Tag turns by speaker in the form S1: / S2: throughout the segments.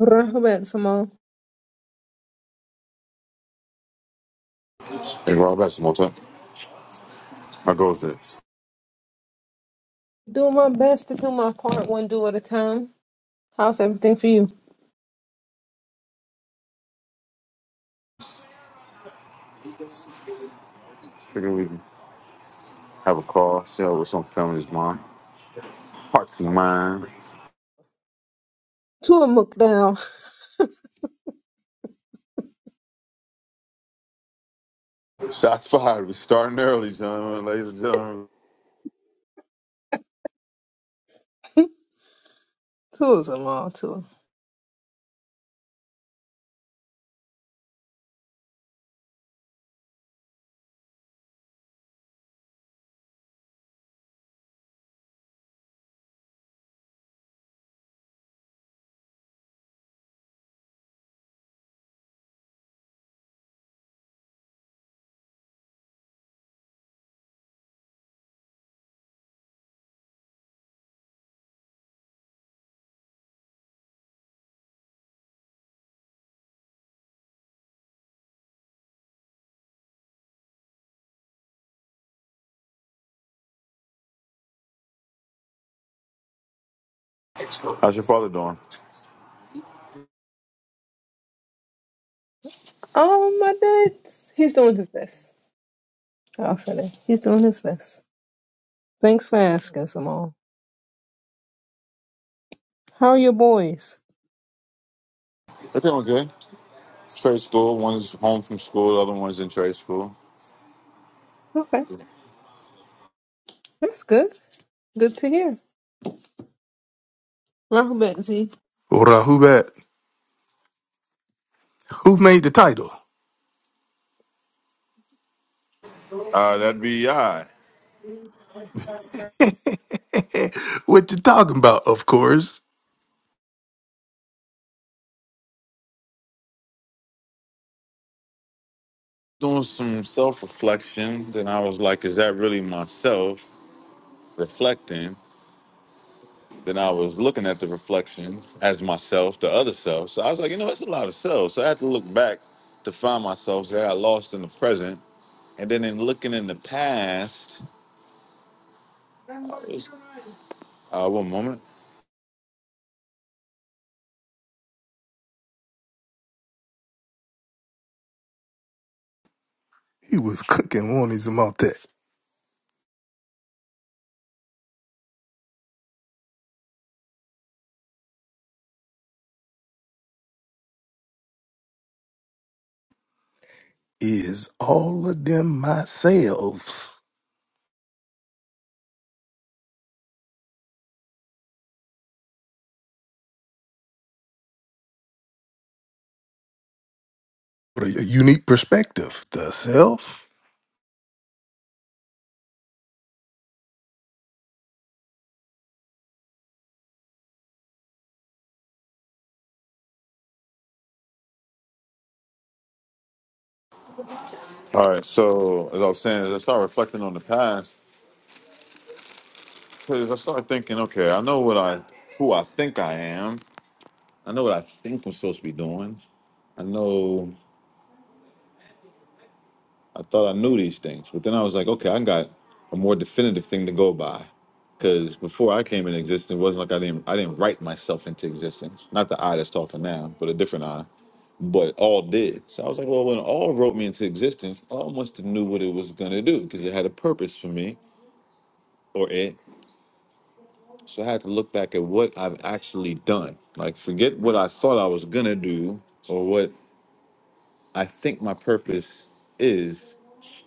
S1: Rahmat Simone.
S2: Hey, Rob, that's more time. How goes it?
S1: Doing my best to do my part one do at a time. How's everything for you?
S2: Figure we can have a call, see how what's on family's mind. Hearts and mind.
S1: Tour Mook down.
S2: Shots fired. We're starting early, gentlemen, ladies and gentlemen.
S1: Tour's a long tour.
S2: How's your father doing?
S1: Oh my dad, he's doing his best. I'll say that. He's doing his best. Thanks for asking, Simone. How are your boys?
S2: They're doing good. Trade school. One's home from school. The other one's in trade school.
S1: Okay. That's good. Good to hear. Rahmat Z.
S3: Hold on, who that? Who made the title?
S2: Uh, that'd be I.
S3: what you talking about? Of course,
S2: Doing some self-reflection. Then I was like, is that really myself? Reflecting. Then I was looking at the reflection as myself, the other self. So I was like, you know, it's a lot of selves. So I had to look back to find myself. So I got lost in the present. And then in looking in the past, uh, one moment.
S3: he was cooking warnings about that. Is all of them myself? What a unique perspective. The self.
S2: All right. So as I was saying, as I start reflecting on the past, because I started thinking, okay, I know what I, who I think I am. I know what I think I'm supposed to be doing. I know. I thought I knew these things, but then I was like, okay, I got a more definitive thing to go by. Because before I came into existence, it wasn't like I didn't I didn't write myself into existence. Not the I that's talking now, but a different I. But all did. So I was like, well, when all wrote me into existence, I almost knew what it was gonna do because it had a purpose for me or it. So I had to look back at what I've actually done. Like forget what I thought I was gonna do or what I think my purpose is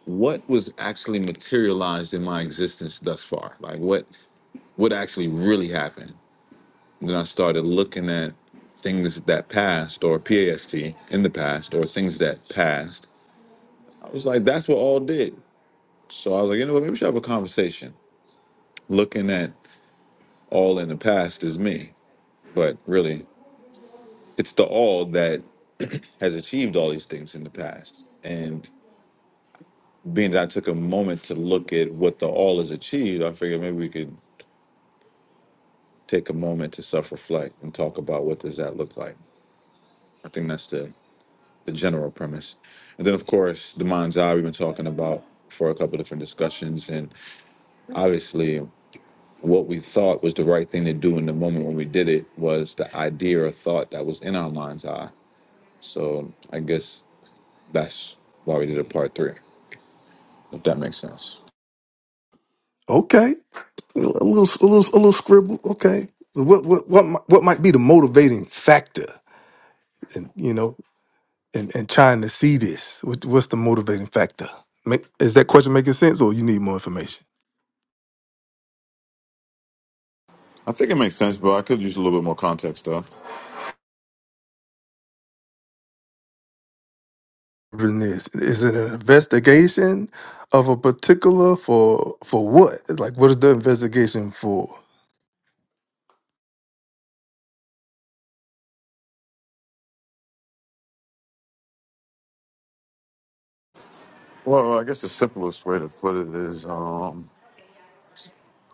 S2: what was actually materialized in my existence thus far. Like what what actually really happened. Then I started looking at things that passed or PAST in the past or things that passed. I was like, that's what all did. So I was like, you know what, maybe we should have a conversation. Looking at all in the past is me. But really, it's the all that has achieved all these things in the past. and. being that I took a moment to look at what the all has achieved, I figured maybe we could take a moment to self-reflect and talk about what does that look like. I think that's the the general premise. And then of course the mind's eye we've been talking about for a couple different discussions and obviously what we thought was the right thing to do in the moment when we did it was the idea or thought that was in our mind's eye. So I guess that's why we did a part three, if that makes sense.
S3: Okay, a little, a little, a little scribble. Okay, so what, what, what, mi- what might be the motivating factor? And you know, and and trying to see this. What, what's the motivating factor? Make, is that question making sense, or you need more information?
S2: I think it makes sense, but I could use a little bit more context though.
S3: this? Is it an investigation of a particular for for what? Like, what is the investigation for?
S2: Well, I guess the simplest way to put it is um,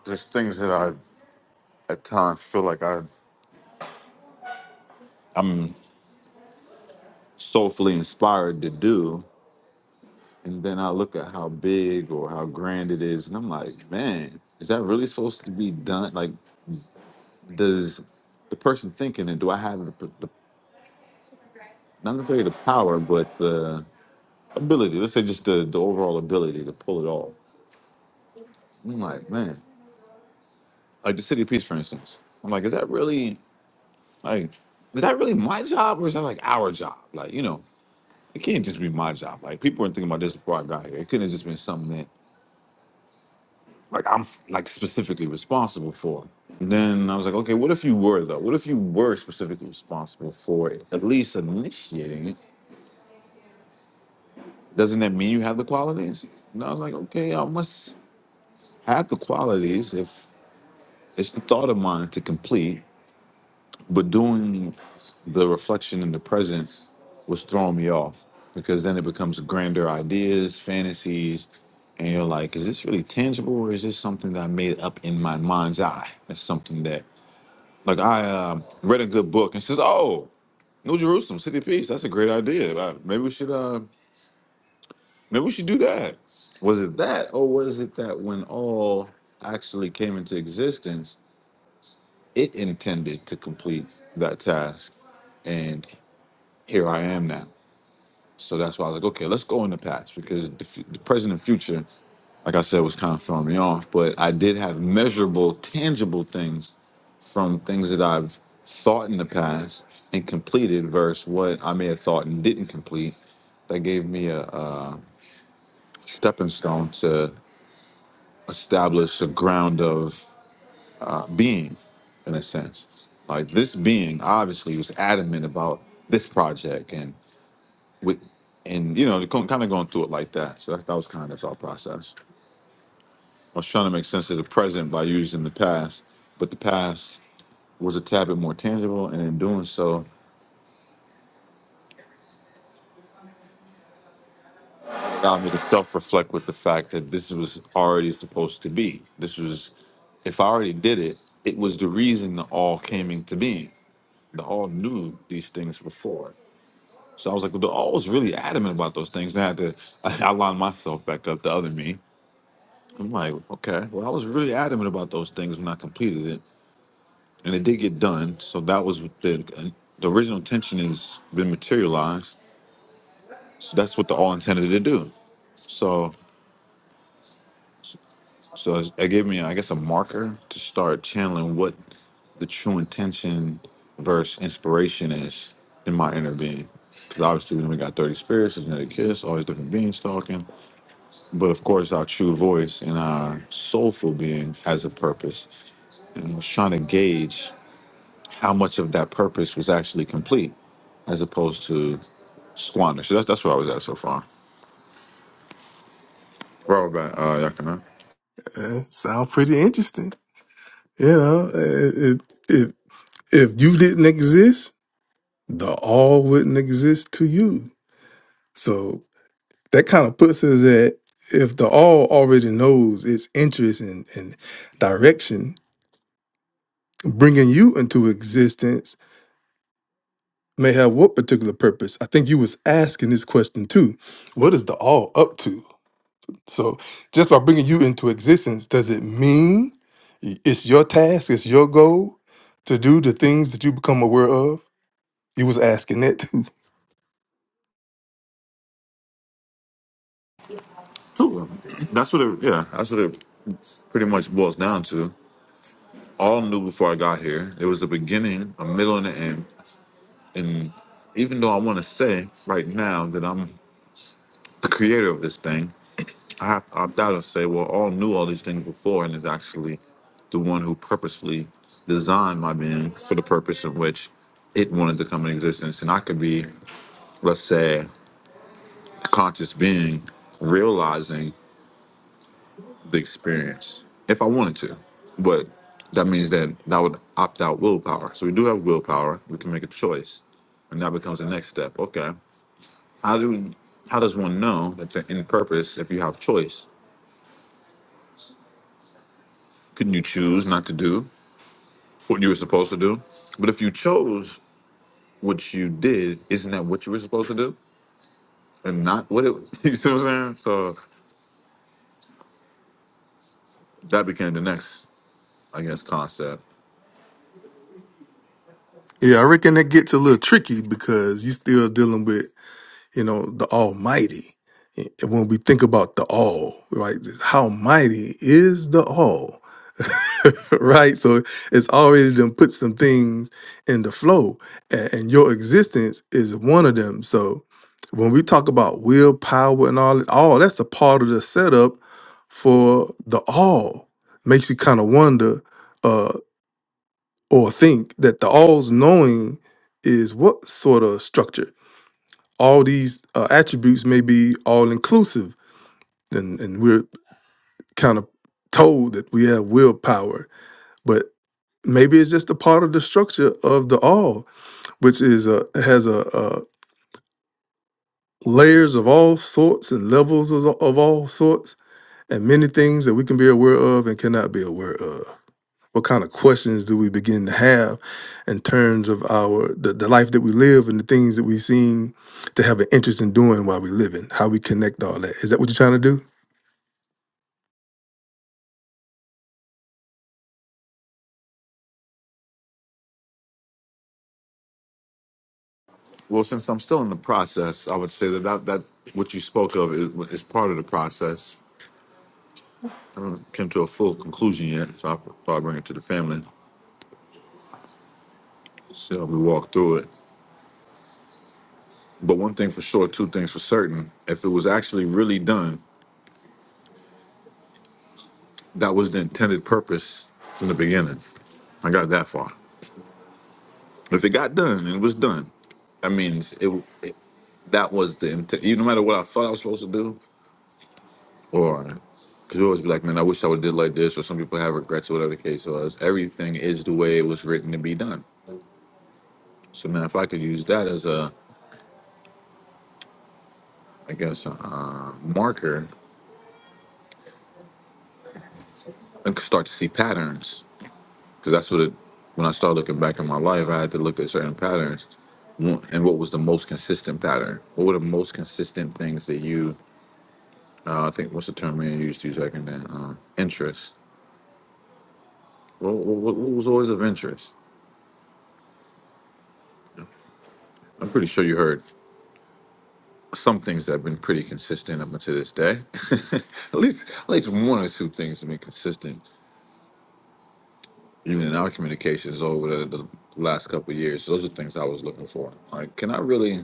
S2: there's things that I at times feel like I soulfully inspired to do. And then I look at how big or how grand it is, and I'm like, man, is that really supposed to be done? Like, does the person thinking it, do I have the, the not necessarily the power, but the ability? Let's say just the, the overall ability to pull it off. I'm like, man, like the City of Peace, for instance. I'm like, is that really like, is that really my job or is that like our job? Like, you know. It can't just be my job. Like people were thinking about this before I got here. It couldn't have just been something that like I'm like specifically responsible for. And then I was like, okay, what if you were though? What if you were specifically responsible for it? At least initiating it. Doesn't that mean you have the qualities? And I was like, okay, I must have the qualities if it's the thought of mine to complete. but doing the reflection in the presence was throwing me off because then it becomes grander ideas, fantasies, and you're like, is this really tangible or is this something that I made up in my mind's eye? That's something that, like, I uh, read a good book and says, oh, New Jerusalem, City of Peace. That's a great idea. Uh, Maybe we should, uh, maybe we should do that. Was it that, or was it that when all actually came into existence, it intended to complete that task? and here I am now. So that's why I was like, okay, let's go in the past because the, fu- the present and future, like I said, was kind of throwing me off. But I did have measurable, tangible things from things that I've thought in the past and completed versus what I may have thought and didn't complete. That gave me a, a stepping stone to establish a ground of uh, being, in a sense. Like this being obviously was adamant about this project and with and you know kind of going through it like that so that, that was kind of our process i was trying to make sense of the present by using the past but the past was a tad bit more tangible and in doing so allowed me to self-reflect with the fact that this was already supposed to be this was if i already did it it was the reason the all came into being the all knew these things before so i was like well the all was really adamant about those things and i had to i lined myself back up the other me I'm like, okay. Well, I was really adamant about those things when I completed it, and it did get done. So that was what the the original intention has been materialized. So that's what the all intended to do. So so it gave me, I guess, a marker to start channeling what the true intention versus inspiration is in my inner being. Because obviously, when we got 30 spirits, there's another kiss, all these different beings talking. But of course, our true voice and our soulful being has a purpose. And I was trying to gauge. how much of that purpose was actually complete as opposed to squander. So that's that's where I was at so far. Well, about uh, Yakima.
S3: Uh, sound pretty interesting. You know, uh, it, it, if you didn't exist, the all wouldn't exist to you. So that kind of puts us at if the all already knows its interest and, and direction, bringing you into existence may have what particular purpose? I think you was asking this question too. What is the all up to? So just by bringing you into existence, does it mean it's your task, it's your goal to do the things that you become aware of? You was asking that too.
S2: Cool. That's what it. Yeah, that's what it pretty much boils down to. All I knew before I got here, there was a beginning, a middle, and an end. And even though I want to say right now that I'm the creator of this thing, I have to opt out and say, well, all knew all these things before, and is actually the one who purposefully designed my being for the purpose in which it wanted to come in existence. And I could be, let's say, a conscious being realizing the experience if I wanted to. But that means that that would opt out willpower. So we do have willpower. We can make a choice, and that becomes the next step. Okay, how do how does one know that they're in purpose if you have choice? Couldn't you choose not to do? what you were supposed to do. But if you chose what you did, isn't that what you were supposed to do? And not what it you see what I'm saying? So that became the next, I guess, concept.
S3: Yeah, I reckon that gets a little tricky because you still dealing with, you know, the Almighty. And when we think about the All, right, how mighty is the All? right? So it's already done put some things in the flow, a- and your existence is one of them. So when we talk about willpower and all, all that's a part of the setup for the all. Makes you kind of wonder uh, or think that the all's knowing is what sort of structure. All these uh, attributes may be all inclusive, and, and we're kind of told that we have willpower. maybe it's just a part of the structure of the all which is a has a, a layers of all sorts and levels of, of all sorts and many things that we can be aware of and cannot be aware of what kind of questions do we begin to have in terms of our the, the life that we live and the things that we seem to have an interest in doing while we living how we connect all that is that what you're trying to do
S2: Well, since I'm still in the process, I would say that that, that what you spoke of is, is part of the process. I haven't came to a full conclusion yet, so I thought I'd bring it to the family, see how we walk through it. But one thing for sure, two things for certain, if it was actually really done, that was the intended purpose from the beginning. I got that far. If it got done, it was done. I mean, it, it that was the intent. You no matter what I thought I was supposed to do, or because you always be like, man, I wish I would did like this, or some people have regrets or whatever the case was. Everything is the way it was written to be done. So now, if I could use that as a, I guess, a, uh, marker, I could start to see patterns because that's what it. When I started looking back in my life, I had to look at certain patterns, One- and what was the most consistent pattern? What were the most consistent things that you uh, I think what's the term man used to use back in then? Um, interest. What, what, what was always of interest? I'm pretty sure you heard some things that have been pretty consistent up until this day. at least, at least one or two things have been consistent, even in our communications over the, the last couple of years. Those are things I was looking for. Like, can I really?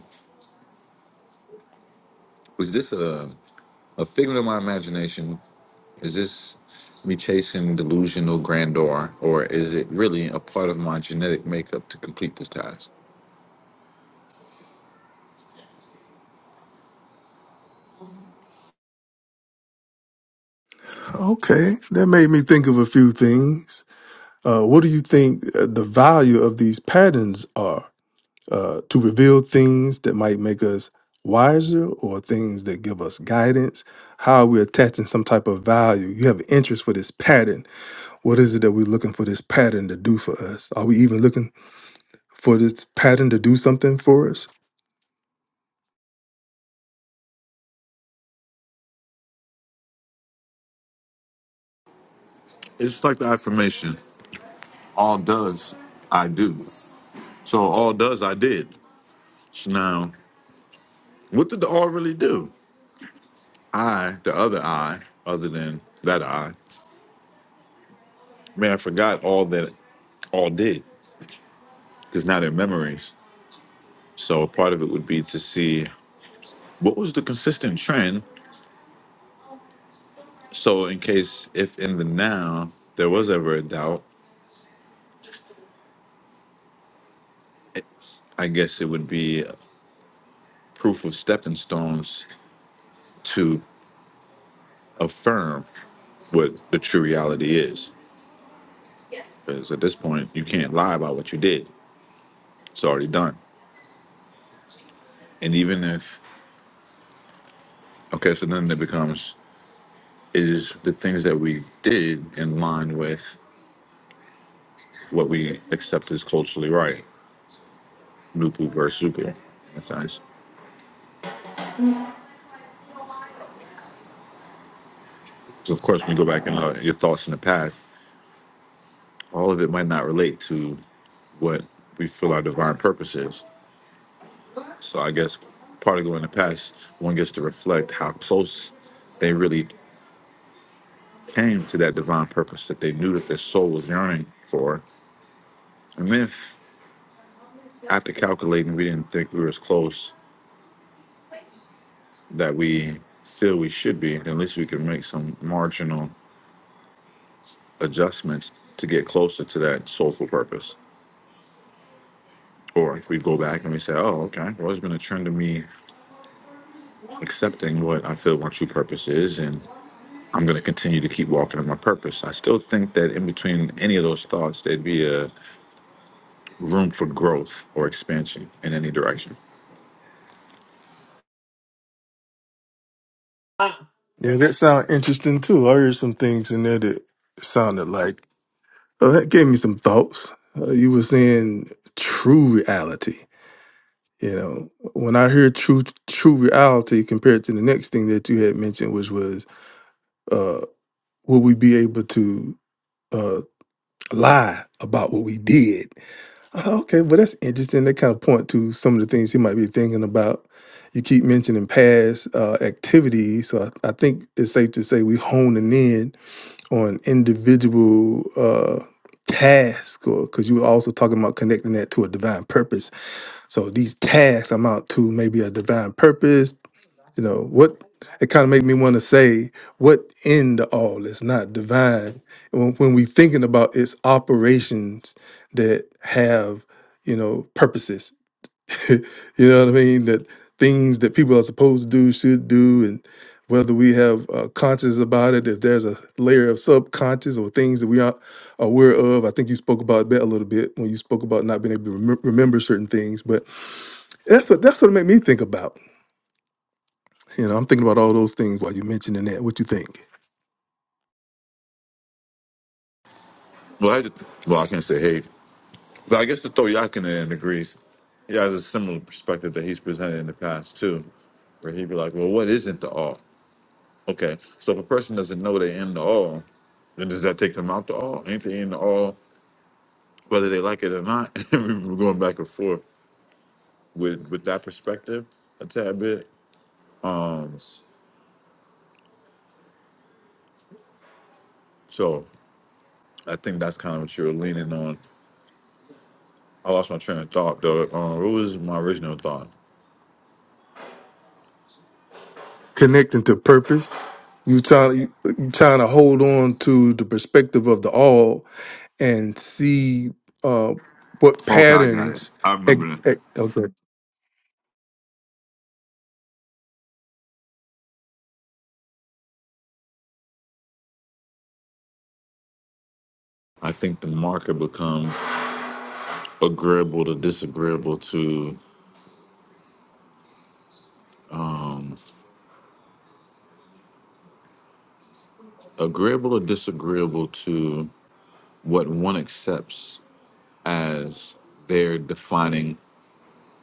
S2: Was this a a figment of my imagination? Is this me chasing delusional grandeur, or is it really a part of my genetic makeup to complete this task?
S3: okay that made me think of a few things uh, what do you think uh, the value of these patterns are uh, to reveal things that might make us wiser or things that give us guidance, how are we attaching some type of value. You have an interest for this pattern. What is it that we're looking for this pattern to do for us? Are we even looking for this pattern to do something for us?
S2: It's like the affirmation. all does I do. So all does I did. So Now, what did the all really do? I, the other I, other than that I. Man, I forgot all that all did because now they're memories. So part of it would be to see what was the consistent trend. So in case if in the now there was ever a doubt, I guess it would be proof of stepping stones to affirm what the true reality is. Because at this point, you can't lie about what you did. It's already done. And even if, okay, so then it becomes is the things that we did in line with what we accept as culturally right? Nupu versus Zupu. That's nice. So, of course, when you go back and uh, your thoughts in the past, all of it might not relate to what we feel our divine purpose is. So, I guess part of going in the past, one gets to reflect how close they really came to that divine purpose that they knew that their soul was yearning for And if after calculating, we didn't think we were as close that we feel we should be. then At least we can make some marginal adjustments to get closer to that soulful purpose. Or if we go back and we say, oh, okay, well, it's been a trend of me accepting what I feel my true purpose is, and I'm going to continue to keep walking in my purpose. I still think that in between any of those thoughts, there'd be a room for growth or expansion in any direction.
S3: Ah, Yeah, that sounds interesting too. I heard some things in there that sounded like, oh, that gave me some thoughts. Uh, you were saying true reality. You know, when I hear true true reality compared to the next thing that you had mentioned, which was uh will we be able to uh lie about what we did? Uh, Okay, well that's interesting. That kind of point to some of the things he might be thinking about. You keep mentioning past uh, activities, so I, I think it's safe to say we honing in on individual uh, tasks, or because you were also talking about connecting that to a divine purpose. So these tasks amount to maybe a divine purpose you know, what it kind of make me want to say, what in the all is not divine? When, when we thinking about its operations that have, you know, purposes, you know what I mean? That things that people are supposed to do, should do, and whether we have uh, conscious about it, if there's a layer of subconscious or things that we aren't aware of. I think you spoke about that a little bit when you spoke about not being able to remem- remember certain things, but that's what that's what it made me think about you know, I'm thinking about all those things while you're mentioning that. What you think?
S2: Well, I, well, I can say, hey, But I guess to throw Yakin in agrees. He has a similar perspective that he's presented in the past too, where he'd be like, "Well, what isn't the all?" Okay, so if a person doesn't know they're in the all, then does that take them out the all? Ain't they in the all, whether they like it or not? we were going back and forth with with that perspective a tad bit. Um, so I think that's kind of what you're leaning on. I lost my train of thought though. Um, what was my original thought?
S3: Connecting to purpose. You trying you you trying to hold on to the perspective of the all and see uh, what
S2: Okay, I got it.
S3: patterns.
S2: I
S3: ex-
S2: remember that.
S3: ex- Okay.
S2: I think the marker becomes agreeable to disagreeable to agreeable or disagreeable to what one accepts as their defining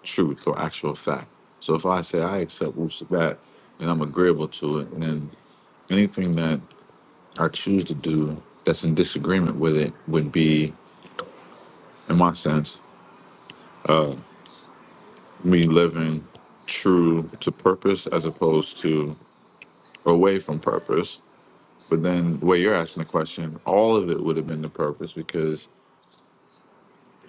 S2: truth or actual fact. So if I say I accept Wusa that and I'm agreeable to it, and then anything that I choose to do that's in disagreement with it would be, in my sense, me living true to purpose as opposed to away from purpose. But then, the way you're asking the question, all of it would have been the purpose because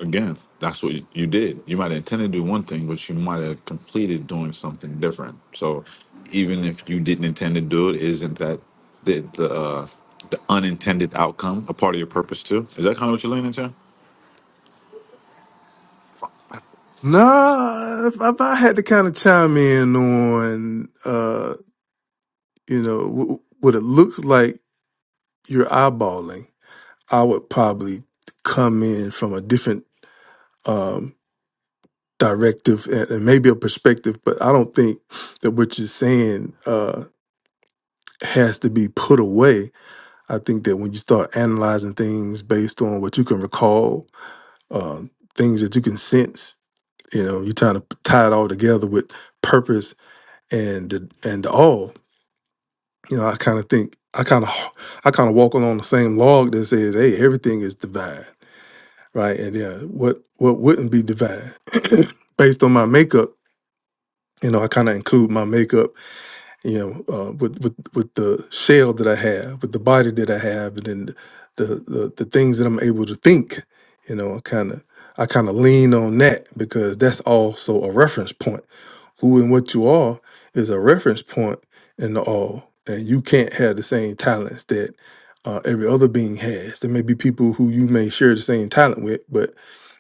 S2: Again, that's what you did. You might intend to do one thing, but you might have completed doing something different. So, even if you didn't intend to do it, isn't that the the, uh, the unintended outcome a part of your purpose too? Is that kind of what you're leaning into?
S3: Nah, if, if I had to kind of chime in on, uh, you know, w- what it looks like you're eyeballing, I would probably come in from a different. um, directive and, and maybe a perspective, but I don't think that what you're saying uh, has to be put away. I think that when you start analyzing things based on what you can recall, uh, things that you can sense, you know, you're trying to tie it all together with purpose and the, and the all. You know, I kind of think I kind of I kind of walk along the same log that says, "Hey, everything is divine." Right, and yeah, what what wouldn't be divine, based on my makeup, you know, I kind of include my makeup you know, uh, with with with the shell that I have, with the body that I have, and then the the, the things that I'm able to think, you know, I kind of I kind of lean on that because that's also a reference point who and what you are is a reference point in the all, and you can't have the same talents that uh, every other being has. There may be people who you may share the same talent with, but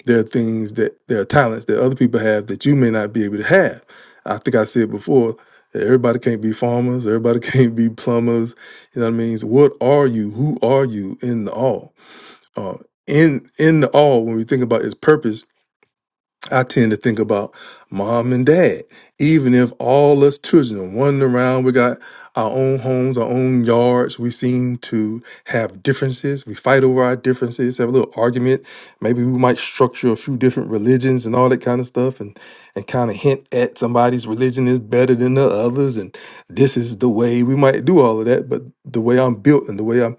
S3: there are things that there are talents that other people have that you may not be able to have. I think I said before that everybody can't be farmers, everybody can't be plumbers. You know what I mean? So what are you? Who are you in the all? Uh, in in the all, when we think about its purpose I tend to think about mom and dad. Even if all us children are wandering around, we got our own homes, our own yards. We seem to have differences. We fight over our differences, have a little argument. Maybe we might structure a few different religions and all that kind of stuff and, and kind of hint at somebody's religion is better than the others. And this is the way we might do all of that. But the way I'm built and the way I'm,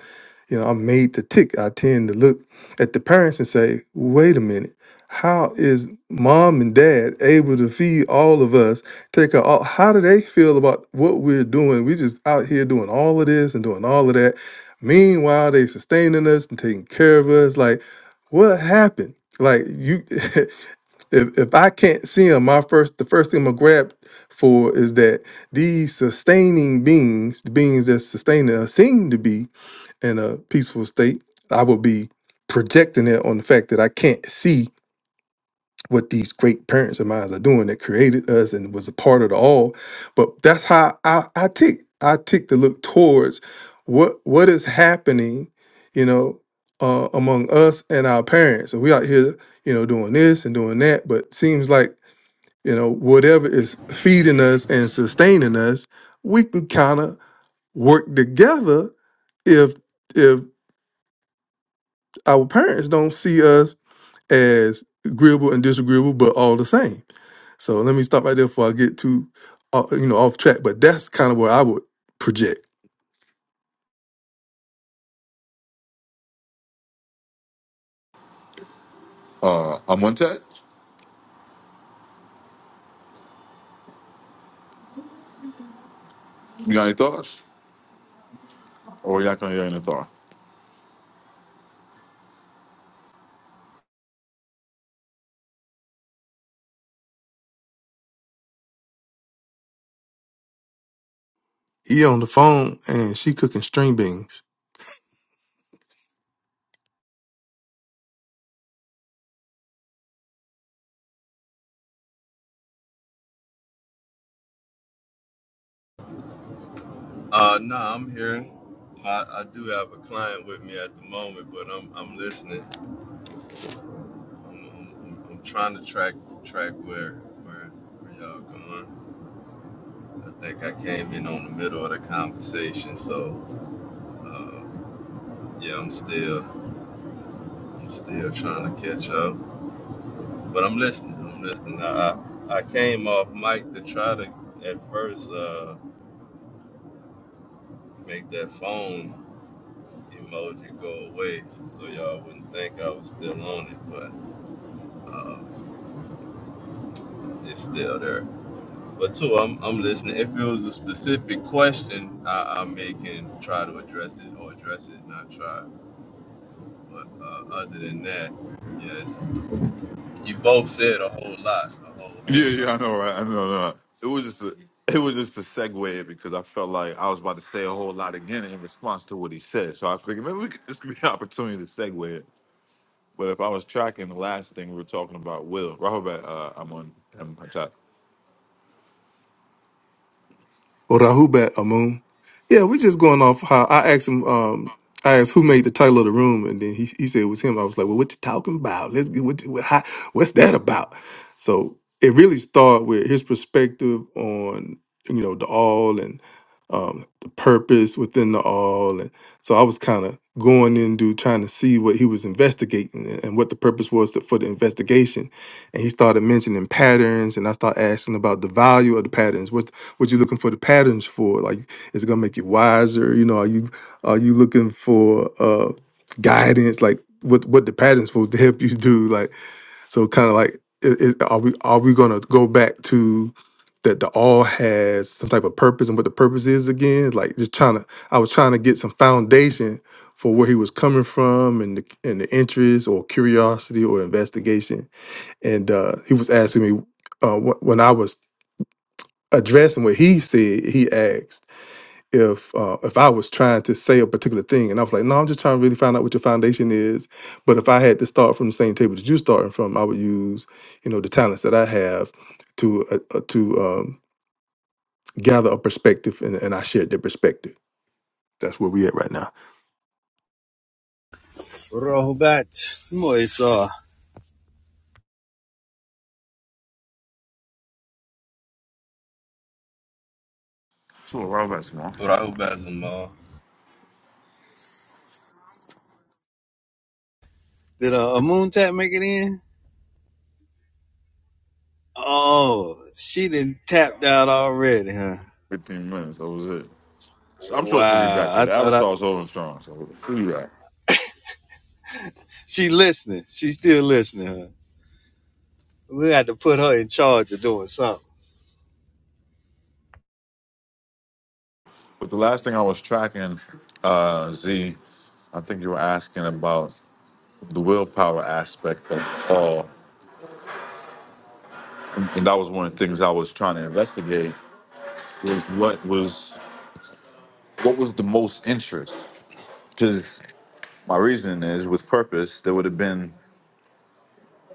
S3: you know, I'm made to tick, I tend to look at the parents and say, wait a minute how is mom and dad able to feed all of us? Take care. of All, how do they feel about what we're doing? We just out here doing all of this and doing all of that. Meanwhile, they sustaining us and taking care of us. Like, what happened? Like you, if if I can't see them, my first the first thing I'm gonna grab for is that these sustaining beings, the beings that sustain us, seem to be in a peaceful state. I will be projecting it on the fact that I can't see what these great parents of mine are doing that created us and was a part of the all. But that's how I, I tick. I tick to look towards what what is happening, you know, uh, among us and our parents. And we out here, you know, doing this and doing that. But seems like, you know, whatever is feeding us and sustaining us, we can kind of work together if if our parents don't see us as agreeable and disagreeable, but all the same so let me stop right there before I get too, uh, you know, off track. But that's kind of where I would project.
S2: Uh, I'm on that. You got any thoughts? Or you're not gonna hear any thoughts?
S3: He on the phone and she cooking string beans.
S4: Uh, no, I'm here. I, I do have a client with me at the moment, but I'm I'm listening. I'm, I'm, I'm I'm trying to track track where where where y'all going. I think I came in on the middle of the conversation, so uh, yeah, I'm still I'm still trying to catch up, but I'm listening. I'm listening. I I, I came off mic to try to at first uh, make that phone emoji go away, so y'all wouldn't think I was still on it, but. Uh, It's still there. But two, I'm I'm listening. If it was a specific question, I, I may can try to address it or address it, not try. But uh, other than that, yes, you both said a whole lot, a whole
S2: Yeah,
S4: whole lot.
S2: yeah, I know, right? I know, no. It was just a, it was just a segue because I felt like I was about to say a whole lot again in response to what he said. So I figured maybe we could, this could be an opportunity to segue it. But if I was tracking the last thing we were talking about, Will Rahobat, uh, I'm on, I'm on top.
S3: or Rahubet Amun. Yeah, we just going off how I asked him. Um, I asked who made the title of the room, and then he, he said it was him. I was like, "Well, what you talking about? Let's get what, you- what how, what's that about?" So it really started with his perspective on you know the all and um, the purpose within the all, and so I was kind of going into trying to see what he was investigating and and what the purpose was to, for the investigation. And he started mentioning patterns, and I started asking about the value of the patterns what you looking for the patterns for like is it gonna make you wiser you know are you are you looking for uh guidance like what what the patterns supposed to help you do like so kind of like it, it, are we are we gonna go back to that the all has some type of purpose and what the purpose is again like just trying to i was trying to get some foundation for where he was coming from and the, and the interest or curiosity or investigation and uh he was asking me uh, wh- when I was addressing what he said, he asked if uh, if I was trying to say a particular thing, and I was like, "No, I'm just trying to really find out what your foundation is." But if I had to start from the same table that you're starting from, I would use, you know, the talents that I have to uh, uh, to um, gather a perspective, and, and I shared their perspective. That's where we at right now.
S5: Robot, boy, saw
S2: Sure, Rahobat Small.
S4: But I hope that's them all.
S5: Did a, a moon tap make it in? Oh, she done tapped out already, huh?
S2: 15 minutes. That was it. So I'm sure she'll be back
S5: Wow.
S2: though.
S5: I
S2: The
S5: thought I
S2: avatar's over and strong, so she'll be back.
S5: she listening. She still listening, huh? We had to put her in charge of doing something.
S2: But the last thing I was tracking, uh, Z, I think you were asking about the willpower aspect of all, and that was one of the things I was trying to investigate was what was what was the most interest because my reasoning is with purpose there would have been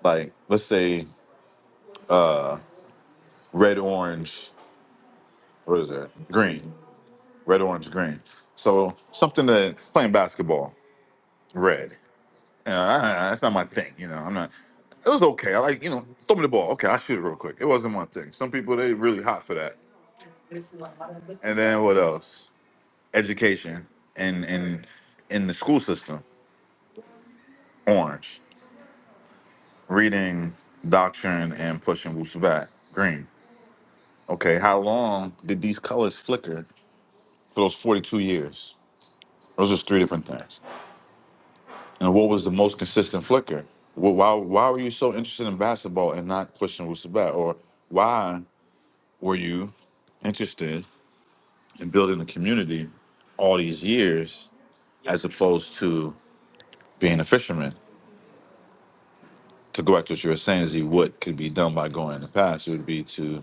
S2: like let's say red, orange, what is that? Green. Red, orange, green. So something that playing basketball, red. Uh, I- I- that's not my thing, you know. I'm not. It was okay. I like, you know, throw me the ball. Okay, I shoot it real quick. It wasn't my thing. Some people they really hot for that. And then what else? Education and in in the school system, orange. Reading, doctrine, and pushing Wusu back, green. Okay, how long did these colors flicker for those 42 years? Those are three different things. And what was the most consistent flicker? Wh- Why why were you so interested in basketball and not pushing with Sabat? Or why were you interested in building a community all these years as opposed to being a fisherman? To go back to what you were saying, Z, what could be done by going in the past would be to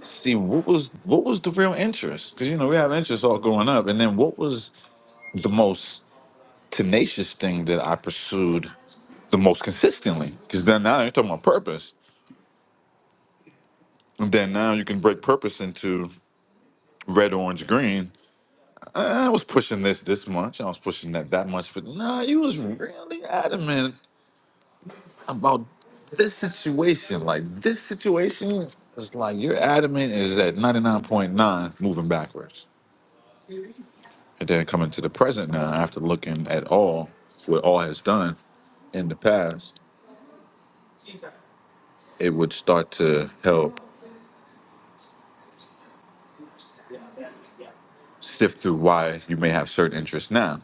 S2: see what was what was the real interest? Because you know we have interests all growing up, and then what was the most tenacious thing that I pursued the most consistently. Because then now you're talking about purpose. And then now you can break purpose into red, orange, green. I was pushing this this much. I was pushing that that much. But nah, you was really adamant about this situation. Like this situation is like your adamant is at 99.9 moving backwards. And then coming to the present now, after looking at all, what all has done in the past, it would start to help sift through why you may have certain interests now.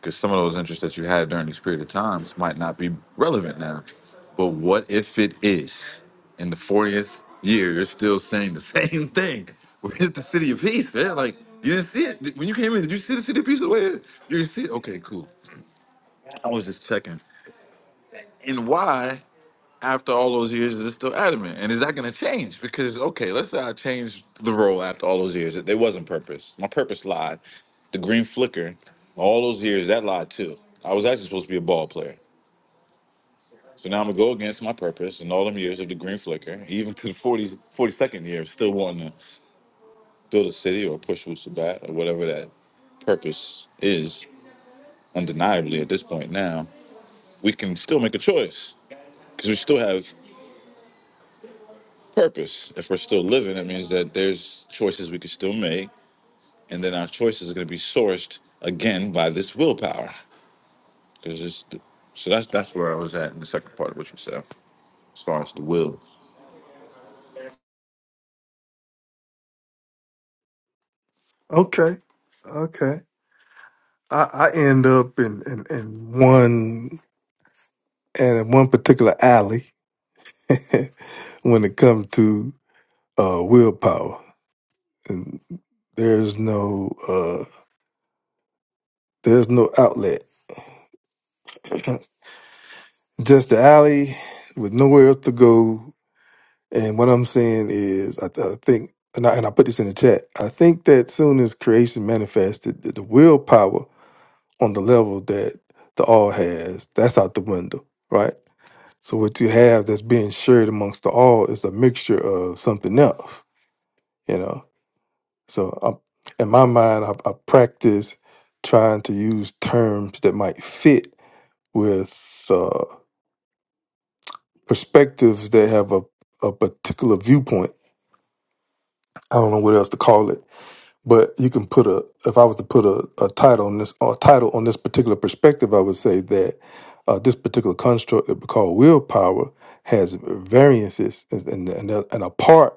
S2: Because some of those interests that you had during these period of times might not be relevant now. But what if it is? In the 40th year, you're still saying the same thing. Where's the city of peace, man? Like, you didn't see it. Did- When you came in, did you see the city of peace? the way it- You didn't see it? Okay, cool. I was just checking. And why? after all those years is it still adamant? And is that going to change? Because okay, let's say I change the role after all those years. There wasn't purpose. My purpose lied. The green flicker, all those years that lied too. I was actually supposed to be a ball player. So now I'm gonna go against my purpose and all them years of the green flicker, even to the forty forty second year, still wanting to build a city or push with Sabat or whatever that purpose is, undeniably at this point now, we can still make a choice because we still have purpose. If we're still living, that means that there's choices we can still make, and then our choices are going to be sourced again by this willpower. Because it's the, so that's that's where I was at in the second part of what you said, as far as the will.
S3: Okay. Okay. I, I end up in, in, in one and in one particular alley when it comes to uh, willpower. And there's no uh, there's no outlet. Just the alley with nowhere else to go. And what I'm saying is, I, I think, and I, and I put this in the chat. I think that soon as creation manifested, the, the willpower on the level that the all has, that's out the window, right? So what you have that's being shared amongst the all is a mixture of something else, you know. So i in my mind, I, I practice trying to use terms that might fit with uh, perspectives that have a, a particular viewpoint. I don't know what else to call it, but you can put a. If I was to put a, a title on this, or a title on this particular perspective, I would say that uh, this particular construct that we call willpower has variances, and and, and a part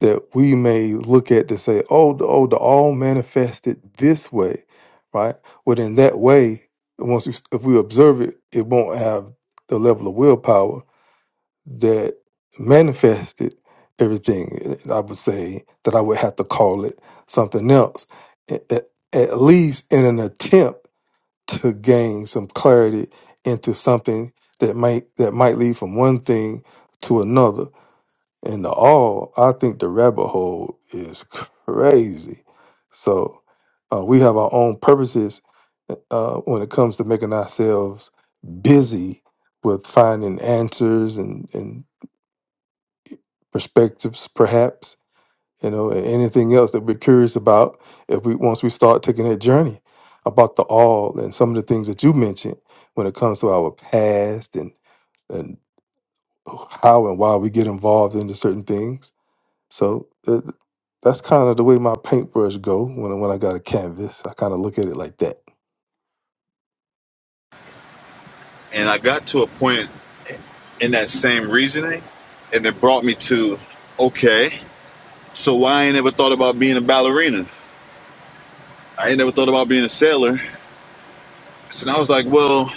S3: that we may look at to say, oh, the, oh, the all manifested this way, right? Well, in that way, once we, if we observe it, it won't have the level of willpower that manifested everything. eh, I would say that I would have to call it something else, at, at at least in an attempt to gain some clarity into something that might that might lead from one thing to another and the all, I think the rabbit hole is crazy. So uh, we have our own purposes uh, when it comes to making ourselves busy with finding answers and, and perspectives, perhaps, you know, and anything else that we're curious about if we once we start taking that journey about the all and some of the things that you mentioned when it comes to our past and and how and why we get involved into certain things so uh, that's kind of the way my paintbrush go when I- when I got a canvas. I kind of look at it like that.
S2: And I got to a point in that same reasoning, and it brought me to, okay, so why I ain't never thought about being a ballerina? I ain't never thought about being a sailor. So I was like, well.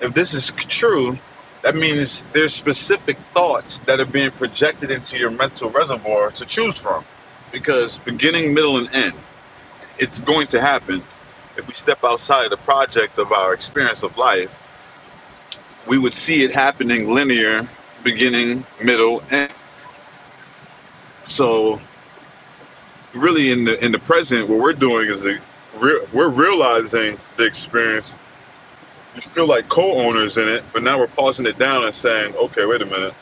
S2: If this is true, that means there's specific thoughts that are being projected into your mental reservoir to choose from. Because beginning, middle, and end, it's going to happen. If we step outside the project of our experience of life, we would see it happening linear, beginning, middle, end. So really in the in the present, what we're doing is a, re- we're realizing the experience. We feel like co-owners in it, but now we're pausing it down and saying, okay, wait a minute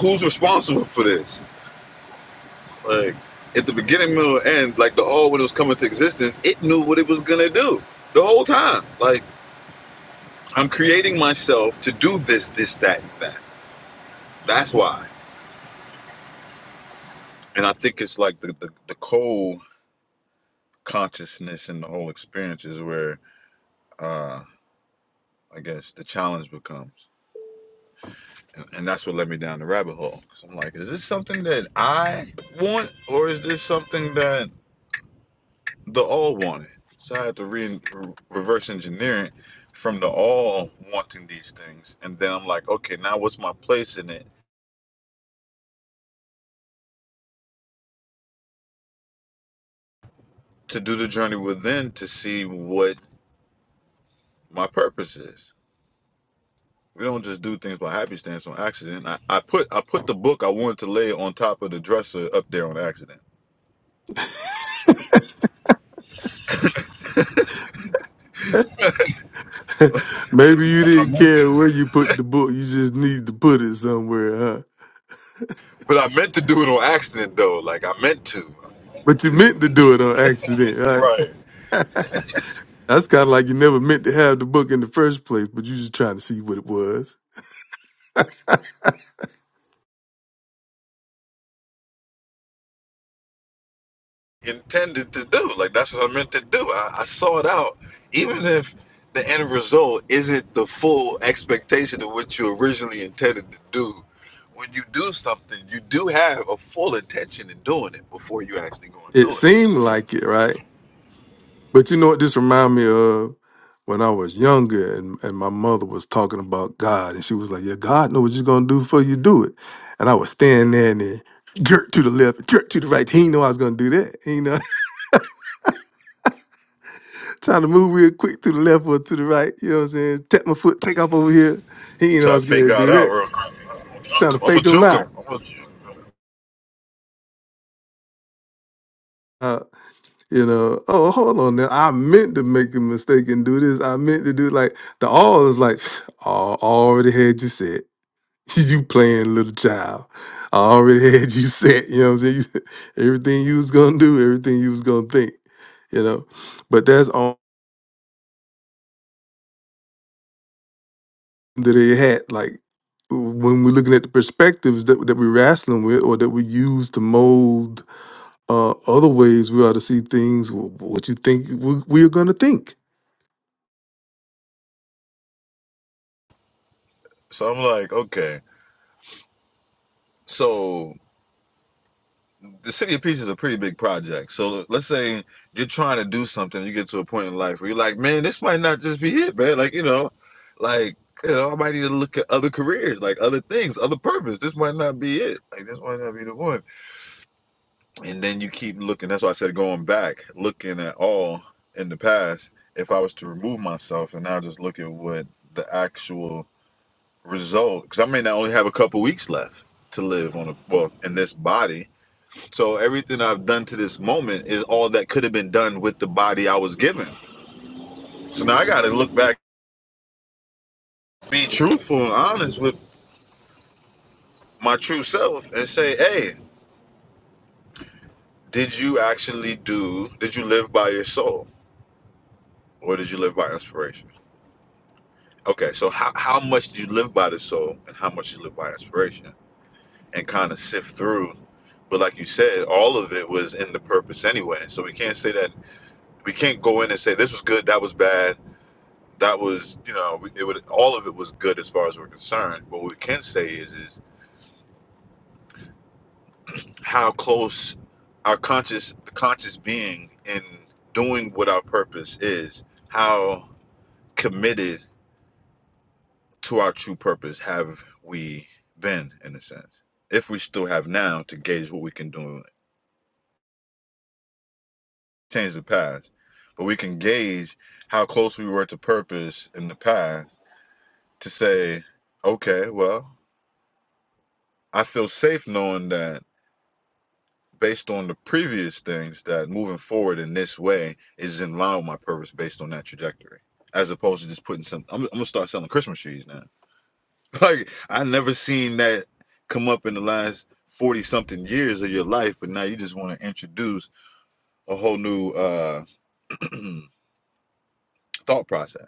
S2: who's responsible for this? Like at the beginning, middle, and end, like the all when it was coming to existence, it knew what it was gonna do the whole time. Like I'm creating myself to do this, this, that, and that. That's why. And I think it's like the the, the cold consciousness and the whole experience is where uh I guess the challenge becomes. And and that's what led me down the rabbit hole. Cause I'm like, is this something that I want, or is this something that the all wanted. So I had to re- reverse engineer it from the all wanting these things. And then I'm like, okay, now what's my place in it to do the journey within to see what my purpose is? We don't just do things by happy stance on accident. I, I put I put the book I wanted to lay on top of the dresser up there on accident.
S3: Maybe you
S2: I
S3: didn't
S2: meant to-
S3: care where you put the book. You just need to put it somewhere, huh?
S2: but I meant to do it on accident though. Like I meant to.
S3: But you meant to do it on accident,
S2: Right.
S3: right? That's kind of like you never meant to have the book in the first place, but you just trying to see what it was.
S2: intended to do. Like that's what I meant to do. I, I sought out, even if the end result isn't the full expectation of what you originally intended to do. When you do something, you do have a full intention in doing it before you actually go and
S3: It
S2: do it.
S3: seemed like it, right? But you know what this remind me of? When I was younger and, and my mother was talking about God, and she was like, Yeah, God know what you're going to do before you do it. And I was standing there and then, jerk to the left, jerk to the right. He didn't know I was going to do that. You know, trying to move real quick to the left or to the right. You know what I'm saying? Tap my foot, take off over here. He didn't know I
S2: Try to
S3: was going
S2: fake
S3: to do
S2: God out
S3: that.
S2: real
S3: Trying to
S2: quick. I'm a
S3: fake him
S2: juke
S3: out.
S2: him. I'm a, juke him.
S3: Uh, You know, oh, hold on now. I meant to make a mistake and do this. I meant to do like the all is like, I already had you set. you playing little child. I already had you set. You know what I'm saying? everything you was gonna do, everything you was gonna think, you know. But that's all that they had. Like when we're looking at the perspectives that that we're wrestling with or that we use to mold uh, other ways we ought to see things, wh- what you think we, we're gonna think
S2: so I'm like, okay, so. the city of peace is a pretty big project. So let's say you're trying to do something, you get to a point in life where you're like, man, this might not just be it, man. Like you know, like you know, I might need to look at other careers, like other things, other purpose. This might not be it. Like this might not be the one. And then you keep looking. That's why I said going back, looking at all in the past. If I was to remove myself and now just look at what the actual result, because I may not only have a couple weeks left to live on a well in this body so everything I've done to this moment is all that could have been done with the body I was given. So now I got to look back, be truthful and honest with my true self and say, hey, did you actually do, did you live by your soul or did you live by inspiration? Okay, so how, how much do you live by the soul and how much you live by inspiration? And kind of sift through. But like you said, all of it was in the purpose anyway. So we can't say that, we can't go in and say this was good, that was bad that was, you know, it would all of it was good as far as we're concerned. But what we can say is, is how close our conscious, the conscious being, in doing what our purpose is, how committed to our true purpose have we been, in a sense, if we still have now to gauge what we can do, change the past, but we can gauge how close we were to purpose in the past to say, okay, well, I feel safe knowing that based on the previous things that moving forward in this way is in line with my purpose based on that trajectory as opposed to just putting some i'm, I'm gonna start selling christmas trees now like i never seen that come up in the last 40 something years of your life but now you just want to introduce a whole new uh thought process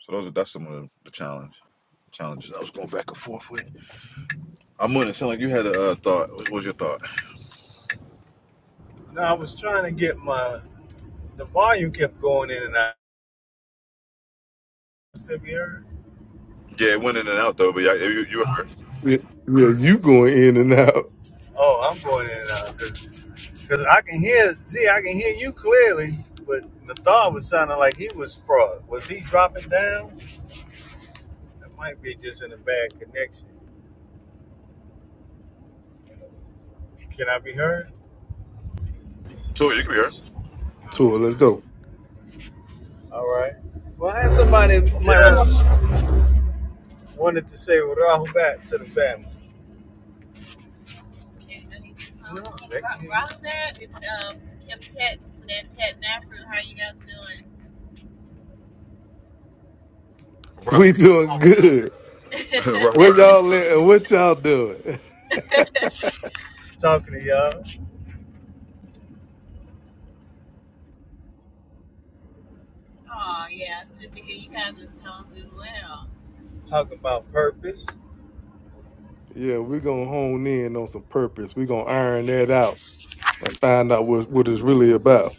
S2: so those are that's some of the challenge challenges i was going back and forth with i'm gonna sound like you had a uh, thought what was your thought
S5: No, I was trying to get my the volume kept going in and out. Still be heard?
S2: yeah it went in and out though but yeah, you, you were heard
S3: Yeah, yeah, you going in and out.
S5: Oh, I'm going in and out because I can hear see I can hear you clearly, but the thought was sounding like he was fraud. Was he dropping down? That might be just in a bad connection. Can I be heard?
S2: so you can be
S3: Tour, let's go.
S5: All right. Well, I had somebody who might want to wanted to say rahubat to the family. Okay, I need to call. No, that Ra- can't- Rahubat is um, Kim Tet, Sanan Tet Nafru. How you guys doing?
S2: heard
S3: We doing good. Where
S2: Robert's.
S3: y'all at and what y'all doing?
S5: Talking to y'all, talking about purpose.
S3: Yeah, we're gonna hone in on some purpose. We're gonna iron that out and find out what, what it's really about.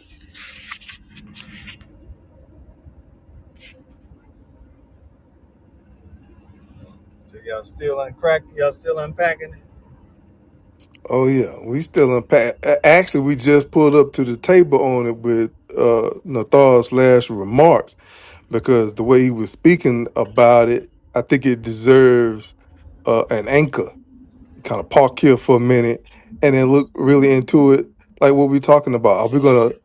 S5: So y'all still uncracking, y'all still unpacking it.
S3: Oh yeah, we still unpack. a- Actually, we just pulled up to the table on it with uh Nathar's last remarks because the way he was speaking about it, I think it deserves uh, an anchor kind of park here for a minute and then look really into it like what we're talking about are we going to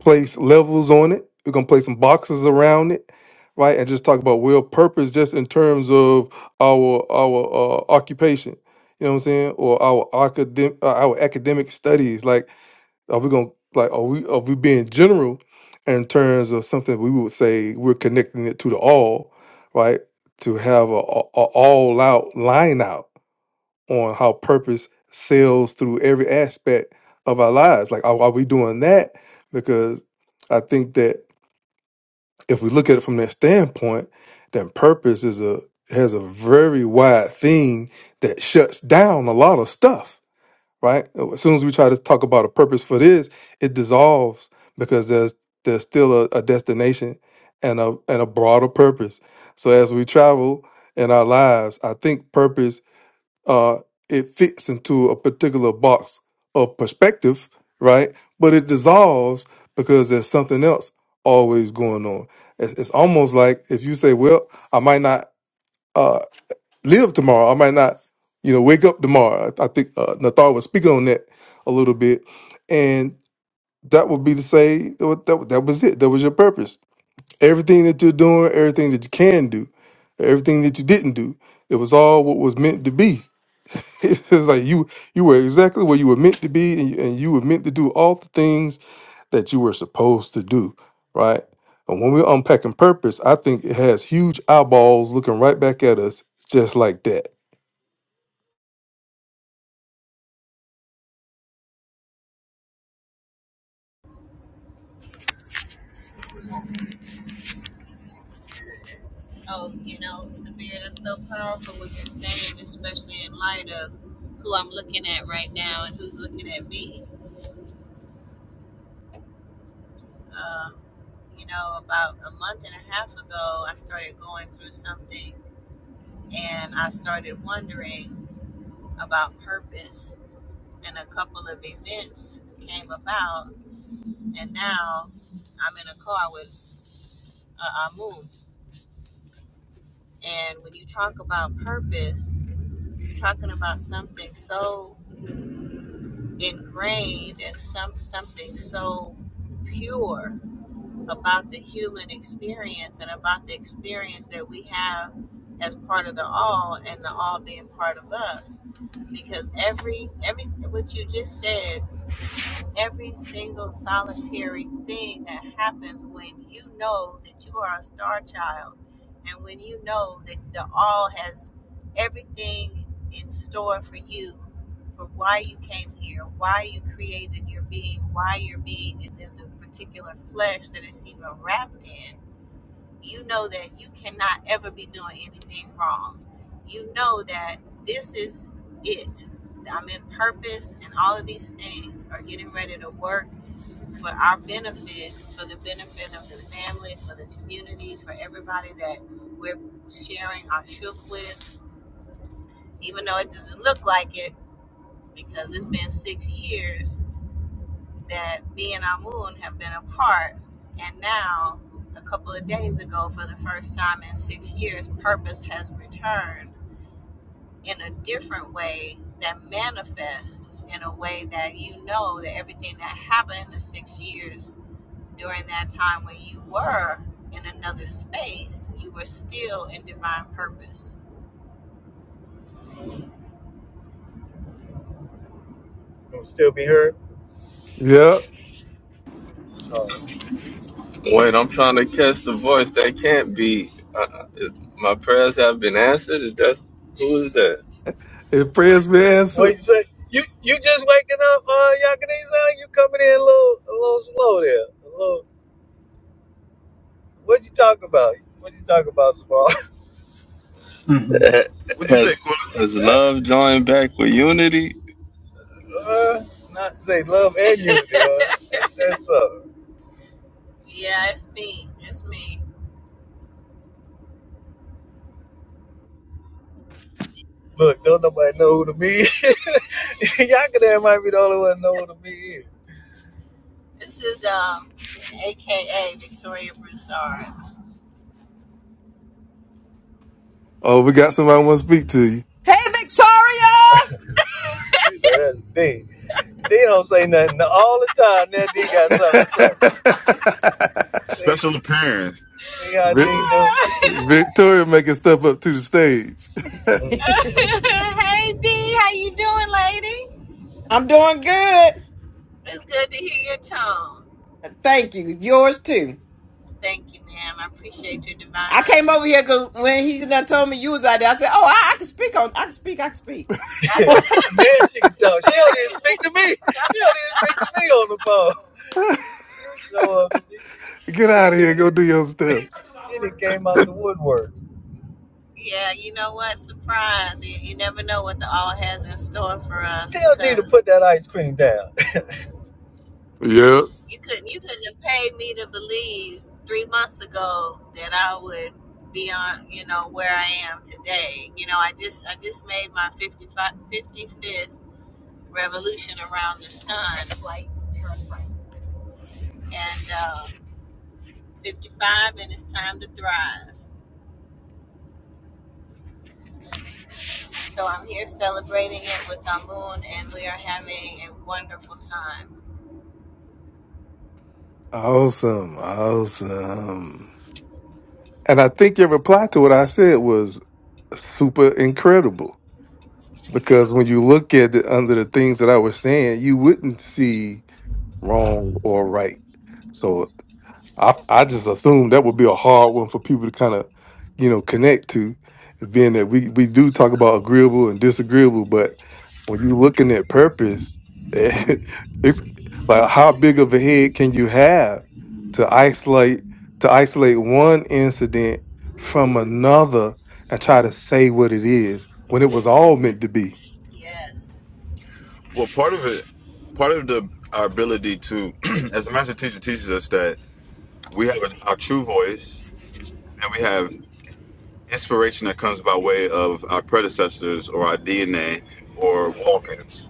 S3: place levels on it we're going to place some boxes around it right and just talk about will purpose just in terms of our our uh, occupation you know what i'm saying or our academic uh, our academic studies like are we going to like are we are we being general in terms of something we would say we're connecting it to the all right to have a, a, a all out line out on how purpose sails through every aspect of our lives. Like, are, are we doing that? Because I think that if we look at it from that standpoint, then purpose is a has a very wide thing that shuts down a lot of stuff. Right? Oh, As soon as we try to talk about a purpose for this, it dissolves because there's there's still a, a destination and a and a broader purpose. So as we travel in our lives, I think purpose uh, it fits into a particular box of perspective, right? But it dissolves because there's something else always going on. It's, it's almost like if you say, "Well, I might not uh, live tomorrow. I might not, you know, wake up tomorrow." I, I think uh, Nathar was speaking on that a little bit, and that would be to say that, that that was it. That was your purpose. Everything that you're doing, everything that you can do, everything that you didn't do, it was all what was meant to be it's like you you were exactly where you were meant to be and you, and you were meant to do all the things that you were supposed to do right and when we're unpacking purpose i think it has huge eyeballs looking right back at us just like that yeah
S5: Oh,
S4: Wait, I'm trying to catch the voice that can't be. Uh, uh, is, my prayers have been answered. Is that who is that?
S3: if prayers be
S5: what
S3: answered
S5: you say? You you just waking up, uh, Yakanese? You coming in a little a little slow there. A little. What you talk about? What you talk about, Sabal?
S4: hmm
S2: What'd you say,
S4: Has,
S2: Quilla?
S4: has love joined back with unity?
S5: Uh, not say love and unity. that's, that's uh, look, don't nobody know who the me is. Yakadam might be the only one know who the me is.
S3: oh we got somebody want to speak to you Hey,
S5: You know, That's the thing. They don't say nothing all the time. Now D got something to say.
S3: Victoria!
S5: See,
S2: Special appearance.
S5: see how D
S3: Vic- victoria making stuff up to the stage
S5: do.
S3: I'm doing good. Thank you. Yours too. I came over here because when he done told me you was out there, I said, "Oh, I, I can speak on. I can speak. I can speak."
S5: now she can talk. She don't even speak to me. She don't even speak to me on the phone. You show up. She, she
S3: Get
S5: didn't
S3: out of here.
S5: came.
S3: Go do your stuff.
S5: She didn't came out the woodwork. Tell D to put that ice cream down.
S3: Yeah. Awesome. Awesome. And I think your reply to what I said was super incredible because when you look at it under the things that I was saying, you wouldn't see wrong or right. So. I I just assume that would be a hard one for people to kind of, you know, connect to, being that we we do talk about agreeable and disagreeable, but when you're looking at purpose, it's like how big of a head can you have to isolate to isolate one incident from another and try to say what it is when it was all meant to be.
S2: Well, part of it, part of the our ability to, as the master teacher teaches us that we have a, our true voice and we have inspiration that comes by way of our predecessors or our DNA or walk-ins.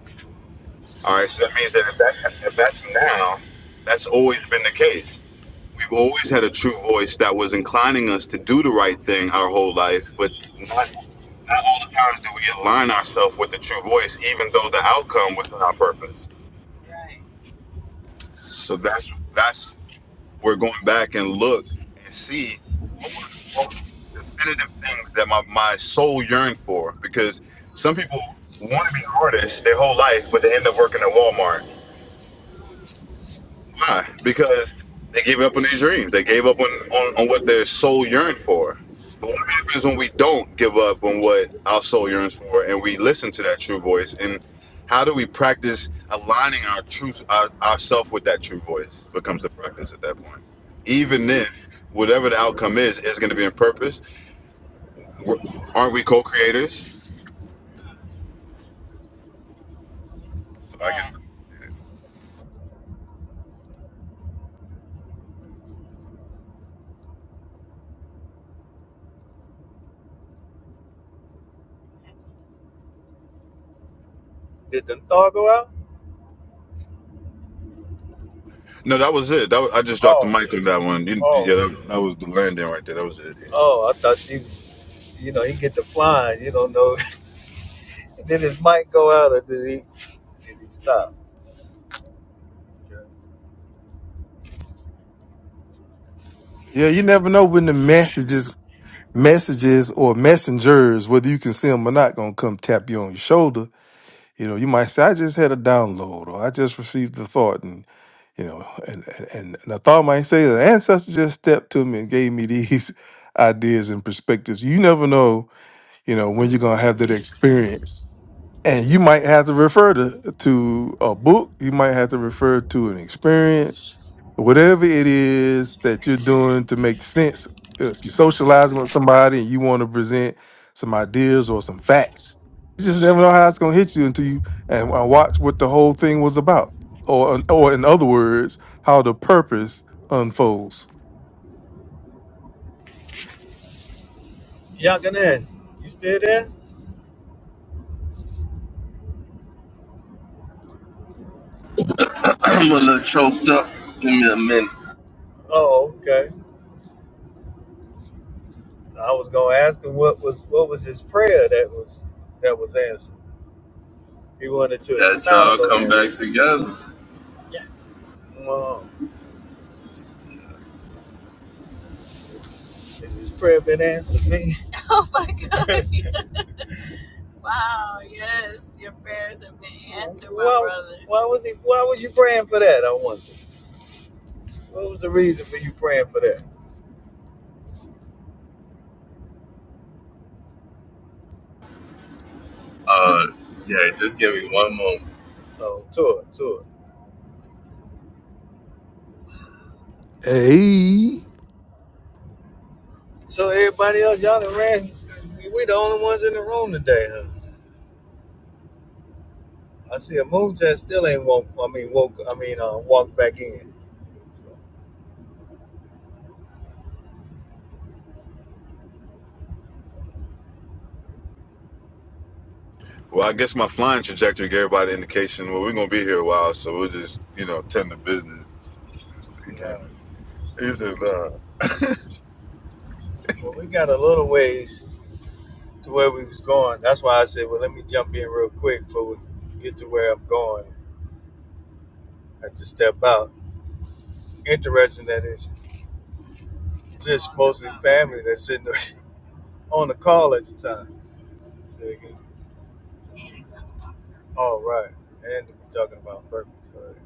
S2: All right, so that means that if, that, if that's now, that's always been the case. We've always had a true voice that was inclining us to do the right thing our whole life, but not not all the times do we align ourselves with the true voice, even though the outcome was not our purpose. So that's that's we're going back and look and see what were what was definitive things that my, my soul yearned for. Because some people want to be artists their whole life, but they end up working at Walmart. Why? Because they gave up on their dreams. They gave up on, on, on what their soul yearned for. But what happens when we don't give up on what our soul yearns for and we listen to that true voice? And how do we practice aligning our truth, our, ourself with that true voice becomes the practice at that point. Even if whatever the outcome is, is going to be in purpose. We're, aren't we co-creators? So I guess.
S5: Did the thaw go out?
S2: No, that was it. That was, I just dropped the
S5: Oh,
S2: mic on that one. You,
S5: oh,
S2: yeah, that, that was the landing right there. That was it.
S5: oh! I thought he was, you know, he get to flying. You don't know. did his mic go out or did he? Did he stop?
S3: Yeah, you never know when the messages messages or messengers, whether you can see them or not, gonna come tap you on your shoulder You know, you might say, I just had a download or I just received the thought and you know, and and, and the thought might say the ancestor just stepped to me and gave me these ideas and perspectives. You never know, you know, when you're gonna have that experience and you might have to refer to, to a book you might have to refer to an experience whatever it is that you're doing to make sense if you're socializing with somebody and you want to present some ideas or some facts you just never know how it's going to hit you until you and, and watch what the whole thing was about or or in other words how the purpose unfolds
S5: Yakanan, you still there?
S4: I'm a little choked up. Give me a minute.
S5: Oh, okay. I was gonna ask him what was what was his prayer that was that was answered. He wanted to
S4: that
S5: expound
S4: y'all
S5: on
S4: come
S5: that
S4: back
S5: in
S4: together.
S5: it. Has this prayer been answered, man? Why, why was he? Why was you praying for that? I wonder. What was the reason for you praying for that?
S4: Uh, yeah, just give me one moment.
S5: Oh, tour, tour.
S3: hey
S5: So everybody else, y'all done ran. We the only ones in the room today, huh? I see a moon test still ain't woke. I mean, woke. I mean, uh, walked back in.
S2: Well, I guess my flying trajectory gave everybody indication. Well, we're gonna be here a while, so we'll just, you know, tend to business. It came.
S5: No.
S2: Is it? Uh,
S5: Well, we got a little ways to where we was going. That's why I said, well, let me jump in real quick before we get to where I'm going. had to step out. Interesting that it's just mostly family that's sitting on the call at the time. Say again. All right. And to be talking about purpose. But,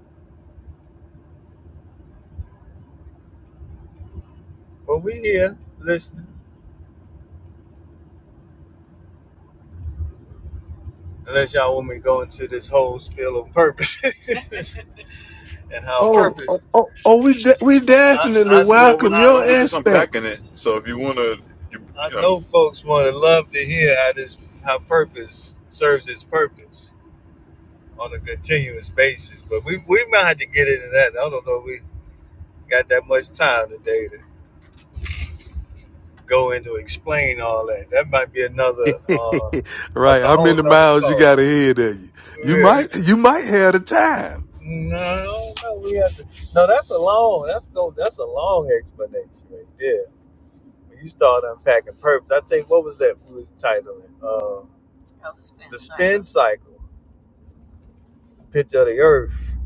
S5: but we here listening. Unless y'all want me to go into this whole spiel on purpose and how
S3: Oh, oh,
S5: purpose.
S3: oh, oh, we de- we
S5: I,
S3: definitely
S5: I,
S2: well, we're
S3: welcome
S5: I,
S3: your
S2: uh, we're just
S3: aspect.
S2: unpacking it. So if you wanna, you,
S5: I
S2: you know,
S5: know folks want to love to hear how this how purpose serves its purpose on a continuous basis. But we, we might have to get into that. I don't know if we got that much time today to. go into explain all that. That might be another uh
S3: right.
S5: a
S3: How
S5: whole
S3: many
S5: another
S3: miles you
S5: call.
S3: got ahead of you? You
S5: Yeah.
S3: might you might have the time.
S5: No, no, we have to No, that's a long that's go that's a long explanation right there. When you start unpacking purpose, I think what was that we was titling? Uh oh, the spin the spin cycle. cycle. Picture of the earth.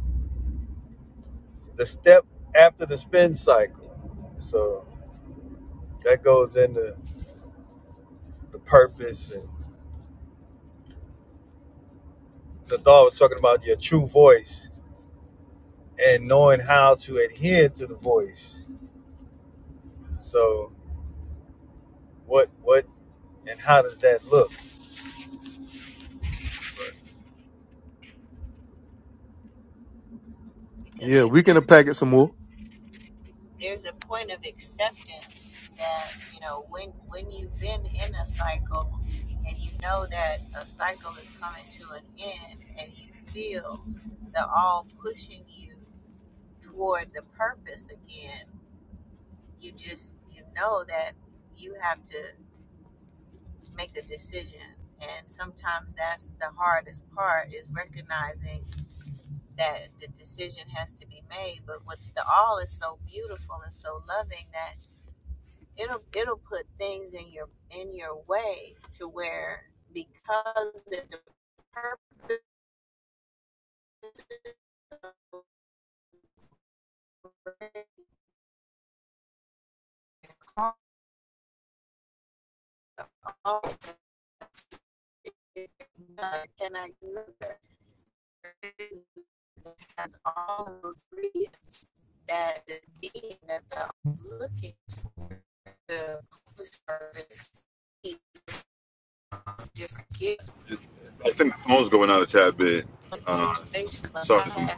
S5: The step after the spin cycle. So that goes into the purpose and the thought was talking about your true voice and knowing how to adhere to the voice. So what what and how does that look?
S3: Yeah, we can pack it some more.
S2: I think the phone's going out a tad bit. Uh, sorry, for-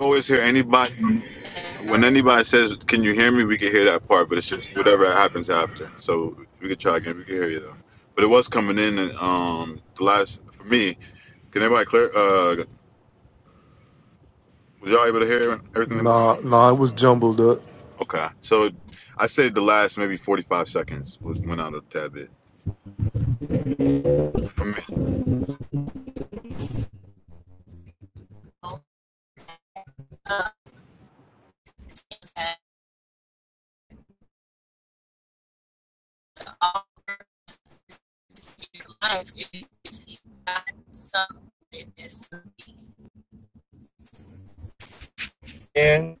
S2: always hear anybody when anybody says, "Can you hear me?" We can hear that part, but it's just whatever happens after. So we can try again. We can hear you though. But it was coming in, and um, the last for me. Can everybody clear? Uh, Was y'all able to hear everything that was?
S3: Nah, nah, it was jumbled up.
S2: Okay. So I said the last maybe 45 seconds w- went out a tad bit for me.
S5: And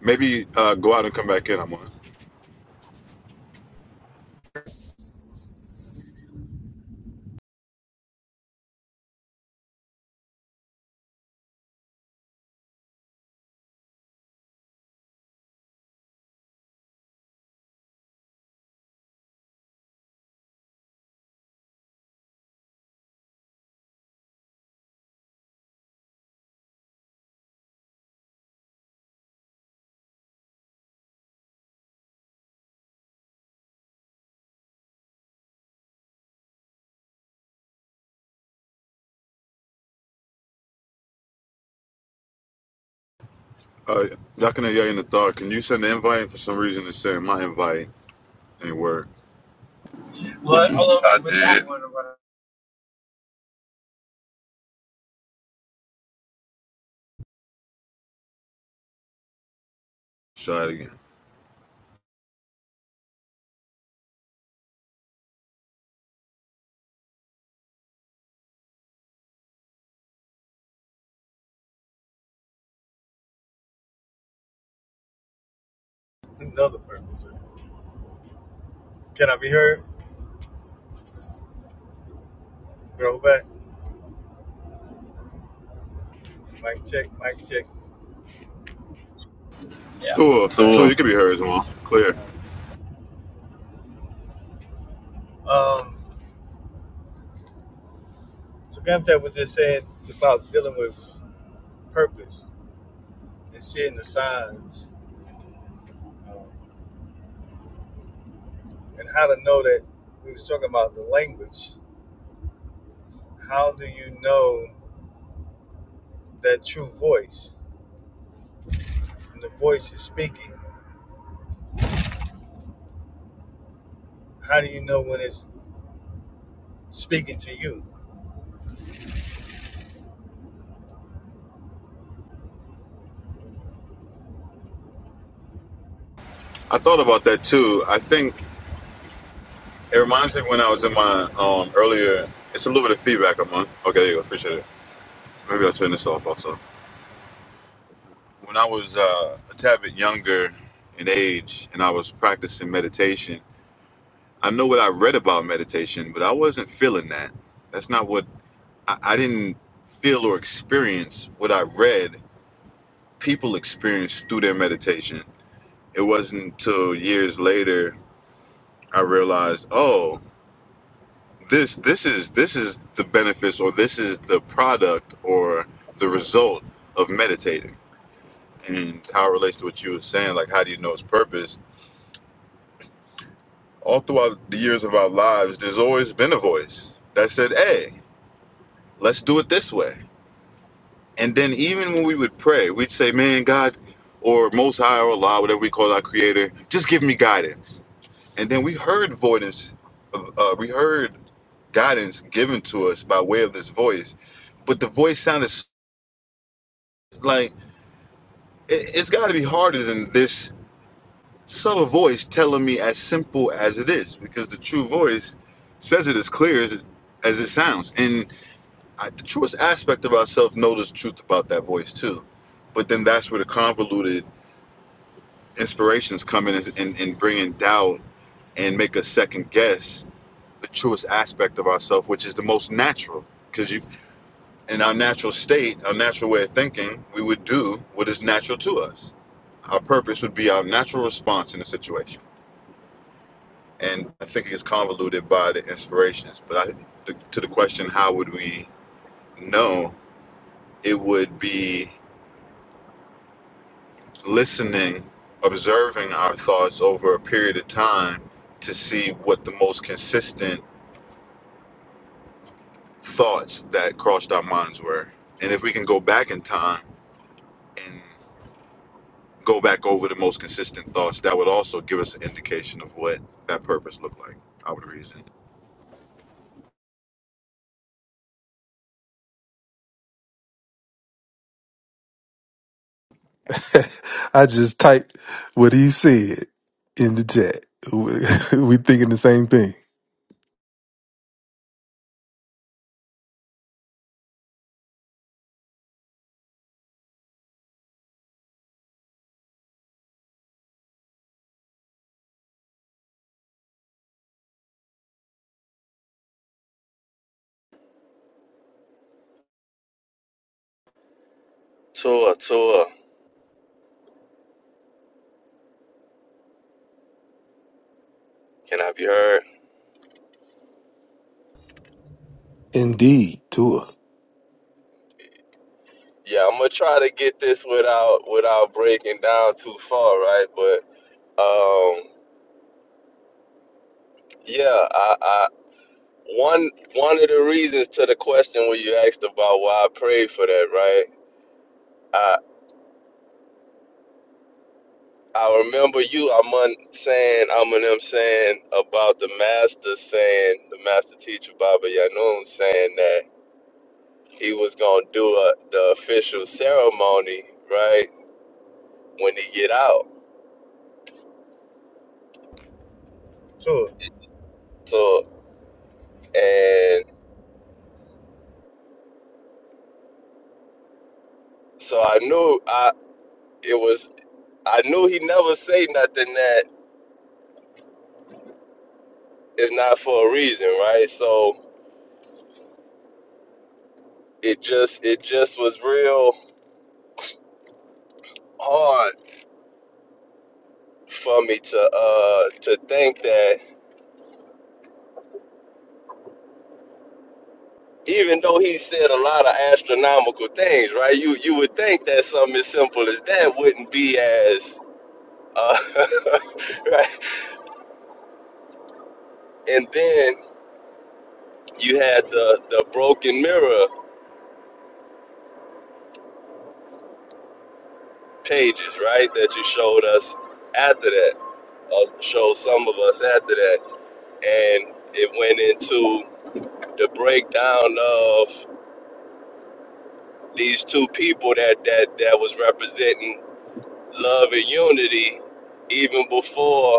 S2: Maybe uh, go out and come back in. I'm on. Uh, Yakuna Yay in the thought. Can you send the invite? And for some reason, it's saying my invite ain't work.
S4: What? Hold on. I With that did. That one around.
S2: Try it again.
S5: another purpose. right? Can I be heard? Go back. Mic check. Mic check.
S4: Yeah.
S2: Cool. So
S4: Tour.
S2: you could be her as well. Clear.
S5: Um. So Granddad was just saying about dealing with purpose and seeing the signs, um, and how to know that we was talking about the language. How do you know that true voice? When the voice is speaking, how do you know when it's speaking to you?
S2: I thought about that too. I think it reminds me when I was in my um, earlier. It's a little bit of feedback. I'm on. Okay, there you go. Appreciate it. Maybe I'll turn this off also. when I was uh, a tad bit younger in age and I was practicing meditation, I know what I read about meditation, but I wasn't feeling that. That's not what I, I didn't feel or experience what I read people experience through their meditation. It wasn't until years later I realized, oh, this this is this is the benefits or this is the product or the result of meditating and how it relates to what you were saying, like how do you know its purpose? all throughout the years of our lives, there's always been a voice that said, Hey, let's do it this way. And then even when we would pray, we'd say, Man, God, or Most High, or Allah, whatever we call our Creator, just give me guidance. And then we heard voice, uh, uh, we heard guidance given to us by way of this voice, but the voice sounded s- like it, it's got to be harder than this subtle voice telling me as simple as it is, because the true voice says it as clear as it, as it sounds. And I, the truest aspect of ourselves knows the truth about that voice too. But then that's where the convoluted inspirations come in and, and, bring in doubt and make us second guess the truest aspect of ourselves, which is the most natural. Because you, in our natural state, our natural way of thinking, we would do what is natural to us. Our purpose would be our natural response in a situation. And I think it's convoluted by the inspirations. But I, to the question, how would we know? It would be listening, observing our thoughts over a period of time to see what the most consistent thoughts that crossed our minds were. And if we can go back in time and go back over the most consistent thoughts, that would also give us an indication of what that purpose looked like. I would reason.
S3: I just typed what he said in the chat. We we thinking the same thing.
S4: Tour. Tour. Can I be heard?
S3: Indeed, Tua.
S4: Yeah, I'm gonna try to get this without without breaking down too far, right? But um, yeah, I, I one one of the reasons to the question where you asked about why I prayed for that, right? I remember you, I'm saying, I'm them saying about the master saying, the master teacher Baba Yanun saying that he was gonna do a, the official ceremony, right, when he get out.
S5: So
S4: So and so I knew I it was I knew he never say nothing that is not for a reason, right? So it just it just was real hard for me to uh to think that even though he said a lot of astronomical things, right? You you would think that something as simple as that wouldn't be as uh, right. And then you had the the broken mirror pages, right? That you showed us after that, or showed some of us after that, and it went into the breakdown of these two people that that that was representing love and unity even before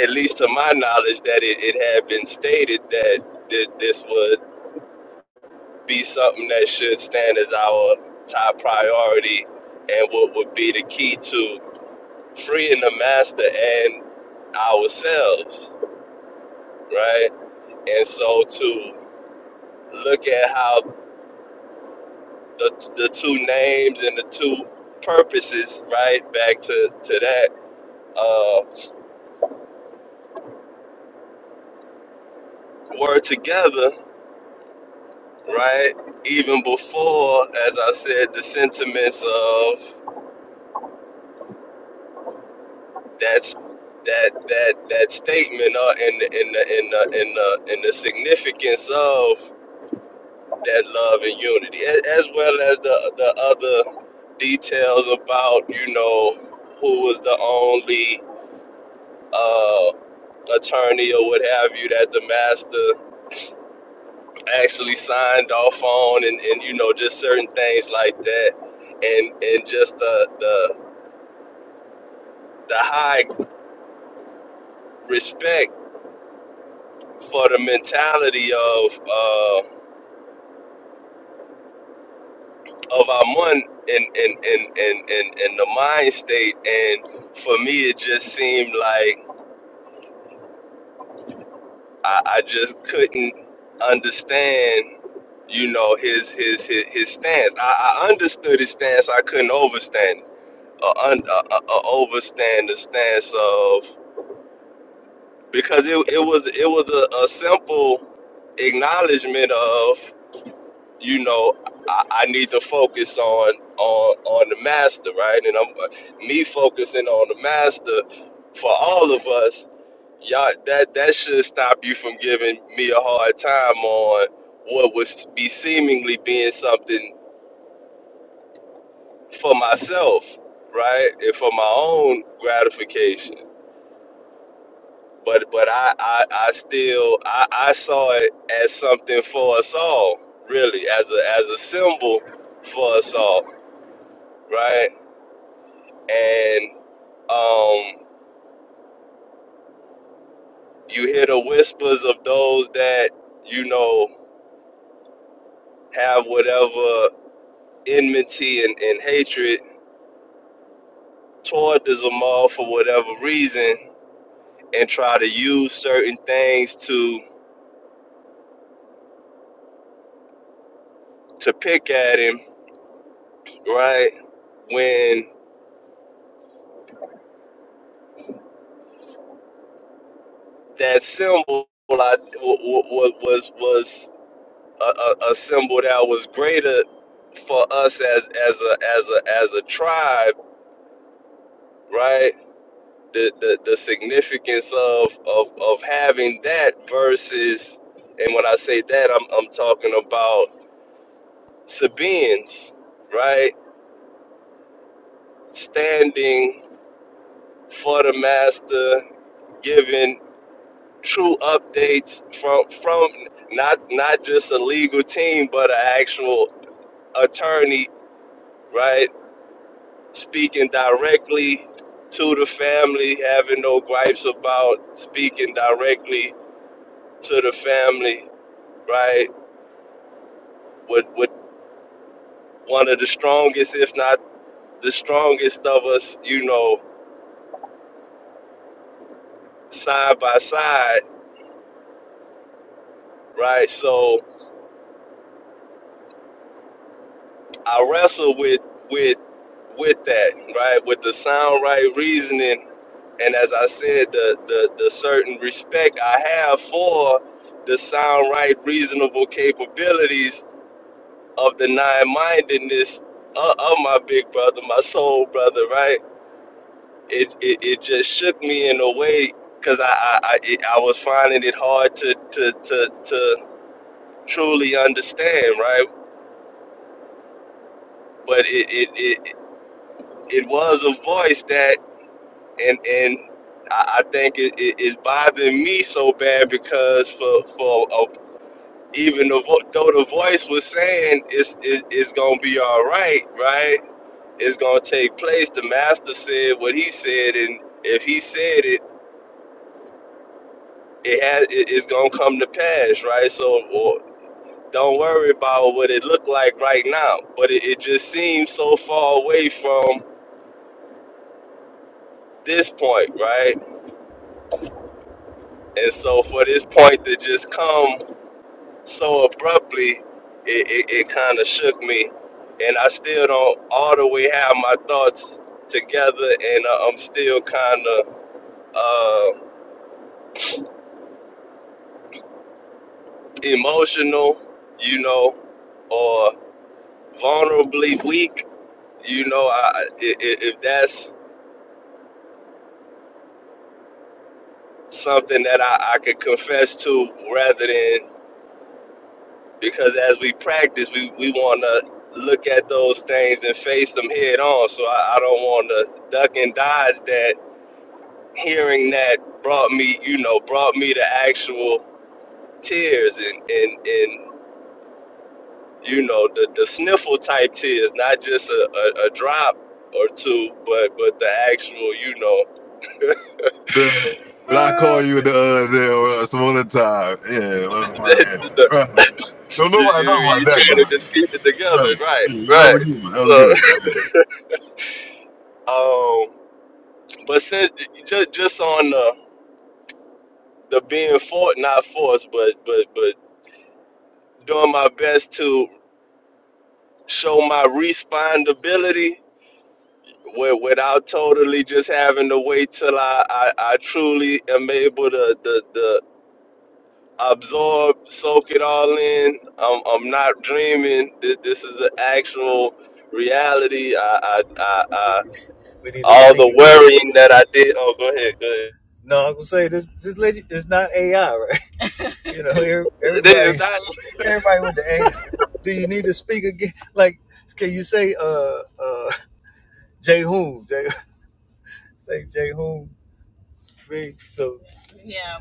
S4: at least to my knowledge, that it, it had been stated that th- this would be something that should stand as our top priority and what would be the key to freeing the master and ourselves, right? And so to look at how the, the two names and the two purposes, right, back to, to that, uh, were together, right? Even before, as I said, the sentiments of that's that that that statement uh, and the and the and the and the, and the significance of that love and unity, a- as well as the the other details about you know who was the only uh, attorney or what have you that the master actually signed off on, and, and you know just certain things like that, and and just the the the high respect for the mentality of. Uh, of our one in in in in in, in the mind state and for me it just seemed like I, I just couldn't understand you know his his his, his stance I, I understood his stance I couldn't overstand it or un, uh, uh, uh, overstand the stance of because it, it was it was a, a simple acknowledgement of. you know, I, I need to focus on on on the master, right? And I'm uh, me focusing on the master for all of us. Y'all, that that should stop you from giving me a hard time on what was be seemingly being something for myself, right? And for my own gratification. But but I I, I still I, I saw it as something for us all, really, as a as a symbol for us all, right? and um, you hear the whispers of those that you know have whatever enmity and, and hatred toward the Zamal for whatever reason, and try to use certain things to to pick at him, right? When that symbol I, w- w- was was a, a, a symbol that was greater for us as as a as a as a tribe, right? the, the, the significance of, of of having that versus and when I say that I'm I'm talking about Sabians, right? Standing for the master, giving true updates from from not not just a legal team but an actual attorney, right? Speaking directly to the family, having no gripes about speaking directly to the family, right? with with one of the strongest, if not the strongest of us, you know, side by side, right? So I wrestle with with with that, right? With the sound right reasoning and as I said, the the, the certain respect I have for the sound right reasonable capabilities of the nine mindedness of, of my big brother, my soul brother, right? it, it, it just shook me in a way because I I, I, it, I was finding it hard to to, to, to truly understand right but it, it, it, it was a voice that and and I, I think it it is bothering me so bad because for for a, even the, vo- though the voice was saying it's it, it's gonna be all right right it's gonna take place the master said what he said and if he said it it has it, it's gonna come to pass, right? So or, don't worry about what it looked like right now, but it, it just seems so far away from this point, right? And so for this point to just come so abruptly, it, it, it kind of shook me, and I still don't all the way have my thoughts together, and uh, I'm still kind of uh, emotional, you know, or vulnerably weak you know, I, I- if that's something that I, I could confess to rather than because as we practice, we, we want to look at those things and face them head on. So I, I don't want to duck and dodge that. Hearing that brought me, you know, brought me to actual tears and, and, and you know, the, the sniffle type tears, not just a, a, a drop or two, but, but the actual, you
S2: The, when I
S4: know,
S2: call you the other day or some other time, yeah, what about
S4: the, the,
S2: Right. Don't
S4: you, you,
S2: nobody know
S4: you
S2: about that,
S4: trying to
S2: dude.
S4: just keep it together,
S2: Right.
S4: right?
S2: Yeah, that was a
S4: Right.
S2: good one. That was
S4: So,
S2: good.
S4: um, but since just just on the the being for not forced, but but but doing my best to show my respondability wi- without totally just having to wait till I I, I truly am able to the the absorb, soak it all in. I'm I'm not dreaming. Th- This is an actual reality. I I I.
S5: we need to
S4: all
S5: speak
S4: the
S5: again.
S4: worrying that I did. Oh, go ahead, go ahead.
S5: No, I'm gonna say this. This lady is not AI, right? You know,
S4: It is
S5: everybody,
S4: not
S5: everybody with the AI. Do you need to speak again? Like, can you say, uh, uh, Jay Hoon, Jay, like Jay Hoon? Me. So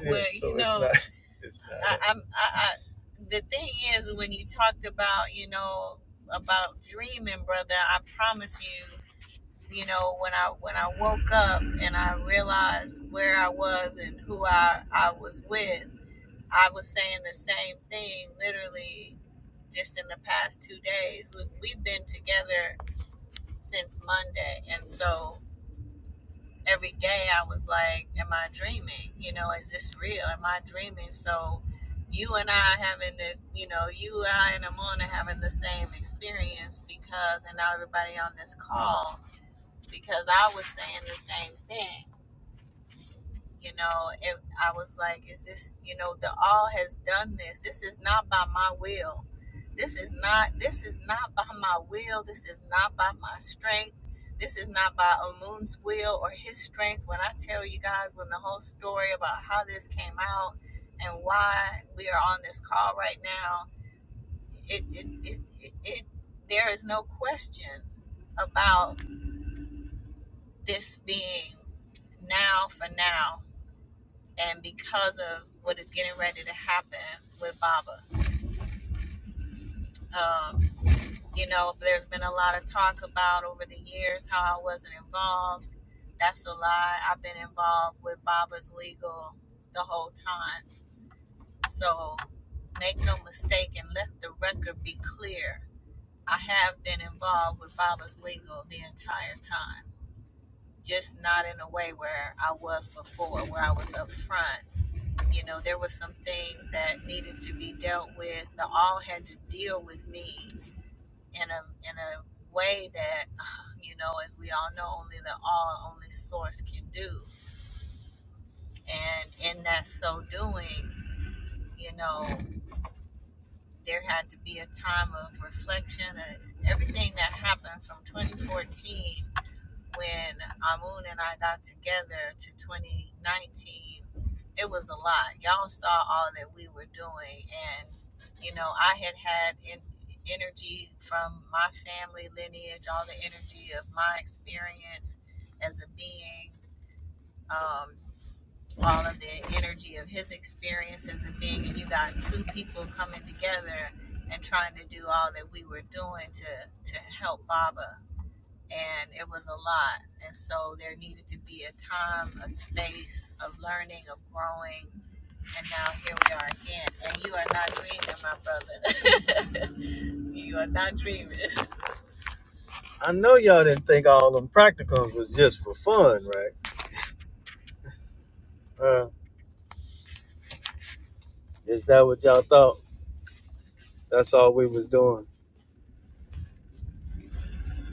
S5: yeah, yeah, so it's not. It's not. I, I know y'all didn't think all them practicums was just for fun, right? Uh, is that what y'all thought? That's all we was doing.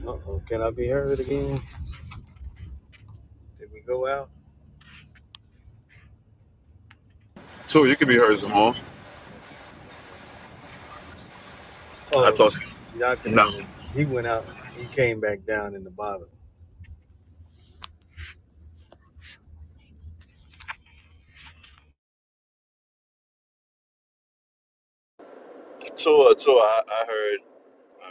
S5: Uh-oh, can I be heard again? Did we go out?
S2: So you could be heard, Zamal.
S5: Okay.
S2: I
S5: Oh,
S2: thought. nah.
S5: Yakanan is he went out. He came back down in the bottom.
S4: tour, tour. I, I heard, I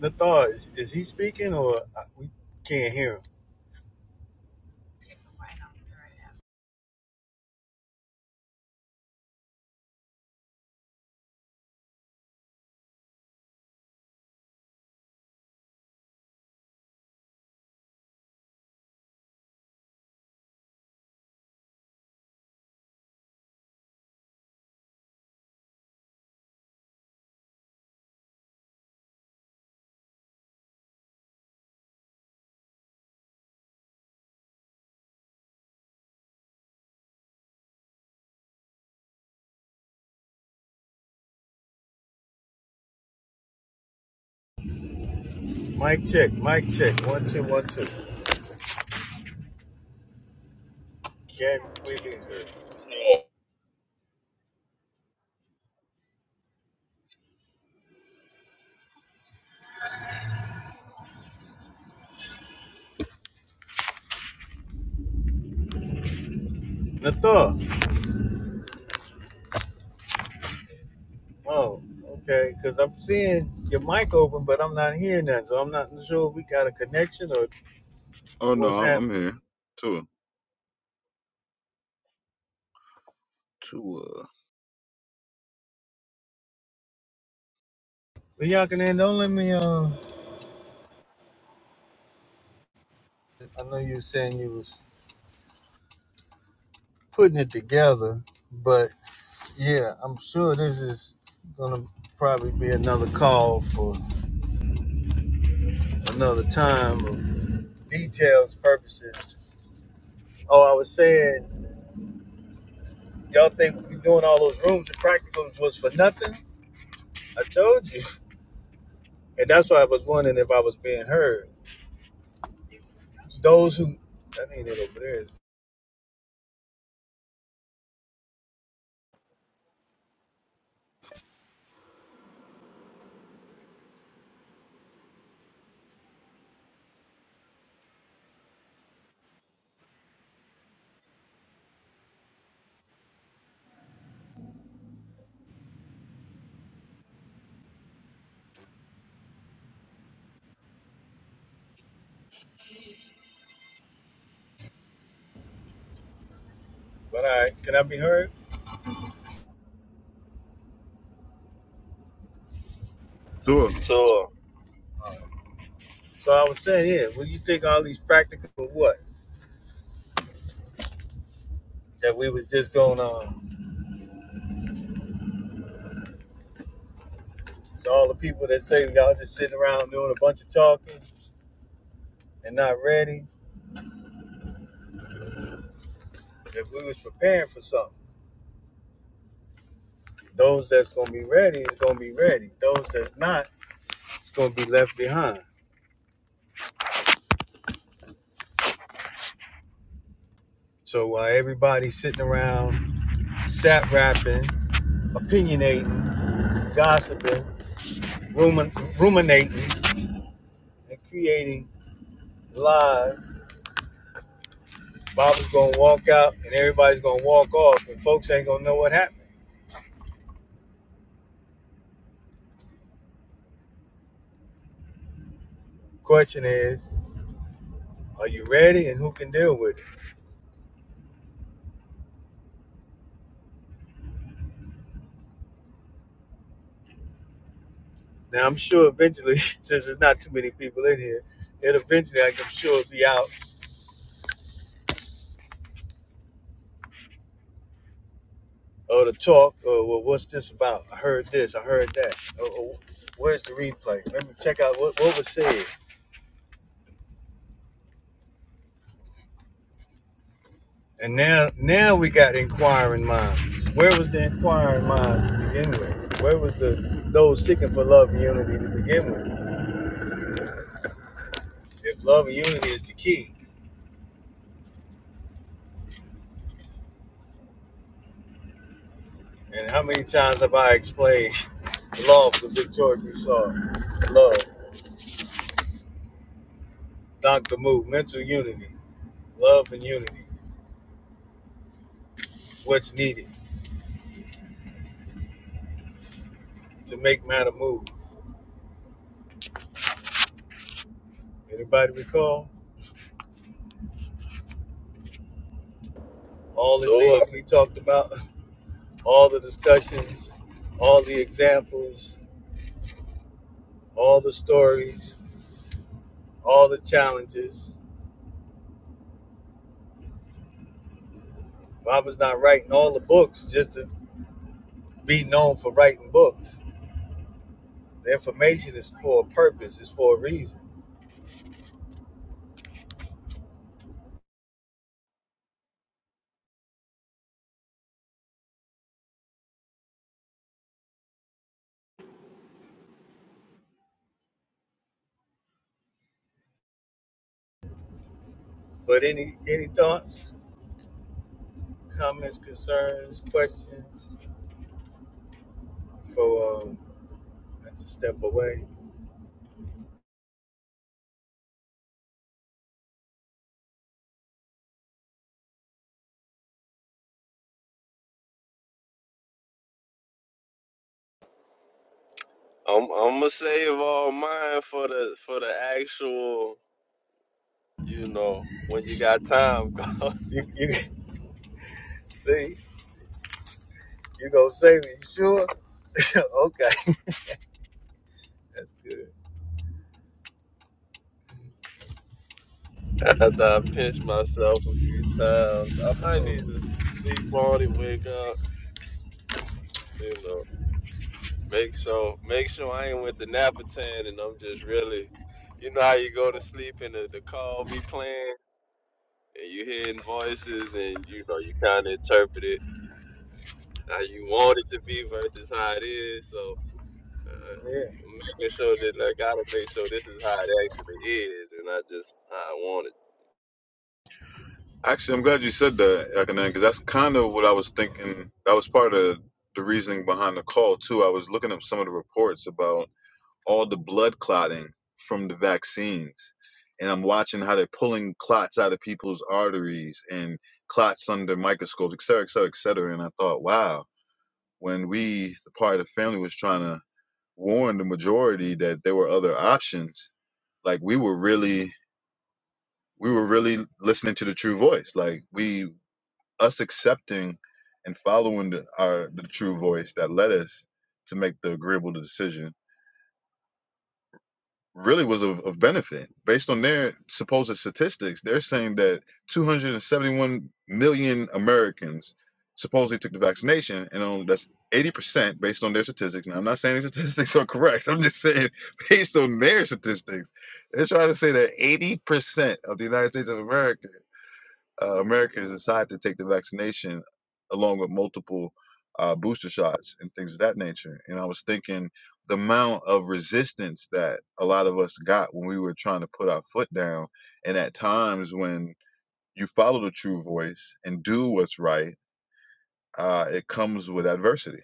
S5: Nathar, is, is he speaking or I- we can't hear him? Mic check, mic check. One two, one two. Can we be heard?
S4: heard.
S5: Nathar. Oh, okay. Because I'm seeing your mic open, but I'm not hearing that, so I'm not sure if we got a connection or
S2: Oh no,
S5: what's
S2: I'm, I'm
S5: happening.
S2: here. Tua, Tua.
S5: But Yakanan, don't let me. Uh, I know you were saying you was putting it together, but. Yeah, I'm sure this is gonna probably be another call for another time of details purposes. Oh, I was saying, y'all think we doing all those rooms and practicums was for nothing? I told you, and that's why I was wondering if I was being heard. Those who, that ain't it over there, is it? but I can I be heard?
S2: Tua.
S4: Tour,
S5: So I was saying, yeah, what do you think all these practicum what that we was just going on? To all the people that say y'all just sitting around doing a bunch of talking and not ready If we was preparing for something, those that's gonna be ready is gonna be ready. Those that's not, it's gonna be left behind. So while everybody's sitting around, sat rapping, opinionating, gossiping, rumin- ruminating, and creating lies, Bob's gonna walk out and everybody's gonna walk off, and folks ain't gonna know what happened. Question is, are you ready, and who can deal with it? Now I'm sure eventually, since there's not too many people in here, it eventually like, I'm sure will be out or the talk, or well, what's this about? I heard this, I heard that. Or, or, where's the replay? Let me check out what, what was said. And now, now we got inquiring minds. Where was the inquiring minds to begin with? Where was the those seeking for love and unity to begin with? If love and unity is the key, and how many times have I explained the law of the Victoria Broussard? Love, Dr. Move, mental unity, love and unity, what's needed to make matter move. Anybody recall? all the
S4: tour.
S5: things we talked about, all the discussions, all the examples, all the stories, all the challenges. Baba's not writing all the books just to be known for writing books. The information is for a purpose, it's for a reason. But any any thoughts, comments, concerns, questions? For um, I just step away.
S4: I'm, I'm gonna save all mine for the for the actual. You know, when you got time.
S5: You, you see, you gonna save me? You sure? okay, that's good.
S4: After I pinch myself a few times, I might need
S5: Hmm.
S4: to sleep on it, wake up. You know, make sure make sure I ain't with the napatan and I'm just really. You know how you go to sleep and the, the call be playing and you hearing voices and you know you kind of interpret it how you want it to be versus how it is so uh,
S5: Yeah.
S4: making sure that like, i gotta make sure this is how it actually is and not just how i want it
S2: Actually, I'm glad you said that, Yakanan, because that's kind of what I was thinking. That was part of the reasoning behind the call too. I was looking up some of the reports about all the blood clotting from the vaccines, and I'm watching how they're pulling clots out of people's arteries and clots under microscopes, et cetera, et cetera, et cetera. And I thought, wow, when we, the part of the family, was trying to warn the majority that there were other options, like we were really we were really listening to the true voice like we us accepting and following the, our the true voice that led us to make the agreeable decision really was of, of benefit based on their supposed statistics they're saying that 271 million americans supposedly took the vaccination and on, that's 80% based on their statistics now i'm not saying these statistics are correct i'm just saying based on their statistics they're trying to say that 80% of the united states of america uh, Americans decide to take the vaccination along with multiple uh, booster shots and things of that nature. And I was thinking the amount of resistance that a lot of us got when we were trying to put our foot down, and at times when you follow the true voice and do what's right, uh, it comes with adversity.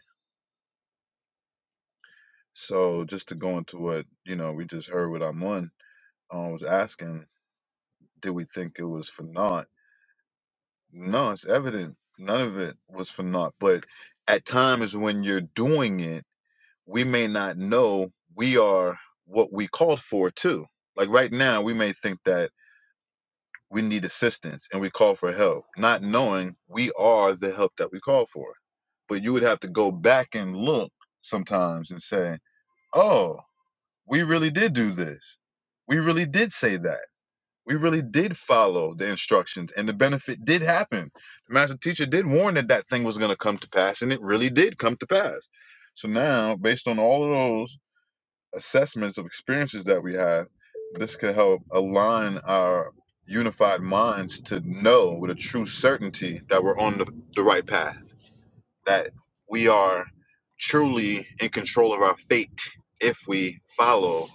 S2: So just to go into what you know, we just heard what Amon uh, was asking, did we think it was for naught? No, it's evident. None of it was for naught. But at times when you're doing it, we may not know we are what we called for too. Like right now, we may think that we need assistance and we call for help, not knowing we are the help that we call for. But you would have to go back and look sometimes and say, oh, we really did do this. We really did say that we really did follow the instructions, and the benefit did happen. The master teacher did warn that that thing was going to come to pass, and it really did come to pass. So now, based on all of those assessments of experiences that we have, this could help align our unified minds to know with a true certainty that we're on the, the right path, that we are truly in control of our fate if we follow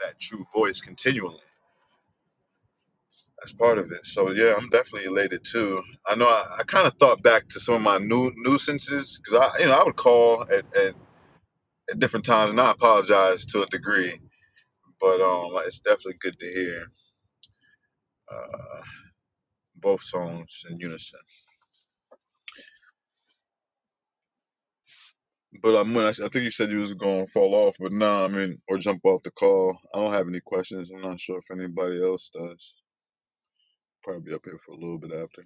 S2: that true voice continually that's part of it. So yeah, I'm definitely elated too. I know I, I kind of thought back to some of my new nuisances because I, you know, I would call at, at, at different times and I apologize to a degree, but um, like, it's definitely good to hear uh, both songs in unison. But um, when I, s- I think you said you was going to fall off, but nah, I mean, or jump off the call. I don't have any questions. I'm not sure if anybody else does. Probably be up here for a little bit after.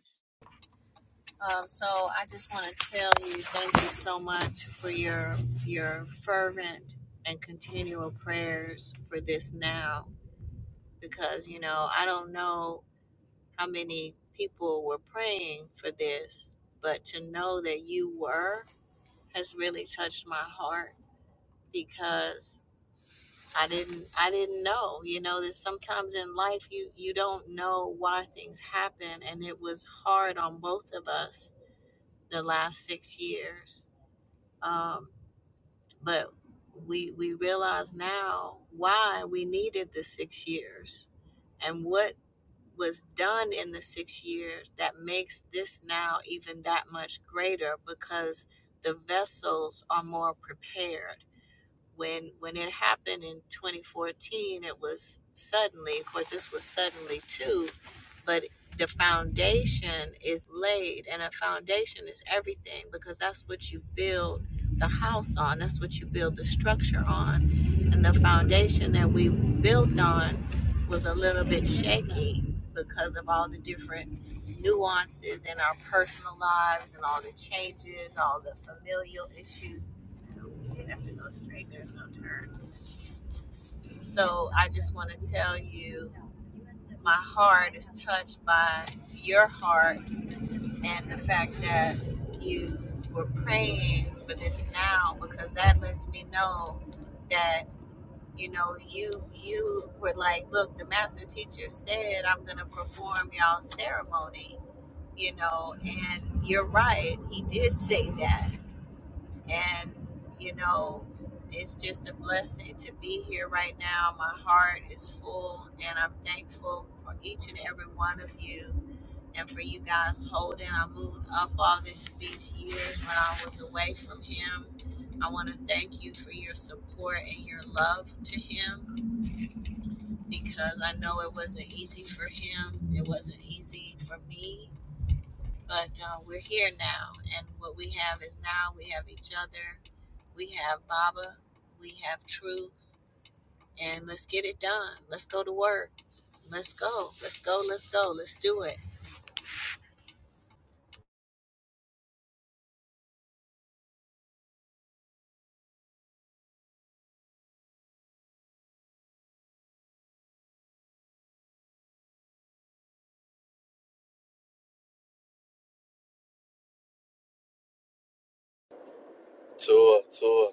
S4: tour tour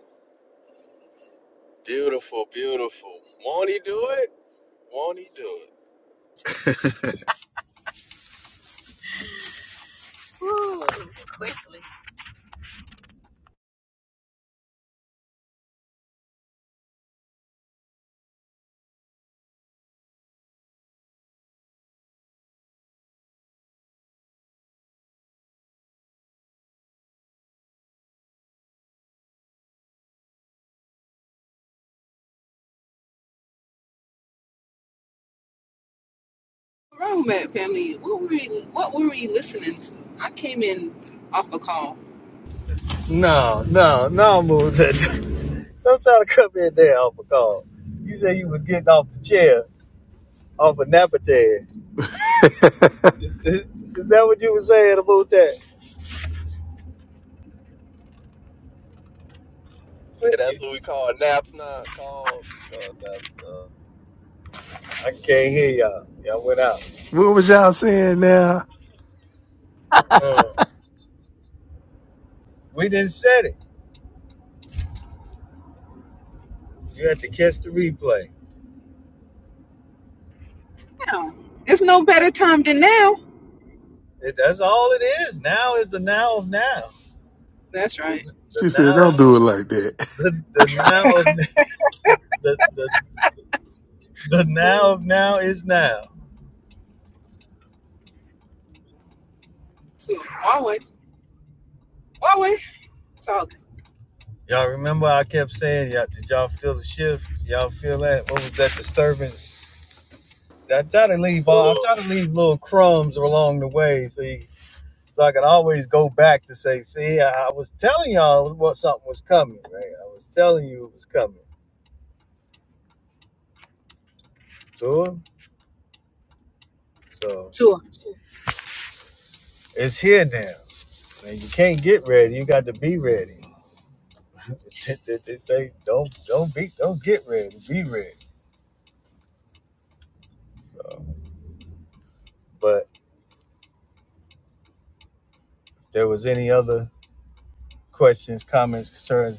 S4: beautiful beautiful won't he do it won't he do it
S1: Romance family, what were we, what were we listening to? I came in off a call.
S5: No, no, no, move that. Don't try to come in there off a call. You say you was getting off the chair, off a napper chair.
S3: what
S5: Is, is, is that what you were saying about that?
S4: say
S5: Yeah.
S4: that's what we call naps not called called naps
S5: I can't hear y'all. Y'all went out.
S3: was y'all saying now?
S5: Uh, we didn't set it. You had to catch the replay.
S1: Now, it's no better time than now.
S5: It, that's all it is. Now is the now of now.
S1: That's right.
S5: The, the
S3: She said,
S5: now,
S3: "Don't do it like that."
S5: the the now of the the the now of now is now.
S1: So, Huawei. Well, we so
S5: Y'all remember I kept saying, y'all, did y'all feel the shift? Y'all feel that? What was that disturbance? I try to leave
S4: uh,
S5: all, I
S4: tour
S5: try to leave little crumbs along the way so, you, so I could always go back to say, see, I, I was telling y'all what something was coming, right? I was telling you it was coming. Sure. So
S1: Tua,
S5: it's here now. And you can't get ready. You got to be ready. they they say, don't, don't be, don't get ready. Be ready. So, but if there was any other questions, comments, concerns,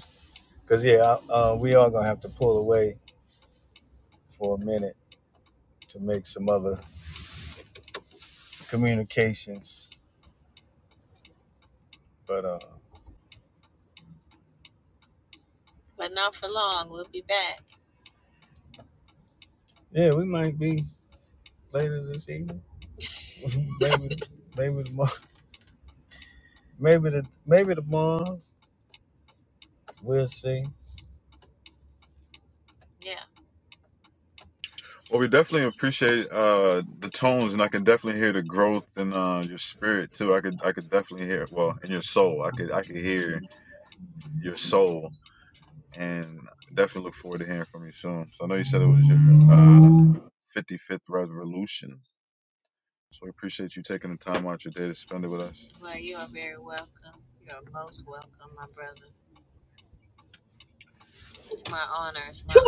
S5: Cause yeah, I- uh, we are gonna have to pull away for a minute to make some other communications. But uh, yeah, we might be later this evening. maybe, maybe tomorrow. Maybe the maybe tomorrow. We'll see.
S2: Well, we definitely appreciate uh, the tones, and I can definitely hear the growth in uh, your spirit too. I could, I could definitely hear, well, in your soul. I could, I could hear your soul, and definitely look forward to hearing from you soon. So I know you said it was your uh,
S5: hmm
S2: 55th revolution, so we appreciate you taking the time out your day to spend it with us.
S1: Tua,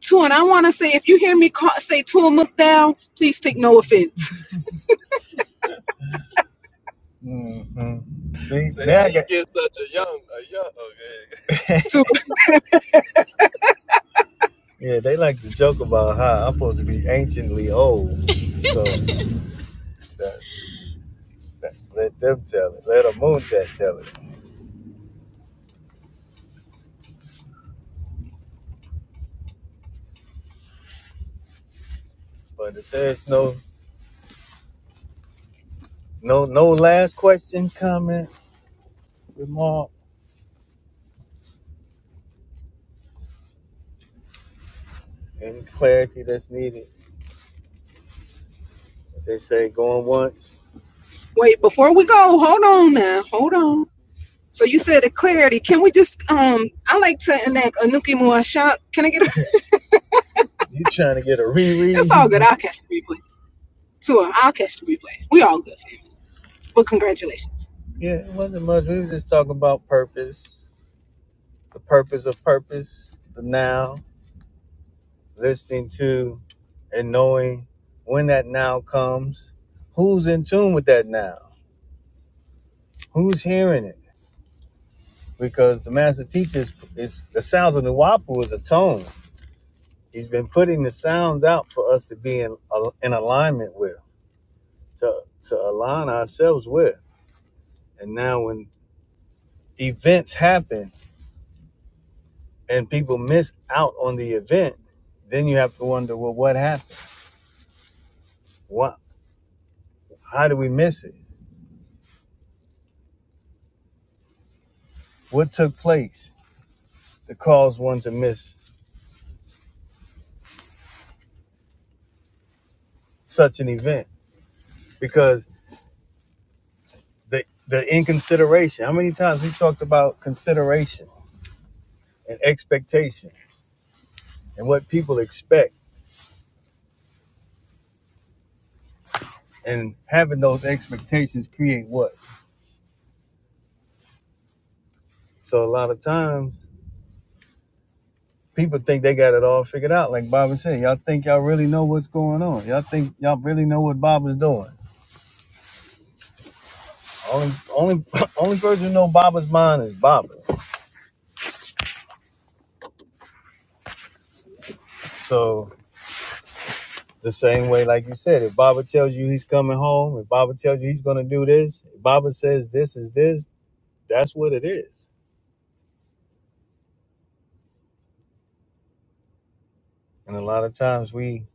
S1: Tua. And I want to say, if you hear me call, say Tua down, please take no offense.
S5: See,
S4: say
S5: now
S4: how
S5: I
S4: you
S5: got
S4: get such a young a young okay
S1: Tua,
S5: yeah. They like to joke about how I'm supposed to be anciently old. So that, that, let them tell it. Let a moon chat tell it. But if there's no no no last question, comment, remark. and clarity that's needed. They say going once.
S1: wait, before we go, hold on now, hold on. So you said the clarity. Can we just um? I like to enact Anuki Muasha. Can I get? A,
S5: You trying to get a
S1: it's
S5: reread?
S1: all good. I'll catch the replay. Tua, I'll catch the replay. We all good. fam. But congratulations.
S5: yeah, it wasn't much. We was just talking about purpose, the purpose of purpose, the now, listening to and knowing when that now comes. Who's in tune with that now? Who's hearing it? Because the master teacher is, is the sounds of the Wapu is a tone. He's been putting the sounds out for us to be in, in alignment with, to, to align ourselves with. And now when events happen and people miss out on the event, then you have to wonder, well, what happened? What? How did we miss it? What took place to cause one to miss such an event? Because the the inconsideration. How many times we talked about consideration and expectations and what people expect and having those expectations create what? So a lot of times people think they got it all figured out. Like Baba said, y'all think y'all really know what's going on. Y'all think y'all really know what Baba's doing. Only only only person who know Baba's mind is Baba. So the same way, like you said, if Baba tells you he's coming home, if Baba tells you he's gonna do this, if Baba says this is this, that's what it is. And a lot of times we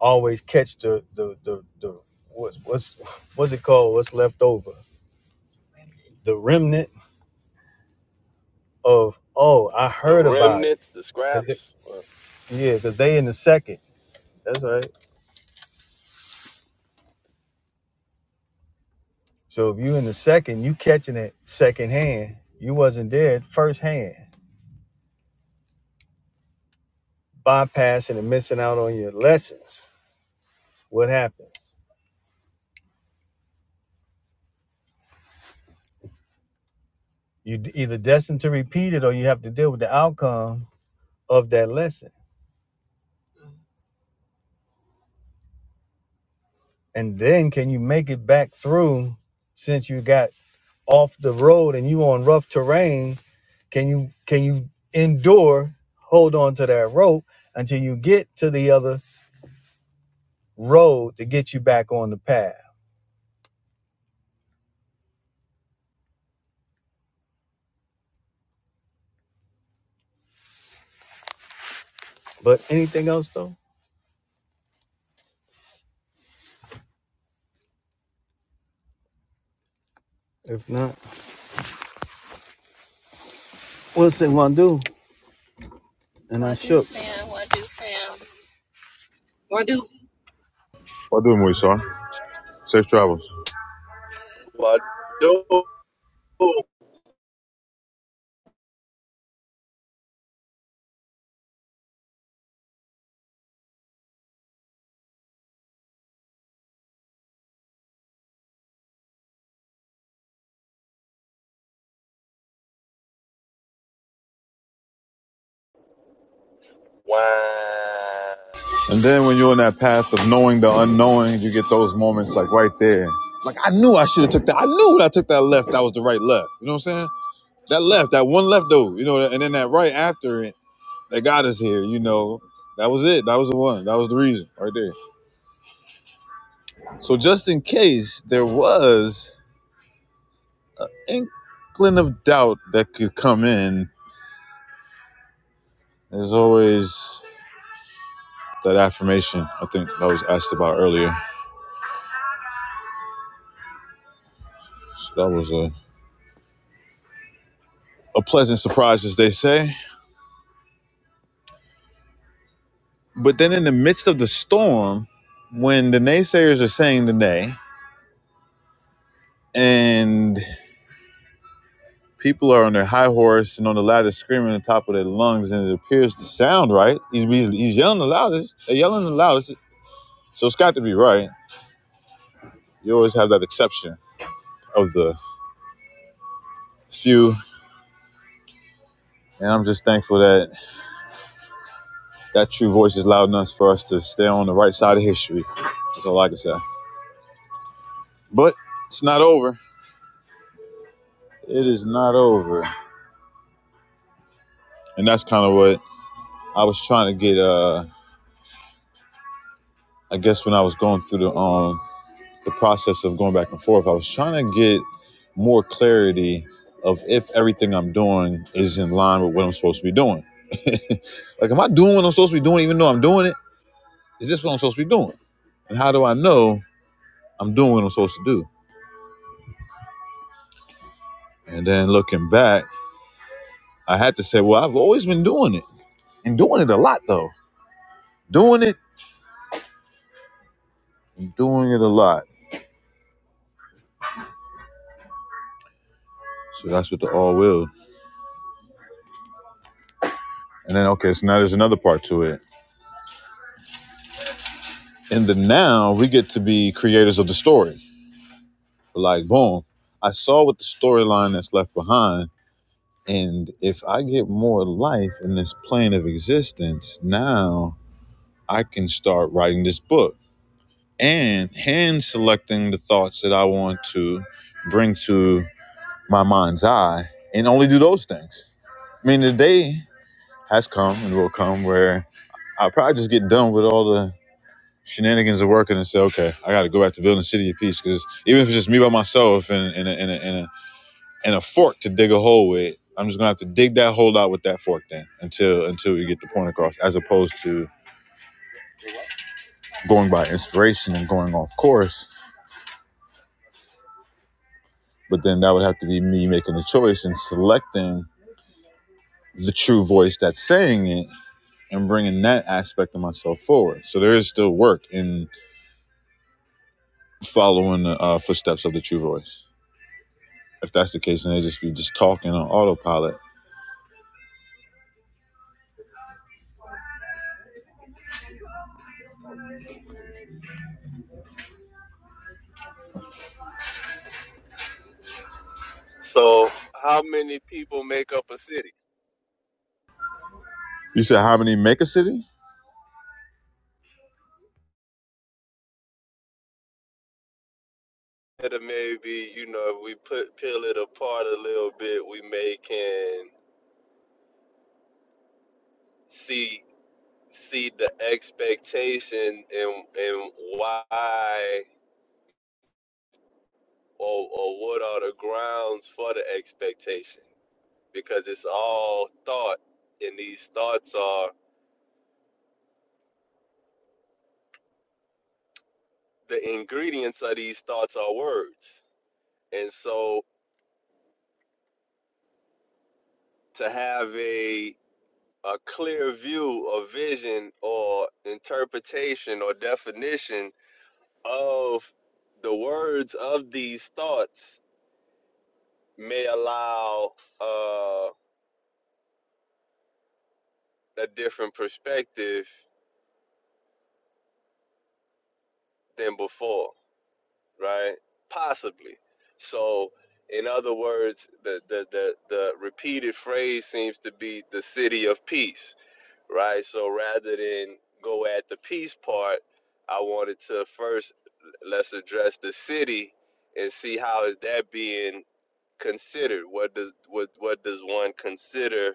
S5: always catch the the the, the what's what's what's it called? What's left over? The remnant of oh, I
S4: the
S5: heard about
S4: remnants the
S5: it.
S4: scraps
S5: Yeah, because they in the second. That's right. So if you in the second, you catching it second hand. You wasn't there first hand. Bypassing and missing out on your lessons. What happens? You d- either destined to repeat it or you have to deal with the outcome of that lesson. And then can you make it back through since you got off the road and you on rough terrain? Can you can you endure, hold on to that rope until you get to the other road to get you back on the path? But anything else though? If not, what's it want to do. And I shook. Fam, what do fam?
S1: Wadu.
S2: What doing, Moishan? Safe travels.
S4: what do I do? Wow.
S2: And then when you're on that path of knowing the unknowing, you get those moments like right there. Like I knew I should have took that. I knew when I took that left, that was the right left. You know what I'm saying? that left, that one left though, you know, and then that right after it that got us here, you know. That was it. That was the one. That was the reason right there. So just in case there was inkling of doubt that could come in, there's always that affirmation. I think that was asked about earlier. So that was a, a pleasant surprise, as they say. But then in the midst of the storm, when the naysayers are saying the nay, and People are on their high horse and on the loudest, screaming on the top of their lungs, and it appears to sound right. He's, he's, yelling the loudest. They're yelling the loudest. So it's got to be right. You always have that exception of the few. And I'm just thankful that that true voice is loud enough for us to stay on the right side of history. That's all I can say. But it's not over. It is not over. And that's kind of what I was trying to get. Uh, I guess when I was going through the um the process of going back and forth, I was trying to get more clarity of if everything I'm doing is in line with what I'm supposed to be doing. like, am I doing what I'm supposed to be doing even though I'm doing it? Is this what I'm supposed to be doing? And how do I know I'm doing what I'm supposed to do? And then looking back, I had to say, well, I've always been doing it and doing it a lot, though. Doing it and doing it a lot. So that's what the all will. And then, okay, so now there's another part to it. In the now, we get to be creators of the story. Like, boom, I saw what the storyline that's left behind. And if I get more life in this plane of existence, now I can start writing this book and hand selecting the thoughts that I want to bring to my mind's eye and only do those things. I mean, the day has come and will come where I'll probably just get done with all the shenanigans of working and say, okay, I got to go back to building City of Peace because even if it's just me by myself and in, in, a, in, a, in a and a fork to dig a hole with. I'm just gonna have to dig that hole out with that fork then until until we get the point across, as opposed to going by inspiration and going off course. But then that would have to be me making the choice and selecting the true voice that's saying it and bringing that aspect of myself forward. So there is still work in following the uh, footsteps of the true voice. If that's the case, then they just be just talking on autopilot.
S4: So, how many people make up a city?
S2: You said how many make a city?
S4: That maybe, you know, if we put peel it apart a little bit, we may can see see the expectation and and why or or what are the grounds for the expectation? Because it's all thought, and these thoughts are the ingredients of these thoughts are words, and so to have a a clear view or vision or interpretation or definition of the words of these thoughts may allow uh, a different perspective than before, right? Possibly. So, in other words, the, the, the, the repeated phrase seems to be the city of peace right? So rather than go at the peace part, I wanted to first let's address the city and see how is that being considered. What does what what does one consider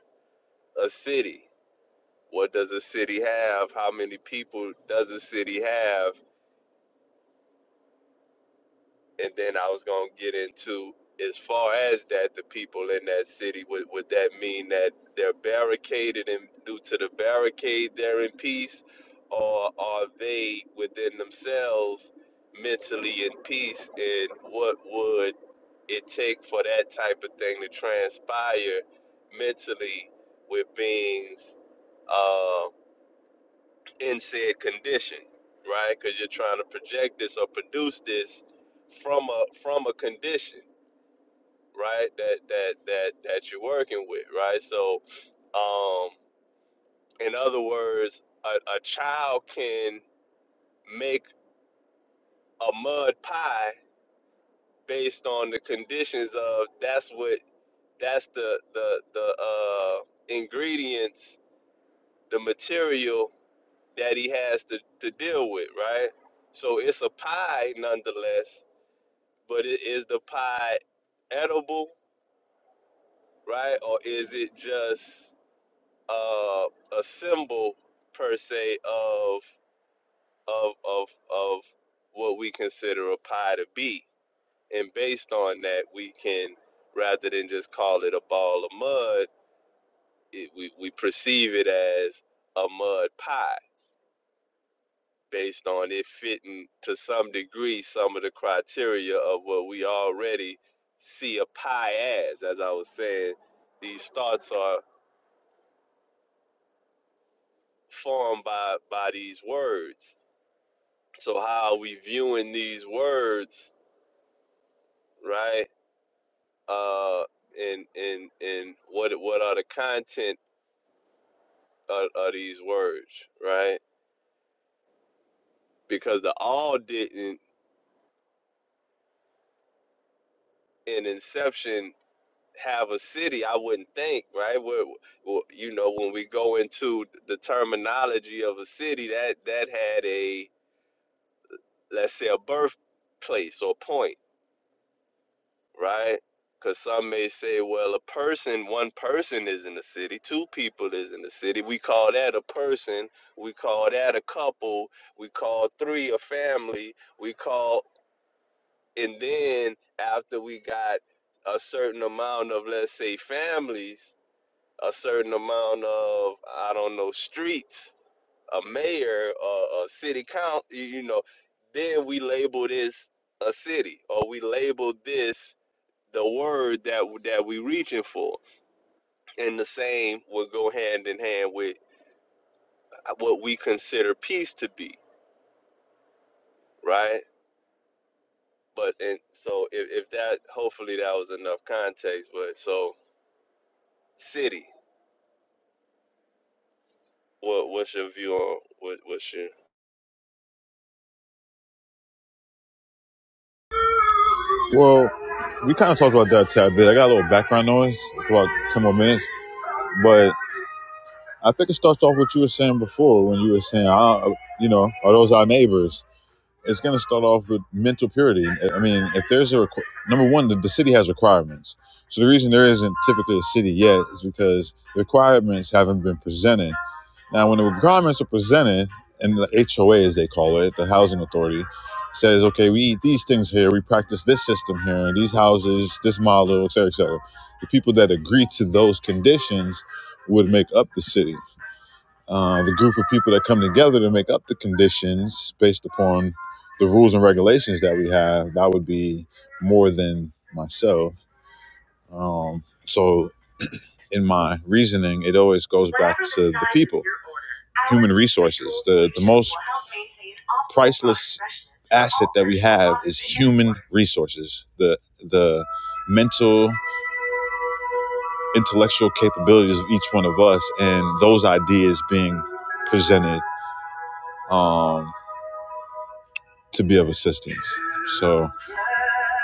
S4: a city? What does a city have? How many people does a city have? and then I was gonna get into as far as that the people in that city would would that mean that they're barricaded and due to the barricade they're in peace, or are they within themselves mentally in peace? And what would it take for that type of thing to transpire mentally with beings? uh, in said condition, right? Because you're trying to project this or produce this from a from a condition, right? That that that that you're working with, right? So, um, in other words, a, a child can make a mud pie based on the conditions of that's what that's the the the uh, ingredients, the material that he has to to deal with, right? So it's a pie nonetheless But i- is the pie edible, right? Or is it just uh, a symbol per se of of of of what we consider a pie to be? And based on that, we can rather than just call it a ball of mud, it, we we perceive it as a mud pie based on it fitting to some degree some of the criteria of what we already see a pie as. As I was saying, these thoughts are formed by by these words. So how are we viewing these words, right? Uh, and and and what what are the content of, of these words, right? Because the all didn't in inception have a city, I wouldn't think, right? Where, where- you know, when we go into the terminology of a city, that that had a let's say a birthplace or point, right? Because some may say, well, a person, one person is in the city, two people is in the city. We call that a person. We call that a couple. We call three a family. We call, and then after we got a certain amount of, let's say, families a certain amount of I don't know streets, a mayor, or a city council, you know, then we label this a city, or we label this the word that that we reaching for, and the same will go hand in hand with uh, what we consider peace to be, right? But and so if, if that hopefully that was enough context, but so city, what what's your view on what what's your
S2: Well, we kind of talked about that a tad bit. I got a little background noise for about 10 more minutes, but I think it starts off what you were saying before when you were saying, "Ah, uh, you know, are those our neighbors? It's going to start off with mental purity. I mean, if there's a requ- number one, the, the city has requirements. So the reason there isn't typically a city yet is because the requirements haven't been presented now, when the requirements are presented, and the HOA, as they call it, the housing authority, says, okay, we eat these things here, we practice this system here, and these houses, this model, et cetera, et cetera. The people that agree to those conditions would make up the city. Uh, the group of people that come together to make up the conditions based upon the rules and regulations that we have, that would be more than myself. Um, so, in my reasoning, it always goes to the people, human resources. The, the most asset that we have is human resources, the the mental, intellectual capabilities of each one of us, and those ideas being presented um, to be of assistance. So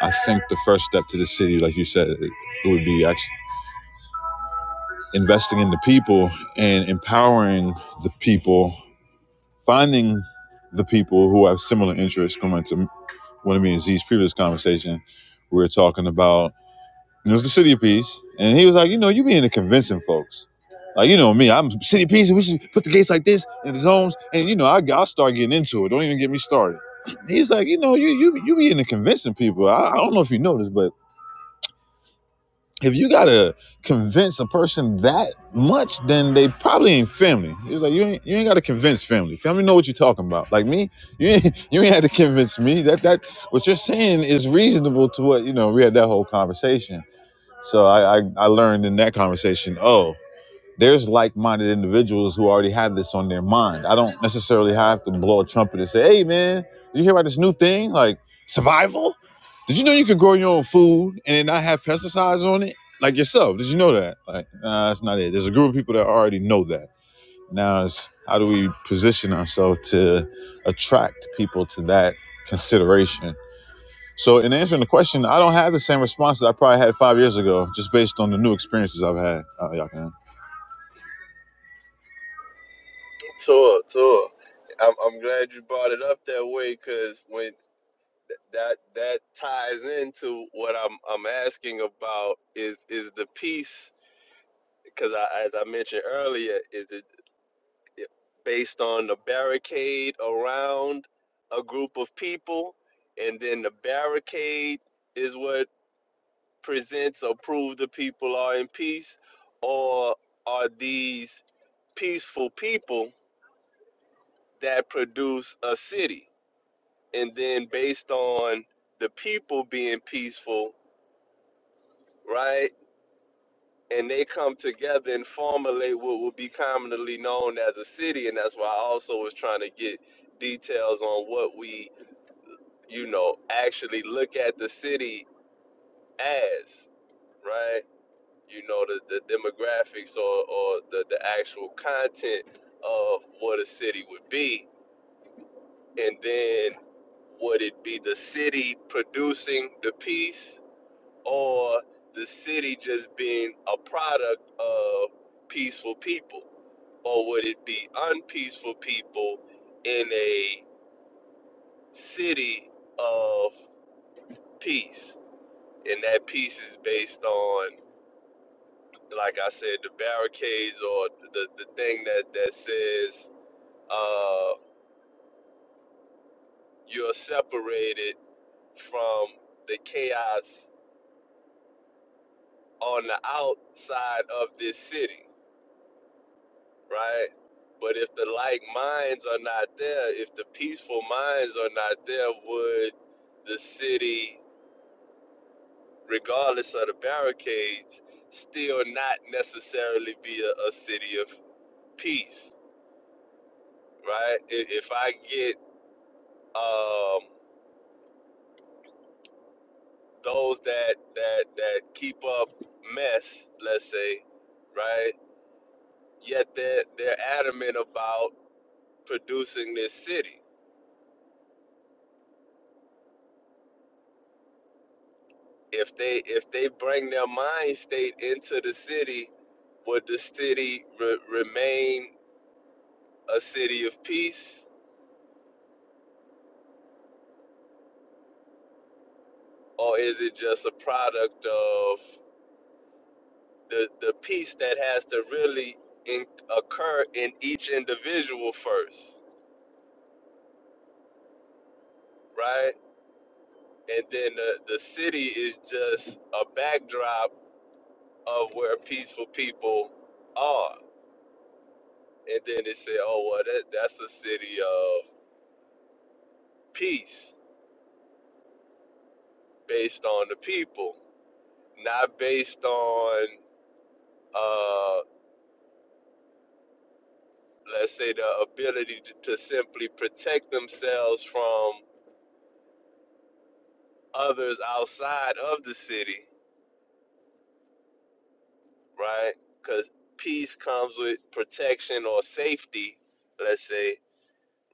S2: I think the first step to the city, like you said, it, it would be actually investing in the people and empowering the people, finding the people who have similar interests. Going to one of me and Z's previous conversation, we were talking about it was the City of Peace. And he was like, you know, you be into convincing folks. Like, you know me, I'm City of Peace, and we should put the gates like this and the zones. And, you know, I, I'll start getting into it. Don't even get me started. He's like, you know, you you, you be into convincing people. I, I don't know if you know this, but if you got to convince a person that much, then they probably ain't family. He was like, you ain't, you ain't got to convince family. Family know what you're talking about. Like me, you ain't, you ain't had to convince me. That, that, what you're saying is reasonable to what, you know, we had that whole conversation. So I, I, I learned in that conversation, oh, there's like-minded individuals who already have this on their mind. I don't necessarily have to blow a trumpet and say, hey man, did you hear about this new thing? Like survival? Did you know you could grow your own food and not have pesticides on it? Like yourself, did you know that? Like, nah, that's not it. There's a group of people that already know that. Now it's how do we position ourselves to attract people to that consideration? So in answering the question, I don't have the same responses I probably had five years ago, just based on the new experiences I've had. Uh, y'all can.
S4: Tour, tour. I'm I'm glad you brought it up that way because when that that ties into what I'm I'm asking about is is the piece because I, as I mentioned earlier, is it based on the barricade around a group of people, and then the barricade is what presents or proves the people are in peace, or are these peaceful people that produce a city? and then based on the people being peaceful, right? And they come together and formulate what will be commonly known as a city, and that's why I also was trying to get details on what we, you know, actually look at the city as, right? You know, the, the demographics or, or the, the actual content of what a city would be, and then would it be the city producing the peace? or the city just being a product of peaceful people? Or would it be unpeaceful people in a city of peace? And that peace is based on, like I said, the barricades or the, the thing that, that says uh, you're separated from the chaos on the outside of this city. right? But if the like minds are not there, if the peaceful minds are not there, would the city, regardless of the barricades, still not necessarily be a, a city of peace, right? If, if I get um, those that that that keep up mess, let's say, right? Yet they're they're adamant about producing this city if they if they bring their mind state into the city, would the city re- remain a city of peace, or is it just a product of the the peace that has to really in, occur in each individual first, right? And then the, the city is just a backdrop of where peaceful people are. And then they say, oh, well, that, that's a city of peace based on the people not based on uh let's say the ability to, to simply protect themselves from others outside of the city right because peace comes with protection or safety let's say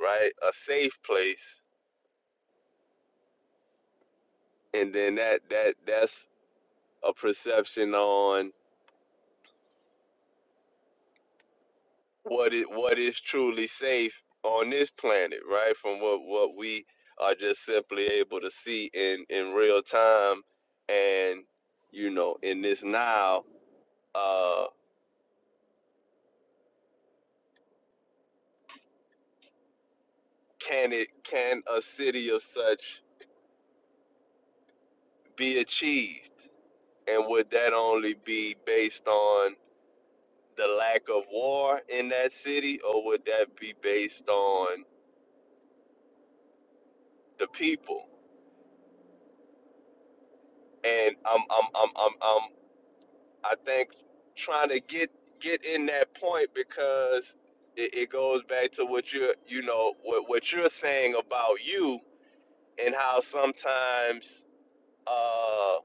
S4: right a safe place and then that that that's a perception on What it, what is truly safe on this planet, right? From what what we are just simply able to see in in real time, and you know, in this now, uh, can it can a city of such be achieved? And would that only be based on the lack of war in that city, or would that be based on the people? And I'm I'm I'm I'm I'm I think trying to get get in that point because it, it goes back to what you're you know what what you're saying about you and how sometimes uh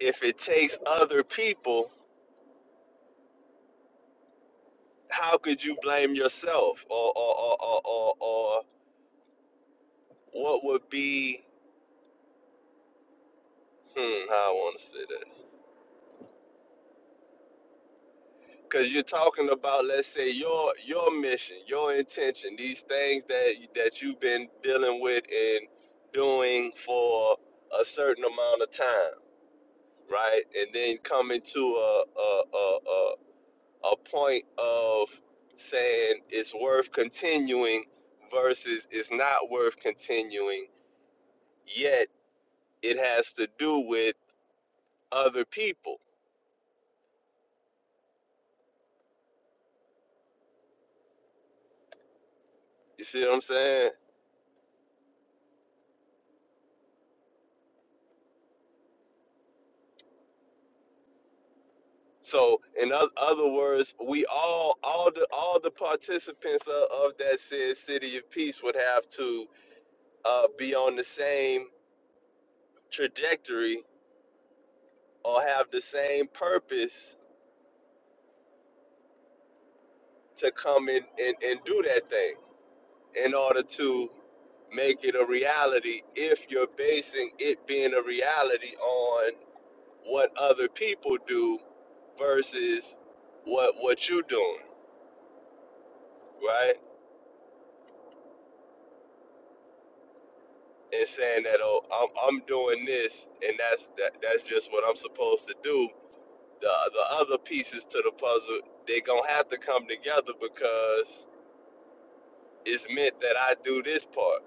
S4: if it takes other people how could you blame yourself or or or or, or, or what would be hmm how I want to say that Cause you're talking about, let's say, your your mission, your intention, these things that that you've been dealing with and doing for a certain amount of time, right? And then coming to a a a a, a point of saying it's worth continuing versus it's not worth continuing. Yet it has to do with other people. You see what I'm saying? So, in oth- other words, we all, all the, all the participants of, of that said city of peace would have to uh, be on the same trajectory or have the same purpose to come in and, and do that thing in order to make it a reality. If you're basing it being a reality on what other people do versus what what you doing, right? and saying that oh I'm I'm doing this and that's that that's just what I'm supposed to do. The the other pieces to the puzzle they gonna have to come together because it's meant that I do this part,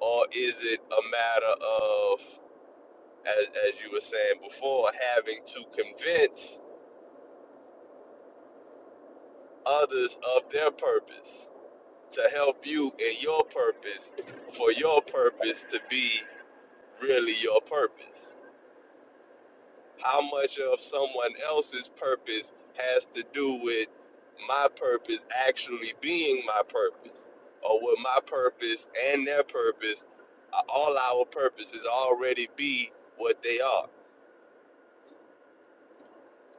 S4: or is it a matter of as as you were saying before having to convince others of their purpose to help you in your purpose for your purpose to be really your purpose how much of someone else's purpose has to do with my purpose actually being my purpose or what my purpose and their purpose uh, all our purposes already be what they are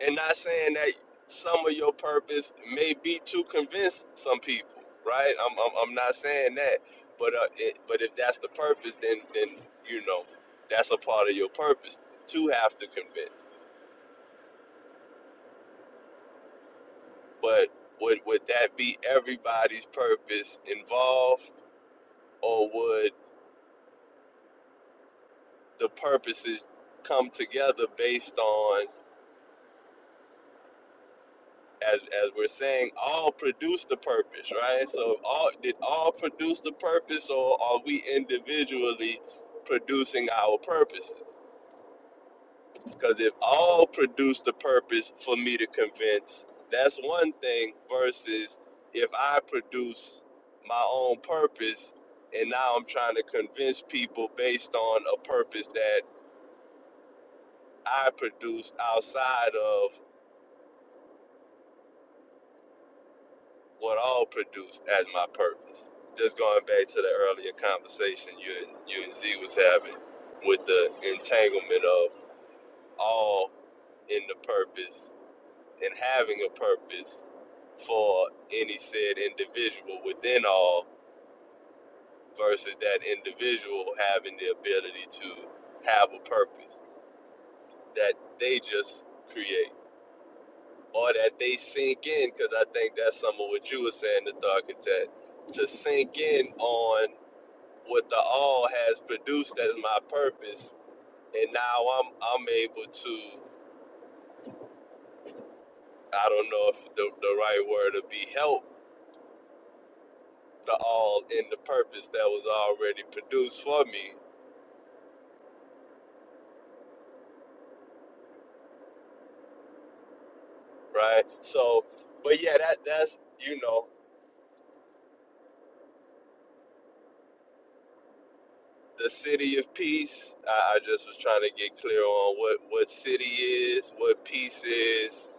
S4: and not saying that some of your purpose may be to convince some people right i'm, I'm, I'm not saying that but uh, it, but if that's the purpose then then you know that's a part of your purpose to have to convince But would would that be everybody's purpose involved, or would the purposes come together based on, as as we're saying, all produce the purpose, right? So all did all produce the purpose, or are we individually producing our purposes? Because if all produce the purpose for me to convince, that's one thing, versus if I produce my own purpose and now I'm trying to convince people based on a purpose that I produced outside of what all produced as my purpose. Just going back to the earlier conversation you and, you and Z was having with the entanglement of all in the purpose and having a purpose for any said individual within all versus that individual having the ability to have a purpose that they just create or that they sink in because i think that's some of what you were saying the thought content to sink in on what the all has produced as my purpose and now i'm i'm able to i don't know if the, the right word would be help the all in the purpose that was already produced for me, right? So, but yeah, that that's you know. the city of peace. I, I just was trying to get clear on what what city is, what peace is,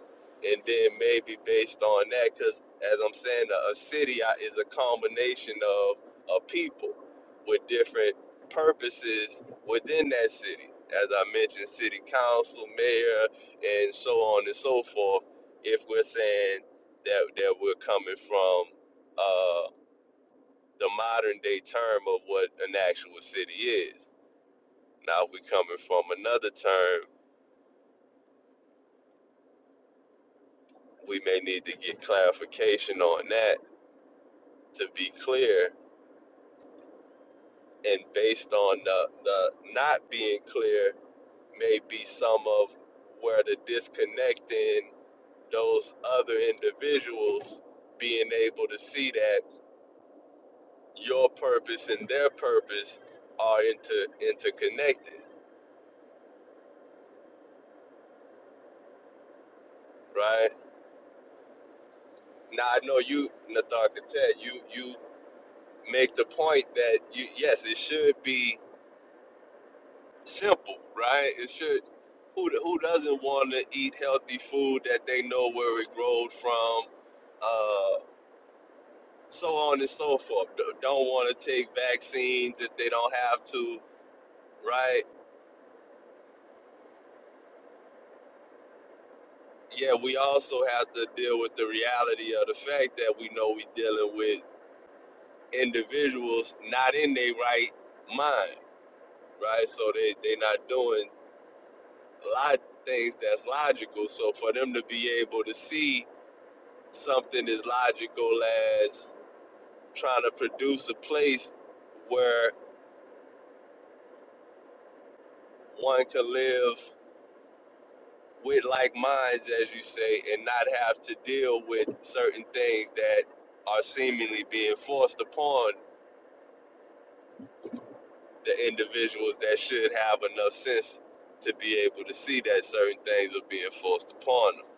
S4: and then maybe based on that, because as I'm saying, a, a city is a combination of a people with different purposes within that city. As I mentioned, city council, mayor, and so on and so forth. If we're saying that that we're coming from uh, the modern day term of what an actual city is now, if we're coming from another term, we may need to get clarification on that to be clear. And based on the, the not being clear, may be some of where the disconnect in those other individuals being able to see that your purpose and their purpose are inter interconnected, right? Now I know you, Nathan Katet, you you make the point that you yes, it should be Simple, right? It should. Who who doesn't want to eat healthy food that they know where it growed from? Uh, so on and so forth. D- Don't want to take vaccines if they don't have to, right? Yeah, we also have to deal with the reality of the fact that we know we're dealing with individuals not in their right mind, right? So they they not doing a lot of things that's logical. So for them to be able to see something as logical as trying to produce a place where one can live with like minds, as you say, and not have to deal with certain things that are seemingly being forced upon the individuals that should have enough sense to be able to see that certain things are being forced upon them,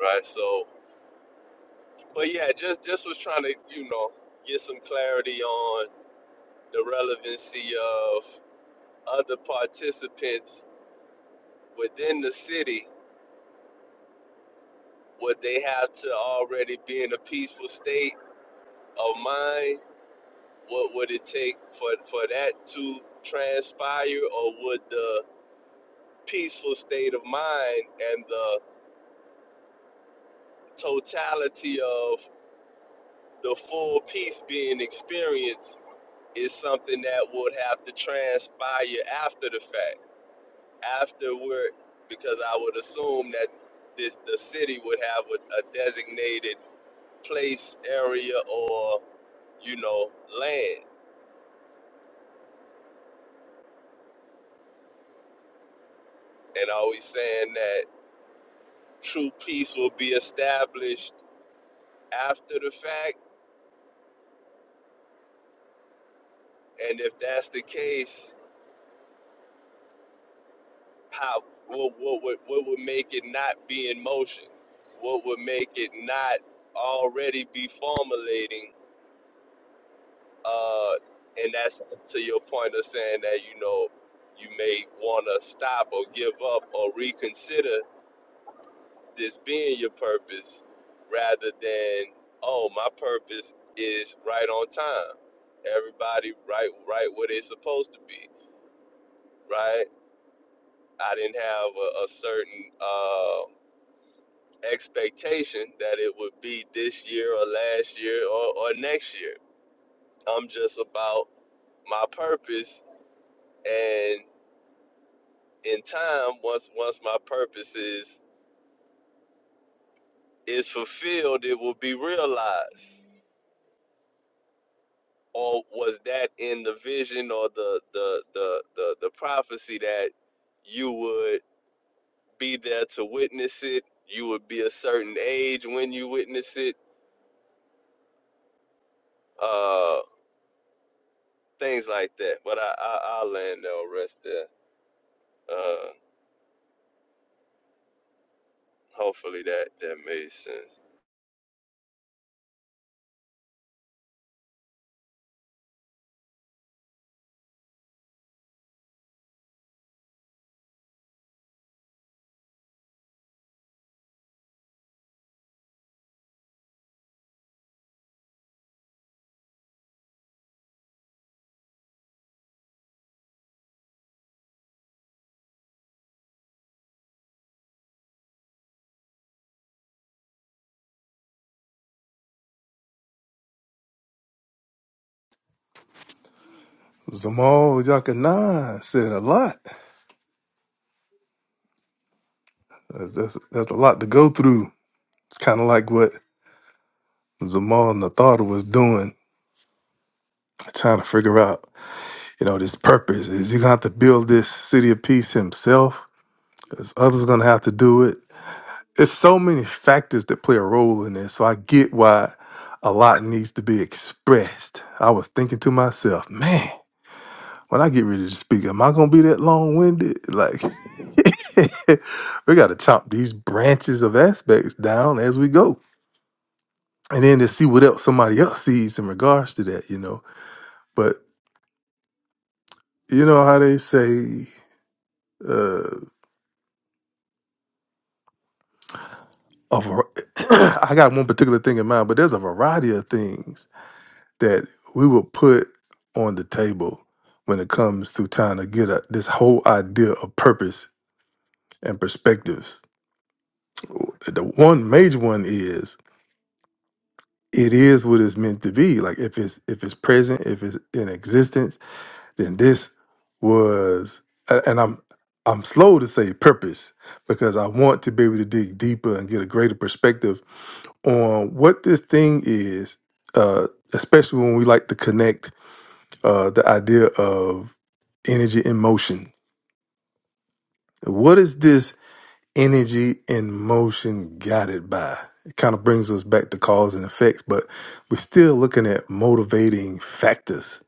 S4: right? So, but yeah, just just was trying to you know get some clarity on the relevancy of other participants within the city, would they have to already be in a peaceful state of mind? What would it take for, for that to transpire, or would the peaceful state of mind and the totality of the full peace being experienced is something that would have to transpire after the fact, afterward, because I would assume that this the city would have a, a designated place, area, or you know, land. And I always saying that true peace will be established after the fact. And if that's the case, how what what would what would make it not be in motion? What would make it not already be formulating? Uh, and that's to your point of saying that you know you may want to stop or give up or reconsider this being your purpose rather than oh my purpose is right on time everybody right right where they're supposed to be right i didn't have a, a certain uh, expectation that it would be this year or last year or, or next year i'm just about my purpose and in time once once my purpose is is fulfilled it will be realized or was that in the vision or the the the the, the prophecy that you would be there to witness it you would be a certain age when you witness it uh things like that but i, I i'll land there or rest there uh hopefully that that made sense
S3: Zamal Yakanan said a lot. That's, that's that's a lot to go through. It's kind of like what Zamal Nathar was doing trying to figure out, you know, this purpose. Is he gonna have to build this city of peace himself? Is others gonna have to do it? It's so many factors that play a role in this. So I get why a lot needs to be expressed. I was thinking to myself, man, when I get ready to speak, am I gonna be that long winded? Like we gotta chop these branches of aspects down as we go. And then to see what else somebody else sees in regards to that, you know. But you know how they say uh, a var- I got one particular thing in mind, but there's a variety of things that we will put on the table when it comes to trying to get a, this whole idea of purpose and perspectives. The one major one is it is what it's meant to be. Like if it's if it's present, if it's in existence, then this was. a- And I'm I'm slow to say purpose because I want to be able to dig deeper and get a greater perspective on what this thing is, uh, especially when we like to connect uh, the idea of energy in motion. What is this energy in motion guided by? It kind of brings us back to cause and effects, but we're still looking at motivating factors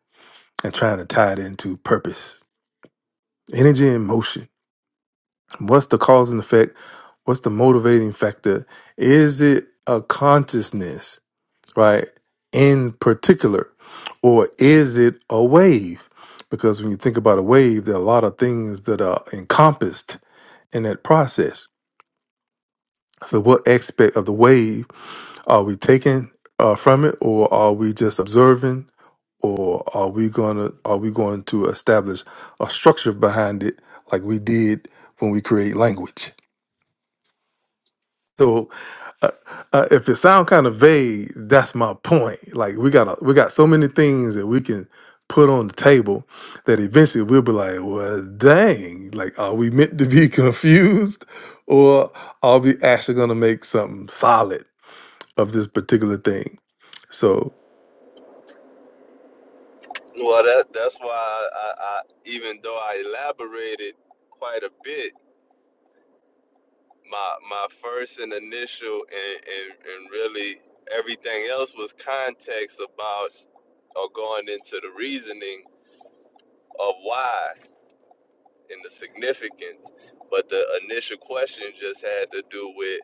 S3: and trying to tie it into purpose. Energy in motion. What's the cause and effect? What's the motivating factor? Is it a consciousness? right, in particular? Or is it a wave? Because when you think about a wave, there are a lot of things that are encompassed in that process. So, what aspect of the wave are we taking uh, from it, or are we just observing, or are we gonna are we going to establish a structure behind it, like we did when we create language? So uh, uh, if it sound kind of vague, that's my point. Like we got a, we got so many things that we can put on the table that eventually we'll be like, well, dang, like are we meant to be confused, or are we actually gonna make something solid of this particular thing? So
S4: well that that's why I, I i even though i elaborated quite a bit my my first and initial and, and, and really everything else was context about or going into the reasoning of why and the significance. But the initial question just had to do with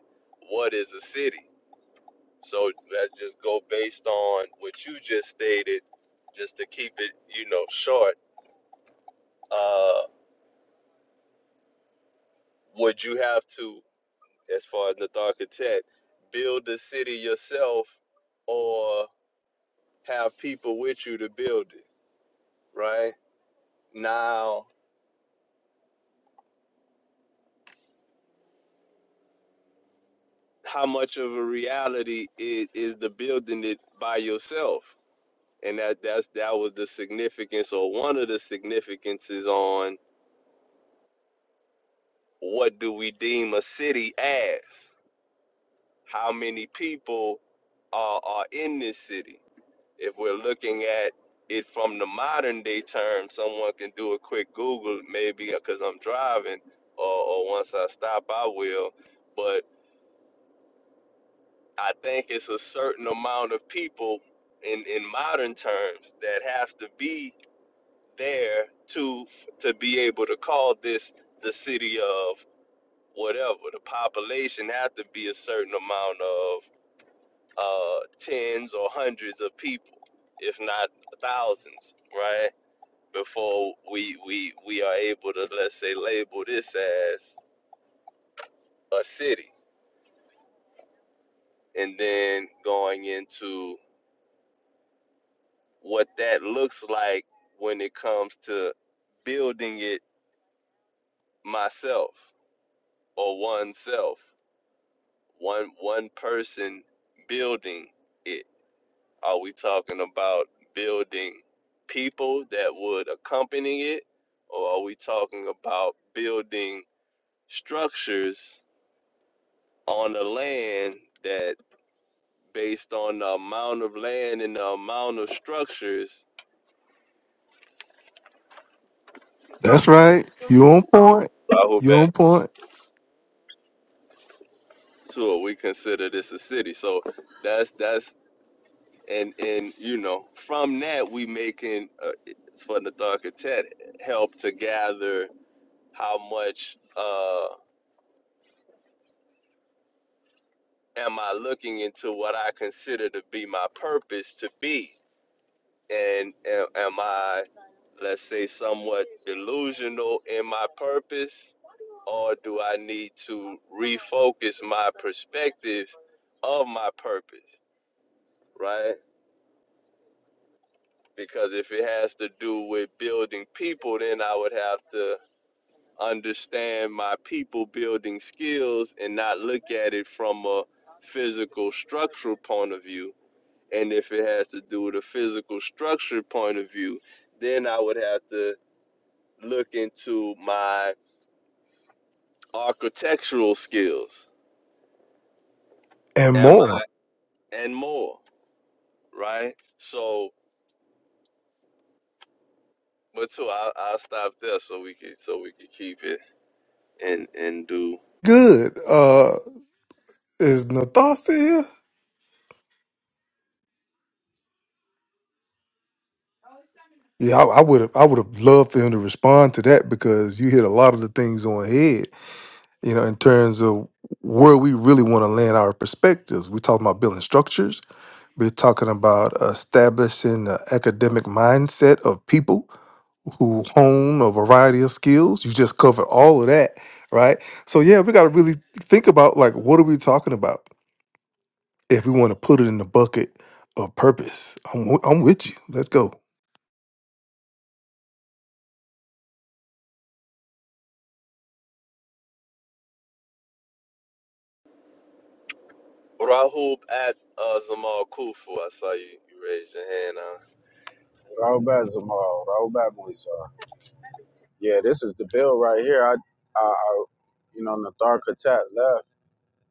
S4: what is a city? So let's just go based on what you just stated, just to keep it, you know, short. Uh, would you have to, as far as the architect, build the city yourself, or have people with you to build it, right? Now, how much of a reality is, is the building it by yourself? And that that's that was the significance or one of the significances on what do we deem a city as? How many people are are in this city? If we're looking at it from the modern day term, someone can do a quick Google maybe because I'm driving, or, or once I stop, I will. But I think it's a certain amount of people in in modern terms that have to be there to to be able to call this the city of whatever. The population have to be a certain amount of uh, tens or hundreds of people, if not thousands, right? Before we we we are able to let's say label this as a city, and then going into what that looks like when it comes to building it myself or oneself one one person building it are we talking about building people that would accompany it or are we talking about building structures on the land that based on the amount of land and the amount of structures
S3: that's right. You on point.
S4: I hope
S3: You
S4: that
S3: on point,
S4: to it we consider this a city so that's that's and and you know from that we making uh, for the Tet help to gather how much uh am I looking into what I consider to be my purpose to be and am, am I let's say somewhat delusional in my purpose or do I need to refocus my perspective of my purpose right because if it has to do with building people then I would have to understand my people building skills and not look at it from a physical structural point of view. And if it has to do with a physical structure point of view, then I would have to look into my architectural skills
S3: and
S4: and my
S3: more.
S4: and more, right? So, but too, I'll, I'll stop there so we can so we can keep it and and do.
S3: Good. Uh, is Nathasta here? Yeah, I would have. I would have loved for him to respond to that because you hit a lot of the things on the head. You know, in terms of where we really want to land our perspectives. We're talking about building structures. We're talking about establishing the academic mindset of people who hone a variety of skills. You just covered all of that, right? So yeah, we got to really think about like what are we talking about if we want to put it in the bucket of purpose. I'm, wi- I'm with you. Let's go.
S4: Rahul at uh, Zamal Kufu, I saw you, you raised your hand. Uh,
S6: Raoub Zamal, Raoub Musa. Yeah, this is the bill right here. I, I, I you know, Nathar Khatat left,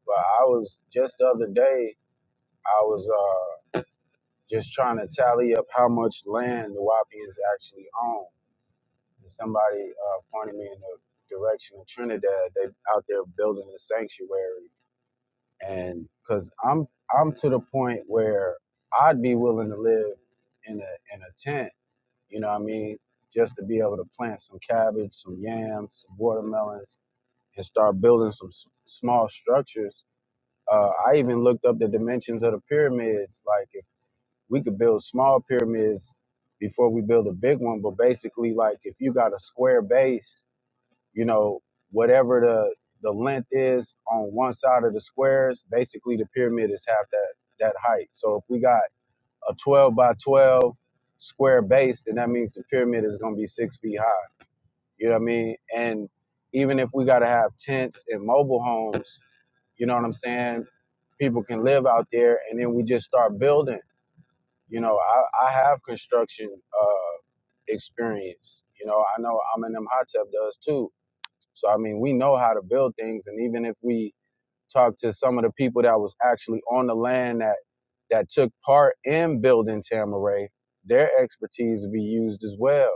S6: but I was just the other day. I was uh just trying to tally up how much land the Wapians actually own, and somebody uh, pointed me in the direction of Trinidad. They out there building a sanctuary, and because I'm I'm to the point where I'd be willing to live in a in a tent you know what I mean? Just to be able to plant some cabbage, some yams, some watermelons, and start building some s- small structures. Uh, I even looked up the dimensions of the pyramids. Like, if we could build small pyramids before we build a big one, but basically, like, if you got a square base, you know, whatever the the length is on one side of the squares, basically the pyramid is half that that height. So if we got a 12 by 12 square base, then that means the pyramid is going to be six feet high. You know what I mean? And even if we got to have tents and mobile homes, you know what I'm saying? People can live out there, and then we just start building. You know, I, I have construction uh, experience. You know, I know I'm in them hot tub does too. So I mean, we know how to build things, and even if we talked to some of the people that was actually on the land that that took part in building Tamaray, their expertise would be used as well.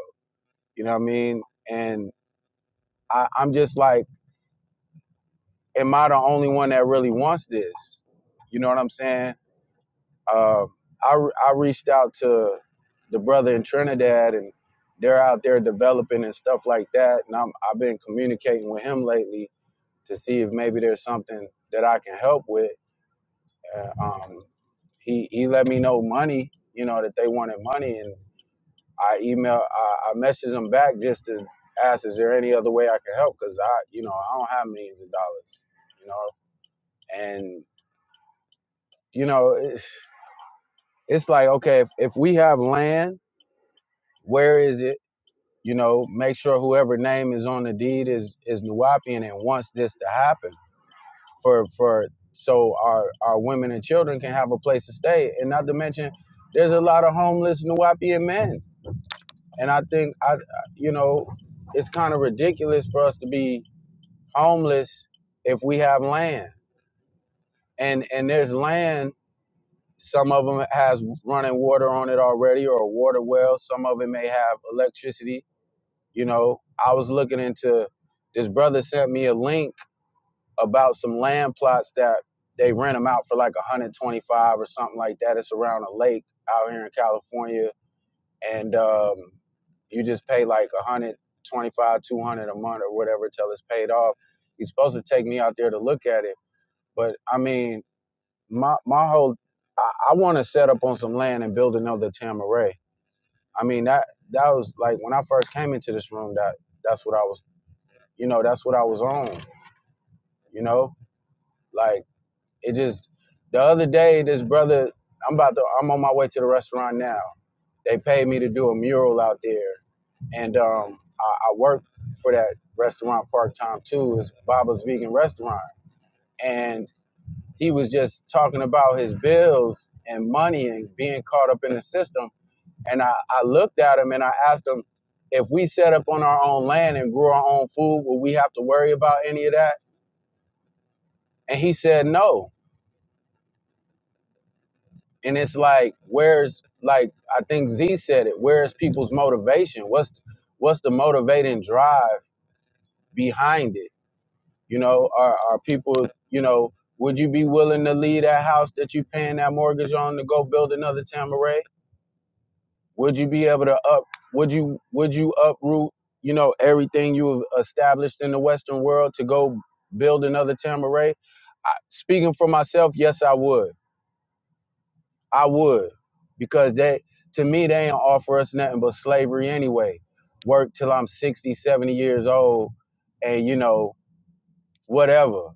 S6: You know what I mean? And I, I'm just like, am I the only one that really wants this? You know what I'm saying? Um, I I reached out to the brother in Trinidad, and they're out there developing and stuff like that. And I'm I've been communicating with him lately to see if maybe there's something that I can help with Uh, um, he he let me know money, you know, that they wanted money, and I email, I, I messaged him back just to ask, is there any other way I can help? Because I, you know, I don't have millions of dollars, you know, and you know, it's it's like okay, if if we have land, where is it? You know, make sure whoever name is on the deed is is Nuwapian and wants this to happen for for so our our women and children can have a place to stay and not to mention there's a lot of homeless Nuwapian men and I think I you know it's kind of ridiculous for us to be homeless if we have land and and there's land some of them has running water on it already or a water well some of it may have electricity you know I was looking into this brother sent me a link about some land plots that they rent them out for like 125 or something like that. It's around a lake out here in California, and um, you just pay like 125, 200 a month or whatever till it's paid off. He's supposed to take me out there to look at it, but I mean, my my whole I, I want to set up on some land and build another Tamaray. I mean that that was like when I first came into this room. That that's what I was, you know, that's what I was on, you know, like. It just the other day, this brother, I'm about to, I'm on my way to the restaurant now. They paid me to do a mural out there, and um, I, I work for that restaurant part time too. It's Baba's Vegan Restaurant, and he was just talking about his bills and money and being caught up in the system. And I, I looked at him and I asked him, if we set up on our own land and grew our own food, would we have to worry about any of that? And he said no and it's like where's like i think z said it where's people's motivation what's what's the motivating drive behind it you know are, are people you know would you be willing to leave that house that you paying that mortgage on to go build another tamaray would you be able to up would you would you uproot you know everything you've established in the western world to go build another tamaray I, speaking for myself yes i would I would, because they to me they ain't offer us nothing but slavery anyway. Work till I'm sixty, seventy years old, and you know whatever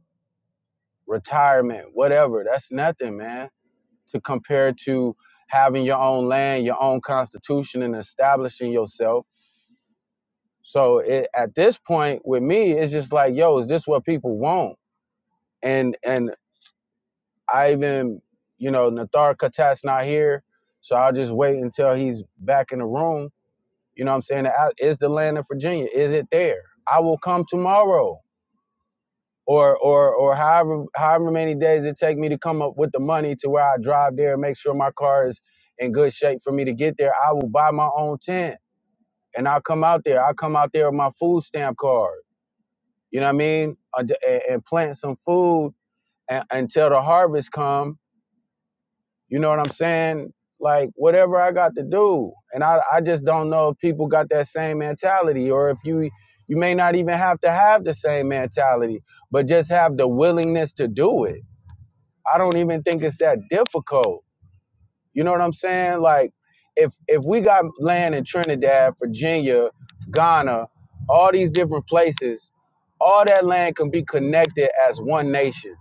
S6: retirement, whatever. That's nothing, man, to compare to having your own land, your own constitution, and establishing yourself. So it, at this point, with me, it's just like, yo, is this what people want? And and I even, you know, Nathar Khatat's not here, so I'll just wait until he's back in the room You know what I'm saying? Is the land of Virginia? Is it there? I will come tomorrow. Or or or however however many days it take me to come up with the money to where I drive there and make sure my car is in good shape for me to get there. I will buy my own tent and I'll come out there. I'll come out there with my food stamp card. You know what I mean? Uh, d- And, and plant some food a- until the harvest come You know what I'm saying? Like whatever I got to do. And I, I just don't know if people got that same mentality or if you you may not even have to have the same mentality, but just have the willingness to do it. I don't even think it's that difficult. You know what I'm saying? Like if if we got land in Trinidad, Virginia, Ghana, all these different places, all that land can be connected as one nation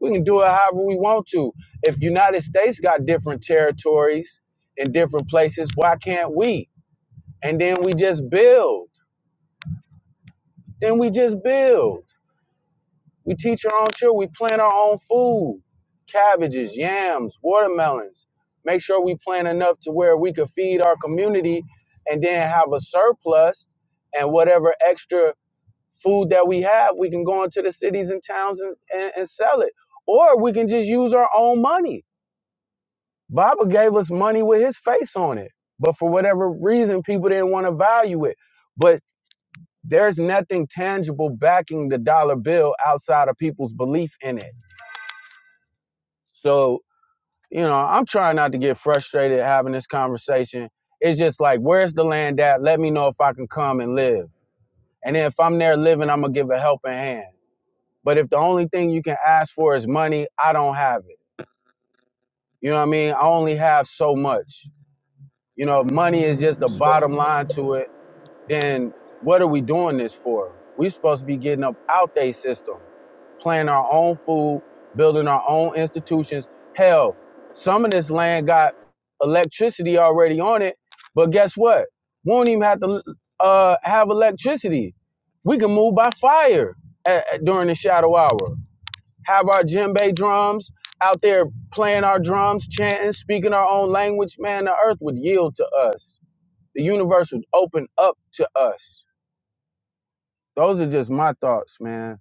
S6: we can do it however we want to. If United States got different territories in different places, why can't we? And then we just build. Then we just build. We teach our own children. We plant our own food, cabbages, yams, watermelons. Make sure we plant enough to where we could feed our community and then have a surplus and whatever extra food that we have, we can go into the cities and towns and, and, and sell it. Or we can just use our own money Baba gave us money with his face on it. But for whatever reason, people didn't want to value it. But there's nothing tangible backing the dollar bill outside of people's belief in it. So, you know, I'm trying not to get frustrated having this conversation. It's just like, where's the land at? Let me know if I can come and live. And then if I'm there living, I'm going to give a helping hand. But if the only thing you can ask for is money, I don't have it. You know what I mean? I only have so much. You know, money is just the
S4: so,
S6: bottom line to it then what are we doing this for? We're supposed to be getting up out they system, planting our own food, building our own institutions. Hell, some of this land got electricity already on it, but guess what? We don't even have to uh, have electricity. We can move by fire a- a- during the shadow hour. Have our djembe drums out there playing our drums, chanting, speaking our own language. Man, the earth would yield to us. The universe would open up to us those are just my thoughts, man.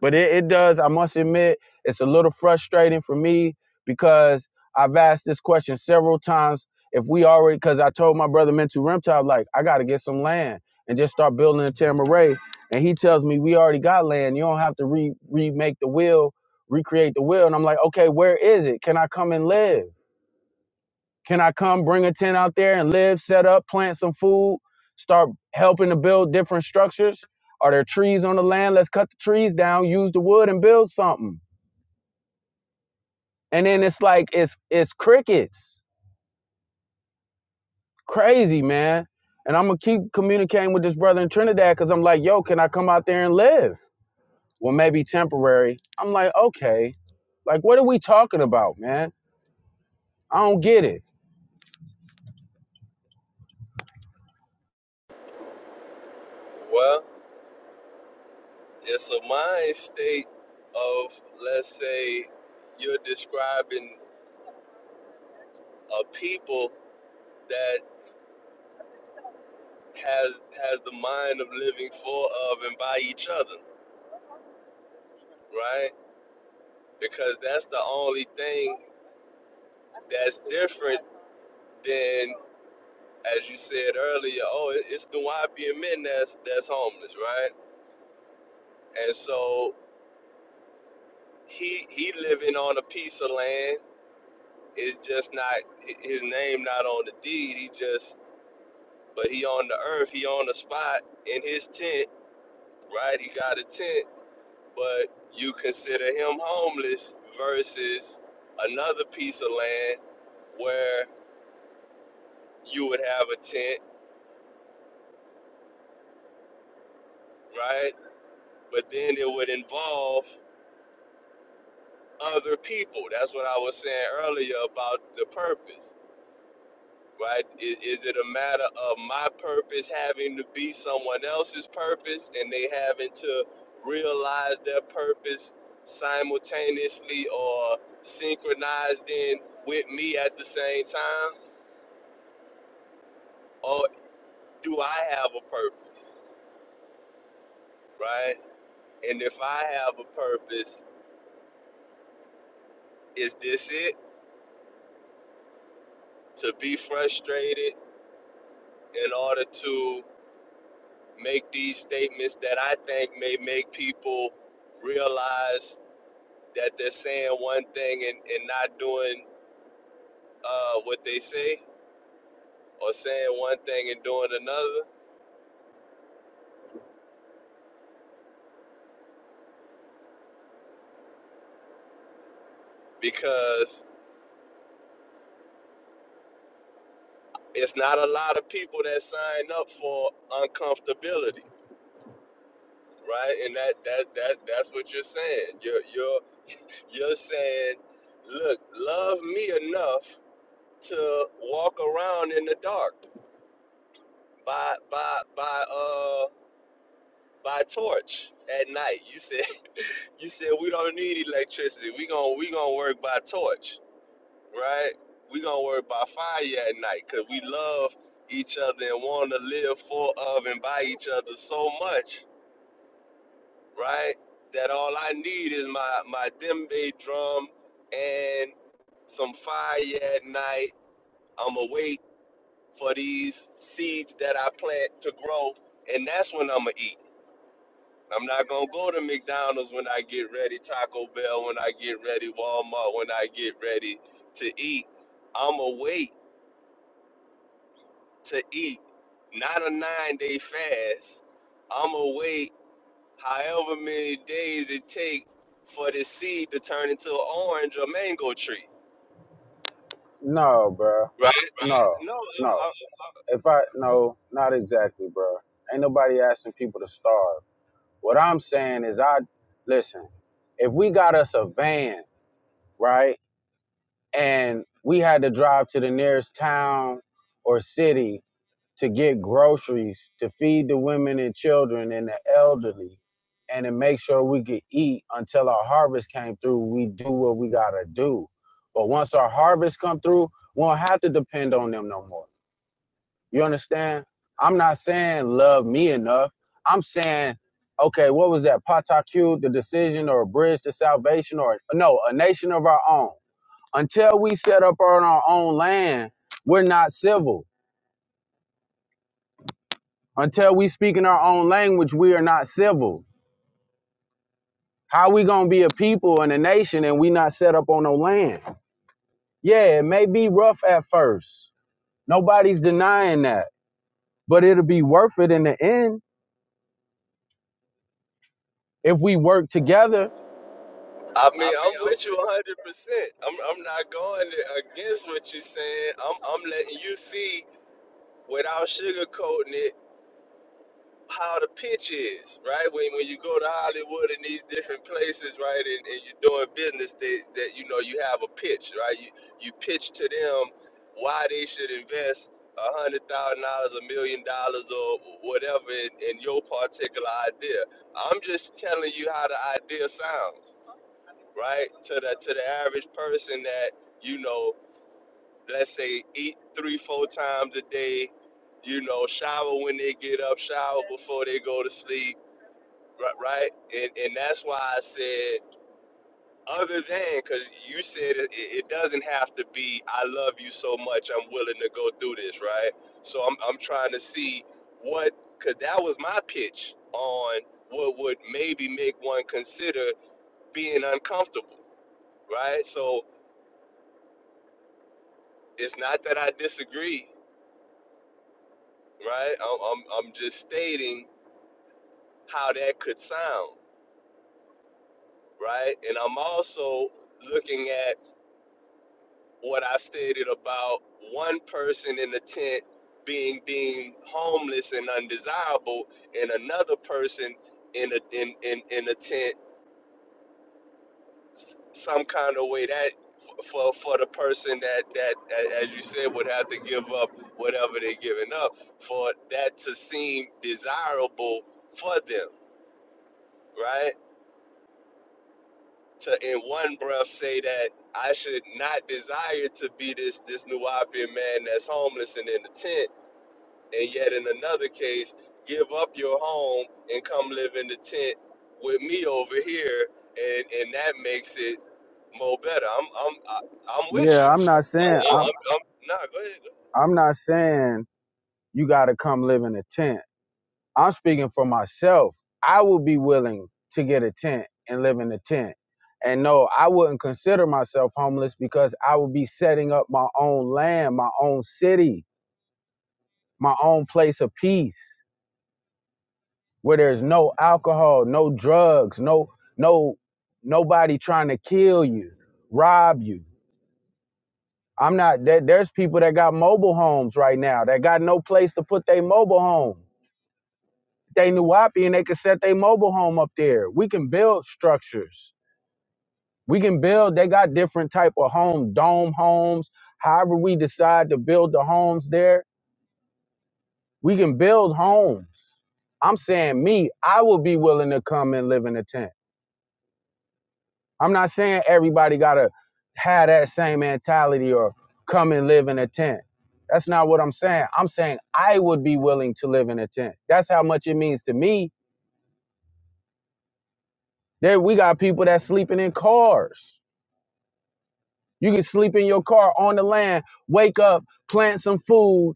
S6: But it, it does, I must admit, it's a little frustrating for me because I've asked this question several times. If we already, because I told my brother Mental Reptile, like, I got to get some land and just start building a Tamaray. And he tells me, we already got land. You don't have to re- remake the will, recreate the will. And I'm like, okay, where is it? Can I come and live? Can I come bring a tent out there and live, set up, plant some food, start helping to build different structures? Are there trees on the land? Let's cut the trees down, use the wood and build something. And then it's like it's it's crickets. Crazy, man. And I'm gonna keep communicating with this brother in Trinidad because I'm like, yo, can I come out there and live? Well, maybe temporary. I'm like, okay. Like, what are we talking about, man? I don't get it.
S4: well. It's a mind state of, let's say, you're describing a people that has has the mind of living for, of, and by each other, right? Because that's the only thing that's different than, as you said earlier, oh, it- it's the Wapian men that's that's homeless, right? And so he he living on a piece of land It's just not his name not on the deed. He just but he on the earth. He on the spot in his tent, right? He got a tent, but you consider him homeless versus another piece of land where you would have a tent, right? But then it would involve other people. That's what I was saying earlier about the purpose right? Is, is it a matter of my purpose having to be someone else's purpose and they having to realize their purpose simultaneously or synchronized in with me at the same time? Or do I have a purpose, right? And if I have a purpose, is this it? To be frustrated in order to make these statements that I think may make people realize that they're saying one thing and, and not doing uh, what they say or saying one thing and doing another because it's not a lot of people that sign up for uncomfortability right and that that that that's what you're saying you're you're you're saying look love me enough to walk around in the dark by by by uh by torch at night you said you said we don't need electricity we gonna we gonna work by torch right? We gonna worry about fire at night because we love each other and want to live for of and by each other so much, right? That all I need is my my djembe drum and some fire at night. I'ma wait for these seeds that I plant to grow, and that's when I'ma eat. I'm not gonna go to McDonald's when I get ready, Taco Bell when I get ready, Walmart when I get ready to eat. I'ma wait to eat, not a nine day fast. I'm gonna wait however many days it take for the seed to turn into an orange or mango tree,
S6: No, bro.
S4: right?
S6: No,
S4: No,
S6: no.
S4: I'm,
S6: If I no, not exactly, bro. Ain't nobody asking people to starve. What I'm saying is, I listen. If we got us a van, right, and we had to drive to the nearest town or city to get groceries to feed the women and children and the elderly, and to make sure we could eat until our harvest came through, we do what we gotta do. But once our harvest come through, we won't have to depend on them no more. You understand? I'm not saying love me enough. I'm saying, okay, what was that? Pataku, the decision or a bridge to salvation or no, a nation of our own. Until we set up on our own land, we're not civil. Until we speak in our own language, we are not civil. How we gonna be a people and a nation and we not set up on no land? Yeah, it may be rough at first. Nobody's denying that. But it'll be worth it in the end if we work together
S4: I, I mean I'm with you 100. percent I'm I'm not going against what you're saying. I'm I'm letting you see without sugarcoating it how the pitch is, right? When when you go to Hollywood and these different places, right, and, and you're doing business, they, that you know you have a pitch, right? You you pitch to them why they should invest a hundred thousand dollars, a million dollars, or whatever in, in your particular idea. I'm just telling you how the idea sounds, right? To the to the average person that you know, let's say eat three four times a day, you know, shower when they get up, shower before they go to sleep Right, right. And and that's why I said other than because you said it, it it doesn't have to be I love you so much I'm willing to go through this, right? So I'm I'm trying to see what because that was my pitch on what would maybe make one consider being uncomfortable, right? So it's not that I disagree, right? I'm I'm, I'm just stating how that could sound, right? And I'm also looking at what I stated about one person in the tent being deemed homeless and undesirable, and another person in a in in in a tent s- some kind of way that f- for for the person that that a- as you said would have to give up whatever they're giving up for that to seem desirable for them, right? To in one breath say that I should not desire to be this this Nubian man that's homeless and in the tent and yet in another case, give up your home and come live in the tent with me over here, and and that makes it more better. I'm I'm I, I'm with
S6: Yeah,
S4: you.
S6: I'm not saying
S4: I'm, I'm,
S6: I'm
S4: I'm nah, go ahead.
S6: I'm not saying you got to come live in a tent. I'm speaking for myself. I would be willing to get a tent and live in a tent. And no, I wouldn't consider myself homeless because I would be setting up my own land, my own city, my own place of peace where there's no alcohol, no drugs, no no nobody trying to kill you, rob you. I'm not there, there's people that got mobile homes right now that got no place to put their mobile home. They knew Wapi and they can set their mobile home up there. We can build structures. We can build, they got different type of home, dome homes. However, we decide to build the homes there, we can build homes. I'm saying me, I will be willing to come and live in a tent. I'm not saying everybody gotta have that same mentality or come and live in a tent. That's not what I'm saying. I'm saying I would be willing to live in a tent. That's how much it means to me. There we got people that's sleeping in cars. You can sleep in your car on the land, wake up, plant some food,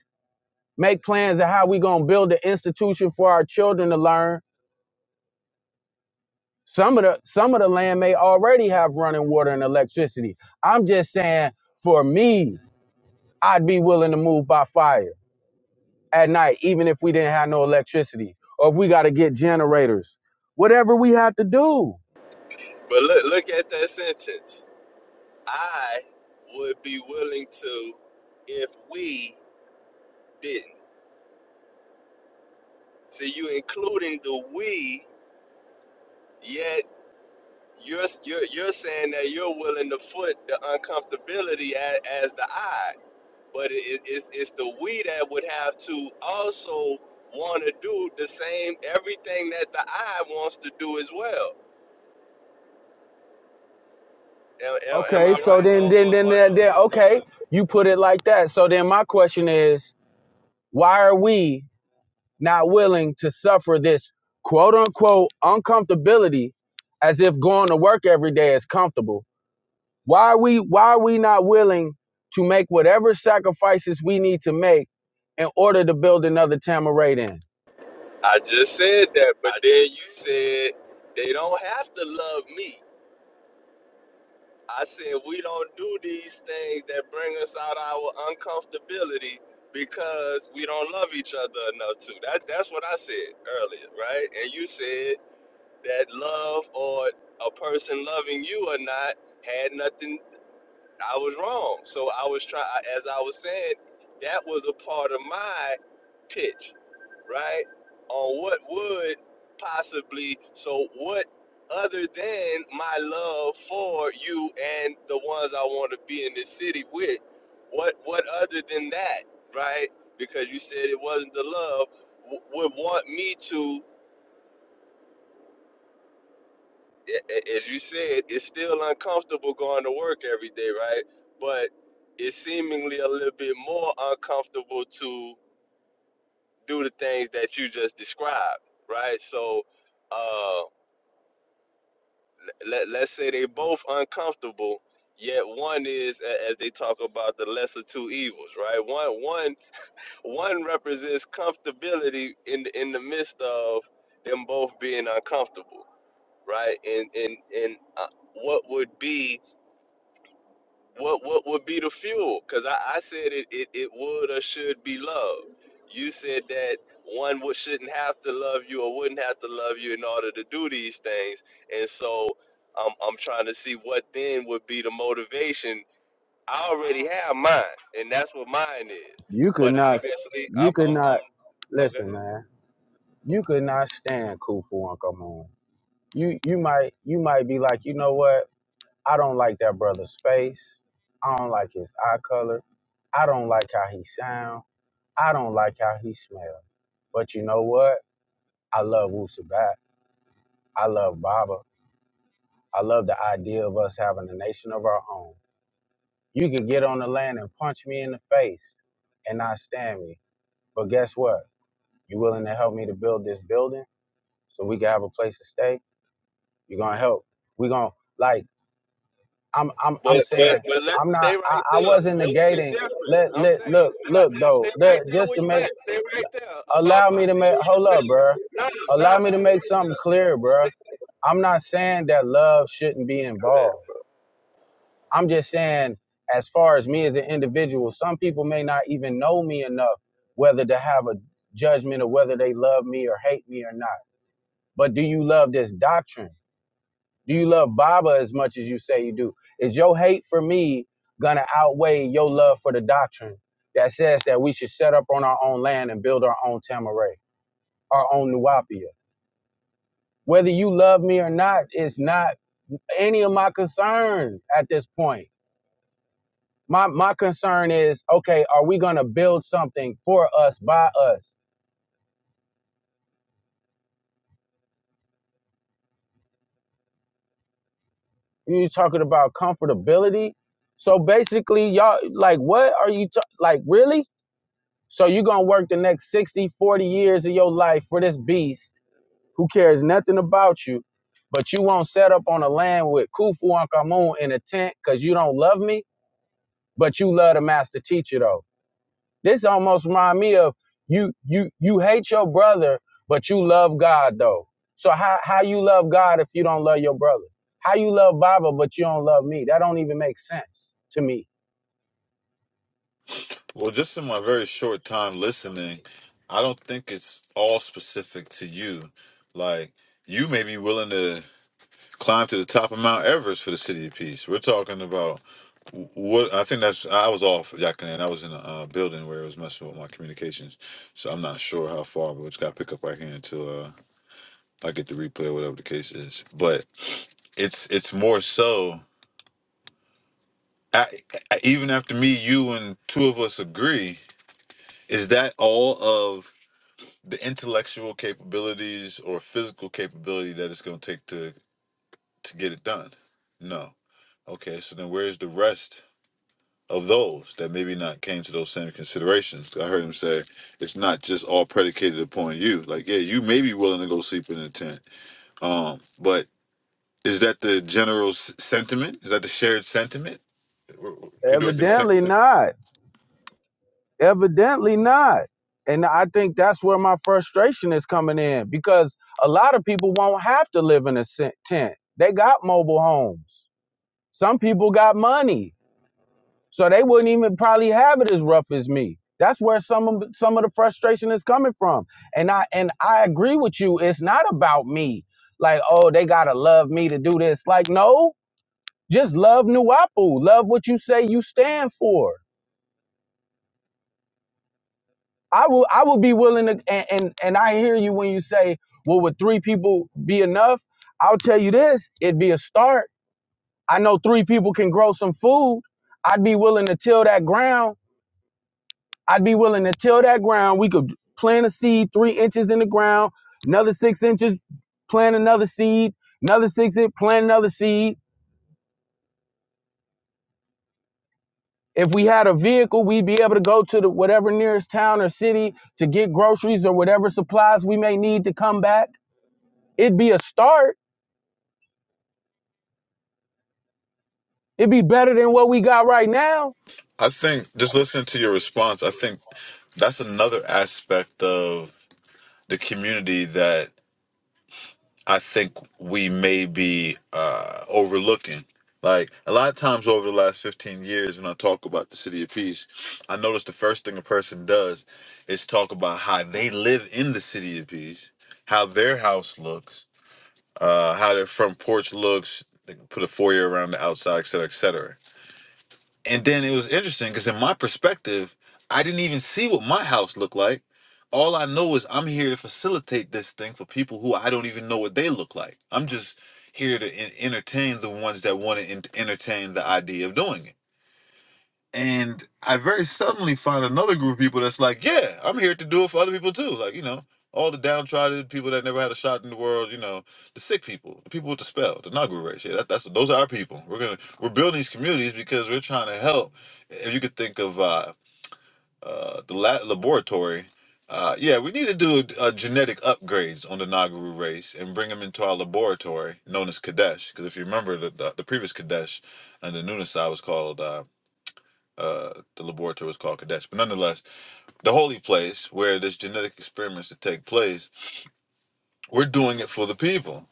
S6: make plans of how we gonna build an institution for our children to learn. Some of the some of the land may already have running water and electricity. I'm just saying for me, I'd be willing to move by fire. at night, even if we didn't have no electricity or if we got to get generators, whatever we had to do.
S4: But look look at that sentence. I would be willing to if we didn't. See, you including the we, yet you're you're you're saying that you're willing to foot the uncomfortability as, as the I. but it, it's, it's the we that would have to also want to do the same everything that the I wants to do as well. Am, am, am I
S6: Okay, so
S4: right or,
S6: then, then, then,
S4: or, or
S6: then, then,
S4: no?
S6: okay, you put it like that. So then my question is, why are we not willing to suffer this quote unquote uncomfortability as if going to work every day is comfortable? Why are we, why are we not willing to make whatever sacrifices we need to make in order to build another Tamaradan?
S4: I just said that, but then you said they don't have to love me. I said we don't do these things that bring us out our uncomfortability because we don't love each other enough to. That that's what I said earlier, right? And you said that love or a person loving you or not had nothing I was wrong. So I was trying as I was saying, that was a part of my pitch, right? On what would possibly so what other than my love for you and the ones I want to be in this city with, what what other than that, right? Because you said it wasn't the love w- would want me to i- as you said, it's still uncomfortable going to work every day, right? But it's seemingly a little bit more uncomfortable to do the things that you just described, right? So, uh, let let's say they both uncomfortable, yet one is, a- as they talk about, the lesser two evils, right? One one one represents comfortability in the, in the midst of them both being uncomfortable, right? And and and uh, what would be what what would be the fuel? Because I, I said it, it it would or should be love. You said that one would, shouldn't have to love you or wouldn't have to love you in order to do these things. And so I'm I'm trying to see what then would be the motivation. I already have mine, and that's what mine is.
S6: You could
S4: But
S6: not.
S4: obviously, I'm
S6: You could
S4: I'm, I'm
S6: not.
S4: okay.
S6: Listen, man. You could not stand Kufu Uncle Moon. You you might you might be like, you know what? I don't like that brother's face. I don't like his eye color. I don't like how he sound. I don't like how he smell. But you know what? I love Wusabat. I love Baba. I love the idea of us having a nation of our own. You could get on the land and punch me in the face and not stand me. But guess what? You willing to help me to build this building? so we can have a place to stay. You're gonna help. We're gonna like I'm I'm I'm
S4: But but
S6: saying
S4: but let
S6: I'm not
S4: stay
S6: I,
S4: right
S6: I
S4: there.
S6: wasn't
S4: What's the
S6: negating
S4: difference?
S6: let
S4: I'm
S6: let
S4: saying,
S6: look
S4: nah,
S6: look
S4: nah,
S6: though
S4: stay right
S6: let,
S4: there
S6: just
S4: where
S6: to
S4: you
S6: make
S4: at. Stay right there about
S6: allow me to
S4: punching
S6: make
S4: you
S6: hold
S4: in the
S6: up,
S4: face.
S6: bruh.
S4: Nah, nah,
S6: Allow me to
S4: stay
S6: make
S4: right
S6: something clear,
S4: there.
S6: bruh.
S4: Stay,
S6: I'm not saying that love shouldn't be
S4: go ahead.
S6: involved. I'm just saying, as far as me as an individual, some people may not even know me enough whether to have a judgment of whether they love me or hate me or not. But do you love this doctrine? Do you love Baba as much as you say you do? Is your hate for me gonna outweigh your love for the doctrine that says that we should set up on our own land and build our own Tamaray, our own Nuapia? Whether you love me or not is not any of my concern at this point. My my concern is okay, are we gonna build something for us by us? You talking about comfortability? So basically, y'all like, what are you ta- like? Really? So you're going to work the next 60, 40 years of your life for this beast who cares nothing about you, but you won't set up on a land with Khufu and Kamun in a tent because you don't love me, but you love the master teacher though. This almost remind me of you you you hate your brother, but you love God though. So how how you love God if you don't love your brother? How you love Baba but you don't love me? That don't even make sense to me.
S2: Well, just in my very short time listening, I don't think it's all specific to you. Like you may be willing to climb to the top of Mount Everest for the city of peace. We're talking about wh- what I think that's I was off Yakanan. I was in a uh, building where it was messing with my communications, so I'm not sure how far, but we just got to pick up right here until if I get the replay, or whatever the case is. But it's it's more so. I, I, even after me, you, and two of us agree, is that all of the intellectual capabilities or physical capability that it's going to take to to get it done? No. Okay. So then, where's the rest of those that maybe not came to those same considerations? I heard him say it's not just all predicated upon you. Like, yeah, you may be willing to go sleep in a tent, um, but Is that the general s- sentiment? Is that the shared sentiment? Could do a consent.
S6: Evidently not. Evidently not. And I think that's where my frustration is coming in because a lot of people won't have to live in a se- tent. They got mobile homes. Some people got money, so they wouldn't even probably have it as rough as me. That's where some of some of the frustration is coming from. And I and I agree with you. It's not about me. Like, oh, they gotta love me to do this. Like, no, just love Nuapu. Love what you say you stand for. I will I would be willing to and, and and I hear you when you say, well, would three people be enough? I'll tell you this, it'd be a start. I know three people can grow some food. I'd be willing to till that ground. I'd be willing to till that ground. We could plant a seed three inches in the ground, another six inches, plant another seed, another six inch, plant another seed. If we had a vehicle, we'd be able to go to the whatever nearest town or city to get groceries or whatever supplies we may need to come back. It'd be a start It'd be better than what we got right now.
S2: I think just listening to your response, I think that's another aspect of the community that I think we may be uh, overlooking. Like a lot of times over the last 15 years, when I talk about the city of peace, I notice the first thing a person does is talk about how they live in the city of peace, how their house looks, uh, how their front porch looks, they can put a foyer around the outside, et cetera, et cetera. And then it was interesting because in my perspective, I didn't even see what my house looked like. All I know is I'm here to facilitate this thing for people who I don't even know what they look like. I'm just here to en- entertain the ones that want to entertain the idea of doing it. And I very suddenly find another group of people that's like, yeah, I'm here to do it for other people too. Like, you know, all the downtrodden people that never had a shot in the world, you know, the sick people, the people with the spell, the Nagu race. Yeah, that, that's those are our people. We're gonna we're building these communities because we're trying to help. If you could think of uh, uh, the la- laboratory. Uh, yeah, we need to do uh, genetic upgrades on the Nagaru race and bring them into our laboratory known as Kadesh. Because if you remember, the, the, the previous Kadesh and the Nunasai was called Uh, uh, the laboratory is called Kadesh. But nonetheless, the holy place where this genetic experiments to take place, we're doing it for the people.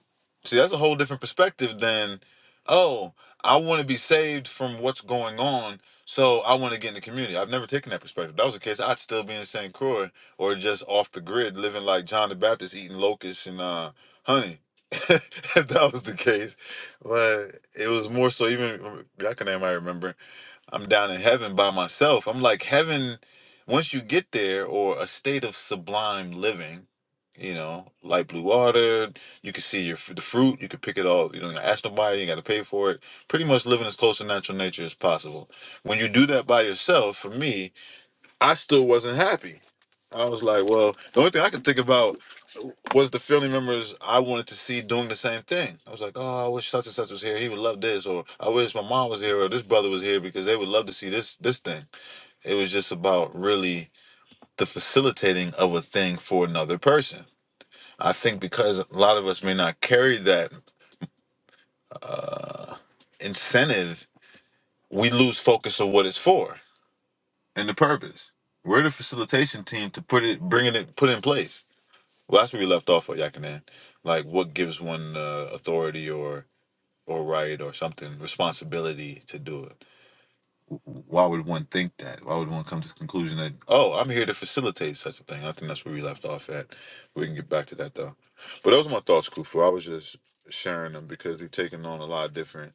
S2: See, that's a whole different perspective than, oh, I want to be saved from what's going on, so I want to get in the community. I've never taken that perspective. If that was the case, I'd still be in St. Croix or just off the grid, living like John the Baptist, eating locusts and uh, honey. if that was the case, but it was more so even I can name I remember I'm down in heaven by myself. I'm like heaven once you get there or a state of sublime living, you know, light blue water, you can see your f- the fruit, you can pick it all, you don't gotta ask nobody, you got to pay for it. Pretty much living as close to natural nature as possible. When you do that by yourself, for me, I still wasn't happy I was like, well, the only thing I could think about was the family members I wanted to see doing the same thing. I was like, oh, I wish such and such was here. He would love this, or I wish my mom was here, or this brother was here because they would love to see this this thing. It was just about really the facilitating of a thing for another person. I think because a lot of us may not carry that incentive, we lose focus of what it's for and the purpose. We're the facilitation team to put it, bringing it, put in place. Well, that's where we left off at Yakanan. Like, what gives one uh, authority or or right or something responsibility to do it? Why would one think that? Why would one come to the conclusion that oh, I'm here to facilitate such a thing? I think that's where we left off at. We can get back to that though. But those are my thoughts, Kufu. I was just sharing them because we've taken on a lot of different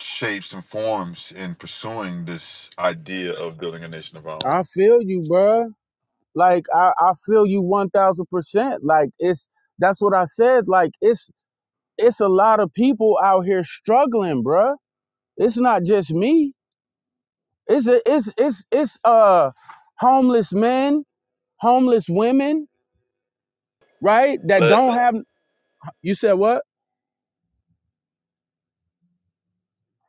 S2: shapes and forms in pursuing this idea of building a nation of our own.
S6: I feel you, bruh. Like I, I feel you one thousand percent. Like it's that's what I said. Like it's it's a lot of people out here struggling, bruh. It's not just me. It's a, it's it's it's uh homeless men, homeless women, right? That
S4: Let
S6: don't have. You said what?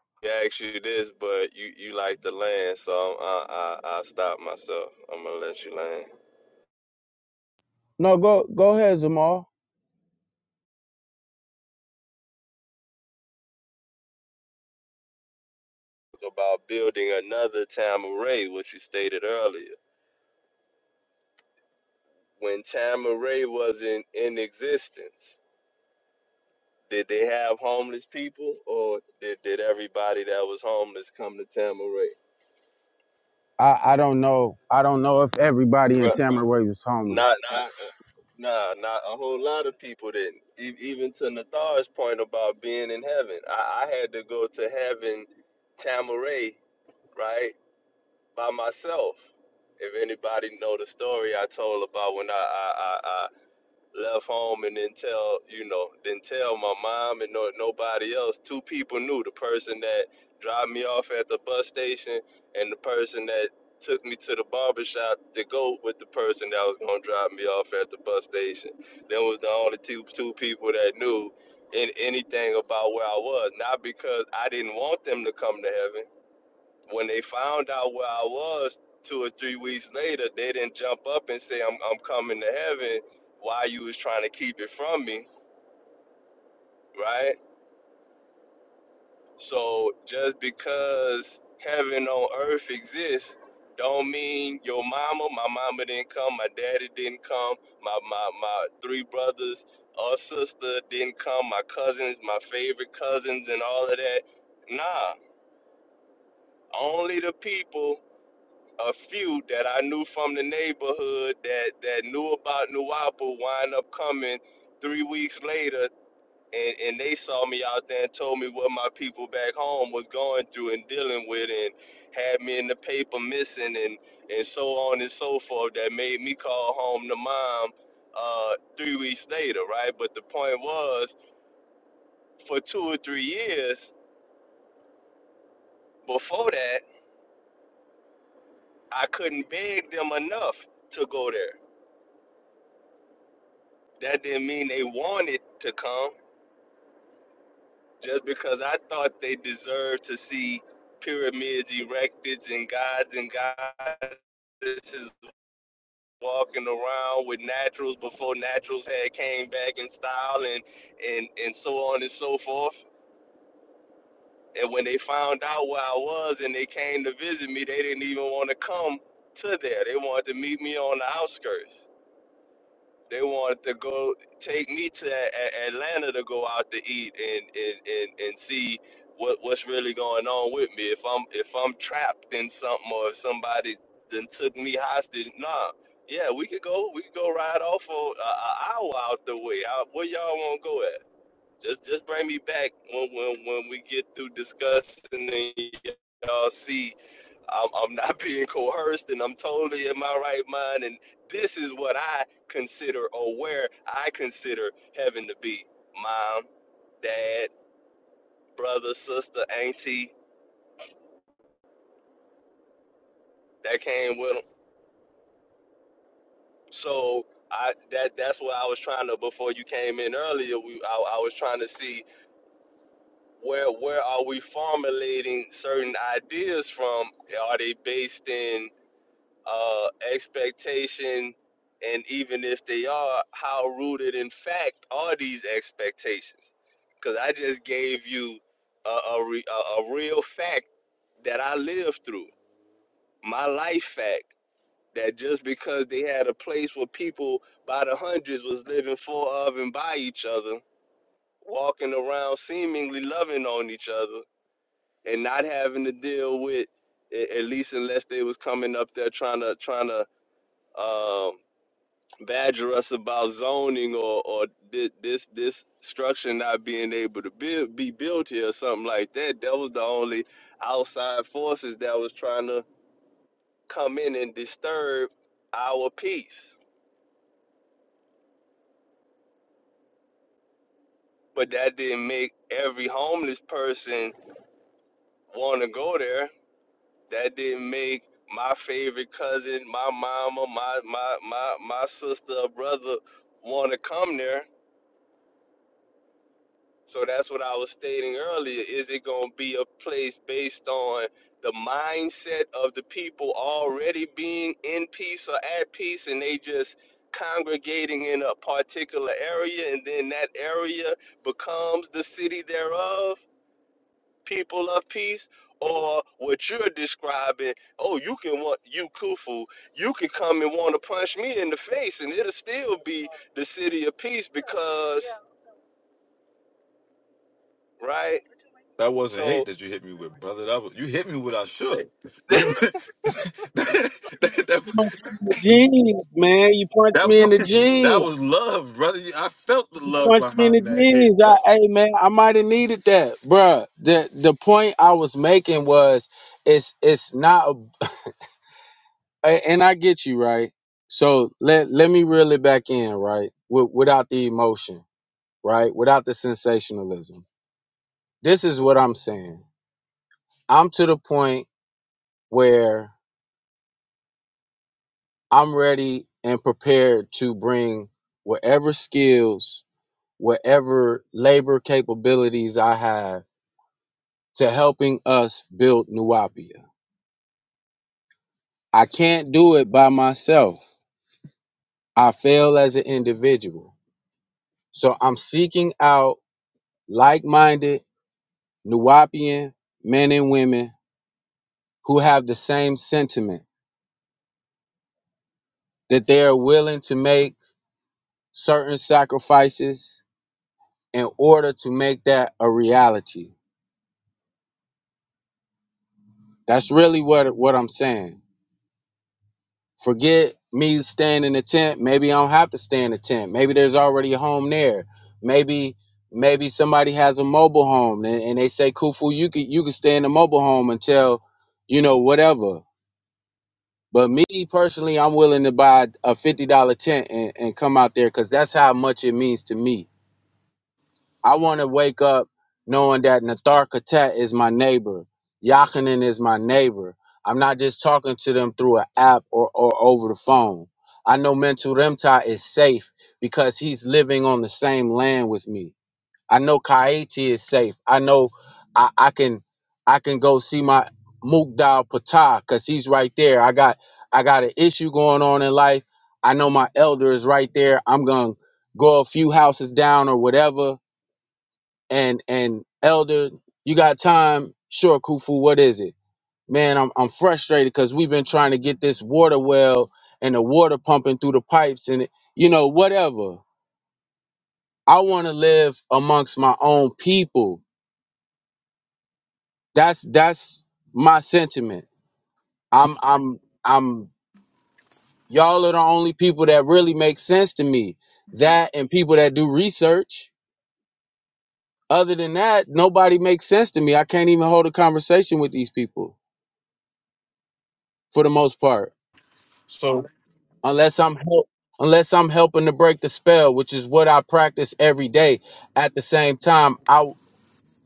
S4: me ask you this, but you you like to land, so I I I stop myself. I'm gonna let you land.
S6: No, go go ahead, Zamal.
S4: About building another Tamaray, which you stated earlier, when Tamaray wasn't in existence. Did they have homeless people, or did, did everybody that was homeless come to Tamaray?
S6: I I don't know. I don't know if everybody in
S4: Right.
S6: Tamarack was homeless.
S4: Not, not, nah, not a whole lot of people didn't. E- even to Nathar's point about being in heaven, I, I had to go to heaven, Tamaray, right, by myself. If anybody know the story I told about when I I, left home and then tell you know then tell my mom and no, nobody else two people knew the person that dropped me off at the bus station and the person that took me to the barber shop to go with the person that was going to drop me off at the bus station Them was the only two two people that knew in anything about where i was not because i didn't want them to come to heaven when they found out where I was two or three weeks later, they didn't jump up and say I'm I'm coming to heaven while you was trying to keep it from me, right? So just because heaven on earth exists don't mean your mama, my mama didn't come, my daddy didn't come, my my, my three brothers or sister didn't come, my cousins, my favorite cousins and all of that. Nah. Only the people a few that I knew from the neighborhood that that knew about Nuwapu wind up coming three weeks later and, and they saw me out there and told me what my people back home was going through and dealing with and had me in the paper missing and, and so on and so forth that made me call home to mom uh, three weeks later, right? But the point was for two or three years before that, I couldn't beg them enough to go there That didn't mean they wanted to come. Just because I thought they deserved to see pyramids erected and gods and goddesses walking around with naturals before naturals had came back in style and and and so on and so forth. And when they found out where I was and they came to visit me, they didn't even want to come to there. They wanted to meet me on the outskirts. They wanted to go take me to a- a- Atlanta to go out to eat and and, and, and see what, what's really going on with me. If I'm if I'm trapped in something or if somebody then took me hostage, nah. Yeah, we could go we could go ride off for a, a hour out the way. Uh where y'all want to go at? Just just bring me back when when when we get through discussing and y'all see I'm, I'm not being coerced and I'm totally in my right mind. And this is what I consider or where I consider heaven to be. Mom, dad, brother, sister, auntie that came with them. So I that that's what I was trying to before you came in earlier. We I, I was trying to see where where are we formulating certain ideas from? Are they based in uh, expectation, and even if they are, how rooted in fact are these expectations? Because I just gave you a, a, re, a, a real fact that I lived through, my life fact, that just because they had a place where people by the hundreds was living for of and by each other, walking around seemingly loving on each other, and not having to deal with, a- at least unless they was coming up there trying to trying to um, badger us about zoning or or this this, this structure not being able to be be built here or something like that. That was the only outside forces that was trying to come in and disturb our peace. But that didn't make every homeless person want to go there. That didn't make my favorite cousin, my mama, my my my my sister, or brother want to come there So that's what I was stating earlier. Is it going to be a place based on the mindset of the people already being in peace or at peace and they just congregating in a particular area and then that area becomes the city thereof, people of peace? Or what you're describing, oh, you can want you Kufu, you can come and want to punch me in the face, and it'll still be the city of peace because right?
S2: That wasn't hate
S4: So
S2: that you hit me with, brother. That was you hit me with. I should. You that, that,
S6: Jeans, man. You punched me in the
S2: that
S6: jeans.
S2: was love, brother. I felt the love
S6: punch me in the
S2: behind that
S6: knees.
S2: hit,
S6: I,
S2: bro.
S6: hey man, I might have needed that, bruh. The the point I was making was, it's it's not, a, a- and I get you right. So let let me reel it back in, right? With, without the emotion, right? Without the sensationalism. This is what I'm saying. I'm to the point where I'm ready and prepared to bring whatever skills, whatever labor capabilities I have to helping us build Nuapia I can't do it by myself. I fail as an individual. So I'm seeking out like minded Nuwapian men and women who have the same sentiment that they are willing to make certain sacrifices in order to make that a reality. That's really what, what I'm saying. Forget me staying in a tent. Maybe I don't have to stay in a tent. Maybe there's already a home there. Maybe maybe somebody has a mobile home and, and they say, Kufu, you could you could stay in a mobile home until, you know, whatever. But me personally, I'm willing to buy a fifty dollar tent and, and come out there because that's how much it means to me I want to wake up knowing that Nathar Khatat is my neighbor. Yakinen is my neighbor. I'm not just talking to them through an app or, or over the phone. I know Mental Remta is safe because he's living on the same land with me. I know Kaiti is safe. I know I, I can I can go see my Mukdal Patah because he's right there. I got I got an issue going on in life. I know my elder is right there. I'm gonna go a few houses down or whatever and and elder you got time sure kufu what is it man i'm, I'm frustrated because we've been trying to get this water well and the water pumping through the pipes and it- you know whatever i want to live amongst my own people that's that's my sentiment i'm i'm i'm y'all are the only people that really make sense to me that and people that do research other than that nobody makes sense to me i can't even hold a conversation with these people for the most part
S2: So
S6: unless I'm help unless I'm helping to break the spell, which is what I practice every day. At the same time, I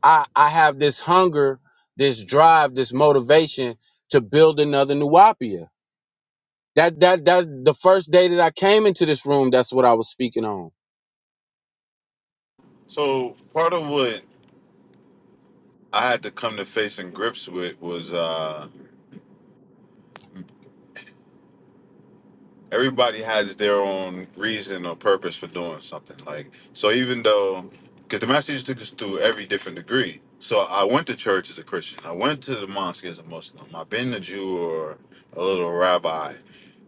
S6: I I have this hunger, this drive, this motivation to build another Nuapia. That that that the first day that I came into this room, that's what I was speaking on.
S2: so part of what I had to come to face and grips with was. uh everybody has their own reason or purpose for doing something. Like so, even though because the master teacher took us through every different degree. So I went to church as a Christian. I went to the mosque as a Muslim. I've been a Jew or a little rabbi,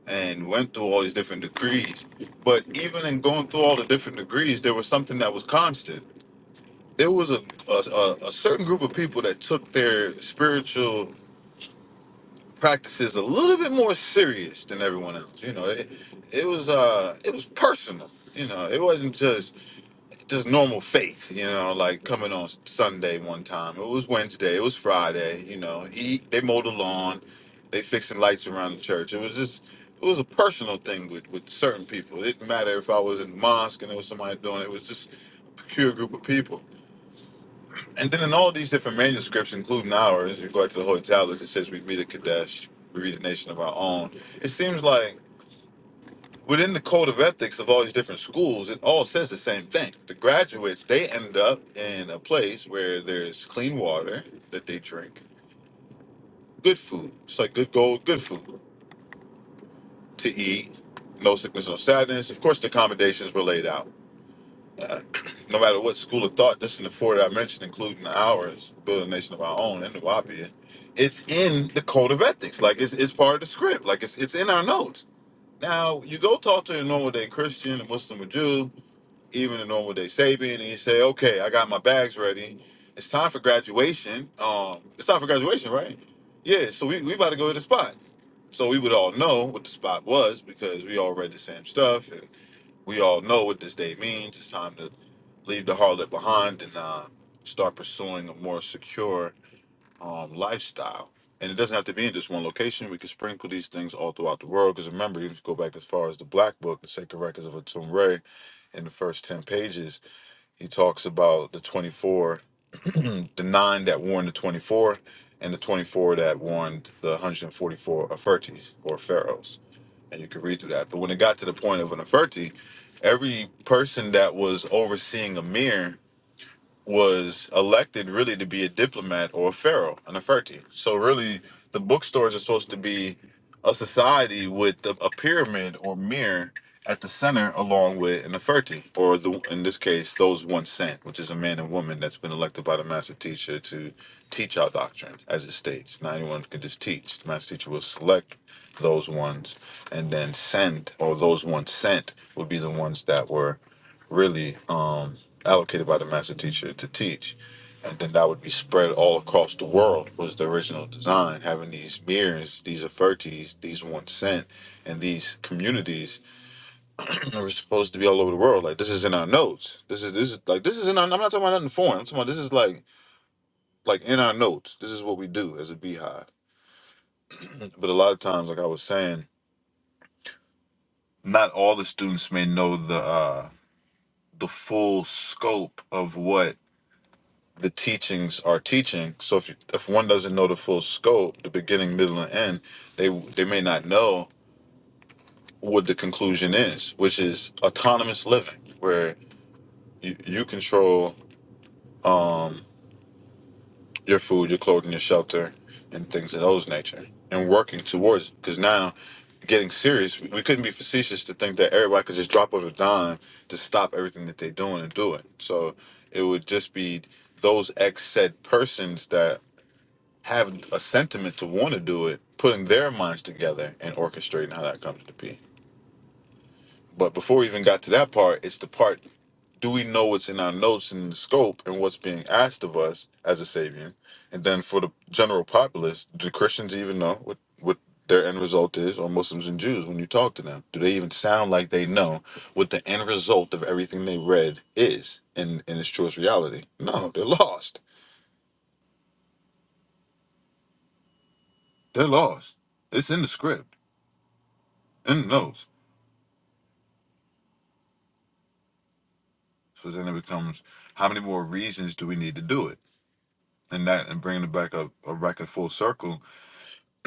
S2: and went through all these different degrees. But even in going through all the different degrees, there was something that was constant. There was a a, a a certain group of people that took their spiritual practices a little bit more serious than everyone else. You know, it, it was uh, it was personal. You know, it wasn't just just normal faith. You know, like coming on Sunday one time. It was Wednesday. It was Friday. You know, he they mowed the lawn, they fixing lights around the church. It was just it was a personal thing with with certain people. It didn't matter if I was in the mosque and there was somebody doing it. It was just a peculiar group of people. And then in all these different manuscripts, including ours, you go back to the Holy Tablets, it says we read a Kadesh, we read a nation of our own. It seems like within the code of ethics of all these different schools, it all says the same thing. The graduates, they end up in a place where there's clean water that they drink, good food. It's like good gold, good food to eat, no sickness, no sadness. Of course, the accommodations were laid out. Uh, No matter what school of thought, this and the four that I mentioned, including ours, build a nation of our own and the Wapia, it's in the code of ethics. Like it's, it's part of the script. Like it's it's in our notes. Now you go talk to a normal day Christian, a Muslim, a Jew, even a normal day Sabian, and you say, "Okay, I got my bags ready. It's time for graduation. Um, it's time for graduation, right? Yeah. So we we about to go to the spot. So we would all know what the spot was because we all read the same stuff. and we all know what this day means. It's time to leave the harlot behind and uh, start pursuing a more secure um, lifestyle. And it doesn't have to be in just one location. We can sprinkle these things all throughout the world. Because remember, even if you go back as far as the Black Book, the Sacred Records of Atum Ray, in the first 10 pages, he talks about the 24, the nine that warned the 24, and the 24 that warned the 144 Afertes or Pharaohs and you can read through that. But when it got to the point of an Neferti, every person that was overseeing a mirror was elected really to be a diplomat or a pharaoh, an Neferti. So really, the bookstores are supposed to be a society with a, a pyramid or mirror at the center, along with an Neferti, or the in this case, those one sent, which is a man and woman that's been elected by the master teacher to teach our doctrine, as it states. Not anyone can just teach. The master teacher will select those ones and then send, or those ones sent would be the ones that were really um, allocated by the master teacher to teach. And then that would be spread all across the world was the original design, having these mirrors, these Afertis, these one cent, and these communities that were supposed to be all over the world. Like this is in our notes. This is this is like this is in our, I'm not talking about nothing foreign. I'm talking about this is like like in our notes. This is what we do as a beehive. But a lot of times, like I was saying, not all the students may know the uh the full scope of what the teachings are teaching. So if you, if one doesn't know the full scope, the beginning, middle, and end, they they may not know what the conclusion is, which is autonomous living, where you, you control um, your food, your clothing, your shelter, and things of those nature, and working towards. Because now, getting serious, we, we couldn't be facetious to think that everybody could just drop of a dime to stop everything that they're doing and do it. So it would just be those ex said persons that have a sentiment to want to do it, putting their minds together and orchestrating how that comes to be. But before we even got to that part, it's the part do we know what's in our notes and the scope and what's being asked of us as a Sabian? And then for the general populace, do Christians even know what, what their end result is, or Muslims and Jews when you talk to them? Do they even sound like they know what the end result of everything they read is in, in its truest reality? No, they're lost. They're lost. It's in the script, in the notes. So then it becomes how many more reasons do we need to do it? And that and bringing it back up or back in full circle,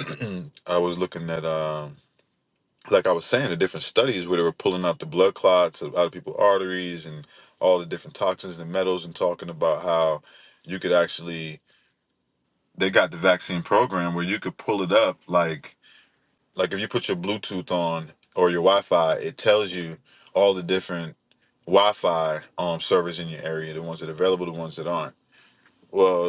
S2: I was looking at um like I was saying the different studies where they were pulling out the blood clots of- out of people's arteries and all the different toxins and metals and talking about how you could actually they got the vaccine program where you could pull it up like like if you put your Bluetooth on or your Wi-Fi, it tells you all the different Wi-Fi um servers in your area, the ones that are available, the ones that aren't. Well,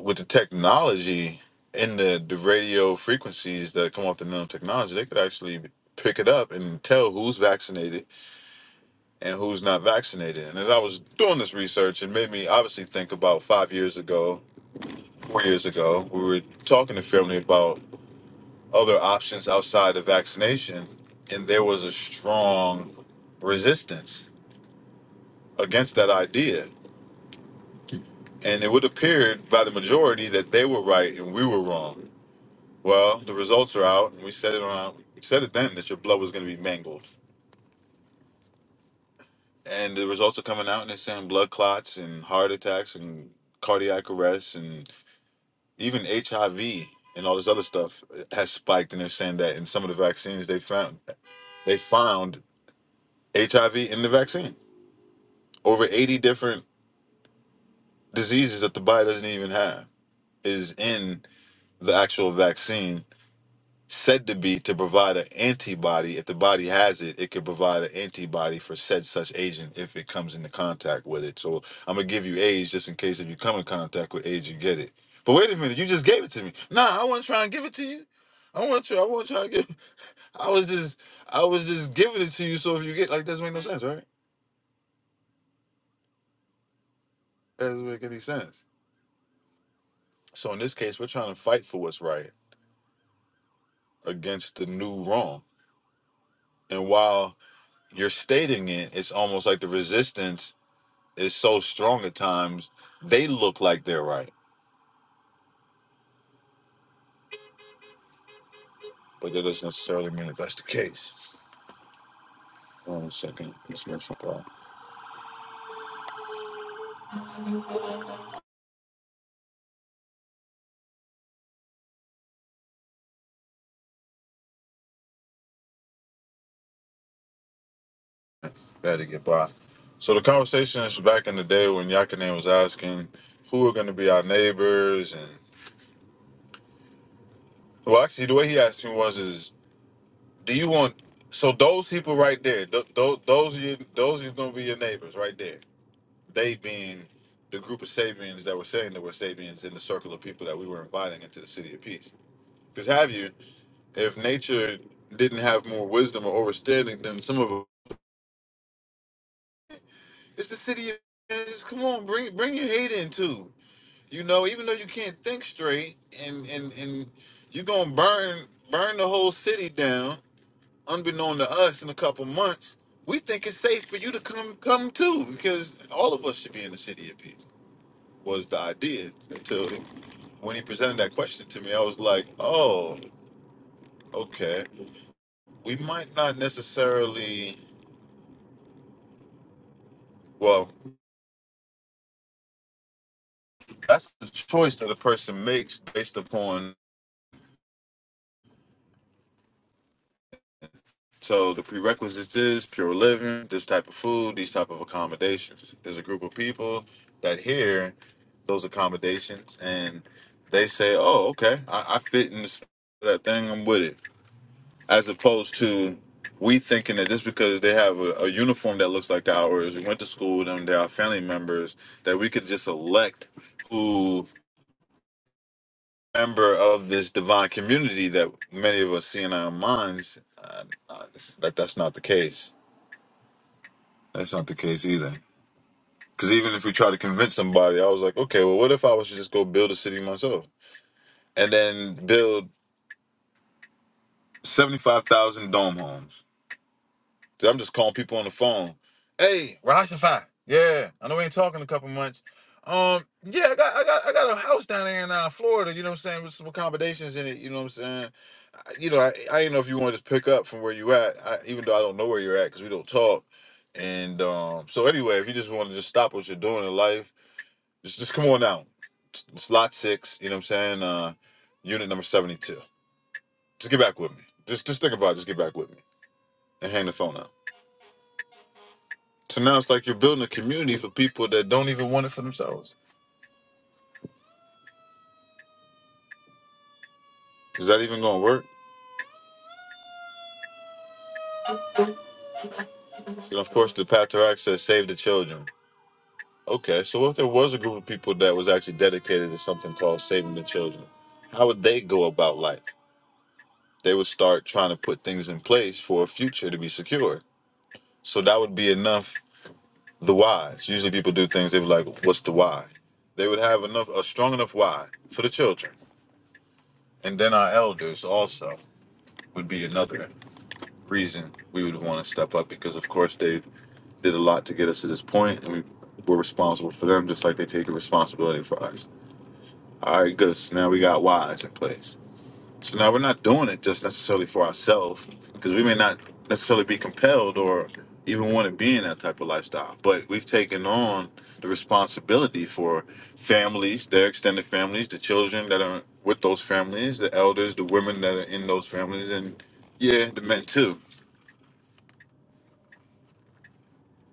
S2: with the technology in the the radio frequencies that come off the nanotechnology, they could actually pick it up and tell who's vaccinated and who's not vaccinated. And as I was doing this research, it made me obviously think about five years ago, four years ago, we were talking to family about other options outside of vaccination, and there was a strong resistance against that idea. And it would appear by the majority that they were right and we were wrong Well, the results are out, and we said it on we said it then that your blood was going to be mangled, and the results are coming out, and they're saying blood clots and heart attacks and cardiac arrests and even HIV and all this other stuff eh, has spiked, and they're saying that in some of the vaccines they found they found HIV in the vaccine. Over eighty different diseases that the body doesn't even have is in the actual vaccine said to be to provide an antibody. If the body has it, it could provide an antibody for said such agent if it comes into contact with it. So I'm gonna give you AIDS just in case if you come in contact with AIDS, you get it. But wait a minute, you just gave it to me. Nah, I wasn't trying to give it to you. I want you. I want try to give. I was just, I was just giving it to you. So if you get like, doesn't make no sense, right? That doesn't make any sense. So in this case, we're trying to fight for what's right against the new wrong. And while you're stating it, it's almost like the resistance is so strong at times, they look like they're right, but that doesn't necessarily mean that that's the case. One second, let's make some call. Got to get by. So the conversation is back in the day when Yakane was asking who are going to be our neighbors, and well, actually, the way he asked me was, "Is do you want so those people right there, th- th- those are your, those are going to be your neighbors right there? They being the group of Sabians that were saying that were Sabians in the circle of people that we were inviting into the city of peace. Because have you? If nature didn't have more wisdom or understanding than some of us, it's the city of angels. Come on, bring bring your hate in too. You know, even though you can't think straight, and and and you gonna burn burn the whole city down, unbeknown to us, in a couple months. We think it's safe for you to come come too, because all of us should be in the city of peace. Was the idea until when he presented that question to me, I was like, oh, okay. We might not necessarily. Well, That's the choice that a person makes based upon. So the prerequisites is pure living, this type of food, these type of accommodations. There's a group of people that hear those accommodations and they say, "Oh, okay, I, I fit in this that thing. I'm with it." As opposed to we thinking that just because they have a, a uniform that looks like ours, we went to school with them, they're our family members, that we could just elect who member of this divine community that many of us see in our minds, uh, uh, that that's not the case. That's not the case either. Because even if we try to convince somebody, I was like, okay, well, what if I was to just go build a city myself and then build 75,000 dome homes? 'Cause I'm just calling people on the phone. Hey, Rashafy. Yeah, I know we ain't talking in a couple months. Um, yeah, I got, I got, I got a house down there in uh, Florida. You know what I'm saying? With some accommodations in it. You know what I'm saying? I- you know, I, I didn't know if you wanted to pick up from where you at, I, even though I don't know where you're at because we don't talk. And um, so anyway, if you just want to just stop what you're doing in life, just just come on out. It's it's lot six, you know what I'm saying? Uh, unit number seventy-two. Just get back with me. Just just think about it. Just get back with me and hang the phone up. So now it's like you're building a community for people that don't even want it for themselves. Is that even going to work? And of course, the path to access, save the children. Okay, so if there was a group of people that was actually dedicated to something called saving the children, how would they go about life? They would start trying to put things in place for a future to be secure. So that would be enough. The whys. Usually people do things, they were like, what's the why? They would have enough, a strong enough why for the children. And then our elders also would be another reason we would want to step up because, of course, they did a lot to get us to this point and we, we're responsible for them just like they take responsibility for us. All right, good. So now we got wise in place. So now we're not doing it just necessarily for ourselves because we may not necessarily be compelled or even want to be in that type of lifestyle. But we've taken on the responsibility for families, their extended families, the children that are with those families, the elders, the women that are in those families, and yeah, the men too.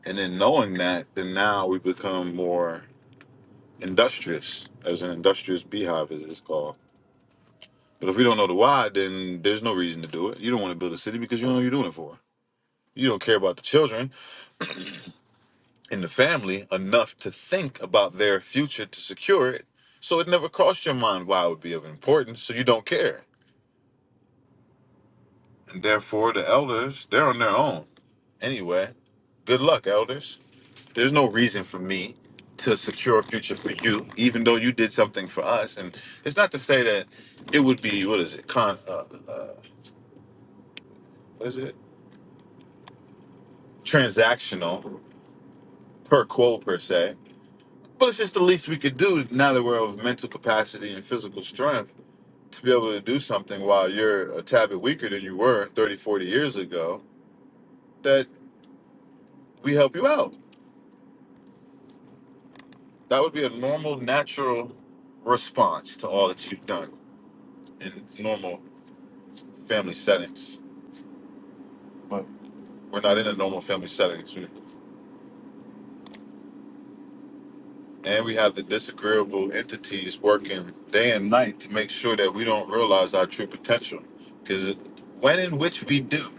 S2: And then knowing that, then now we become more industrious, as an industrious beehive, as it's called But if we don't know the why, then there's no reason to do it. You don't want to build a city because you don't know what you're doing it for. You don't care about the children and the family enough to think about their future to secure it. So it never crossed your mind why it would be of importance, so you don't care. And therefore, the elders, they're on their own. Anyway, good luck, elders. There's no reason for me to secure a future for you, even though you did something for us. And it's not to say that it would be, what is it, con, uh, uh, what is it? Transactional per quote per se. But it's just the least we could do now that we're of mental capacity and physical strength to be able to do something while you're a tad bit weaker than you were 30, 40 years ago, that we help you out. That would be a normal, natural response to all that you've done in normal family settings. But we're not in a normal family settings. We- And we have the disagreeable entities working day and night to make sure that we don't realize our true potential. Because when in which we do,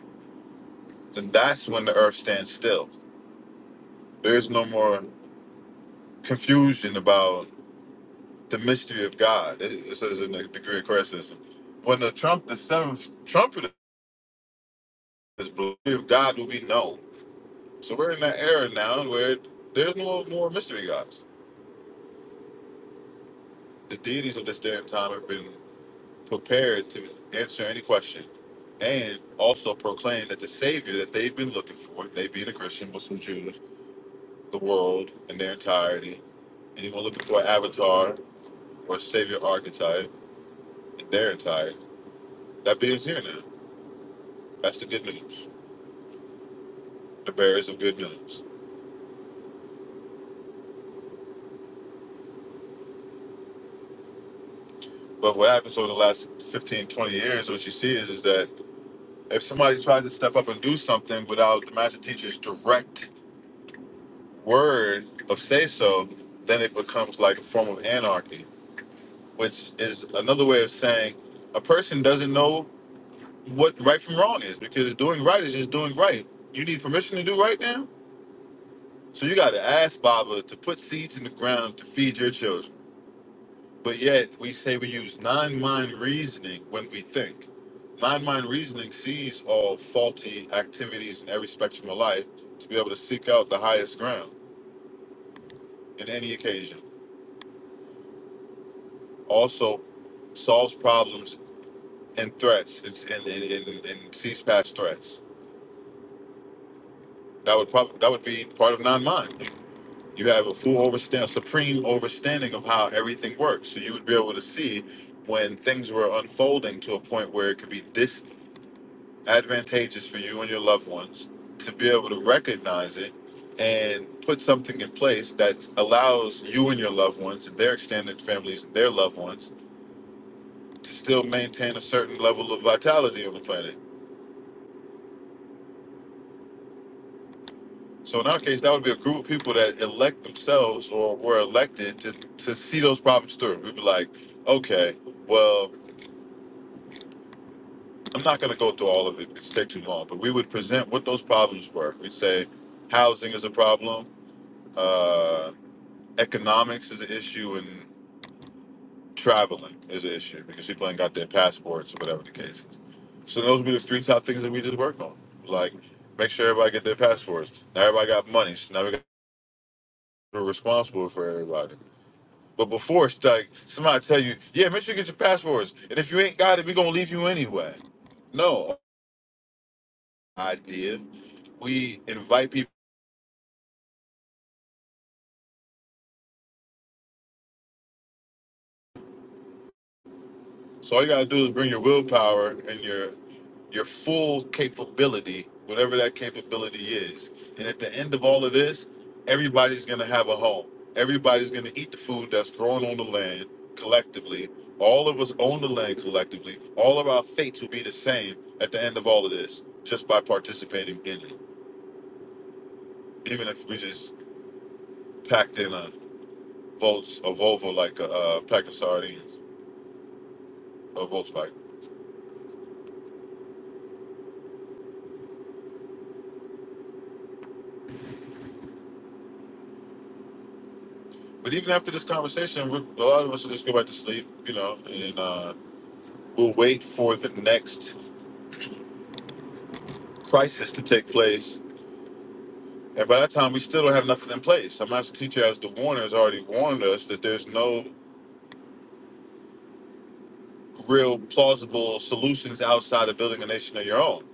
S2: then that's when the earth stands still. There's no more confusion about the mystery of God. It, it says in the, the Great Criticism. When the trump, the seventh trumpet is blown, the mystery of God will be known. So we're in that era now where there's no more mystery gods. The deities of this day and time have been prepared to answer any question and also proclaim that the Savior that they've been looking for, they being a Christian, Muslim, Jews, the world in their entirety, anyone looking for an avatar, or savior archetype in their entirety. That being's here now. That's the good news. The bearers of good news. But what happens over the last 15, 20 years, what you see is, is that if somebody tries to step up and do something without the master teacher's direct word of say so, then it becomes like a form of anarchy, which is another way of saying a person doesn't know what right from wrong is because doing right is just doing right. You need permission to do right now? So you got to ask Baba to put seeds in the ground to feed your children. But yet we say we use non-mind reasoning when we think. Non-mind reasoning sees all faulty activities in every spectrum of life to be able to seek out the highest ground in any occasion. Also solves problems and threats and, and, and, and, and sees past threats. That would probably that would be part of non-mind. You have a full overstand, supreme understanding of how everything works. So you would be able to see when things were unfolding to a point where it could be disadvantageous for you and your loved ones to be able to recognize it and put something in place that allows you and your loved ones and their extended families and their loved ones to still maintain a certain level of vitality on the planet. So in our case, that would be a group of people that elect themselves or were elected to, to see those problems through. We'd be like, okay, well, I'm not going to go through all of it. It's take too long. But we would present what those problems were. We'd say housing is a problem, uh, economics is an issue, and traveling is an issue because people ain't got their passports or whatever the case is. So those would be the three top things that we just worked on. Like make sure everybody get their passports. Now everybody got money, so now we got we're responsible for everybody. But before it's like somebody tell you, yeah, make sure you get your passports, and if you ain't got it, we gonna leave you anyway. No, idea. We invite people. So all you gotta do is bring your willpower and your your full capability, whatever that capability is. And at the end of all of this, everybody's gonna have a home. Everybody's gonna eat the food that's grown on the land collectively. All of us own the land collectively. All of our fates will be the same at the end of all of this, just by participating in it. Even if we just packed in a Volts, a Volvo, like a, uh pack of sardines, a Volkswagen. But even after this conversation, we, a lot of us will just go back to sleep, you know, and uh, we'll wait for the next crisis to take place. And by that time, we still don't have nothing in place. Our master teacher, as the warner, has already warned us that there's no real plausible solutions outside of building a nation of your own.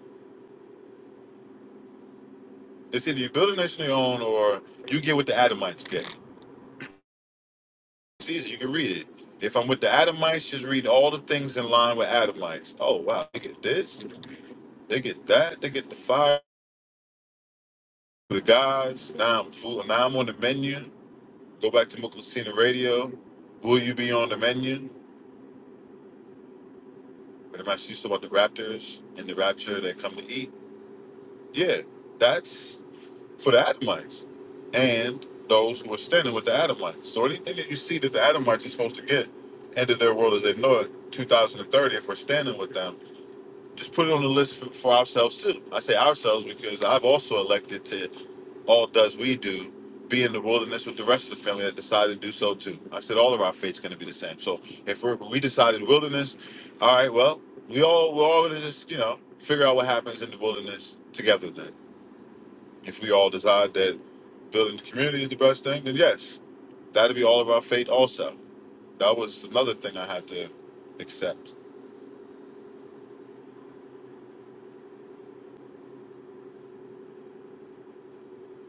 S2: It's either you build a nation of your own or you get what the Adamites get. It's easy. You can read it. If I'm with the Adamites, just read all the things in line with Adamites. Oh, wow. They get this. They get that. They get the fire the guys. Now I'm full. Now I'm on the menu. Go back to Mukulcina Radio. Will you be on the menu? But I'm actually used about the Raptors and the Rapture that come to eat. Yeah, that's for the Adamites and those who are standing with the Adamites. So anything that you see that the Adamites are supposed to get, end of their world as they know it, 2030, if we're standing with them just put it on the list for, for ourselves too. I say ourselves because I've also elected to all does we do be in the wilderness with the rest of the family that decided to do so too. I said all of our fate's going to be the same. So if we're, we decided wilderness, all right, well we all we're all going to just you know figure out what happens in the wilderness together then. If we all decide that building the community is the best thing, then yes, that'll be all of our fate also. That was another thing I had to accept.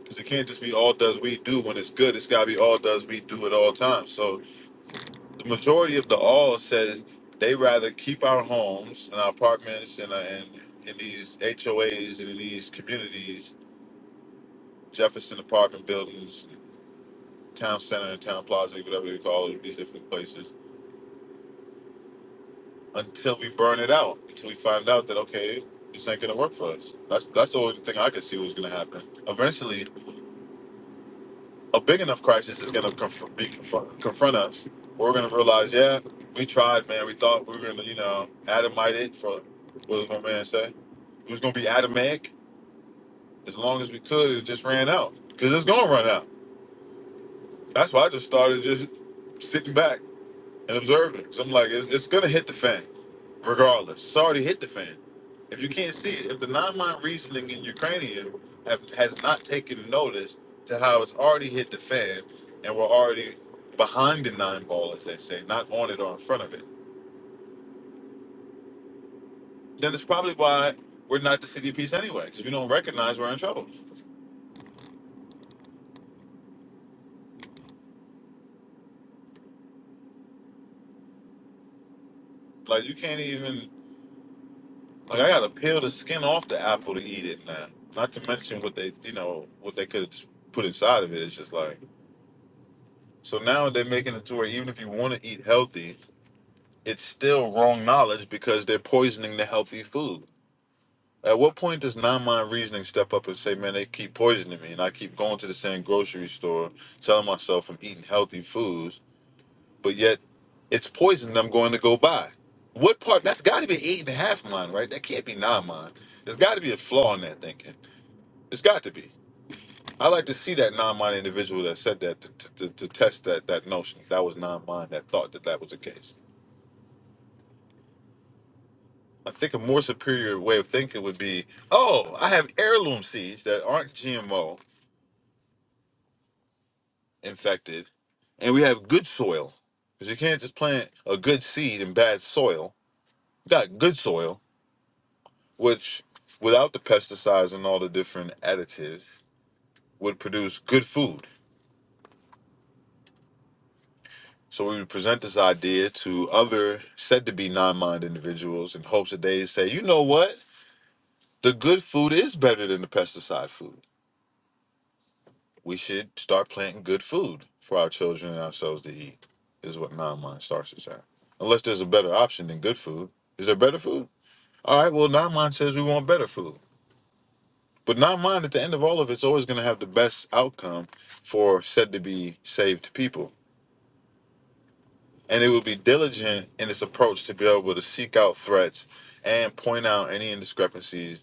S2: Because it can't just be all does we do when it's good. It's got to be all does we do at all times. So the majority of the all says they rather keep our homes and our apartments and, uh, and in these HOAs and in these communities, Jefferson apartment buildings, town center and town plaza, whatever they call it, these different places, until we burn it out, until we find out that, okay, this ain't going to work for us. That's that's the only thing I could see was going to happen. Eventually, a big enough crisis is going to conf- be conf- confront us. We're going to realize, yeah, we tried, man. We thought we were going to, you know, Adamite it for what does my man say? It was going to be Adamic as long as we could. It just ran out because it's going to run out. That's why I just started just sitting back and observe it. 'Cause I'm like, it's, it's gonna hit the fan, regardless. It's already hit the fan. If you can't see it, if the non-mind reasoning in your cranium have, has not taken notice to how it's already hit the fan, and we're already behind the nine ball, as they say, not on it or in front of it, then it's probably why we're not the city piece anyway, because we don't recognize we're in trouble. Like you can't even like I gotta peel the skin off the apple to eat it now. Not to mention what they you know what they could have put inside of it. It's just like. So now they're making it to where even if you want to eat healthy, it's still wrong knowledge because they're poisoning the healthy food. At what point does non-mind reasoning step up and say, "Man, they keep poisoning me, and I keep going to the same grocery store, telling myself I'm eating healthy foods, but yet it's poison that I'm going to go buy." What part? That's got to be eight and a half mind, right? That can't be non-mind. There's got to be a flaw in that thinking. It's got to be. I like to see that non-mind individual that said that to, to, to, test that that notion. That was non-mind that thought that that was the case. I think a more superior way of thinking would be, oh, I have heirloom seeds that aren't GMO infected, and we have good soil because you can't just plant a good seed in bad soil. You got good soil, which without the pesticides and all the different additives would produce good food. So we would present this idea to other said to be non-mind individuals in hopes that they say, you know what? The good food is better than the pesticide food. We should start planting good food for our children and ourselves to eat, is what non-mind starts to say. Unless there's a better option than good food. Is there better food? All right, well, non-mind says we want better food. But non-mind at the end of all of it's always going to have the best outcome for said to be saved people and it will be diligent in its approach to be able to seek out threats and point out any indiscrepancies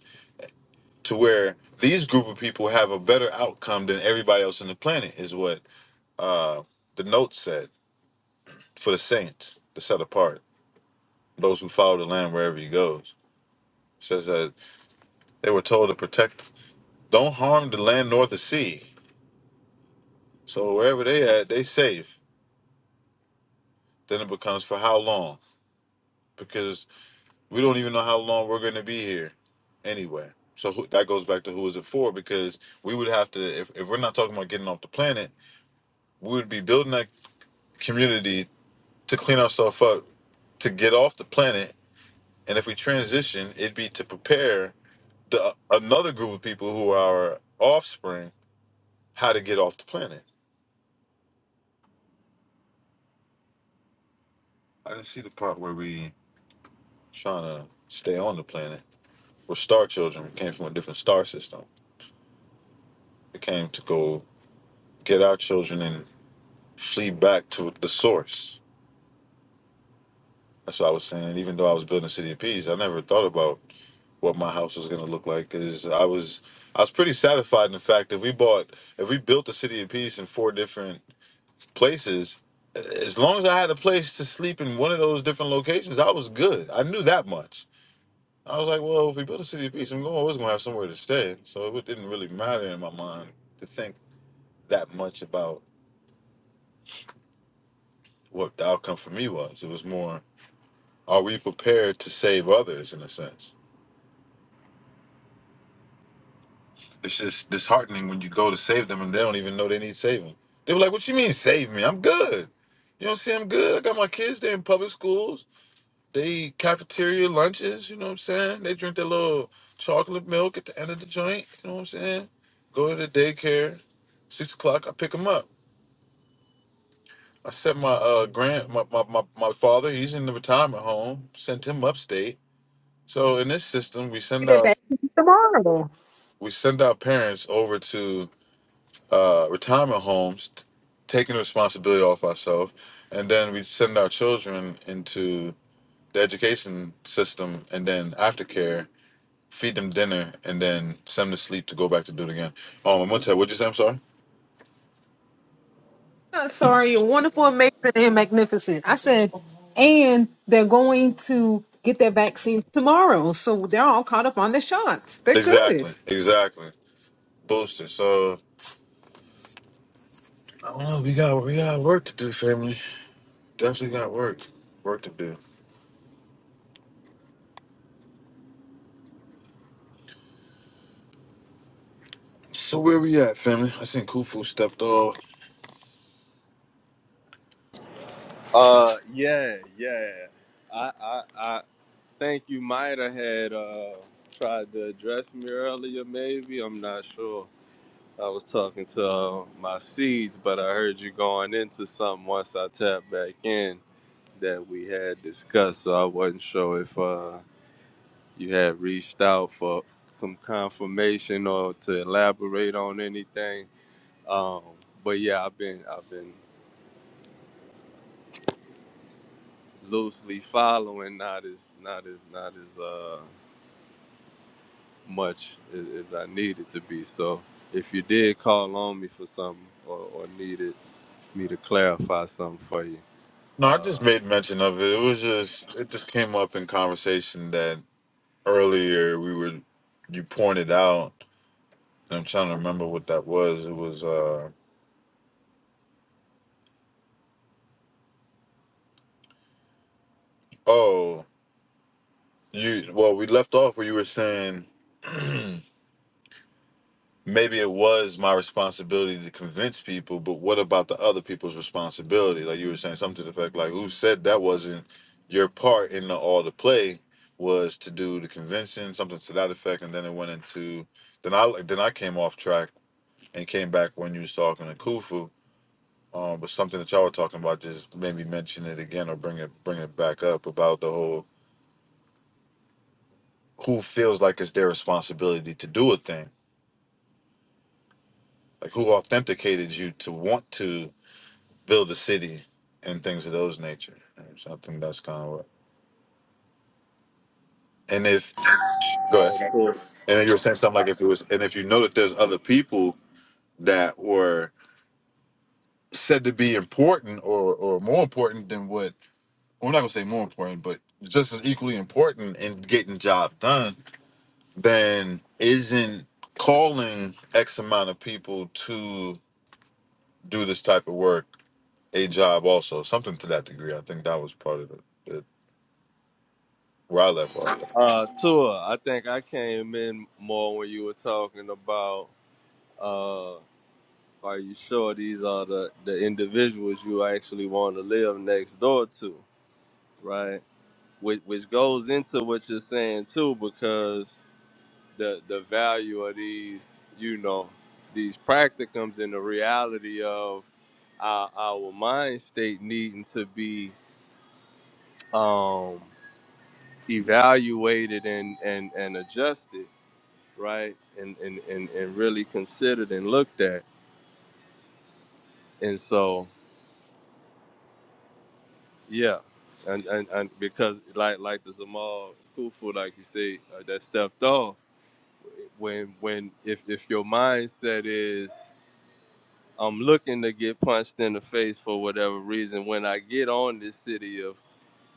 S2: to where these group of people have a better outcome than everybody else on the planet is what uh, the note said for the saints the set apart those who follow the lamb wherever he goes It says that they were told to protect don't harm the land north of sea so wherever they at they safe then it becomes for how long because. We don't even know how long we're going to be here anyway. So who, that goes back to who is it for? Because we would have to, if, if we're not talking about getting off the planet, we would be building that community to clean ourselves up to get off the planet. And if we transition, it'd be to prepare the another group of people who are our offspring how to get off the planet. I didn't see the part where we trying to stay on the planet. We're star children. We came from a different star system. We came to go get our children and flee back to the source. That's what I was saying. Even though I was building City of Peace, I never thought about what my house was going to look like. Cause I was, I was pretty satisfied in the fact that we bought, if we built the City of Peace in four different places, as long as I had a place to sleep in one of those different locations, I was good. I knew that much. I was like, well, if we built a City of Peace, I'm going. I was going to have somewhere to stay. So it didn't really matter in my mind to think that much about what the outcome for me was. It was more Are we prepared to save others in a sense? It's just disheartening when you go to save them and they don't even know they need saving. They were like, What you mean save me? I'm good. You know what I'm saying? I'm good. I got my kids, they're in public schools. They eat cafeteria lunches, you know what I'm saying? They drink their little chocolate milk at the end of the joint, you know what I'm saying? Go to the daycare, six o'clock, I pick them up. I sent my uh grand my, my, my, my father, he's in the retirement home, sent him upstate. So in this system, we send our we send our parents over to uh, retirement homes, t- taking the responsibility off ourselves, and then we send our children into the education system, and then aftercare, feed them dinner, and then send them to sleep to go back to do it again. Um, I'm gonna tell. What'd you say? I'm sorry.
S1: not sorry, you're wonderful, amazing, and magnificent. I said, and they're going to get their vaccine tomorrow. So they're all caught up on their shots. They're good.
S2: Exactly. Exactly. Booster. So I don't know. We got we got work to do, family. Definitely got work work to do. So where we at, family? I seen Kufu stepped off.
S4: Uh, yeah, yeah. I, I, I think you might have had uh tried to address me earlier. Maybe I'm not sure. I was talking to uh, my seeds, but I heard you going into something once I tapped back in that we had discussed. So I wasn't sure if uh you had reached out for some confirmation or to elaborate on anything. Um, but yeah, I've been, I've been. loosely following, not as not as not as uh much as, as I needed to be. So if you did call on me for something or, or needed me to clarify something for you.
S2: No, I just made mention of it. It was just it just came up in conversation that earlier we were you pointed out, and I'm trying to remember what that was. It was uh oh you well we left off where you were saying maybe it was my responsibility to convince people, but what about the other people's responsibility? Like you were saying something to the fact like who said that wasn't your part in the all the play was to do the convincing, something to that effect, and then it went into then I then I came off track and came back when you was talking to Kufu. Um, but something that y'all were talking about just maybe mention it again or bring it bring it back up about the whole who feels like it's their responsibility to do a thing, like who authenticated you to want to build a city and things of those nature. And so I think that's kind of what. And if go ahead, and then you were saying something like if it was, and if you know that there's other people that were said to be important or or more important than what Well, I'm not gonna say more important, but just as equally important in getting job done, then isn't calling X amount of people to do this type of work a job also something to that degree. I think that was part of the, the where I left off.
S4: Uh Tua, I think I came in more when you were talking about uh are you sure these are the, the individuals you actually want to live next door to, right? Which which goes into what you're saying too, because the the value of these, you know, these practicums and the reality of our, our mind state needing to be um, evaluated, right, and, and and and really considered and looked at. And so, yeah, and and, and because like like the Zamal Kufu, like you say, uh, that stepped off when when if if your mindset is I'm looking to get punched in the face for whatever reason when I get on this city of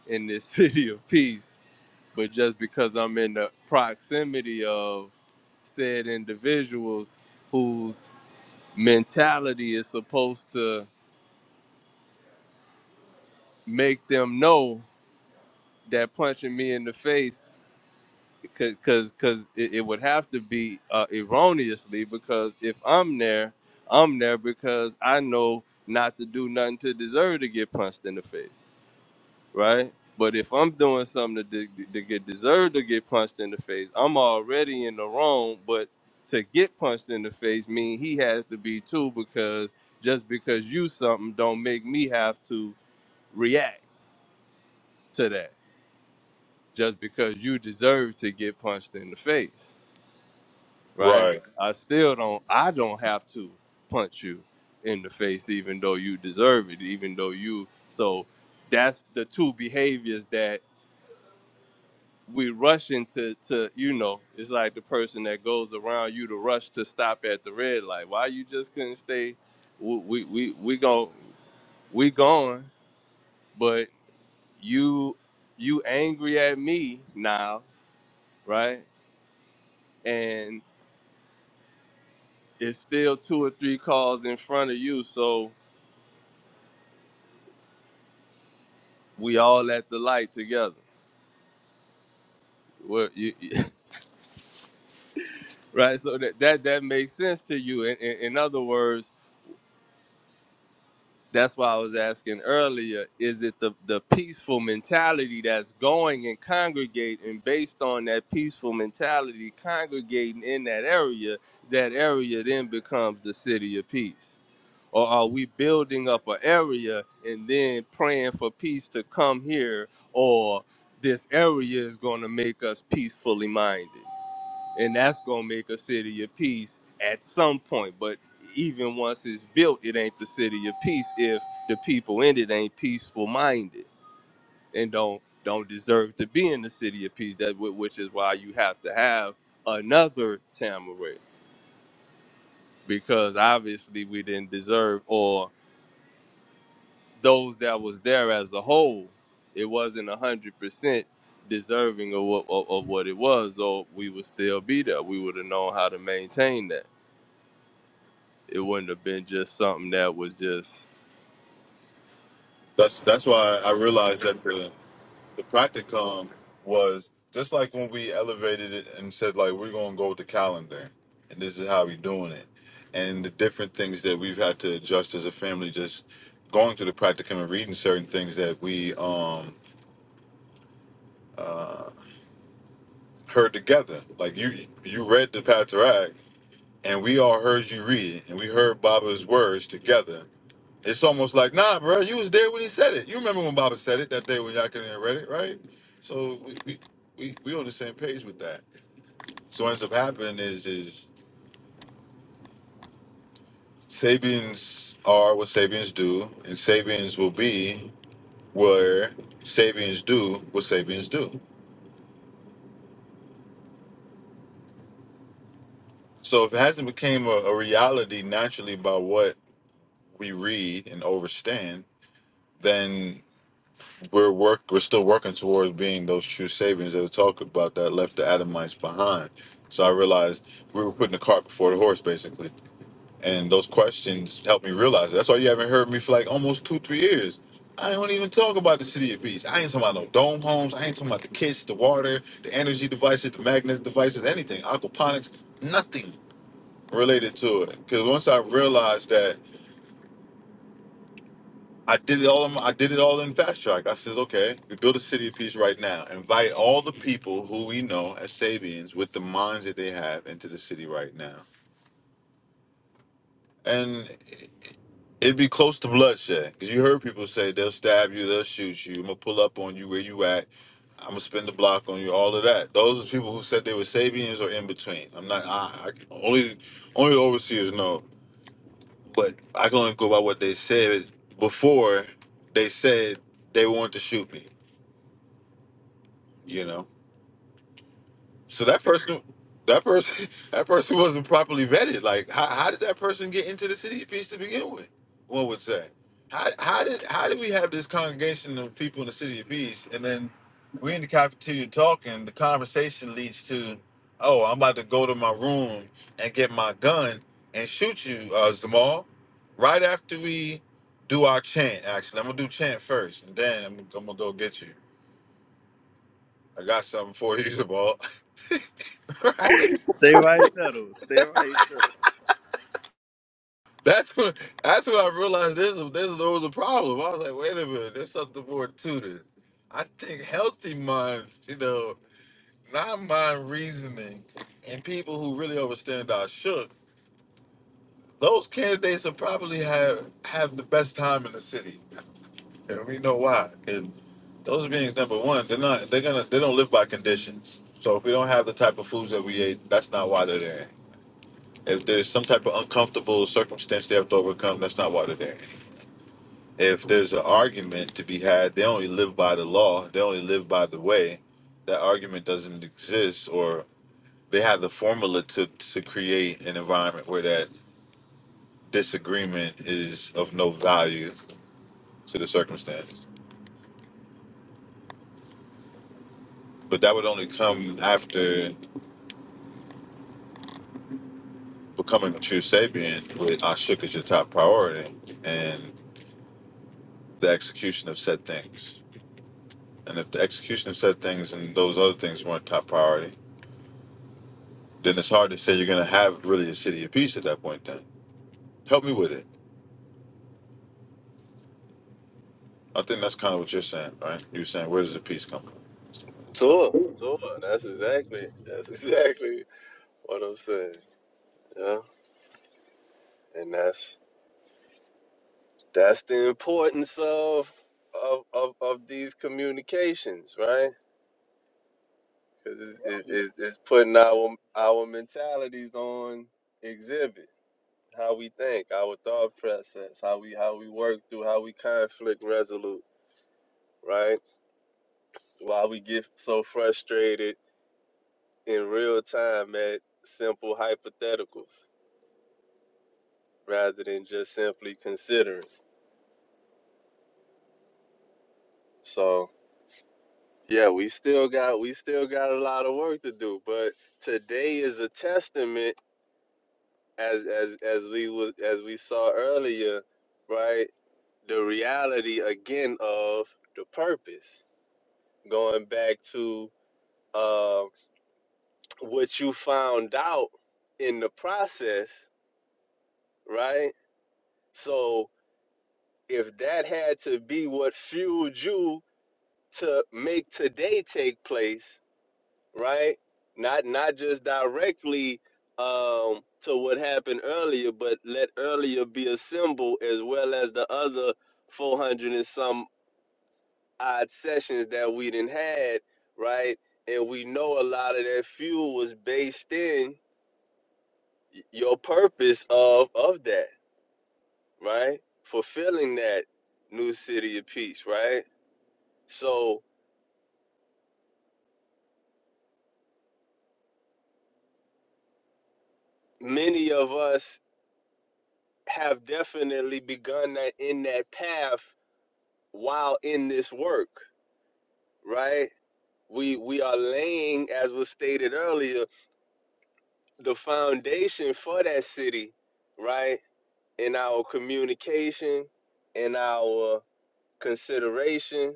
S4: in this city of peace. But just because I'm in the proximity of said individuals whose mentality is supposed to make them know that punching me in the face because because it, it would have to be uh, erroneously because if I'm there, I'm there because I know not to do nothing to deserve to get punched in the face right? But if I'm doing something to, de- to get deserved to get punched in the face, I'm already in the wrong. But to get punched in the face mean he has to be too, because just because you something don't make me have to react to that. Just because you deserve to get punched in the face, right?
S2: Right.
S4: I still don't. I don't have to punch you in the face, even though you deserve it, even though you. So that's the two behaviors that we rushing to to you know it's like the person that goes around you to rush to stop at the red light why you just couldn't stay we we we, we go we going but you you angry at me now right and it's still two or three cars in front of you so we all at the light together well you, right so that, that that makes sense to you in, in, in other words That's why I was asking earlier, is it the, the peaceful mentality that's going and congregating and based on that peaceful mentality congregating in that area, that area then becomes the city of peace? Or are we building up an area and then praying for peace to come here or this area is going to make us peacefully minded? and that's gonna make a city of peace at some point. But even once it's built, it ain't the city of peace if the people in it ain't peaceful minded and don't don't deserve to be in the city of peace. That wh- which is why you have to have another Tamarit because obviously we didn't deserve or those that was there as a whole, it wasn't a hundred percent deserving of what of, of what it was, or we would still be there. We would have known how to maintain that It wouldn't have been just something that was just
S2: That's that's why I realized that. feeling. the practicum was just like when we elevated it and said like we're gonna go with the calendar and this is how we doing it and the different things that we've had to adjust as a family just going through the practicum and reading certain things that we um uh heard together like you you read the Patriarch and we all heard you read it and we heard Baba's words together it's almost like, nah, bro, you was there when he said it. You remember when Baba said it that day when y'all came in and read it, right? So we we, we we on the same page with that. So what ends up happening is is Sabians are what Sabians do, and Sabians will be where Sabians do what Sabians do. So if it hasn't became a, a reality naturally by what we read and overstand, then we're work we're still working towards being those true savings that we talk about that left the Adamites behind. So I realized we were putting the cart before the horse, basically. And those questions helped me realize it. that's why you haven't heard me for like almost two, three years. I don't even talk about the city of peace. I ain't talking about no dome homes. I ain't talking about the kits, the water, the energy devices, the magnet devices, anything, aquaponics, nothing related to it. Because once I realized that I did it all. In, I did it all in fast track. I says, okay, we build a city of peace right now. Invite all the people who we know as Sabians with the minds that they have into the city right now, and it'd be close to bloodshed because you heard people say they'll stab you, they'll shoot you. I'm gonna pull up on you where you at. I'm gonna spin the block on you. All of that. Those are people who said they were Sabians or in between. I'm not. I, I only only the overseers know, but I can only go by what they said before they said they wanted to shoot me. You know. So that person, that person, that person wasn't properly vetted. Like, how, how did that person get into the city piece to begin with? One would say, how, how did how did we have this congregation of people in the city of peace, and then we're in the cafeteria talking. The conversation leads to, oh, I'm about to go to my room and get my gun and shoot you, uh, Zamal. Right after we do our chant, actually, I'm gonna do chant first, and then I'm, I'm gonna go get you. I got something for you, Zamal.
S1: Oh.
S2: right? That's when, that's when I realized. this, this there's there was a problem. I was like, wait a minute, there's something more to this. I think healthy minds, you know, not mind reasoning, and people who really understand our shook, those candidates will probably have have the best time in the city, and we know why. And those beings, number one, they're not they're gonna they don't live by conditions. So if we don't have the type of foods that we ate, that's not why they're there. If there's some type of uncomfortable circumstance they have to overcome, that's not why they're there. if there's an argument to be had, they only live by the law, they only live by the way. That argument doesn't exist, or they have the formula to, to create an environment where that disagreement is of no value to the circumstance. But that would only come after becoming a true Sabian with Ashuk as your top priority and the execution of said things. And if the execution of said things and those other things weren't top priority, then it's hard to say you're going to have really a city of peace at that point then Help me with it. I think that's kind of what you're saying, right? You're saying where does the peace come from? So,
S4: Tour, tour. That's exactly, that's exactly what I'm saying. Yeah, and that's that's the importance of of of, of these communications, right? Because it's, it-
S7: Rahub
S4: it's it's putting
S7: Isar,
S4: our our mentalities on exhibit, how we think, our thought process, how we how we work through, how we conflict resolute, right? Why we get so frustrated in real time at simple hypotheticals rather than just simply considering. So yeah, we still got we still got a lot of work to do, but today is a testament as as as we was as we saw earlier, right? The reality again of the purpose. Going back to uh what you found out in the process, right? So if that had to be what fueled you to make today take place, right? Not not just directly um, to what happened earlier, but let earlier be a symbol as well as the other 400 and some odd sessions that we didn't had, right? And we know a lot of that fuel was based in y- your purpose of of that, right? Fulfilling that new city of peace, right? So many of us have definitely begun that in that path while in this work, right? We we are laying, as was stated earlier, the foundation for that city, right? In our communication, in our consideration,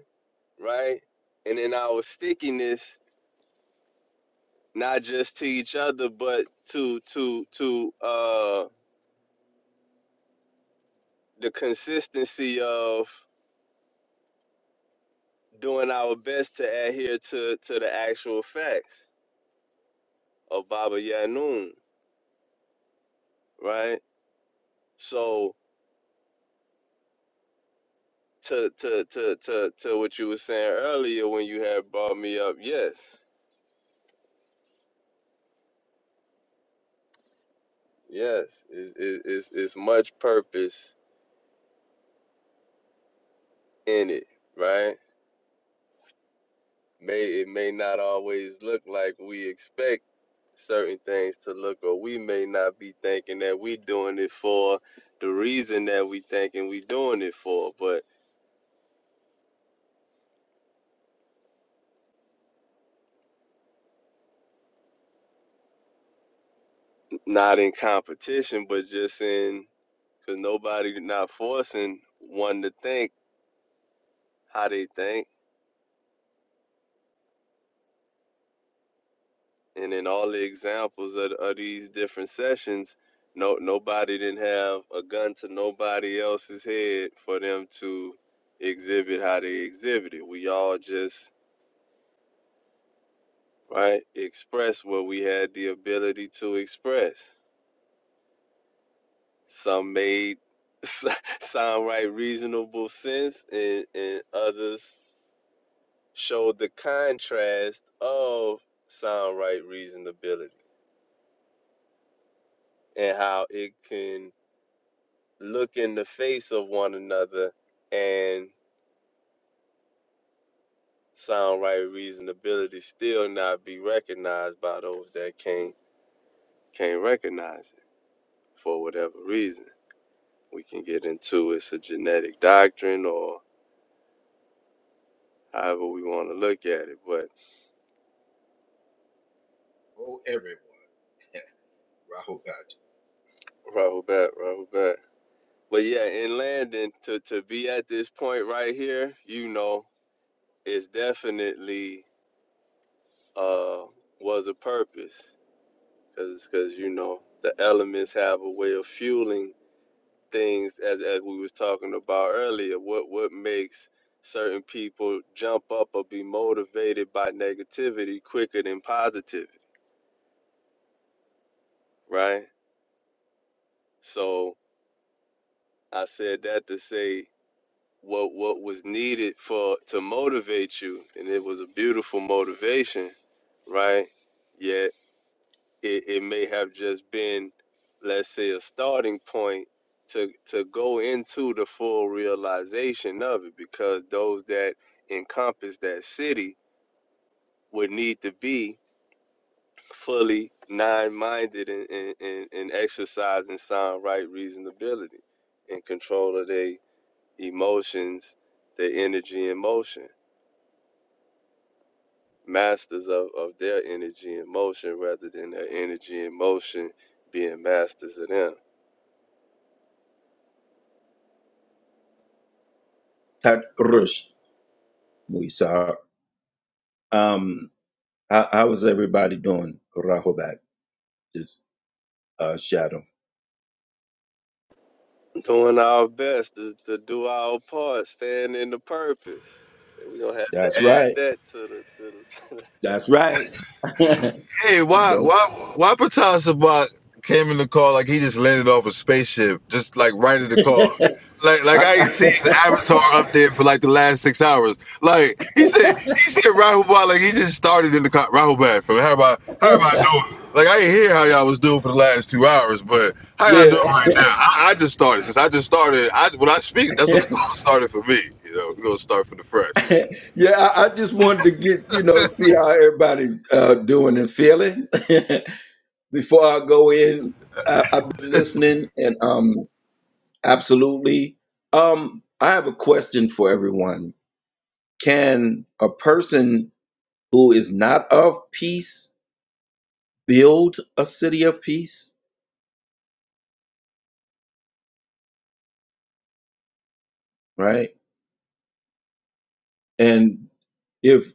S4: right? And in our stickiness, not just to each other, but to to to uh the consistency of doing our best to adhere to to the actual facts of Baba Yanun, right? So to to to to to what you were saying earlier when you had brought me up, yes, yes, is is is much purpose in it, right? May it may not always look like we expect certain things to look, or we may not be thinking that we doing it for the reason that we thinking we doing it for, but not in competition, but just in because nobody not forcing one to think how they think. And in all the examples of, of these different sessions, no nobody didn't have a gun to nobody else's head for them to exhibit how they exhibited. We all just right express what we had the ability to express. Some made sound right reasonable sense, and, and others showed the contrast of sound right reasonability and how it can look in the face of one another and sound right reasonability still not be recognized by those that can't can't recognize it for whatever reason. We can get into it's a genetic doctrine or however we want to look at it. But
S7: oh everyone, Rahubat,
S4: Rahul back, Rahul back. But yeah, in Landon to, to be at this point right here, you know, it's definitely uh was a purpose. Cause, cause you know, the elements have a way of fueling things as as we was talking about earlier what what makes certain people jump up or be motivated by negativity quicker than positivity right so i said that to say what what was needed for to motivate you and it was a beautiful motivation right Yet. it, it may have just been let's say a starting point to to go into the full realization of it because those that encompass that city would need to be fully nine-minded and, and, and, exercising sound right reasonability and control of their emotions their energy and motion masters of, of their energy and motion rather than their energy and motion being masters of them
S7: Tat Rush Muisar. Um, how, how is everybody doing, Rahubat? This uh, shadow.
S4: Doing our best to, to do our part, staying in the purpose. We're gonna have
S7: That's right.
S4: that to the to the
S7: That's right.
S2: Hey, why why why Patel Sabat came in the call like he just landed off a spaceship, just like right in the call. Like like
S7: I-
S2: I ain't seen his avatar up there for like the last six hours. Like he said he said Rahul Bhatt, like he just started in the call. Rahul Bhatt from how about how am I doing? Like I didn't hear how y'all was
S7: yeah,
S2: doing. I when I speak, that's what it's gonna be. You know, we're gonna start.
S7: yeah. I, I just wanted to get you know see how everybody's uh, doing and feeling before I go in. I, I've been listening and um absolutely. Um, I have a question for everyone Can a person who is not of peace build a city of peace? Right? And if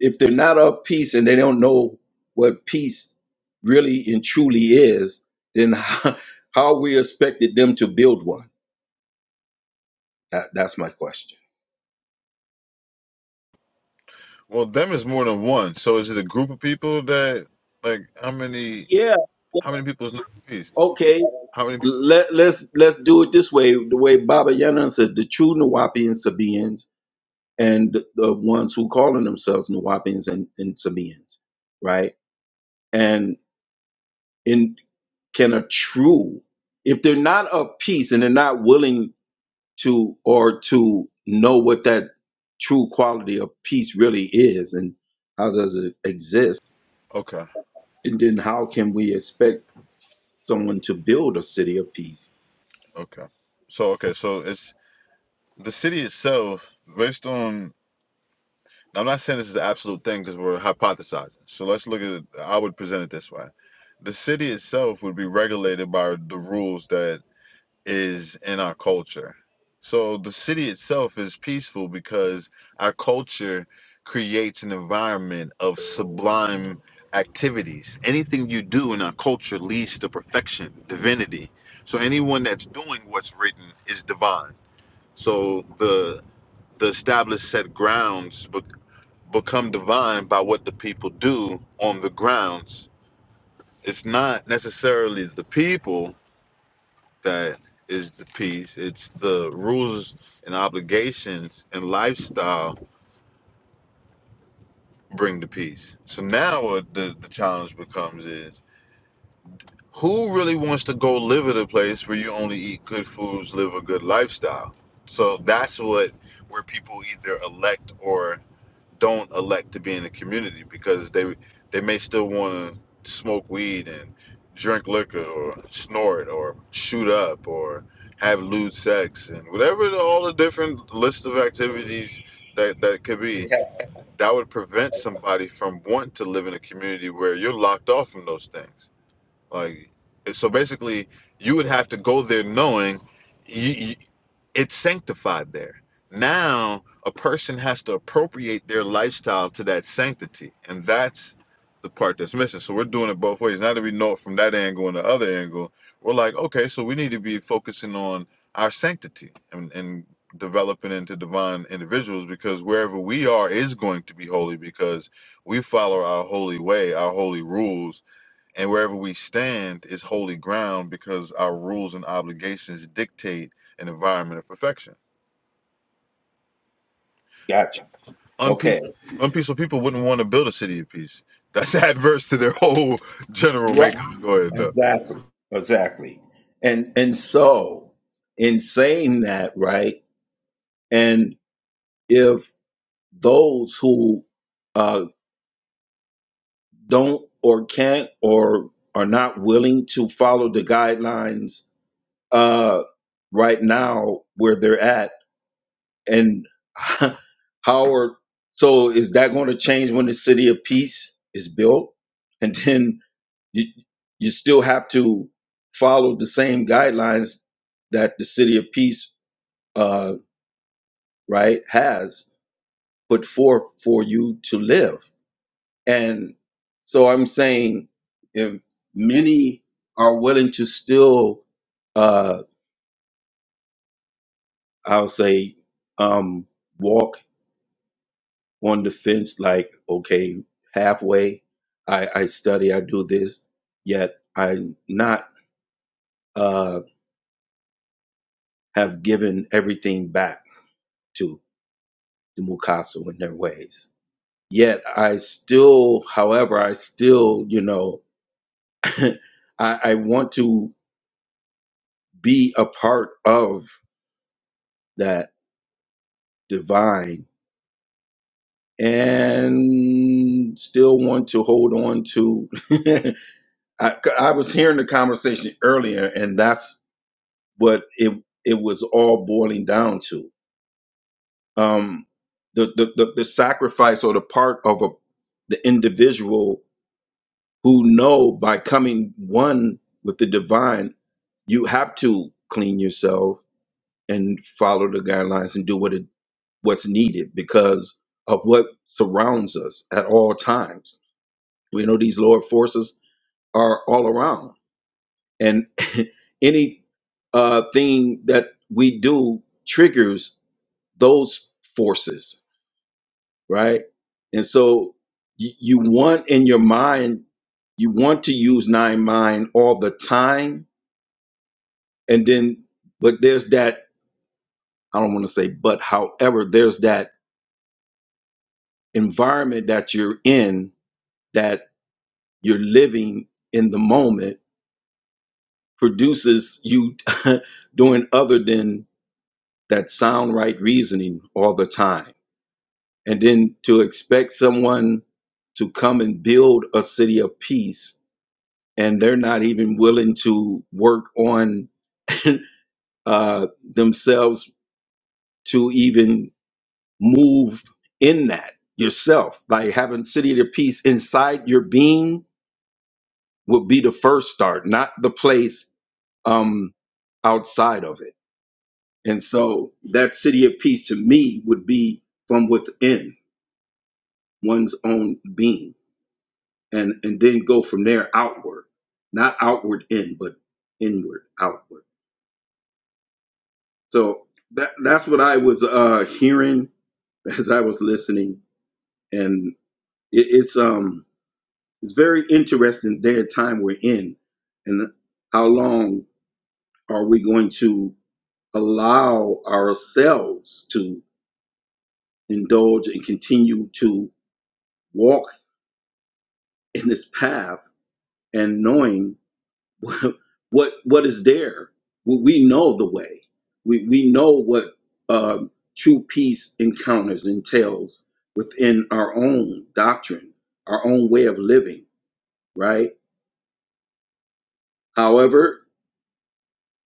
S7: if they're not of peace and they don't know what peace really and truly is, then how, how we expected them to build one? That, that's my question.
S2: well, them is more than one. So is it a group of people that like how many?
S7: Yeah.
S2: How many people is Nine Trees?
S7: Okay.
S2: How many?
S7: Let let's let's do it this way. The way Baba Yana said, the true Nuwapian Sabians and the the ones who calling themselves Nuwapians and, and Sabians, right? And in can a true, if they're not of peace and they're not willing to or to know what that true quality of peace really is and how does it exist,
S2: Okay,
S7: and then how can we expect someone to build a city of peace?
S2: okay. So okay, so it's the city itself, based on. I'm not saying this is the absolute thing because we're hypothesizing. So let's look at it. I would present it this way: the city itself would be regulated by the rules that is in our culture. So the city itself is peaceful because our culture creates an environment of sublime activities. Anything you do in our culture leads to perfection, divinity. So anyone that's doing what's written is divine. So the the established set grounds be, become divine by what the people do on the grounds. It's not necessarily the people that is the peace. It's the rules and obligations and lifestyle bring the peace. So now what the, the challenge becomes is who really wants to go live at a place where you only eat good foods, live a good lifestyle? So that's what where people either elect or don't elect to be in the community because they they may still want to smoke weed and drink liquor or snort or shoot up or have lewd sex and whatever the, all the different list of activities that that could be that would prevent somebody from wanting to live in a community where you're locked off from those things like, so basically, you would have to go there knowing you, you, it's sanctified there. Now, a person has to appropriate their lifestyle to that sanctity, and that's the part that's missing. So we're doing it both ways. Now that we know it from that angle and the other angle, we're like, okay, so we need to be focusing on our sanctity and, and developing into divine individuals because wherever we are is going to be holy because we follow our holy way, our holy rules, and wherever we stand is holy ground because our rules and obligations dictate an environment of perfection.
S7: Gotcha.
S2: Unpeace,
S7: Okay.
S2: unpeaceful people wouldn't want to build a city of peace. That's adverse to their whole general
S7: Right.
S2: makeup. Go ahead. Doug.
S7: Exactly. Exactly. And and so in saying that, right? and. if those who uh, don't or can't or are not willing to follow the guidelines uh, right now where they're at and how are so is that going to change when the city of peace is built and then you, you still have to follow the same guidelines that the city of peace uh, right has put forth for you to live And so I'm saying if many are willing to still, uh, I'll say, um, walk on the fence, like, okay, halfway, I, I study, I do this, yet I not uh, have given everything back to the Mukasu in their ways. Yet I still, however, I still, you know, I, I want to be a part of that divine and still want to hold on to I, I was hearing the conversation earlier and that's what it it was all boiling down to um the the, the, the sacrifice or the part of a the individual who know by coming one with the divine you have to clean yourself and follow the guidelines and do what it what's needed because of what surrounds us at all times We know these lower forces are all around, and any uh, thing that we do triggers those forces, right? And so you, you want in your mind, you want to use nine mind all the time, and then, but there's that I don't want to say, but however, there's that environment that you're in that you're living in the moment produces you doing other than that sound right reasoning all the time. And then to expect someone to come and build a city of peace and they're not even willing to work on uh, themselves to even move in that yourself. Like having city of peace inside your being would be the first start, not the place um, outside of it. And so that city of peace to me would be from within one's own being and and then go from there outward not outward in but inward outward so that that's what i was uh hearing as i was listening and it, it's um it's very interesting day and time we're in and how long are we going to allow ourselves to indulge and continue to walk in this path and knowing what what is there we know the way we we know what um, true peace encounters entails within our own doctrine our own way of living right however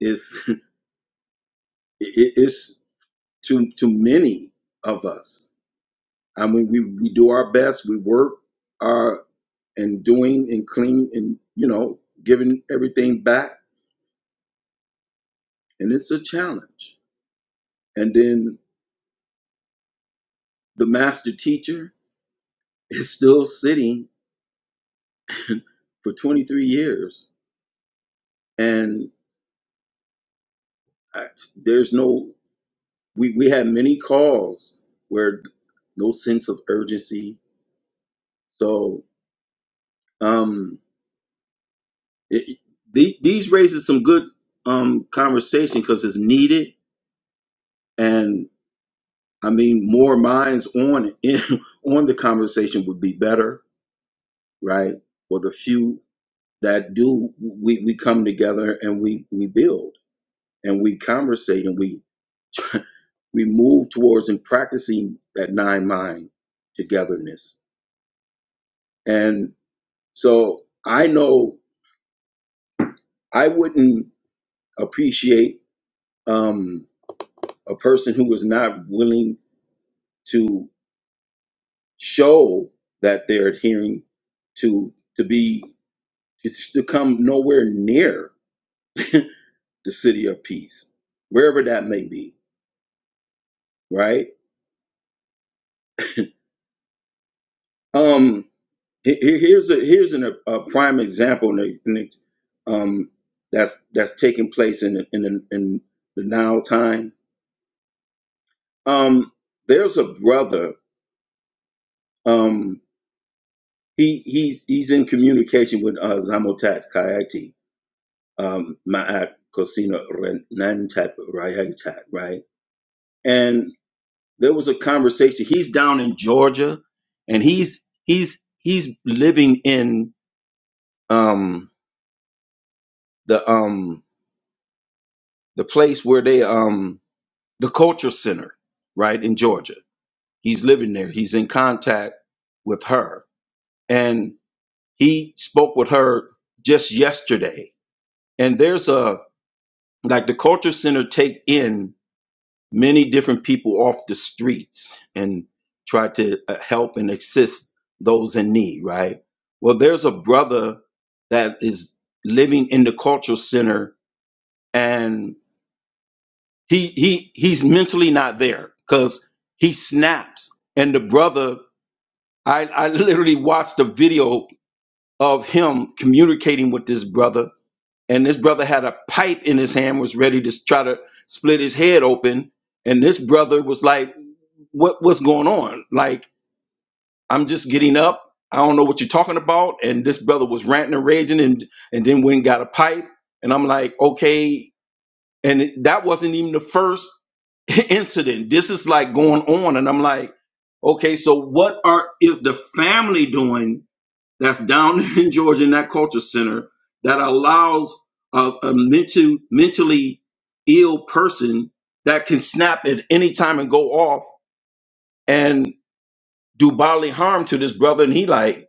S7: it's it's to to many of us i mean we we do our best we work our and doing and clean and you know giving everything back and it's a challenge and then the master teacher Is still sitting for 23 years, and I, there's no. We we had many calls where no sense of urgency. So um, it- the, these raises some good um conversation because it's needed, and I mean more minds on it on the conversation would be better, right? For the few that do, we we come together and we we build and we conversate and we we move towards and practicing that nine mind togetherness. And so I know I wouldn't appreciate um, a person who is not willing to show that they're adhering to to be to come nowhere near the city of peace, wherever that may be, right? Um, Here- here- Here's a here's an, a prime example in the, in the, um, that's that's taking place in the, in the, in the now time. Um, there's a brother. Um, he he's he's in communication with uh, Zamotat Kayati, um, Maat Kosina Renantap Rayatat, right? And there was a conversation. He's down in Georgia, and he's he's he's living in um, the um, the place where they um, the culture center, right, in Georgia. He's living there. He's in contact with her. And he spoke with her just yesterday. And there's a like the culture center take in many different people off the streets and try to uh, help and assist those in need, right? Well, there's a brother that is living in the culture center and. he he he's mentally not there because he snaps and the brother i i literally watched a video of him communicating with this brother and this brother had a pipe in his hand was ready to try to split his head open and this brother was like what what's going on like i'm just getting up i don't know what you're talking about and this brother was ranting and raging and and then went and got a pipe and i'm like okay and it- that wasn't even the first incident. This is like going on, and I'm like, okay, so what are is the family doing that's down in Georgia in that culture center that allows a, a mental, mentally ill person that can snap at any time and go off and do bodily harm to this brother, and he like,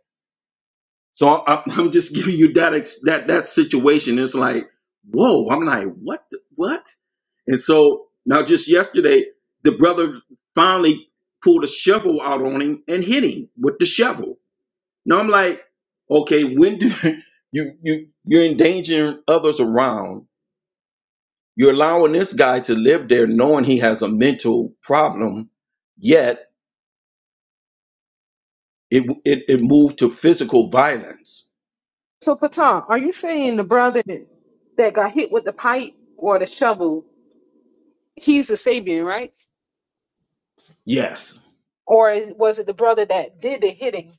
S7: so I, I'm, I'm just giving you that ex, that that situation. It's like, whoa, I'm like, what, the, what? And so now just yesterday, the brother finally pulled a shovel out on him and hit him with the shovel. Now I'm like, okay, when do you you you're endangering others around? You're allowing this guy to live there knowing he has a mental problem, yet it it, it moved to physical violence.
S1: So, Pata, are you saying the brother that got hit with the pipe or the shovel, he's a Sabian, right?
S7: Yes
S1: Or is, was it the brother that did the hitting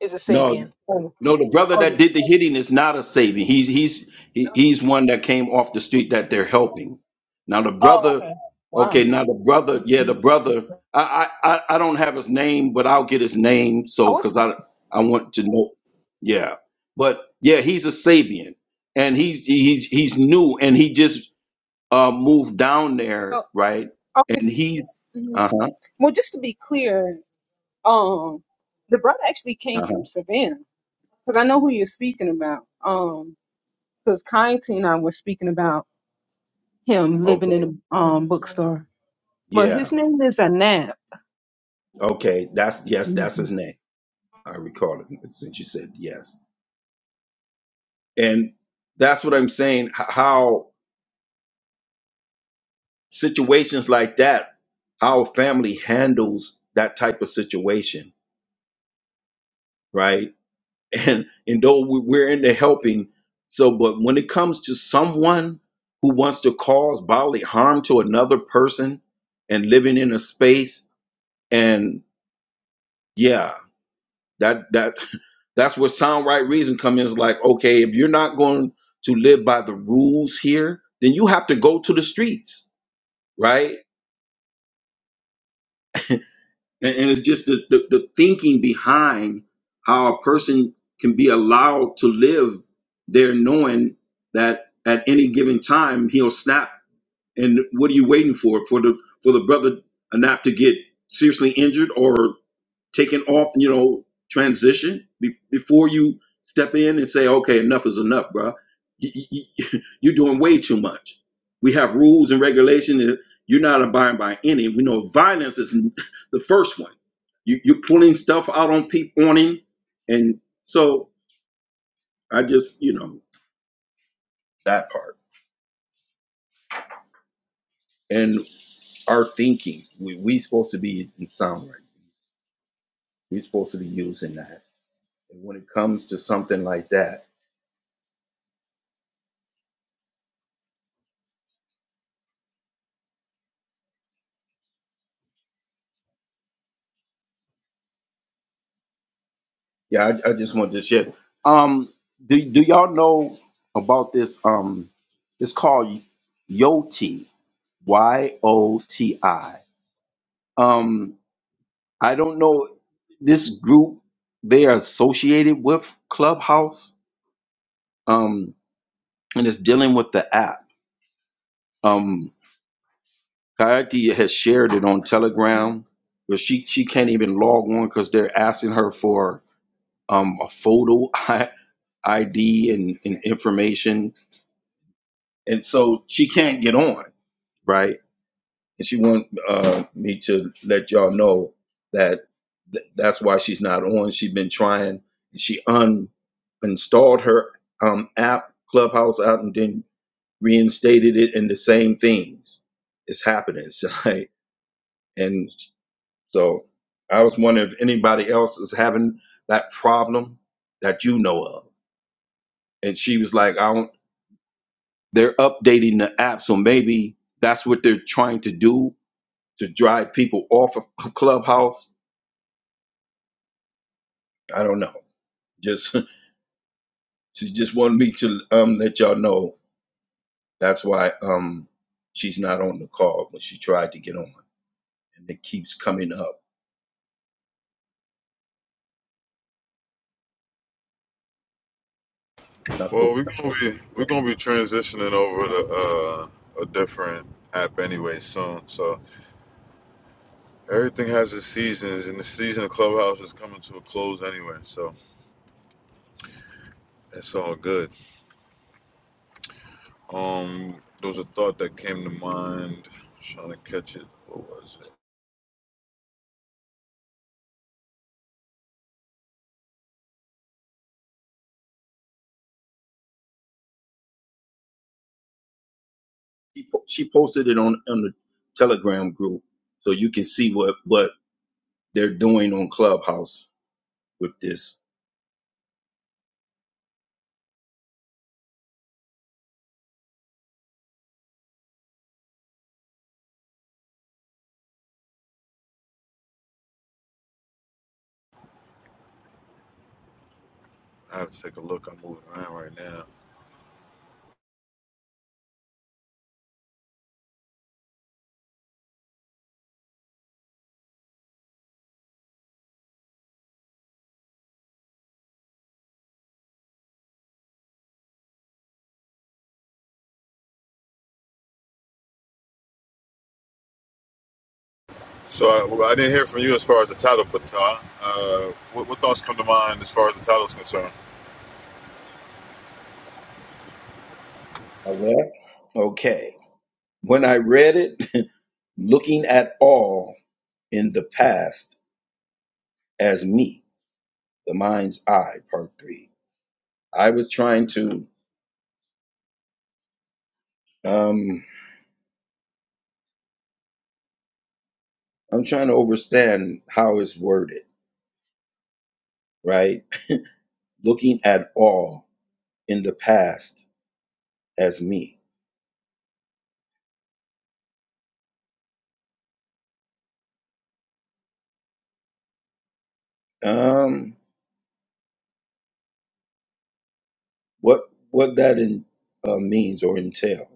S1: is a Sabian?
S7: No,
S1: Oh,
S7: no, the brother
S1: oh,
S7: that
S1: the-
S7: did the hitting is not a Sabian. He's he's he, he's one that came off the street that they're helping. Now the
S1: oh,
S7: brother,
S1: okay. Wow.
S7: okay, now the brother, yeah, the brother. I I I I don't have his name, but I'll get his name.
S1: I
S7: So
S1: was,
S7: because I I want to know, yeah, but yeah, he's a Sabian, and he's he's he's new, and he just uh moved down there,
S1: oh,
S7: right?
S1: I was,
S7: And he's
S1: mhm.
S7: uh huh
S1: well, just to be clear, um, the brother actually came
S7: uh huh
S1: from Savannah. because I know who you're speaking about. Um, because Kainte and I were speaking about him living
S7: okay
S1: in a um bookstore, but
S7: yeah
S1: his name is Anab.
S7: okay that's yes that's his
S1: Mhm.
S7: name. I recall it since you said yes. And that's what I'm saying. h- How situations like that, how a family handles that type of situation, right? And and though we- we're in the helping, so but when it comes to someone who wants to cause bodily harm to another person and living in a space, and yeah, That that that's where sound right reason comes in. It's like, okay, if you're not going to live by the rules here, then you have to go to the streets, right? And, and it's just the, the the thinking behind how a person can be allowed to live there, knowing that at any given time he'll snap. And what are you waiting for? For the for the brother Anap to get seriously injured, or taking off, you know, transition be- before you step in and say, okay, enough is enough, bro. You, are doing way too much. We have rules and regulations. and you're not abiding by any. We know violence is the first one. You, you're pulling stuff out on people on him, and so I just, you know, that part and our thinking. We we supposed to be in sound right. We're supposed to be using that. And when it comes to something like that. Yeah, I, I just wanted to share. Um, do do y'all know about this? Um, it's called Yoti. Y O T I. Um, I don't know this group. They are associated with Clubhouse, um, and it's dealing with the app. Um, Coyote has shared it on Telegram, but she she can't even log on because they're asking her for um a photo ID and, and information and so she can't get on right and she want uh, me to let y'all know that th- that's why she's not on she's been trying she un installed her um, app clubhouse out and then reinstated it and the same things is happening so, like, and so i was wondering if anybody else is having that problem that you know of and she was like i don't they're updating the app so maybe that's what they're trying to do to drive people off of Clubhouse. I don't know. Just she just wanted me to um let y'all know that's why um she's not on the call when she tried to get on, and it keeps coming up. Not
S2: Well,
S7: go.
S2: we're gonna be we're gonna be transitioning over to uh, a different app anyway soon. So everything has its seasons, and the season of Clubhouse is coming to a close anyway. So it's all good. Um, there was a thought that came to mind. Trying to catch it. What was it?
S7: She po- she posted it on on the Telegram group, so you can see what what they're doing on Clubhouse with this.
S2: I have to take a look. I'm moving around right now. So I, well, I didn't hear from you as far as the title, but Ty, uh, what, what thoughts come to mind as far as the title is concerned?
S7: All right. Okay. When I read it, looking at all in the past as me, the mind's eye, part three I was trying to, um, I'm trying to understand how it's worded, right? Looking at all in the past as me. Um, what what that in, uh, means or entails?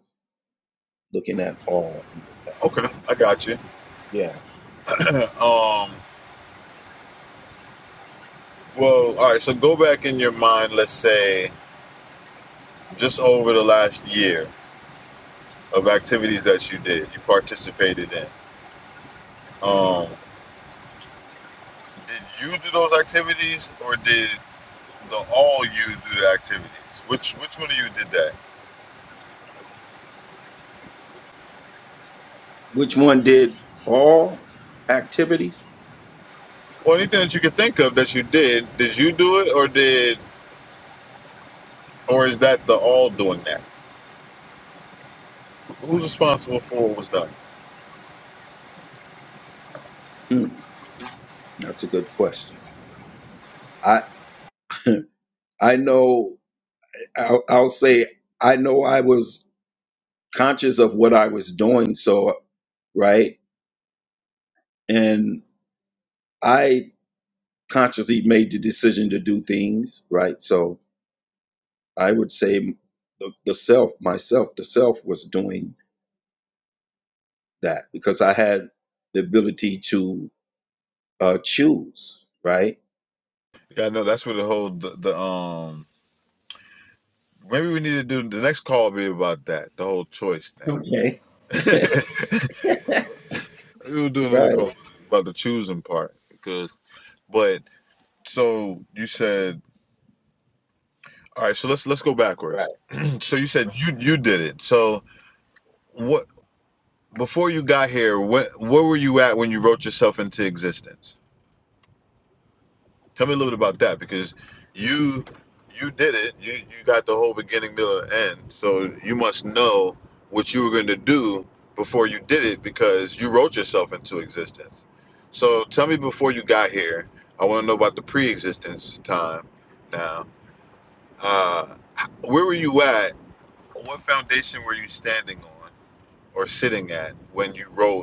S7: Looking at all in the past.
S2: Okay, I got you.
S7: Yeah.
S2: um, well, all right. So go back in your mind. Let's say just over the last year of activities that you did, you participated in. Um, did you do those activities, or did the all you do the activities. Which which one of you did that?
S7: Which one did all activities?
S2: Or anything that you could think of that you did, did you do it or did or is that the all doing that? Who's responsible for what was done?
S7: Hmm, that's a good question. I I know. I'll, I'll say I know I was conscious of what I was doing, so right? And I consciously made the decision to do things, right? So I would say the, the self, myself, the self was doing that because I had the ability to uh, choose, right?
S2: Yeah, I know that's where the whole the, the um maybe we need to do the next call will be about that, the whole choice thing.
S7: Okay. right,
S2: Maybe we'll do another
S7: right.
S2: call about the choosing part because but so you said all right, so let's let's go backwards. so you said you you did it. So what? before you got here, what where were you at when you wrote yourself into existence? Tell me a little bit about that because you you did it. You you got the whole beginning, middle, and end. So you must know what you were going to do before you did it because you wrote yourself into existence. So tell me before you got here. I want to know about the pre-existence time. Now, uh, h- where were you at? What foundation were you standing on or sitting at when you wrote?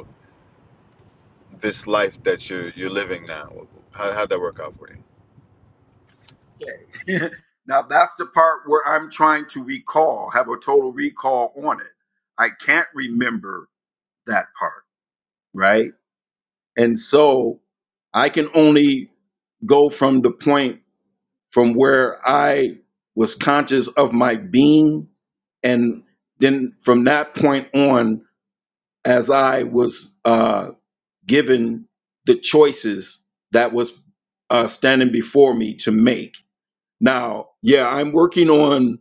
S2: this life that you're you're living now? How how'd that work out for you?
S7: Okay. now that's the part where I'm trying to recall, have a total recall on it. I can't remember that part. Right. And so I can only go from the point. from where I was conscious of my being. And then from that point on, as I was uh, given the choices that was uh, standing before me to make. Now, yeah, I'm working on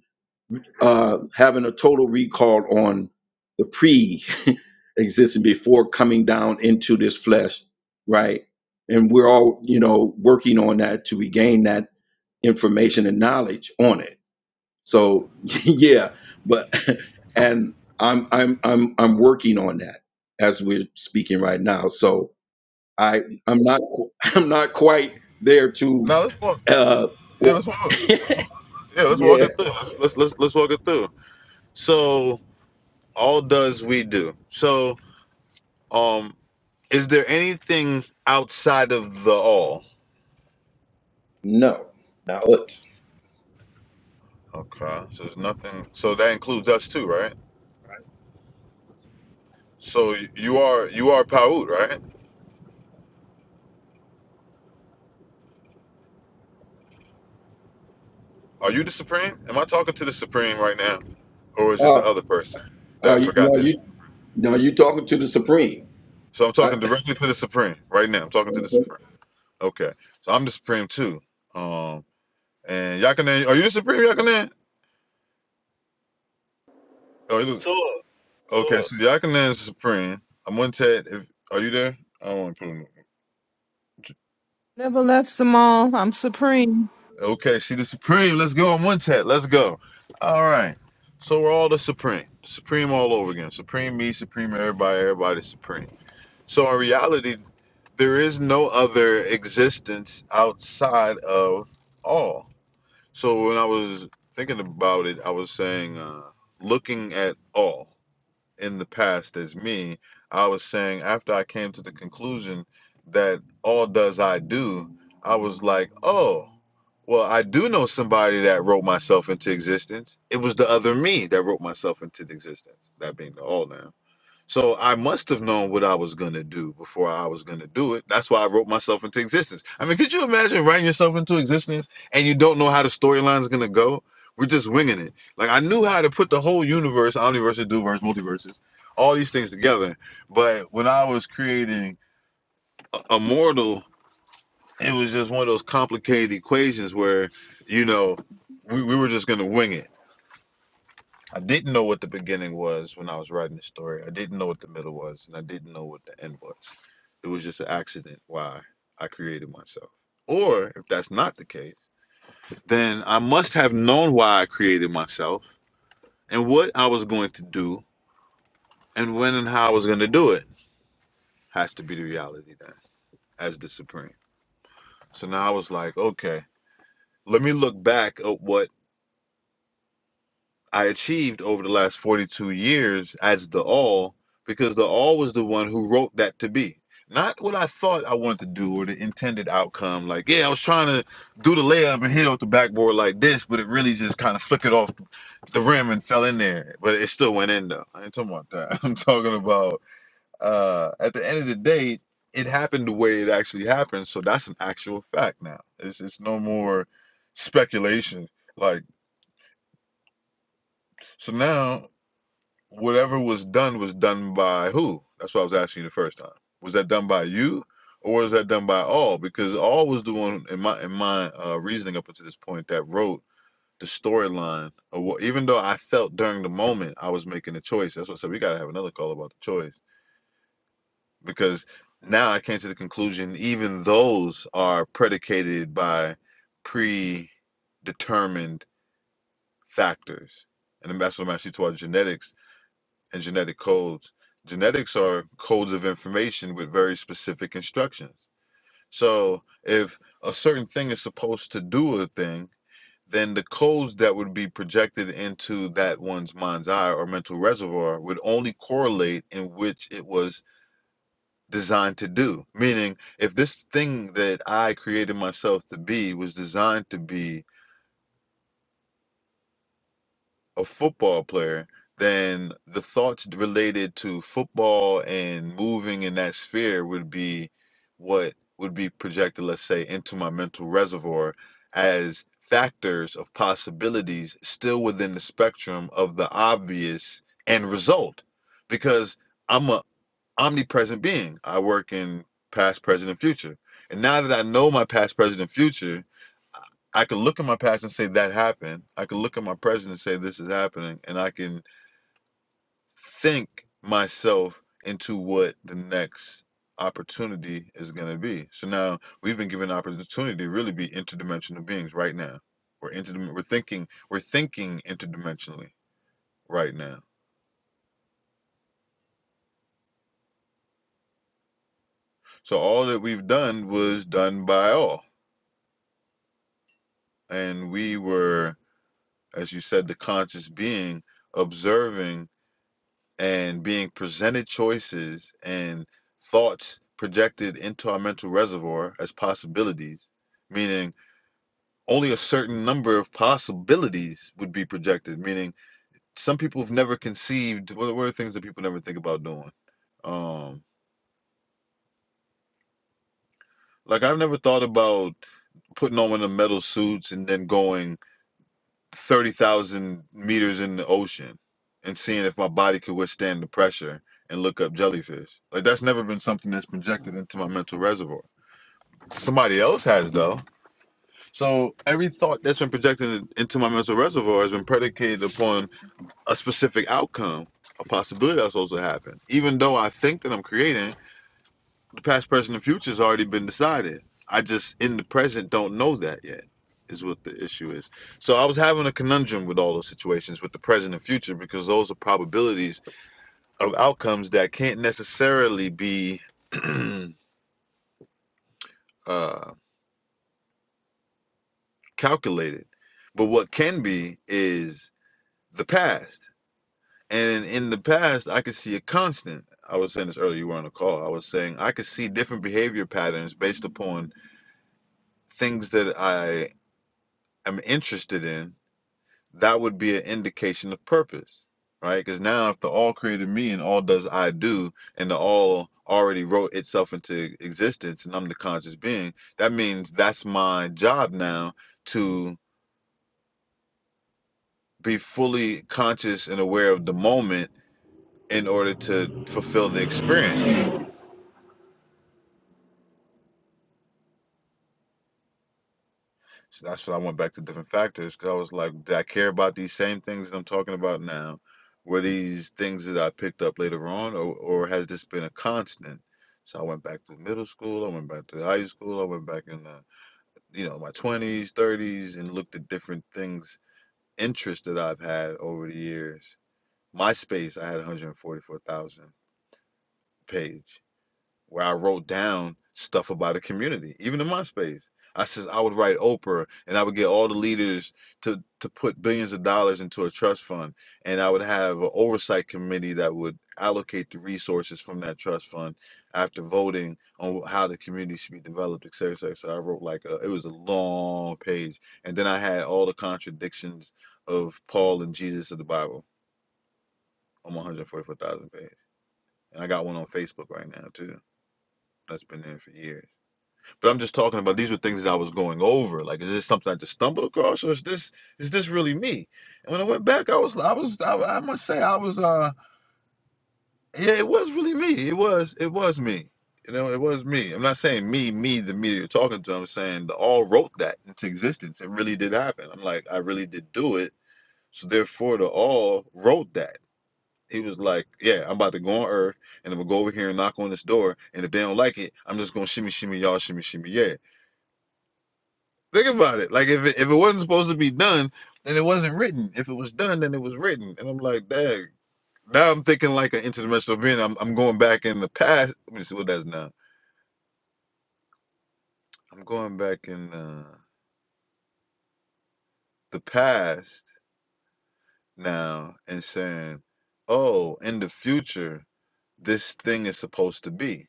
S7: uh, having a total recall on the pre existing before coming down into this flesh, right? And we're all, you know, working on that to regain that information and knowledge on it so yeah, but and I'm I'm I'm I'm working on that as we're speaking right now. So I I'm not qu- I'm not quite there to
S2: Now let's walk.
S7: uh
S2: Yeah,
S7: w-
S2: let's walk. Yeah, let's walk
S7: yeah
S2: it through. Let's let's let's walk it through. So all does we do. So um, is there anything outside of the all?
S7: no not it
S2: Okay, so there's nothing. So that includes us too, right? So you are you are Paut, right? Are you the supreme? Am I talking to the supreme right now, or is it
S7: uh
S2: the other person
S7: are
S2: that
S7: you now
S2: forgot that?
S7: you now you talking to the supreme
S2: So I'm
S7: I,
S2: talking directly to the supreme right now. I'm talking to the supreme.
S7: Mhm.
S2: Okay, so I'm the Supreme too. Um, and Yakanan, are you the Supreme Yakanan? Oh, you the-
S4: tour.
S2: okay,
S4: Tour.
S2: so Yakanan is Supreme. I'm one tat. If are you there? I don't want to put him.
S1: Never left Samal. I'm supreme.
S2: Okay, she the Supreme. Let's go. I'm one tat. Let's go. All right. So we're all the Supreme. Supreme all over again. Supreme me, Supreme everybody, everybody Supreme. So in reality, there is no other existence outside of all. So when I was thinking about it, I was saying, uh, looking at all in the past as me, I was saying after I came to the conclusion that all does I do, I was like, oh, well, I do know somebody that wrote myself into existence. It was the other me that wrote myself into existence. That being the all now. So I must have known what I was gonna do before I was gonna do it. That's why I wrote myself into existence. I mean, could you imagine writing yourself into existence and you don't know how the storyline is gonna go? We're just winging it. Like I knew how to put the whole universe, omniverse, duverse, multiverses, all these things together. But when I was creating a mortal, it was just one of those complicated equations where, you know, we, we were just gonna wing it I didn't know what the beginning was when I was writing the story. I didn't know what the middle was, and I didn't know what the end was. It was just an accident why I created myself. Or if that's not the case, then I must have known why I created myself and what I was going to do and when and how I was going to do it has to be the reality then as the supreme. So now I was like, okay, let me look back at what I achieved over the last 42 years as the all because the all was the one who wrote that to be. Not what I thought I wanted to do or the intended outcome. Like, yeah, I was trying to do the layup and hit off the backboard like this, but it really just kind of flickered off the rim and fell in there. But it still went in though. I ain't talking about that. I'm talking about uh at the end of the day, it happened the way it actually happened. So that's an actual fact now. It's it's no more speculation. Like so now whatever was done was done by who? That's what I was asking you the first time. Was that done by you, or was that done by all? Because all was the one in my in my uh, reasoning up until this point that wrote the storyline. Even though I felt during the moment I was making a choice, that's what I said. We gotta have another call about the choice because now I came to the conclusion even those are predicated by predetermined factors, and that's what I'm actually towards genetics and genetic codes. Genetics are codes of information with very specific instructions. So if a certain thing is supposed to do a thing, then the codes that would be projected into that one's mind's eye or mental reservoir would only correlate in which it was designed to do. Meaning, if this thing that I created myself to be was designed to be a football player, then the thoughts related to football and moving in that sphere would be what would be projected, let's say, into my mental reservoir as factors of possibilities still within the spectrum of the obvious end result. Because I'm a omnipresent being. I work in past, present, and future. And now that I know my past, present, and future, I can look at my past and say that happened. I can look at my present and say this is happening. And I can think myself into what the next opportunity is going to be. So now we've been given an opportunity to really be interdimensional beings right now. We're interdim- we're thinking we're thinking interdimensionally right now. So all that we've done was done by all. And we were as you said, the conscious being observing and being presented choices and thoughts projected into our mental reservoir as possibilities, meaning only a certain number of possibilities would be projected, meaning some people have never conceived what are things that people never think about doing. Um, like I've never thought about putting on one of the metal suits and then going 30,000 meters in the ocean and seeing if my body could withstand the pressure and look up jellyfish. Like that's never been something that's projected into my mental reservoir. Somebody else has though. So every thought that's been projected into my mental reservoir has been predicated upon a specific outcome, a possibility that's supposed to happen. Even though I think that I'm creating, the Past, present, and future has already been decided. I just in the present don't know that yet. Is what the issue is. So I was having a conundrum with all those situations with the present and future because those are probabilities of outcomes that can't necessarily be uh, calculated. But what can be is the past. And in the past, I could see a constant. I was saying this earlier, you were on a call. I was saying I could see different behavior patterns based upon things that I am interested in that would be an indication of purpose, right? Because now, if the all created me and all does I do, and the all already wrote itself into existence, and I'm the conscious being, that means that's my job now to be fully conscious and aware of the moment in order to fulfill the experience. So that's what I went back to different factors because I was like, did I care about these same things that I'm talking about now? Were these things that I picked up later on, or, or has this been a constant? So I went back to middle school, I went back to high school, I went back in the, you know, my 20s, 30s, and looked at different things, interests that I've had over the years. MySpace, I had 144,000 page where I wrote down stuff about the community, even in MySpace, I says I would write Oprah and I would get all the leaders to to put billions of dollars into a trust fund and I would have an oversight committee that would allocate the resources from that trust fund after voting on how the community should be developed, et cetera, et cetera. So I wrote like a, it was a long page. And then I had all the contradictions of Paul and Jesus of the Bible on 144,000 page. And I got one on Facebook right now too. That's been there for years. But I'm just talking about these were things that I was going over. Like, is this something I just stumbled across, or is this is this really me? And when I went back, I was I was I, I must say I was uh yeah, it was really me. It was it was me. You know, it was me. I'm not saying me, me, the me that you're talking to. I'm saying the all wrote that into existence. It really did happen. I'm like, I really did do it. So therefore, the all wrote that. He was like, yeah, I'm about to go on Earth, and I'm gonna go over here and knock on this door. And if they don't like it, I'm just gonna shimmy, shimmy, y'all, shimmy, shimmy, yeah. Think about it. Like if it, if it wasn't supposed to be done, then it wasn't written. If it was done, then it was written. And I'm like, dang. Now I'm thinking like an interdimensional being. I'm I'm going back in the past. Let me see what that's now. I'm going back in uh, the past now and saying, oh, in the future, this thing is supposed to be,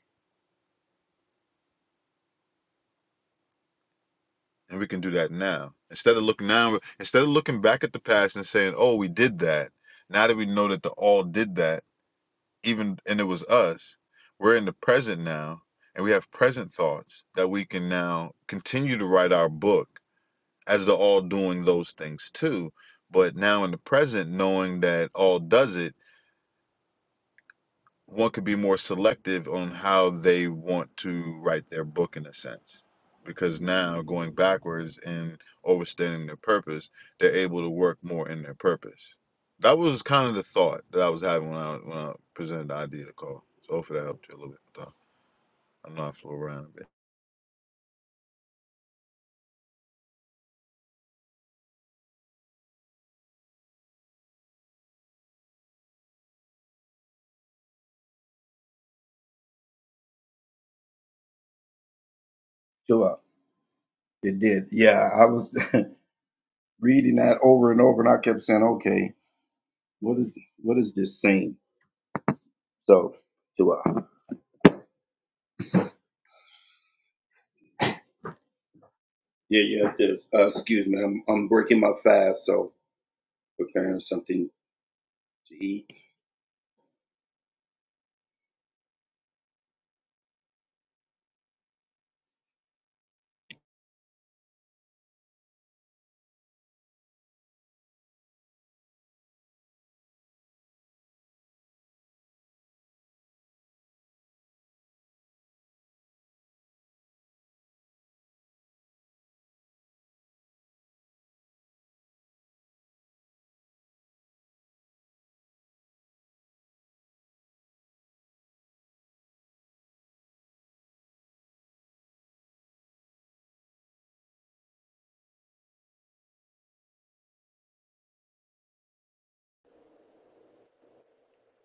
S2: and we can do that now. Instead of looking now, instead of looking back at the past and saying, oh, we did that. Now that we know that the all did that even and it was us we're in the present now and we have present thoughts that we can now continue to write our book as to all doing those things too but now in the present knowing that all does it one could be more selective on how they want to write their book in a sense because now going backwards and overstating their purpose they're able to work more in their purpose that was kind of the thought that i was having when i when i presented the idea to call so hopefully that helped you a little bit though i know I flow around a bit
S7: Chill out. It did. Yeah, I was reading that over and over, and I kept saying, "Okay, what is what is this saying?" So, chill out. Yeah, yeah. There's, uh, excuse me, I'm I'm breaking my fast, so preparing something to eat.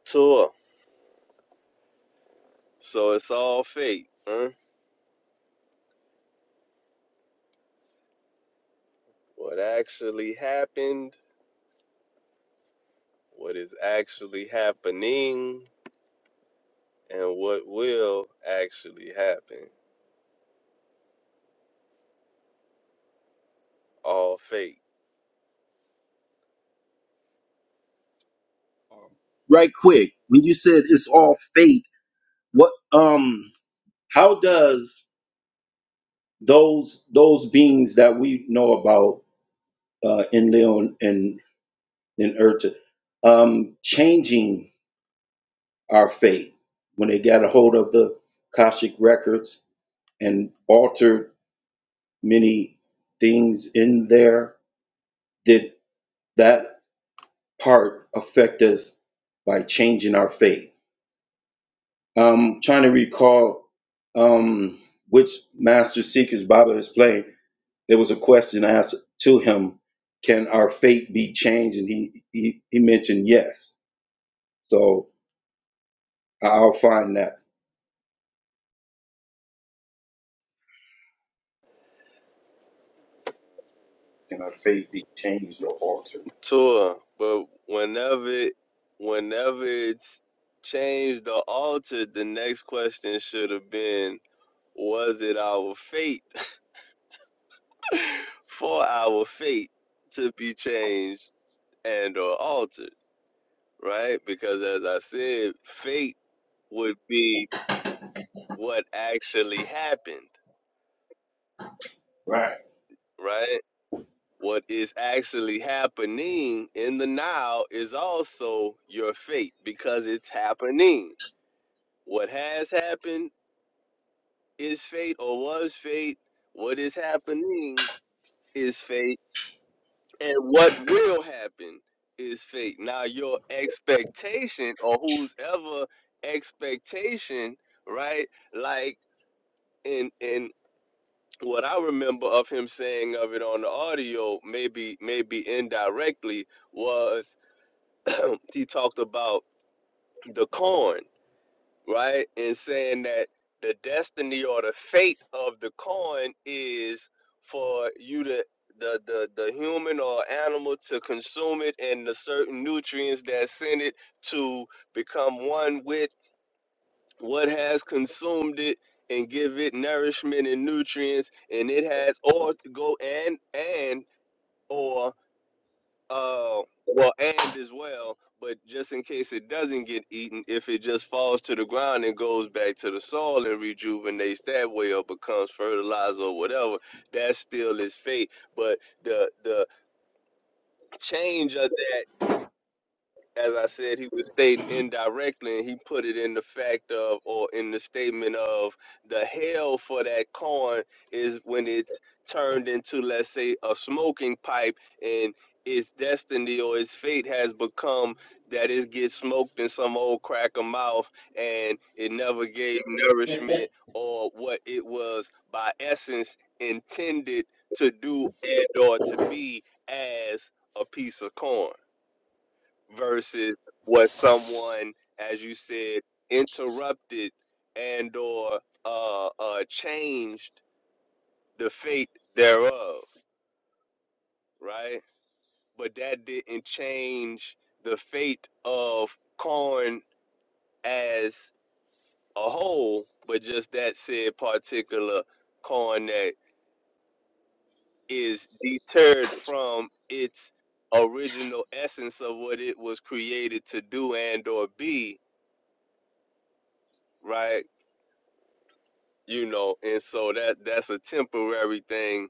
S4: Tour. So it's all fate, huh? What actually happened, what is actually happening, and what will actually happen. All fate.
S7: Um, Right quick, when you said it's all fate, what um, how does those those beings that we know about uh, in Leon and in Urta, um, changing our fate when they got a hold of the Kashik records and altered many things in there? Did that? part affect us by changing our faith. I'm trying to recall um, which Master Seeker's Bible is playing. There was a question asked to him, "Can our fate be changed?" And he he, he mentioned yes. So I'll find that. Can our fate be changed or altered?
S4: Tour. But whenever it whenever it's changed or altered, the next question should have been was it our fate for our fate to be changed and or altered, right? Because as I said, fate would be what actually happened,
S7: Right.
S4: right? What is actually happening in the now is also your fate because it's happening. What has happened is fate or was fate. What is happening is fate And what will happen is fate. Now your expectation or whose ever expectation, right? Like in in what I remember of him saying of it on the audio, maybe maybe indirectly, was he talked about the corn right? And saying that the destiny or the fate of the coin is for you to the the the human or animal to consume it and the certain nutrients that send it to become one with what has consumed it and give it nourishment and nutrients and it has or go and and or uh, well, and as well, but just in case it doesn't get eaten, if it just falls to the ground and goes back to the soil and rejuvenates that way or becomes fertilizer or whatever, that's still its fate. But the the change of that as I said, he was stating indirectly, and he put it in the fact of, or in the statement of, the hell for that corn is when it's turned into, let's say, a smoking pipe, and its destiny or its fate has become that it gets smoked in some old cracker mouth, and it never gave nourishment or what it was by essence intended to do and or to be as a piece of corn versus what someone, as you said, interrupted and or uh, uh, changed the fate thereof, right? But that didn't change the fate of corn as a whole, but just that said particular corn that is deterred from its original essence of what it was created to do and or be, right? you know and so that that's a temporary thing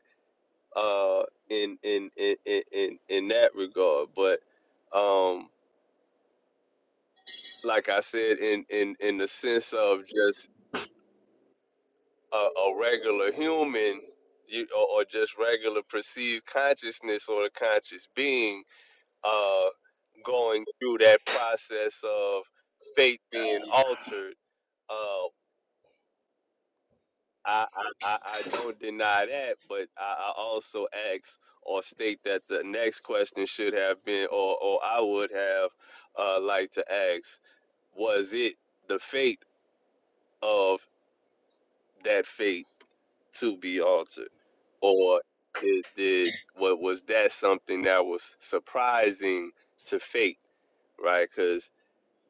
S4: uh in in in in in, in that regard but um like i said in in in the sense of just a, a regular human you, or, or just regular perceived consciousness or the conscious being uh going through that process of faith being altered uh I, I, I I don't deny that, but I, I also ask or state that the next question should have been, or, or I would have uh, liked to ask, was it the fate of that fate to be altered? Or did, did what was that something that was surprising to fate, right? because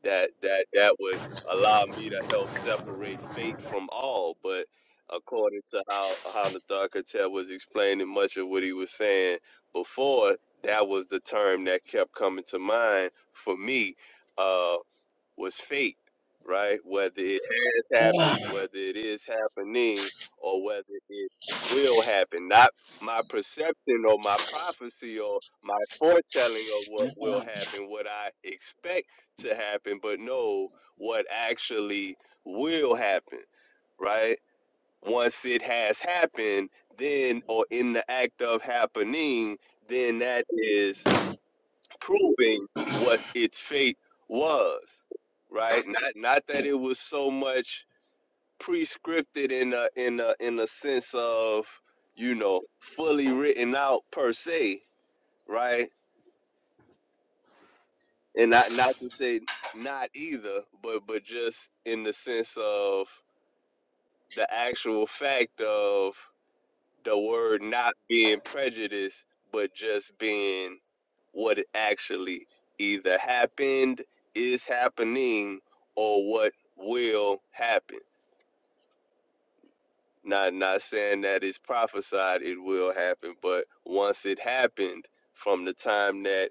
S4: that that that would allow me to help separate fate from all. But according to how how Nathar Katel was explaining much of what he was saying before, that was the term that kept coming to mind for me. Uh, was fate, right? Whether it has happened, whether it is happening, or whether it will happen. Not my perception or my prophecy or my foretelling of what will happen, what I expect to happen, but no, what actually will happen, right? Once it has happened, then, or in the act of happening, then that is proving what its fate was, right? Not not that it was so much prescripted in a in a in a sense of you know fully written out per se, right? And not not to say not either, but but just in the sense of the actual fact of the word not being prejudiced, but just being what it actually either happened, is happening, or what will happen. Not not saying that it's prophesied it will happen, but once it happened, from the time that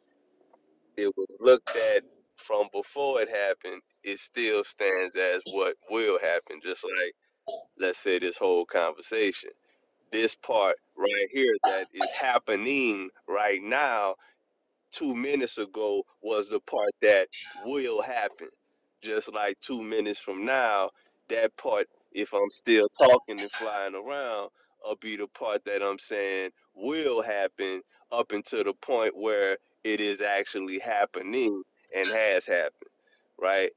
S4: it was looked at from before it happened, it still stands as what will happen. Just like let's say this whole conversation. this part right here that is happening right now two minutes ago was the part that will happen just like two minutes from now that part if i'm still talking and flying around will be the part that i'm saying will happen up until the point where it is actually happening and has happened right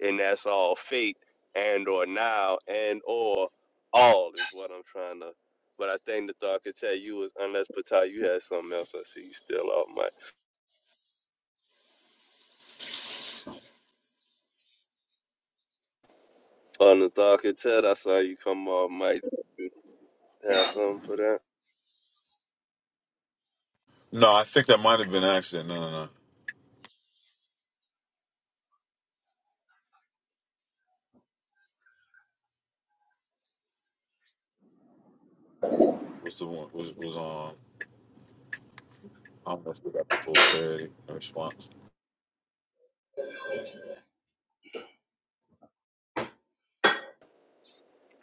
S4: and that's all fate and or now and or all is what I'm trying to. But I think the thought could tell you was unless Patai, you had something else. I see you still off mic. On the thought could tell, I saw you come off mic. You Have something for that.
S2: no i think that might have been an accident no no no was the one was was on i don't know if we got full clarity in response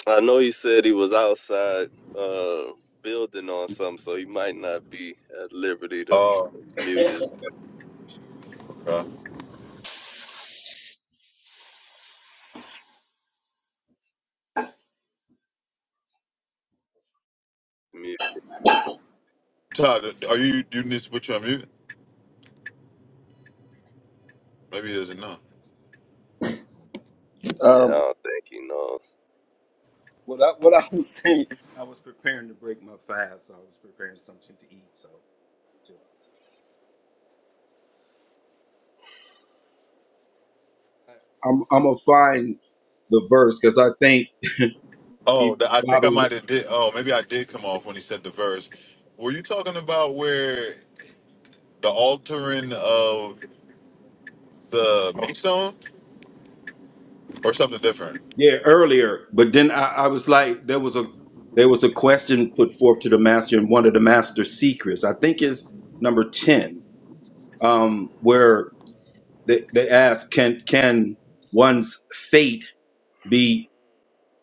S4: I know he said he was outside uh building on something, so he might not be at liberty to
S2: oh
S4: mute his
S2: okay.
S4: mute.
S2: todd are you do you need to put you on mute maybe he doesn't know
S4: Yeah, I
S7: Um,
S4: don't think he knows.
S7: what I, what I was saying, I was preparing to break my fast. So I was preparing something to eat. So I- I'm I'm gonna find the verse because I think
S2: Oh,
S7: He
S2: the, I think
S7: Baba
S2: I might have did. Oh, maybe I did come off when he said the verse. Were you talking about where the altering of the
S7: off-
S2: meat stone or something different?
S7: yeah earlier, but then I, I was like there was a there was a question put forth to the master in one of the master's secrets. I think is number ten, um, where they, they asked can can one's fate be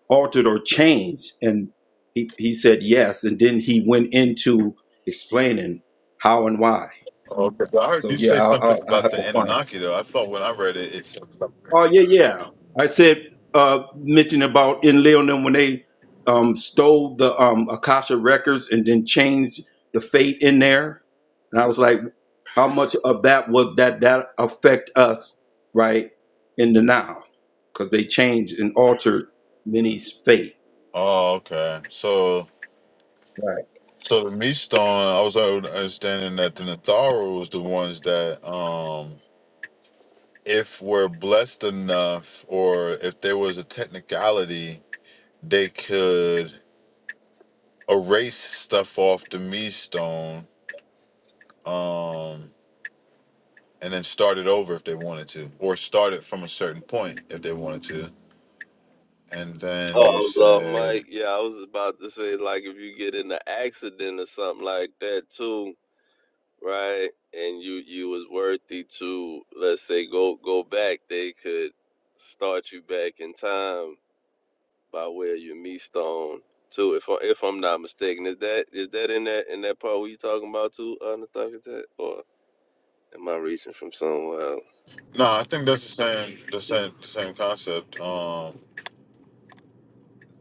S7: altered or changed, and he he said yes, and then he went into explaining how and why.
S2: Okay, so I heard you
S7: So yeah,
S2: say
S7: I, I,
S2: something
S7: I
S2: about
S7: have
S2: the
S7: to find.
S2: Anunnaki though. I thought when I read it, it said something.
S7: Oh yeah, yeah. I said uh mentioned about in Leonin when they um stole the um Akasha records and then changed the fate in there. And I was like, how much of that would that that affect us right in the now? Because they changed and altered Minnie's fate.
S2: Oh, okay. So,
S7: Right.
S2: so the meat stone. I was under- understanding that the Natharu was the ones that, um, if we're blessed enough, or if there was a technicality, they could. erase stuff off the me stone um and then start it over if they wanted to or start it from a certain point if they wanted to and
S4: Oh, I
S2: then you
S4: was off
S2: said
S4: mic. Yeah, I was about to say like if you get in an accident or something like that too, right? And you you was worthy to let's say go go back, they could start you back in time by where you your meat stone too. If I, if I'm not mistaken, is that is that in that in that part where you talking about too, uh, Nathaniel or am I reaching from somewhere else?
S2: no i think that's the same the same the same concept um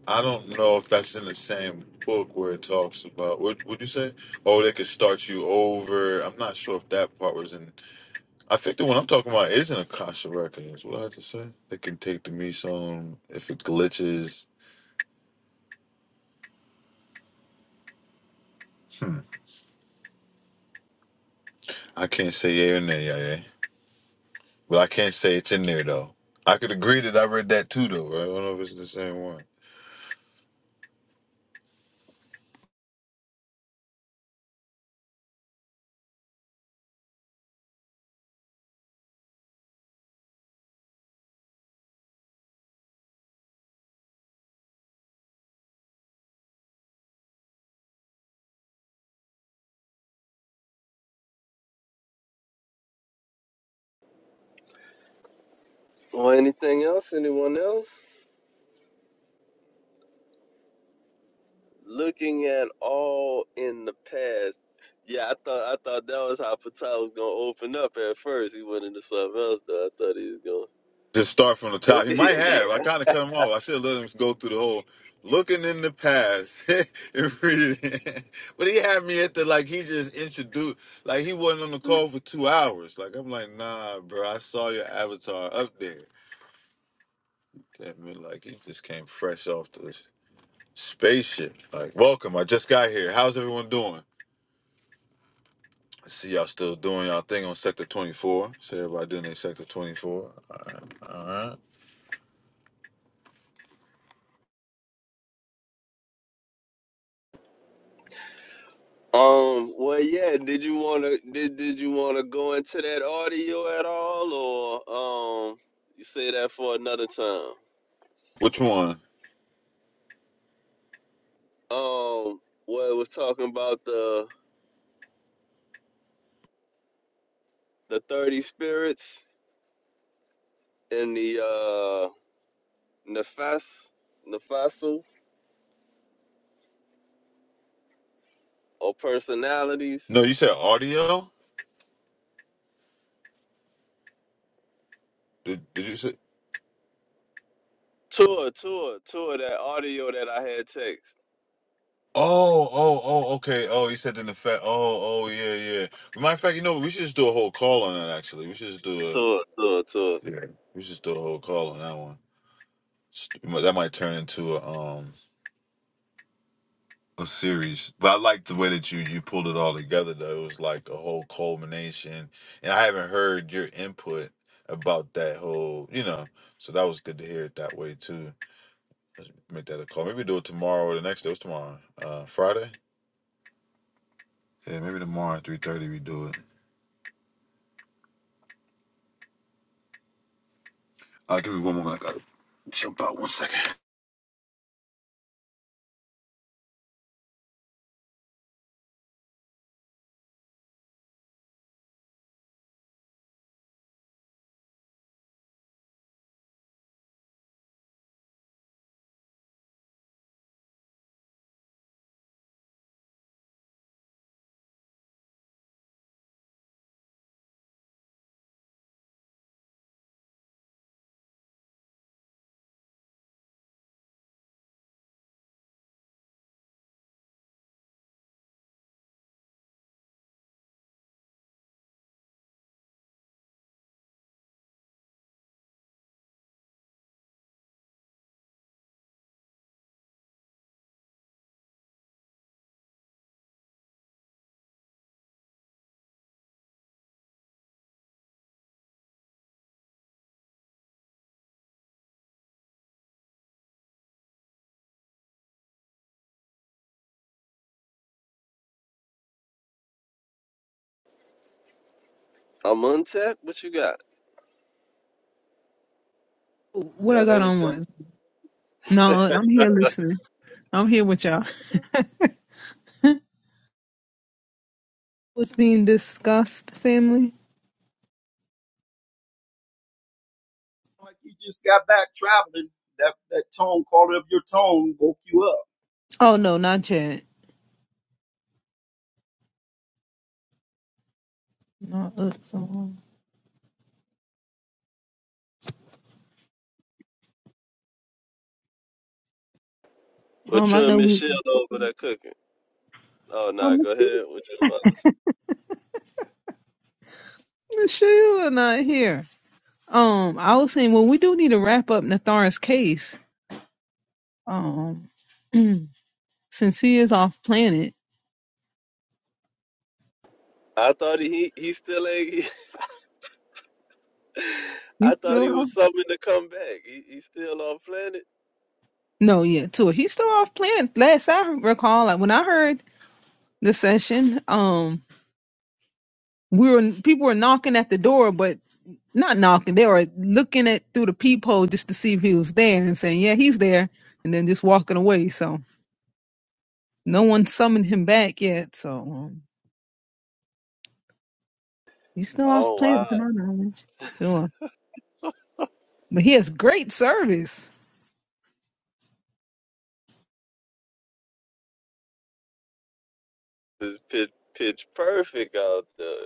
S2: i don't know if that's in the same book where it talks about what would you say oh they could start you over i'm not sure if that part was in i think the one i'm talking about is in akasha records what i have to say they can take the me stone if it glitches I can't say yeah or nay, yeah, yeah. But I can't say it's in there though. I could agree that I read that too though. Right? I don't know if it's the same one.
S4: Or anything else? Anyone else? looking at all in the past. Yeah, I thought I thought that was how Patel was gonna open up at first. He went into something else though. I thought he was gonna
S2: Just start from the top.
S4: look
S2: He
S4: at
S2: might
S4: it.
S2: have. I kind of cut him off. I should have let him go through the whole looking in the past and read it. but he had me at the like he just introduced like he wasn't on the call for two hours. Like I'm like nah, bro. I saw your avatar up there. I mean, like he just came fresh off the spaceship. Like welcome. I just got here. How's everyone doing? I see y'all still doing y'all thing on sector 24. See everybody doing their sector 24. All right. All right.
S4: Um, well yeah, did you wanna did did you wanna go into that audio at all or um you say that for another time?
S2: Which one?
S4: Um well it was talking about the the thirty spirits and the uh Nefas Nefasu or personalities
S2: No, you said audio? Did, did you say?
S4: Tour, tour, tour that audio that I had text.
S2: Oh, oh, oh, okay. Oh, you said in the fact. Oh, oh, yeah, yeah. Well, Matter of fact, you know, we should just do a whole call on that, actually. We should just do a,
S4: Tour, tour, tour.
S2: we should just do a whole call on that one. S- That might turn into a, um, a series. But I like the way that you you pulled it all together though. It was like a whole culmination. And I haven't heard your input about that whole, you know. So that was good to hear it that way too. Make that a call. Maybe do it tomorrow or the next day. It's tomorrow. Uh Friday? Yeah, maybe tomorrow at three thirty we do it. I'll give me one moment. I gotta jump out one second.
S4: I'm untapped. What you got?
S1: What I
S4: Got
S1: got on
S4: anything?
S1: was no. I'm here listening. I'm here with y'all. What's being discussed, family?
S7: Like you just got back traveling. That that tone, quality of your tone woke you up.
S1: Oh no, not yet. No, look, Samal.
S4: What
S1: Um, I
S4: you and
S1: know we.
S4: Michelle over there cooking? Oh
S1: Oh,
S4: nah, go
S1: Michelle,
S4: ahead. What you about to say?
S1: Michelle, not here. Um, I was saying, well, we do need to wrap up Nathar's case. Um. Since he is off planet,
S4: I thought he he still ain't. I
S1: He's
S4: thought
S1: still
S4: he was
S1: on.
S4: something to come back. He he still on planet.
S1: no, yeah, too. He's still off planet. Last I recall, like when I heard the session, um, we were people were knocking at the door, but not knocking. They were looking at through the peephole just to see if he was there and saying, "Yeah, he's there," and then just walking away. So no one summoned him back yet. So um, he's still off
S4: Oh
S1: planet,
S4: wow,
S1: to my knowledge. Sure, but he has great service.
S4: it's pitch pitch perfect out there.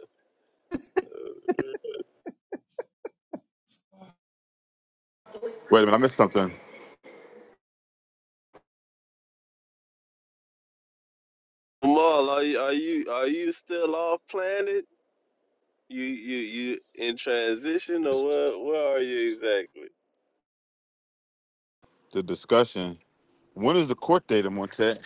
S2: Wait a minute, I missed something.
S4: Jamal, are you are you are you still off planet? You you you in transition or where where are you exactly?
S2: The discussion. When is the court date, Montet?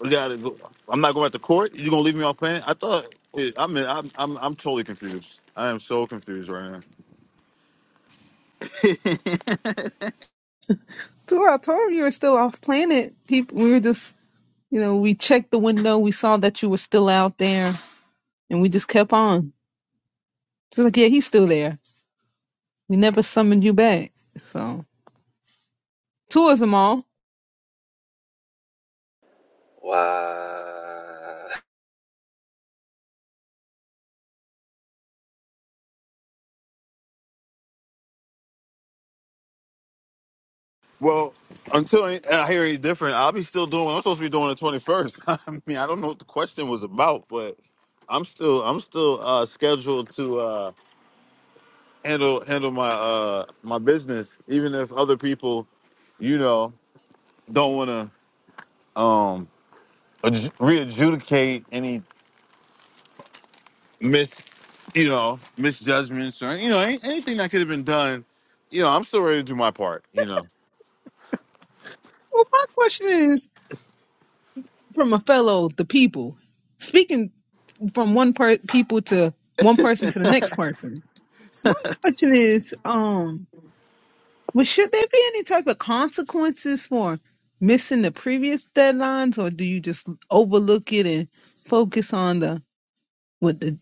S2: We gotta go. I'm not going back to court. You gonna leave me off playing? I thought. Wait, I'm, I'm I'm I'm totally confused. I am so confused right now.
S1: Too, I told you, you were still off planet. People, we were just You know, we checked the window, we saw that you were still out there, and we just kept on. So like, yeah, he's still there. We never summoned you back. So tours them all.
S4: Wow.
S2: Well, until I I hear any different, I'll be still doing. what I'm supposed to be doing the 21st. I mean, I don't know what the question was about, but I'm still I'm still uh, scheduled to uh, handle handle my uh, my business, even if other people, you know, don't want to um adju- re-adjudicate any Miss, you know misjudgments or you know any, anything that could have been done you know i'm still ready to do my part you know
S1: Well, my question is from a fellow, the people, speaking from one per- people to one person to the next person. My question is, um, well, should there be any type of consequences for missing the previous deadlines, or do you just overlook it and focus on the what the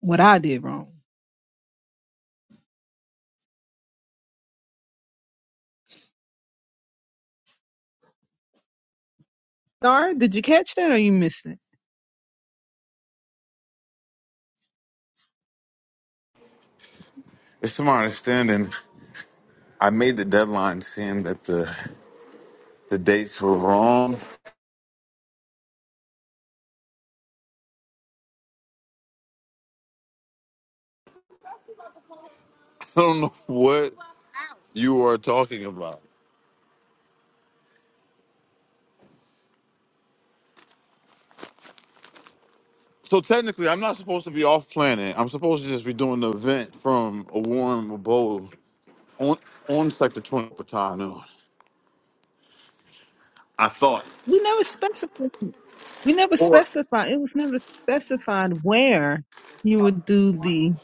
S1: what I did wrong? Sorry, did you catch that or you missed it?
S2: it's to my understanding i made the deadline saying that the the dates were wrong i don't know what you are talking about so technically i'm not supposed to be off planet i'm supposed to just be doing the event from a warm abode on on sector 20 patano i thought
S1: We never specified. We never specified. It was never specified where you would do the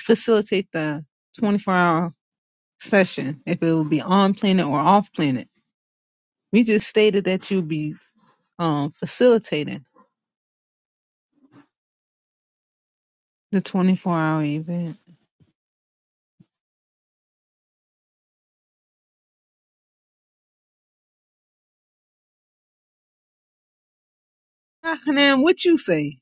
S1: facilitate the 24 hour session, if it would be on planet or off planet. We just stated that you'd be um, facilitating the 24 hour event. Ah, Now, what you say?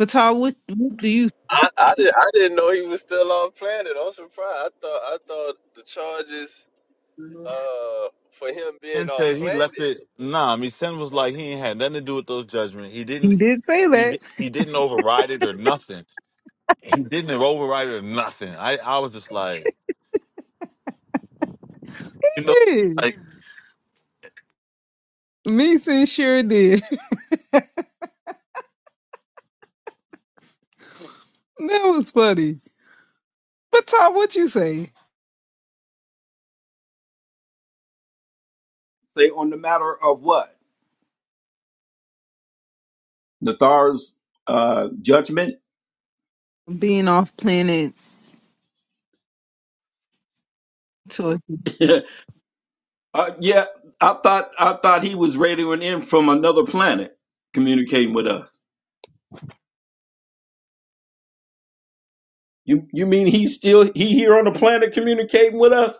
S1: Batar, what, what do you
S4: I, I did I didn't know he was still on planet. I'm surprised. I thought I thought the charges uh for him
S2: Sen
S4: being off
S2: said he left
S4: planet
S2: it. Nah, I mean Sen was like he ain't had nothing to do with those judgments. He
S1: He
S2: didn't.
S1: did say
S2: He
S1: that.
S2: di- he didn't override it or nothing. He didn't override it or nothing. I I was just like you know
S1: He did.
S2: like
S1: Mason sure did. that was funny. Batar, what you say?
S7: Say on the matter of what? Nathar's uh judgment.
S1: being off planet to a
S7: Uh, yeah, I thought I thought he was radioing in from another planet, communicating with us. You you mean he's still he here on the planet communicating with us?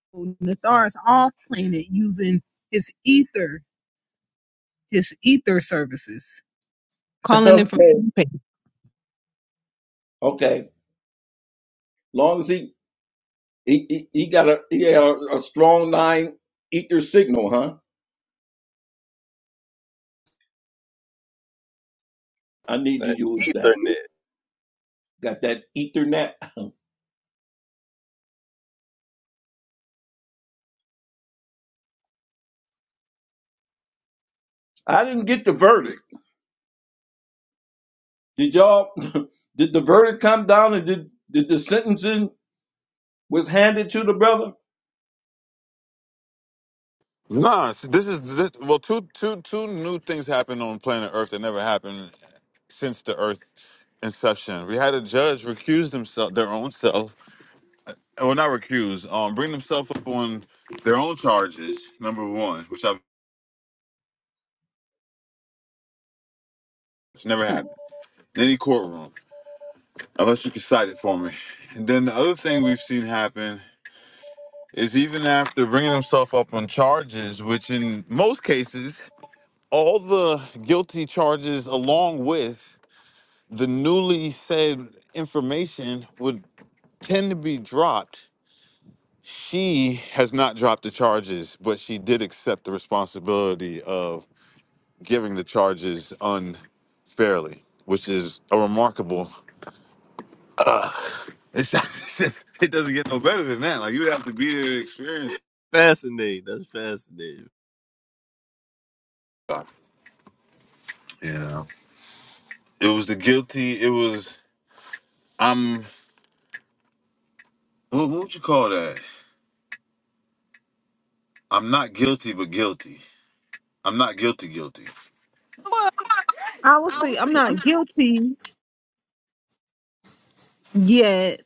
S1: people. Nathar's off planet using his ether, his ether services, calling in from.
S7: okay, okay. Long as he he he, he got a he got a, a strong line ether signal, huh? I
S4: was
S7: need to
S4: that
S7: use that.
S4: Ethernet.
S7: Got that Ethernet. I didn't get the verdict. Did y'all? Did the verdict come down and did did the sentencing was handed to the brother?
S2: nah. s- This is this, well two two two new things happened on planet Earth that never happened since the Earth inception. We had a judge recuse themselves their own self. Well, not recuse. Um, bring themselves up on their own charges. Number one, which I've which never
S7: Hmm.
S2: happened in any courtroom. unless you can cite it for me. And then the other thing we've seen happen is even after bringing himself up on charges, which in most cases, all the guilty charges along with the newly said information would tend to be dropped. She has not dropped the charges, but she did accept the responsibility of giving the charges unfairly, which is a remarkable It's just, it doesn't get no better than that. Like you would have to be there to experience.
S4: Fascinating. That's fascinating.
S2: You know, it was the guilty. It was I'm. What, what would you call that? I'm not guilty, but guilty. I'm not guilty, guilty.
S1: Well, I will say I'm not guilty yet.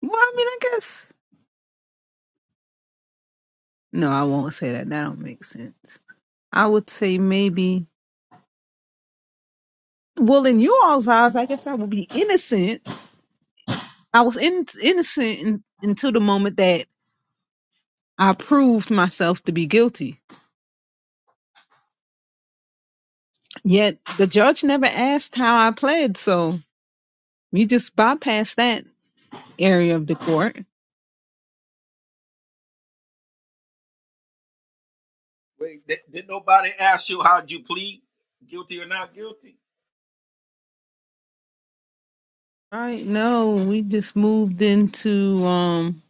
S1: Well, I mean, I guess no, I won't say that. That don't make sense. I would say maybe. Well, in you all's eyes, I guess I would be innocent. I was in, innocent in, until the moment that I proved myself to be guilty. Yet the judge never asked how I pled, so you just bypassed that area of the court.
S7: Wait, did, did nobody ask you how'd you plead? Guilty or not guilty?
S1: All right, no, we just moved into um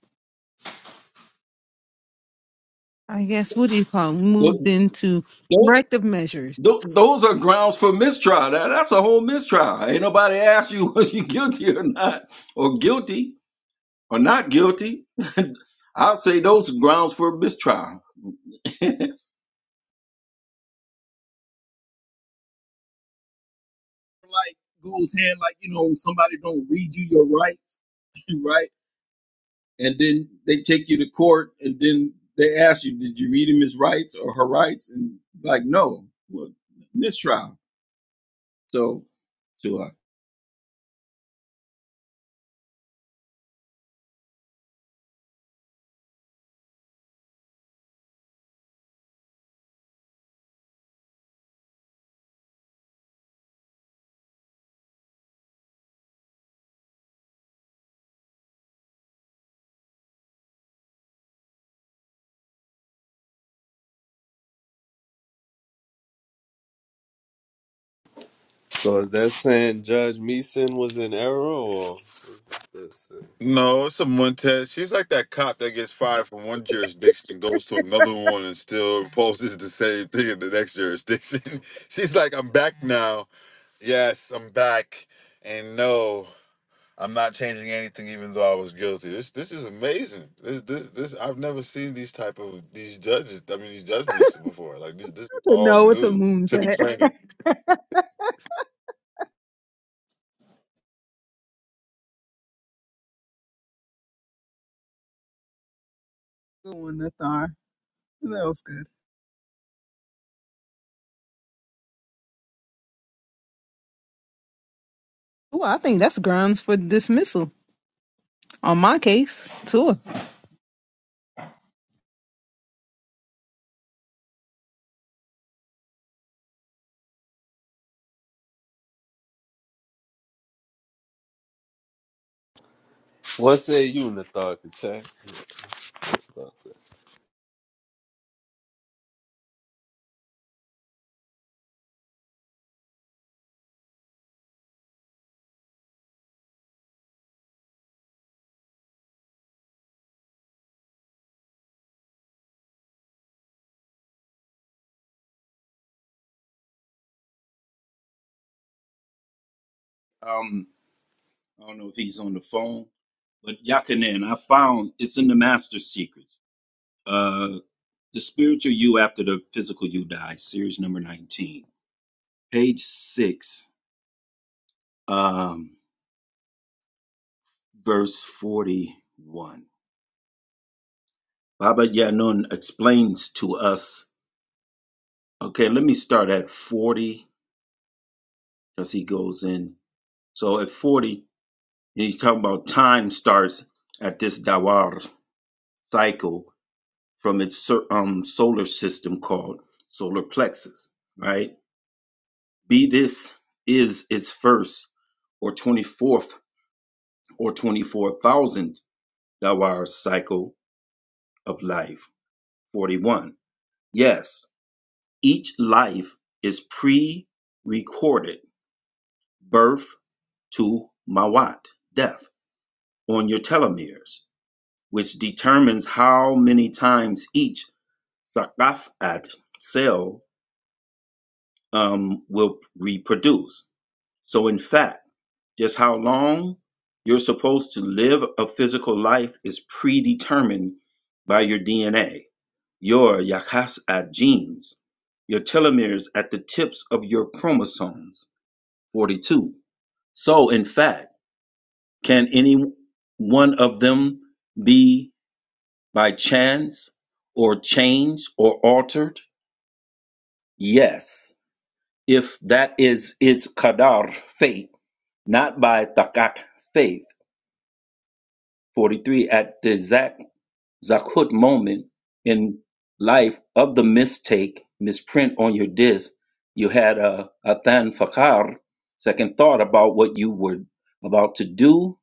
S1: I guess what do you call it? We moved
S7: Tho-
S1: into
S7: tho-
S1: corrective measures.
S7: tho- Those are grounds for mistrial. That- That's a whole mistrial. Ain't nobody asked you was you guilty or not, or guilty or not guilty. I'd say those are grounds for mistrial. Like goes hand like, you know, somebody don't read you your rights, right? And then they take you to court, and then they ask you, did you read him his rights or her rights? And like, no, well, mistrial. So Sure.
S4: So is that saying Judge Meeson was in error or let's see.
S2: No, it's a Montez. She's like that cop that gets fired from one jurisdiction, goes to another one, and still poses the same thing in the next jurisdiction. She's like, I'm back now. Yes, I'm back. And no. I'm not changing anything, even though I was guilty. This this is amazing. This this this I've never seen these type of these judges. I mean these judgments before. Like this this is all
S1: No, it's a
S2: new
S1: moon's
S2: to the
S1: hat.
S2: planet.
S1: Good one, Nathar. That was good. Oh, I think that's grounds for dismissal on my case, too.
S4: what say you, Nathan Tech?
S7: Um, I don't know if he's on the phone, but Yakanan, I found it's in the Master Secrets. Uh, the spiritual you after the physical you die, series number 19, page 6, um, verse 41. Baba Yanun explains to us. Okay, let me start at 40 because he goes in. So at 40, he's talking about time starts at this Dawar cycle from its cer- um, solar system called solar plexus, right? Be this is its first or 24th or 24,000 hour cycle of life. 41. Yes, each life is pre recorded birth to Mawat, death, on your telomeres, which determines how many times each Sakafat cell um, will reproduce So, in fact, just how long you're supposed to live a physical life is predetermined by your DNA, your Yakas genes, your telomeres at the tips of your chromosomes, 42. So, in fact, can any one of them be by chance or changed or altered? Yes, if that is its qadar fate, not by takat faith 43 at the exact zakut moment in life of the mistake misprint on your disc you had a athan fakar second thought about what you were about to do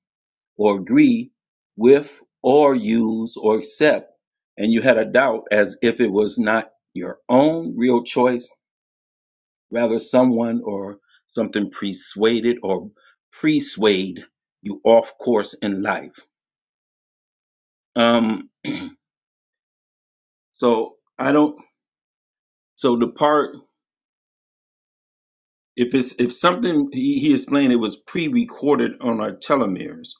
S7: or agree with or use or accept and you had a doubt as if it was not your own real choice rather someone or something persuaded or persuade you off course in life Um, So I don't. So the part, if it's if something he, he explained, it was pre-recorded on our telomeres,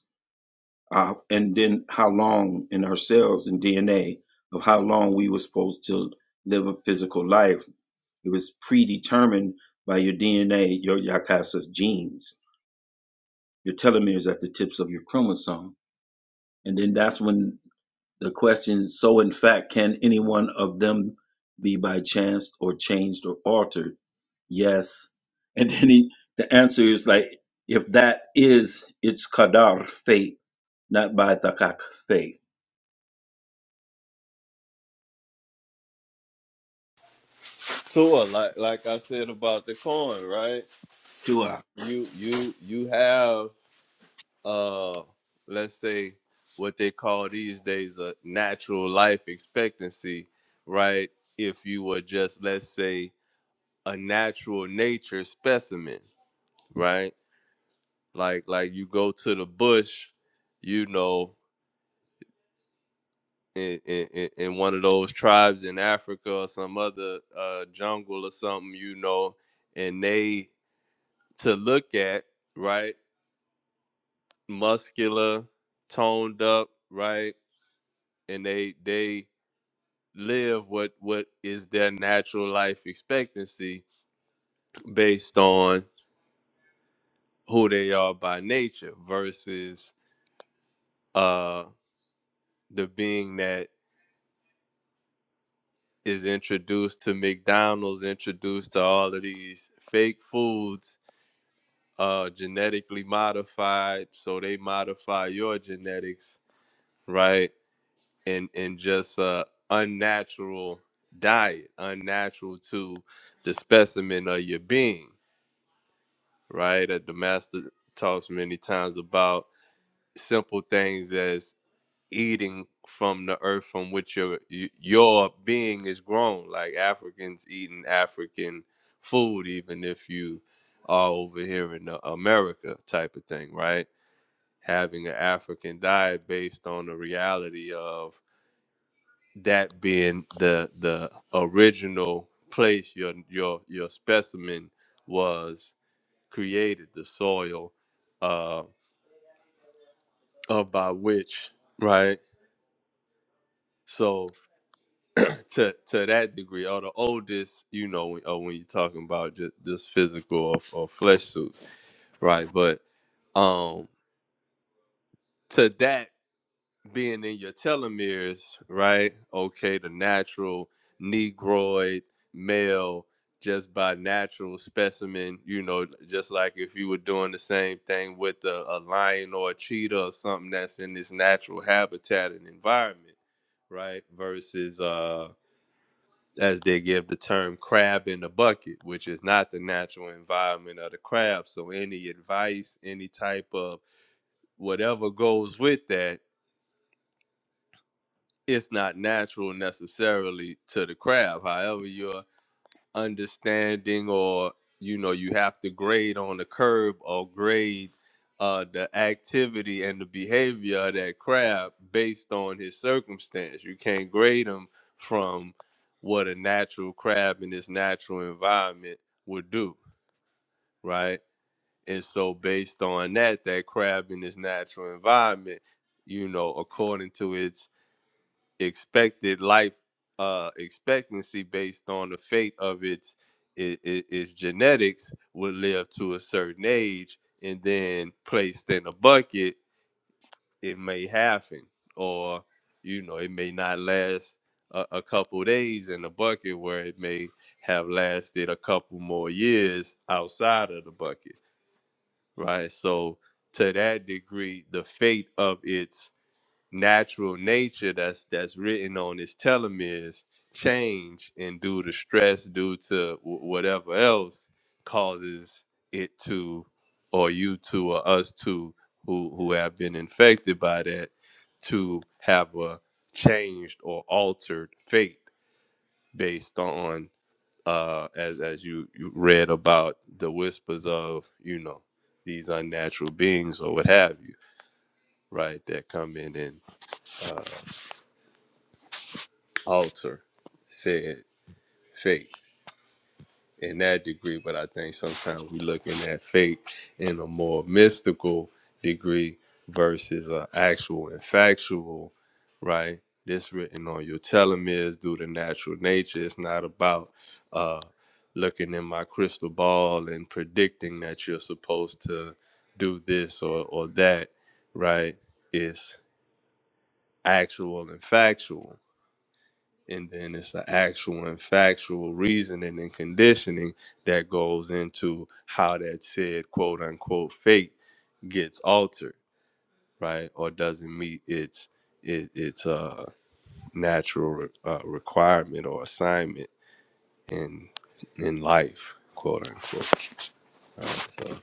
S7: uh, and then how long in our cells and DNA of how long we were supposed to live a physical life. It was predetermined by your DNA, your Yakasa's genes, your telomeres at the tips of your chromosome, and then that's when the question: So, in fact, can any one of them be by chance or changed or altered? Yes. And then he, the answer is like, if that is its qadar, fate, not by takak, faith.
S4: Tua, like like I said about the coin, right?
S7: Dua.
S4: You you you have uh let's say what they call these days a natural life expectancy right if you were just let's say a natural nature specimen right like like you go to the bush you know in, in, in in one of those tribes in africa or some other uh, jungle or something you know and they to look at right muscular toned up right and they they live what what is their natural life expectancy based on who they are by nature versus uh the being that is introduced to McDonald's, introduced to all of these fake foods, uh genetically modified, so they modify your genetics, right? And and just uh unnatural diet, unnatural to the specimen of your being right? That the master talks many times about simple things as eating from the earth from which your your being is grown, like Africans eating African food, even if you are over here in uh, America, type of thing, right? Having an African diet based on the reality of that being the the original place your your your specimen was created, the soil uh of by which, right? So to to that degree, or the oldest, you know, when, or when you're talking about just, just physical or, or flesh suits, right? But um, to that being in your telomeres, right? Okay, the natural negroid male just by natural specimen, you know, just like if you were doing the same thing with a, a lion or a cheetah or something that's in this natural habitat and environment right? Versus uh as they give the term crab in the bucket, which is not the natural environment of the crab. So any advice, any type of whatever goes with that, it's not natural necessarily to the crab. However, you're understanding or you know you have to grade on the curb or grade uh, the activity and the behavior of that crab based on his circumstance you can't grade him from what a natural crab in his natural environment would do right and so based on that that crab in his natural environment you know according to its expected life uh, expectancy based on the fate of its, i its genetics would live to a certain age and then placed in a bucket it may happen or you know it may not last a, a couple of days in the bucket where it may have lasted a couple more years outside of the bucket right so to that degree the fate of its natural nature that's that's written on his telomeres change and due to stress due to w- whatever else causes it to or you to or us to who who have been infected by that to have a changed or altered fate based on uh as as you, you read about the whispers of you know these unnatural beings or what have you right that come in and uh, alter said fate in that degree, but I think sometimes that fate in a more mystical degree versus a factual, right? This written on tell nature is not about uh looking in my crystal ball and predicting that you're supposed to do this or, or that, right? It's actual and factual and then it's the actual and factual reasoning and conditioning that goes into how that said quote unquote fate gets altered right or doesn't meet its it, its uh natural re- uh, requirement or assignment in in life quote unquote right? so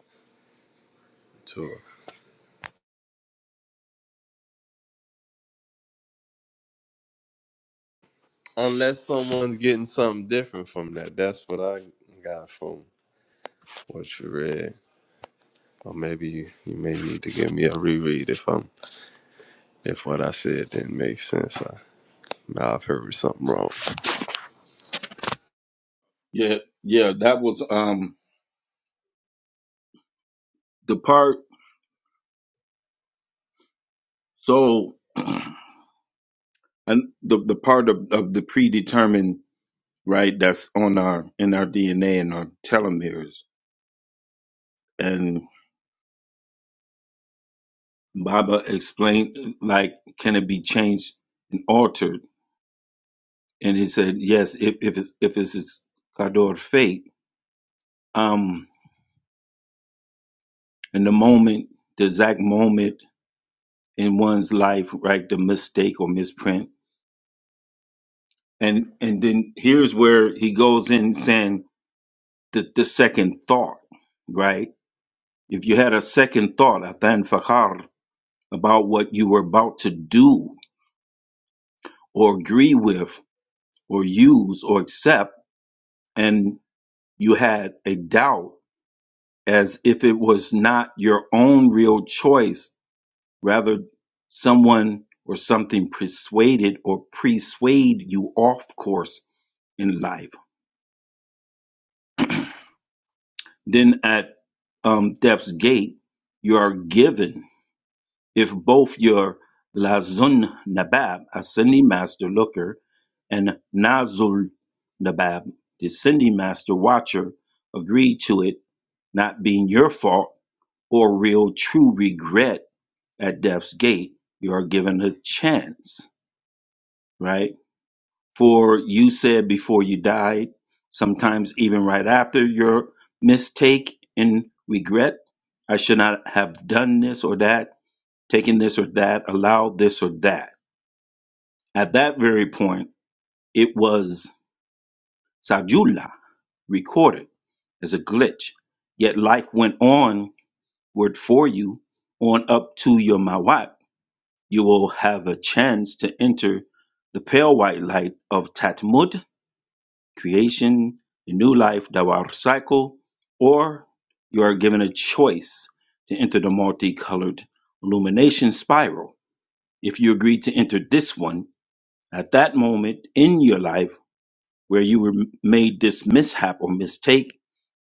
S4: to unless someone's getting something different from that that's what i got from what you read or maybe you, you may need to give me a reread if i'm If what I said didn't make sense, I, I've heard something wrong.
S7: Yeah, yeah, that was um the part. So, and the the part of, of the predetermined, right? That's on our in our DNA and our telomeres. And Baba explained, like, can it be changed and altered? And he said, yes, if if it's if it's its qadar fate. Um, And the moment, the exact moment in one's life, right, the mistake or misprint. And and then here's where he goes in saying the, the second thought, right? If you had a second thought, Atan Fakhar, about what you were about to do or agree with or use or accept, and you had a doubt as if it was not your own real choice Rather, someone or something persuaded or persuade you off course in life. Then at um, death's gate, you are given, if both your Lazun Nabab, ascending master looker, and Nazul Nabab, descending master watcher, agree to it not being your fault or real true regret at death's gate, you are given a chance, right? for you said before you died, sometimes even right after your mistake and regret. I should not have done this or that, taken this or that, allowed this or that. At that very point, it was Sajula recorded as a glitch. Yet life went on word for you on up to your Mawat. You will have a chance to enter the pale white light of Tatmut creation, the new life, the war cycle, or you are given a choice to enter the multicolored illumination spiral. If you agree to enter this one, at that moment in your life where you were made this mishap or mistake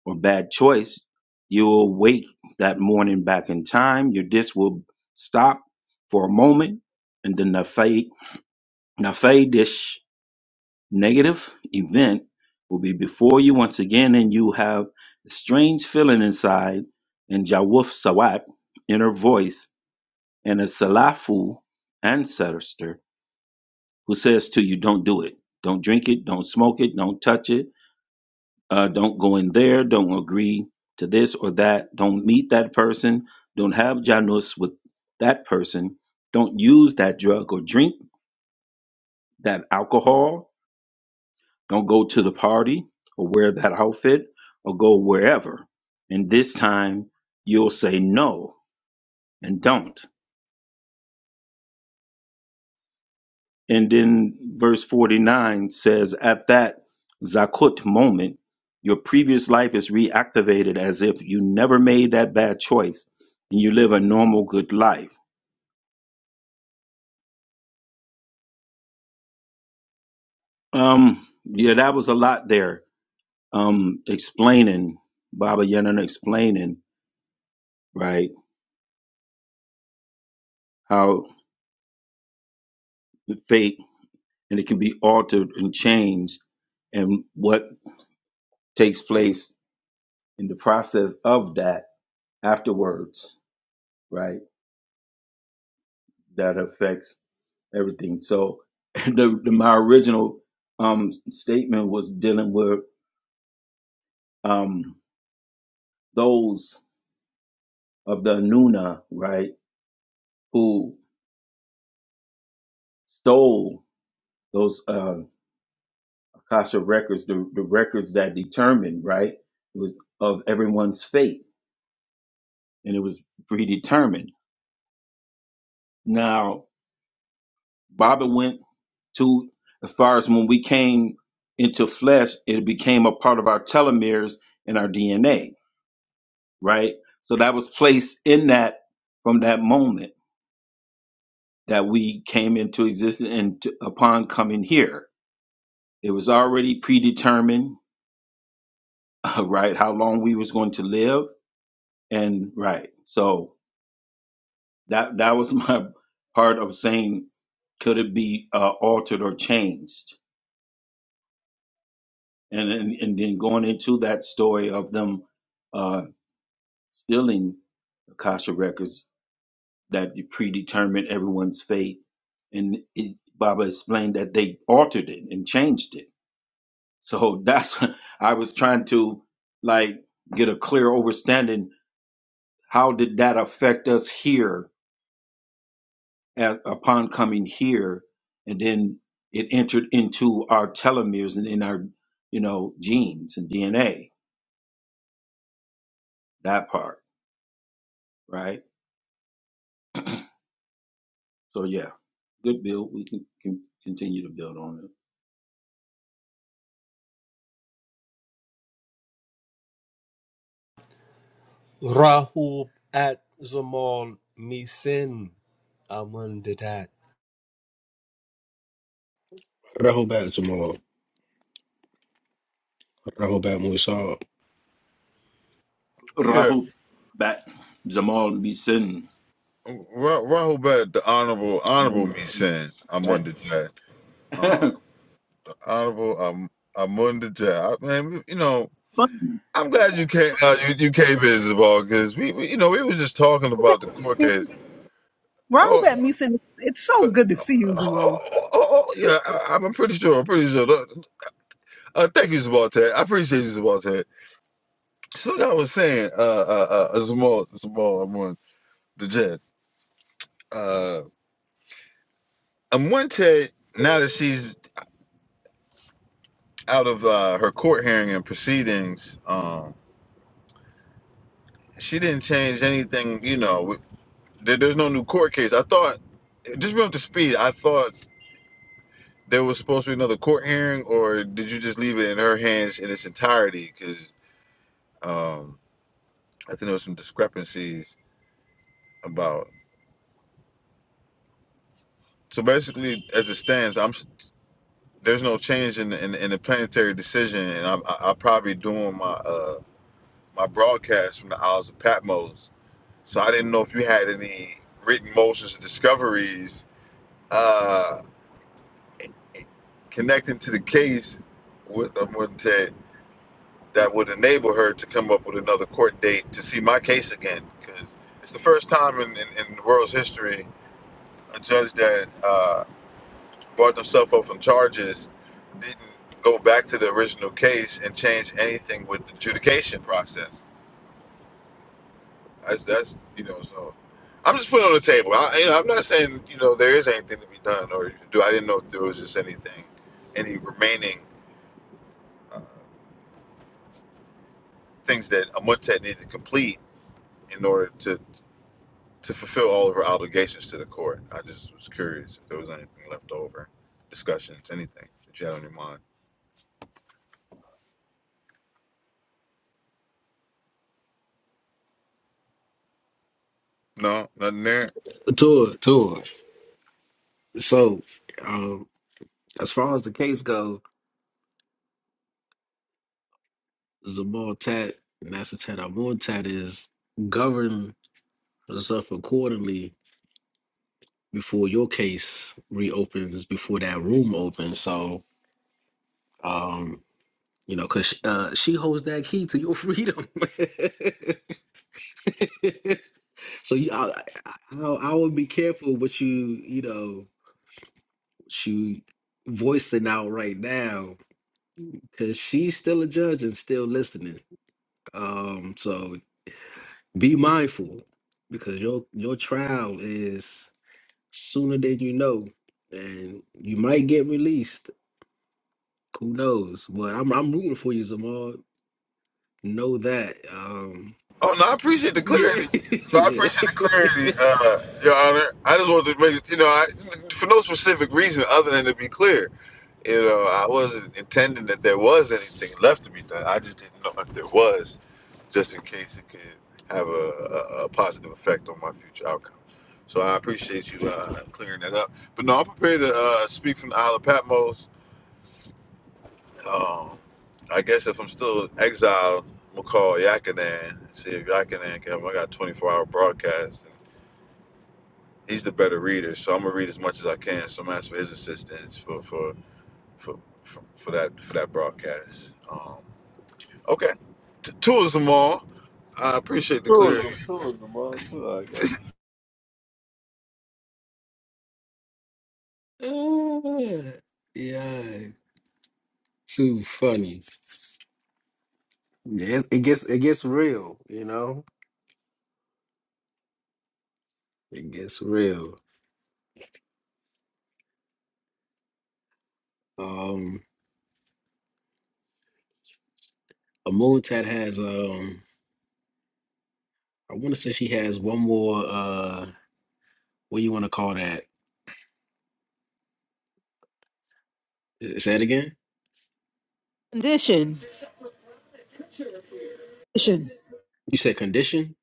S7: or bad choice, you will wake that morning back in time. Your disc will stop for a moment, and then the fade, the fade dish negative event will be before you once again, and you have a strange feeling inside and Jawuf Sawat, inner voice, and a Salafu ancestor who says to you, Don't do it. Don't drink it. Don't smoke it. Don't touch it. Uh, don't go in there. Don't agree to this or that. Don't meet that person. Don't have Janus with that person. Don't use that drug or drink that alcohol Don't go to the party or wear that outfit or go wherever. And this time you'll say no and don't. And then verse 49 says, At that Zakut moment, your previous life is reactivated as if you never made that bad choice and you live a normal, good life. Um, yeah, that was a lot there. Um, explaining, Baba Yana explaining, right, how fate and it can be altered and changed and what takes place in the process of that afterwards right that affects everything so the, the my original um statement was dealing with um those of the Nuna, right who stole those uh akasha records the, the records that determined right it was of everyone's fate and it was predetermined now Bobby went to as far as when we came into flesh, it became a part of our telomeres and our DNA, right? So that was placed in that from that moment that we came into existence and t- upon coming here. It was already predetermined, right, how long we was going to live and right. So that that was my part of saying could it be uh, altered or changed? and and, and then going into that story of them uh, stealing Akasha records that predetermined everyone's fate, and it, Baba explained that they altered it and changed it. So that's I was trying to like get a clear understanding. How did that affect us here at, upon coming here, and then it entered into our telomeres and in our you know genes and DNA that part right? So yeah, good build. We can, can continue to build on it.
S8: Raho back tomorrow. Rahobat when we saw
S2: Yeah,
S7: Rahu bat Zamal Misin.
S2: Ra- Rahul Bat, the honorable
S7: I'm
S2: honorable
S7: in
S2: me saying Amunda Jad, uh,
S7: that.
S2: the honorable um, Amunda Jad. I- Man, you know, I'm glad you came uh, you, you came in Zabal because we, we you know we were just talking
S1: Raul
S2: about the court
S1: Bat-
S2: case.
S1: Raul
S2: Oh, oh,
S1: Batmusin, it's it's so
S2: oh,
S1: good to see you,
S2: oh,
S1: Zamon.
S2: oh, oh, oh, yeah, I, I'm pretty sure. I'm pretty sure. Uh, thank you, Zamal I appreciate you, Zamal So like I was saying, uh, uh, uh, uh, Zamal, Zamal, I'm on the jet. Uh, I'm one Now that she's out of uh, her court hearing and proceedings, um, she didn't change anything. You know, with- there, there's no new court case. I thought, just real up to speed. I thought there was supposed to be another court hearing, or did you just leave it in her hands in its entirety? Because um, I think there was some discrepancies about. So basically, as it stands, I'm. there's no change in the, in, the- in the planetary decision, and I'm I, I probably doing my uh my broadcast from the Isles of Patmos. So I didn't know if you had any written motions or discoveries uh, connecting to the case with um, with that that would enable her to come up with another court date to see my case again because it's the first time in, in, in the world's history a judge that uh, brought themselves up from charges, didn't go back to the original case and change anything with the adjudication process. That's that's you know so. I'm just putting it on the table. I, you know, I'm not saying you know there is anything to be done or you do. I didn't know if there was just anything, any remaining uh, things that Amuntet needed to complete in order to to fulfill all of her obligations to the court. I just was curious if there was anything left over, discussions, anything that you had on your mind. No, nothing there.
S8: Tour, tour. So, um, as far as the case go, Zamal Tat, Master Tat Amun Tat is govern herself accordingly before your case reopens, before that room opens. So, um, you know, because uh, she holds that key to your freedom. so, you, I, I, I I would be careful what you, you know, what you voicing out right now because she's still a judge and still listening. Um, so be mindful because your your trial is sooner than you know, and you might get released. Who knows? But I'm I'm rooting for you, Zamal. Know that. Um,
S2: Oh no, I appreciate the
S8: yeah,
S2: clarity. No, I appreciate the
S8: yeah,
S2: clarity, uh, Your Honor. I just wanted to make it, you know, I, for no specific reason other than to be clear. You know, I wasn't intending that there was anything left to be done. I just didn't know if there was, just in case it could have a, a, a positive effect on my future outcome. So I appreciate you uh, clearing that up. But no, I'm prepared to uh, speak from the Isle of Patmos um, I guess if I'm still exiled, I'm gonna call Yakanan. and See if Yakanan can. help. I got 24 hour broadcast. He's the better reader, so I'm gonna read as much as I can. So I'm gonna ask for his assistance for for for for, for that for that broadcast. Um, okay, T- tours them all. I appreciate the clear.
S4: Tourism, tourism, all too. I got
S8: Ah, yeah. Too funny. Yes, it gets it gets real. You know, it gets real. Um, a moon tat has um I want to say she has one more. uh What you want to call that? Uh, Say it again.
S1: Condition. Condition.
S8: You said condition.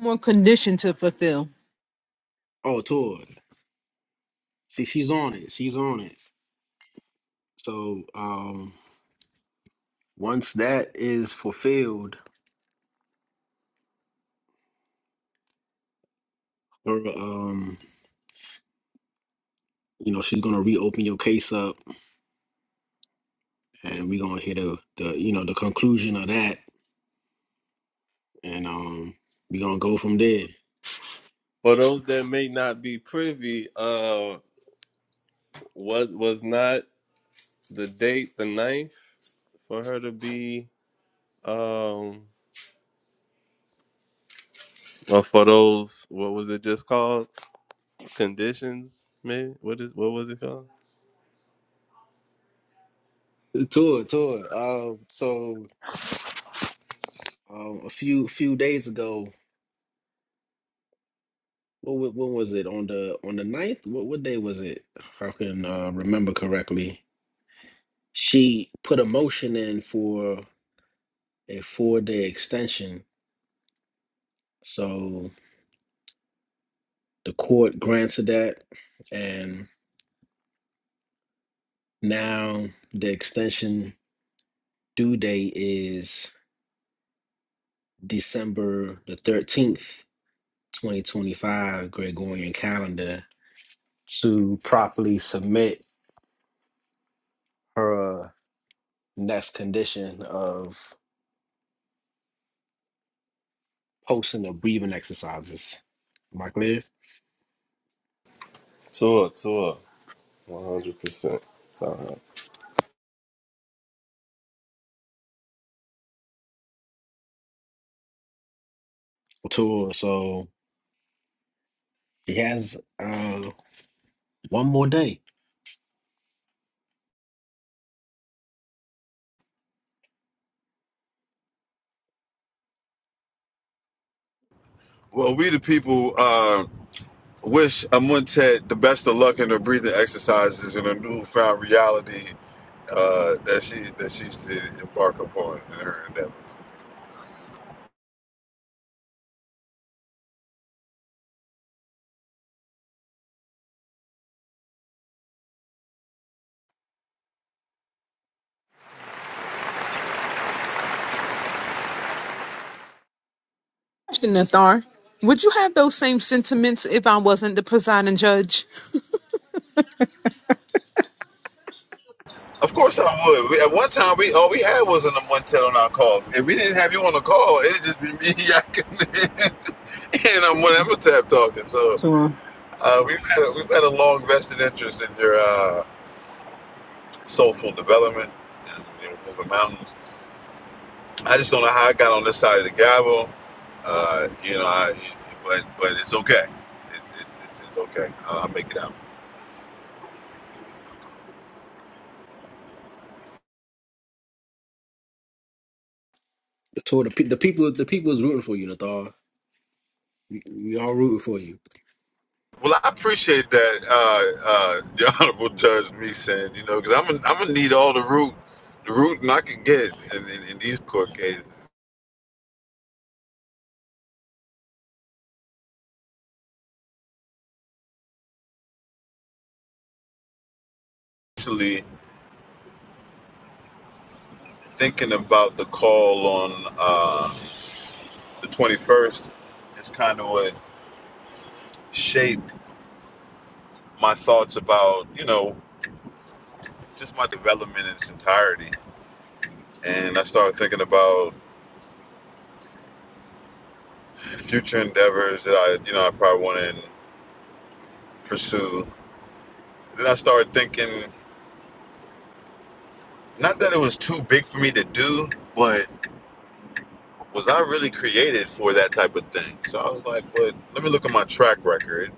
S1: More condition to fulfill.
S8: Oh, tour. See, she's on it. She's on it. So um once that is fulfilled, her um, you know, she's gonna reopen your case up, and we're gonna hit the the you know the conclusion of that, and um, we're gonna go from there.
S4: For those that may not be privy, uh, what was not the date the ninth for her to be, um, or for those what was it just called conditions? Man, what is what was it called?
S8: Tour, tour. Um, so um, a few few days ago, what wa- when was it on the on the ninth? What what day was it? If I can uh, remember correctly, she put a motion in for a four day extension. So the court granted that, Now the extension due date is December the 13th, 2025, Gregorian calendar, to properly submit her next condition of posting the breathing exercises. Am I clear?
S4: Tour, tour, one hundred percent.
S8: Tour. So she has uh one more day.
S2: Well, we the people uh, wish Amuntet the best of luck in her breathing exercises and her newfound reality uh, that she that she's to embark upon in her endeavor.
S1: Question, Nathar. Would you have those same sentiments if I wasn't the presiding judge?
S2: Of course I would. We, at one time, we all we had was an Montel on our calls. If we didn't have you on the call, it'd just be me yakking and I'm one Emotep talking. So
S1: To him.
S2: uh, we've had we've had a long vested interest in your uh, soulful development and you know, moving mountains. I just don't know how I got on this side of the gavel. Uh, you know, I, but but it's okay. It, it, it's, it's okay. I'll, I'll make it out.
S8: The tour. The, pe- the people. The people is rooting for you, Nathar. We, we all rooting for you.
S2: Well, I appreciate that, uh, uh, the honorable judge me saying, you know, because I'm gonna I'm gonna need all the root, the rooting I can get in, in, in these court cases. Actually, thinking about the call on uh, the 21st is kind of what shaped my thoughts about, you know, just my development in its entirety. And I started thinking about future endeavors that I, you know, I probably want to pursue. Then I started thinking, not that it was too big for me to do, but was I really created for that type of thing? So I was like, but let me look at my track record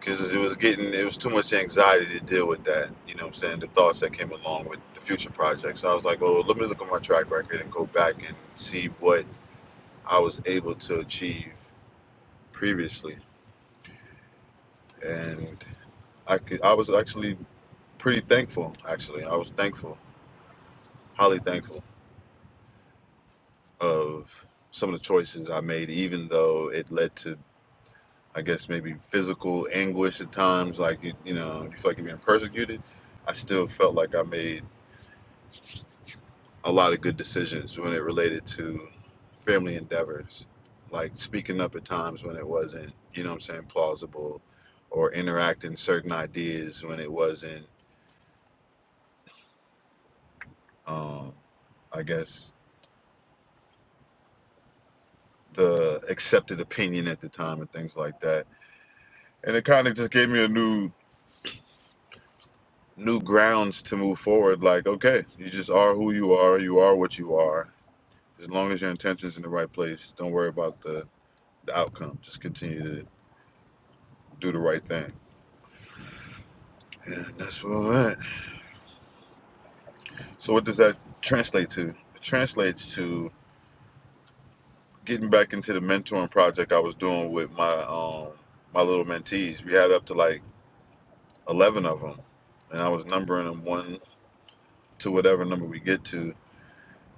S2: because it was getting, it was too much anxiety to deal with that. You know what I'm saying? The thoughts that came along with the future projects. So I was like, oh, let me look at my track record and go back and see what I was able to achieve previously. And I could, I was actually pretty thankful, actually. I was thankful, highly thankful of some of the choices I made, even though it led to I guess maybe physical anguish at times, like you, you know, you feel like you're being persecuted. I still felt like I made a lot of good decisions when it related to family endeavors, like speaking up at times when it wasn't, you know, what I'm saying plausible, or interacting certain ideas when it wasn't, um, I guess the accepted opinion at the time and things like that. And it kind of just gave me a new new grounds to move forward. Like, okay, you just are who you are. You are what you are As long as your intention's in the right place, don't worry about the, the outcome. Just continue to do the right thing. And that's where I'm at. So what does that translate to? It translates to getting back into the mentoring project I was doing with my um my little mentees. We had up to like eleven of them, and I was numbering them one to whatever number we get to,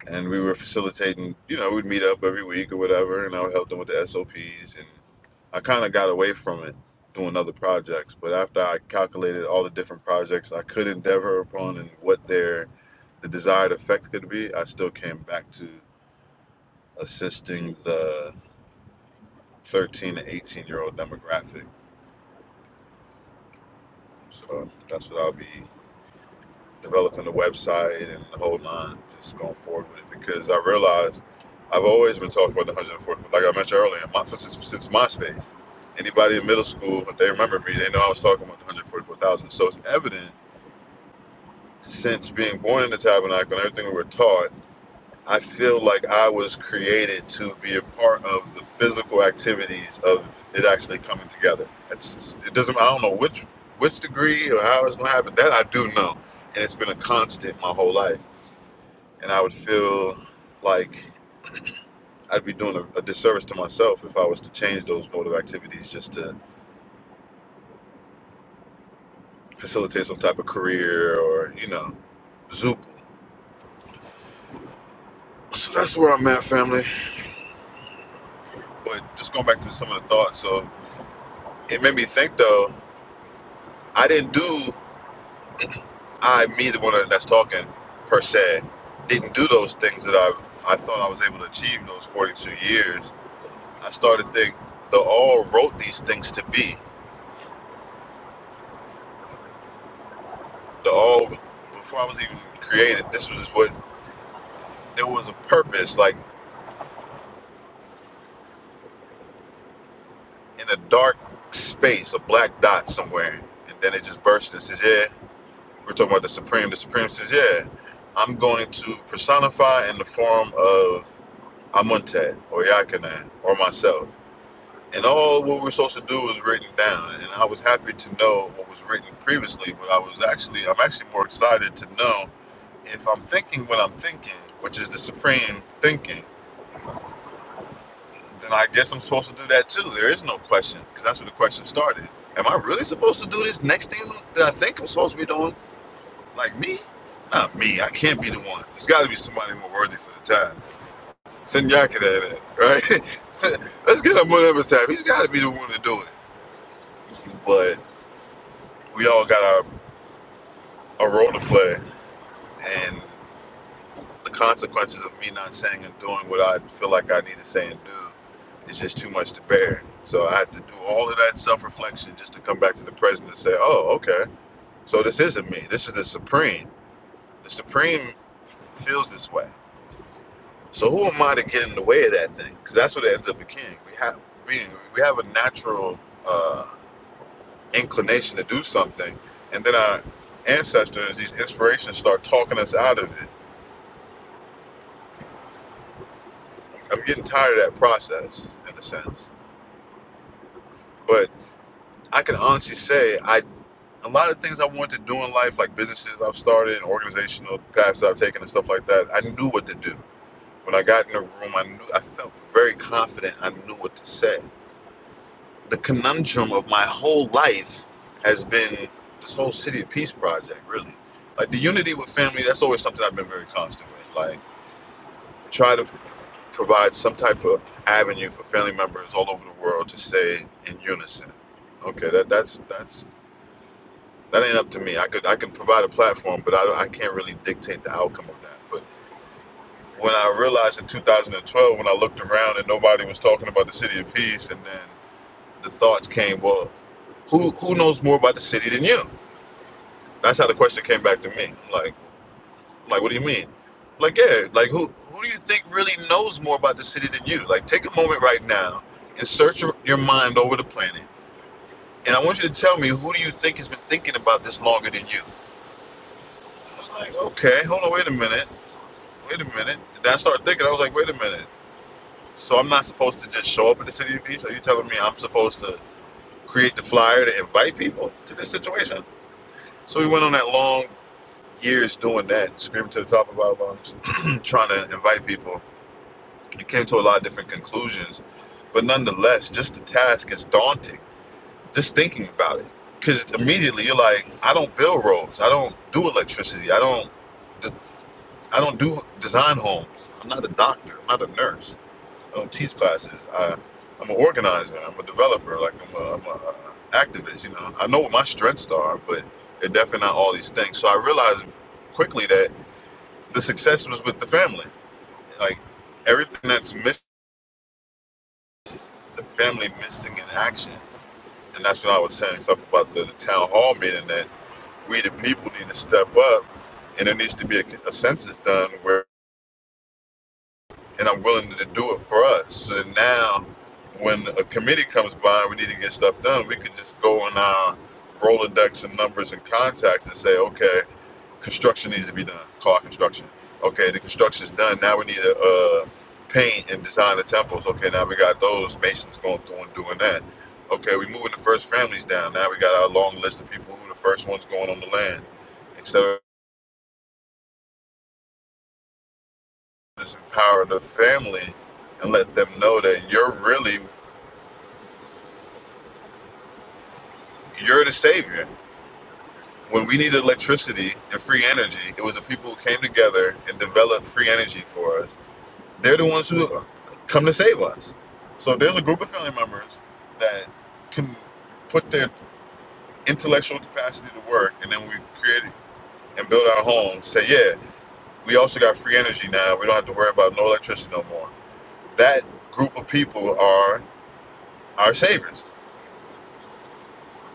S2: and we were facilitating. You know, we'd meet up every week or whatever, and I would help them with the SOPs. And I kind of got away from it doing other projects. But after I calculated all the different projects I could endeavor upon and what their the desired effect could be, I still came back to assisting the 13 to 18 year old demographic. So that's what I'll be. developing the website and the whole nine, just going forward with it because I realized I've always been talking about the 144. Like I mentioned earlier, my, since, since MySpace, anybody in middle school, if they remember me, they know I was talking about the 144,000. So it's evident since being born in the tabernacle and everything we were taught, I feel like I was created to be a part of the physical activities of it actually coming together. It's, it doesn't, I don't know which which degree or how it's going to happen. That I do know. And it's been a constant my whole life and I would feel like I'd be doing a, a disservice to myself if I was to change those mode of activities just to facilitate some type of career or you know zoop. So that's where I'm at, family. But just going back to some of the thoughts, so it made me think though. I didn't do I me the one that's talking per se didn't do those things that I've I thought I was able to achieve in those 42 years. I started to think the all wrote these things to be the all before I was even created. This was what there was a purpose, like in a dark space, a black dot somewhere, and then it just burst and says, "Yeah, we're talking about the Supreme." The Supreme says, "Yeah, I'm going to personify in the form of Amuntet or Yakanan or myself." And all what we we're supposed to do was written down, and I was happy to know what was written previously, but I was actually, I'm actually more excited to know if I'm thinking what I'm thinking, which is the Supreme thinking then I guess I'm supposed to do that too. There is no question because that's where the question started. Am I really supposed to do this next thing that I think I'm supposed to be doing? Like me? Not me. I can't be the one. There's got to be somebody more worthy for the time. Send Yakin at it, right? Let's get him whatever time. He's got to be the one to do it. But we all got our, a role to play, and. the consequences of me not saying and doing what I feel like I need to say and do is just too much to bear. So I had to do all of that self reflection just to come back to the present and say, oh, okay, so this isn't me. This is the Supreme. The Supreme feels this way. So who am I to get in the way of that thing? Because that's what it ends up becoming. We have being we have a natural uh, inclination to do something, and then our ancestors, these inspirations, start talking us out of it. I'm getting tired of that process in a sense, but I can honestly say I a lot of things I wanted to do in life, like businesses I've started and organizational paths I've taken and stuff like that. I knew what to do. When I got in the room, I knew I felt very confident. I knew what to say. The conundrum of my whole life has been this whole City of Peace project, really. Like the unity with family, that's always something I've been very constant with. Like try to provide some type of avenue for family members all over the world to say in unison, okay, that that's that's that ain't up to me. I could I can provide a platform, but I, don't- I can't really dictate the outcome of that. But when I realized in 2012, when I looked around and nobody was talking about the city of peace, and then the thoughts came, well, who who knows more about the city than you? That's how the question came back to me. Like like what do you mean? Like yeah, like who who do you think really knows more about the city than you? Like take a moment right now and search your your mind over the planet, and I want you to tell me who do you think has been thinking about this longer than you? I was like okay, hold on, wait a minute. wait a minute. Then I started thinking, I was like, wait a minute. So I'm not supposed to just show up at the City of Peace? Are you telling me I'm supposed to create the flyer to invite people to this situation? So we went on that long years doing that, screaming to the top of our lungs, trying to invite people. We came to a lot of different conclusions. But nonetheless, just the task is daunting. Just thinking about it. Because immediately you're like, I don't build roads. I don't do electricity. I don't, I don't do design homes. I'm not a doctor. I'm not a nurse. I don't teach classes. I, I'm an organizer. I'm a developer. Like I'm a, I'm a uh, activist. You know, I know what my strengths are, but they're definitely not all these things. So I realized quickly that the success was with the family. Like everything that's missing, the family missing in action. And that's what I was saying stuff about the, the town hall meeting that we the people need to step up, and there needs to be a, a census done where. and I'm willing to do it for us. So now, when a committee comes by and we need to get stuff done, we could just go in our Rolodex and numbers and contacts and say, okay, construction needs to be done. Call construction. Okay, the construction's done. Now we need to uh, paint and design the temples. Okay, now we got those masons going through and doing that. Okay, we are moving the first families down. Now we got our long list of people who the first ones going on the land, etc. Just empower the family and let them know that you're really You're the savior. When we needed electricity and free energy, it was the people who came together and developed free energy for us. They're the ones who come to save us. So if there's a group of family members that can put their intellectual capacity to work, and then we create and build our homes. Say, yeah, we also got free energy now. We don't have to worry about no electricity no more. That group of people are our saviors.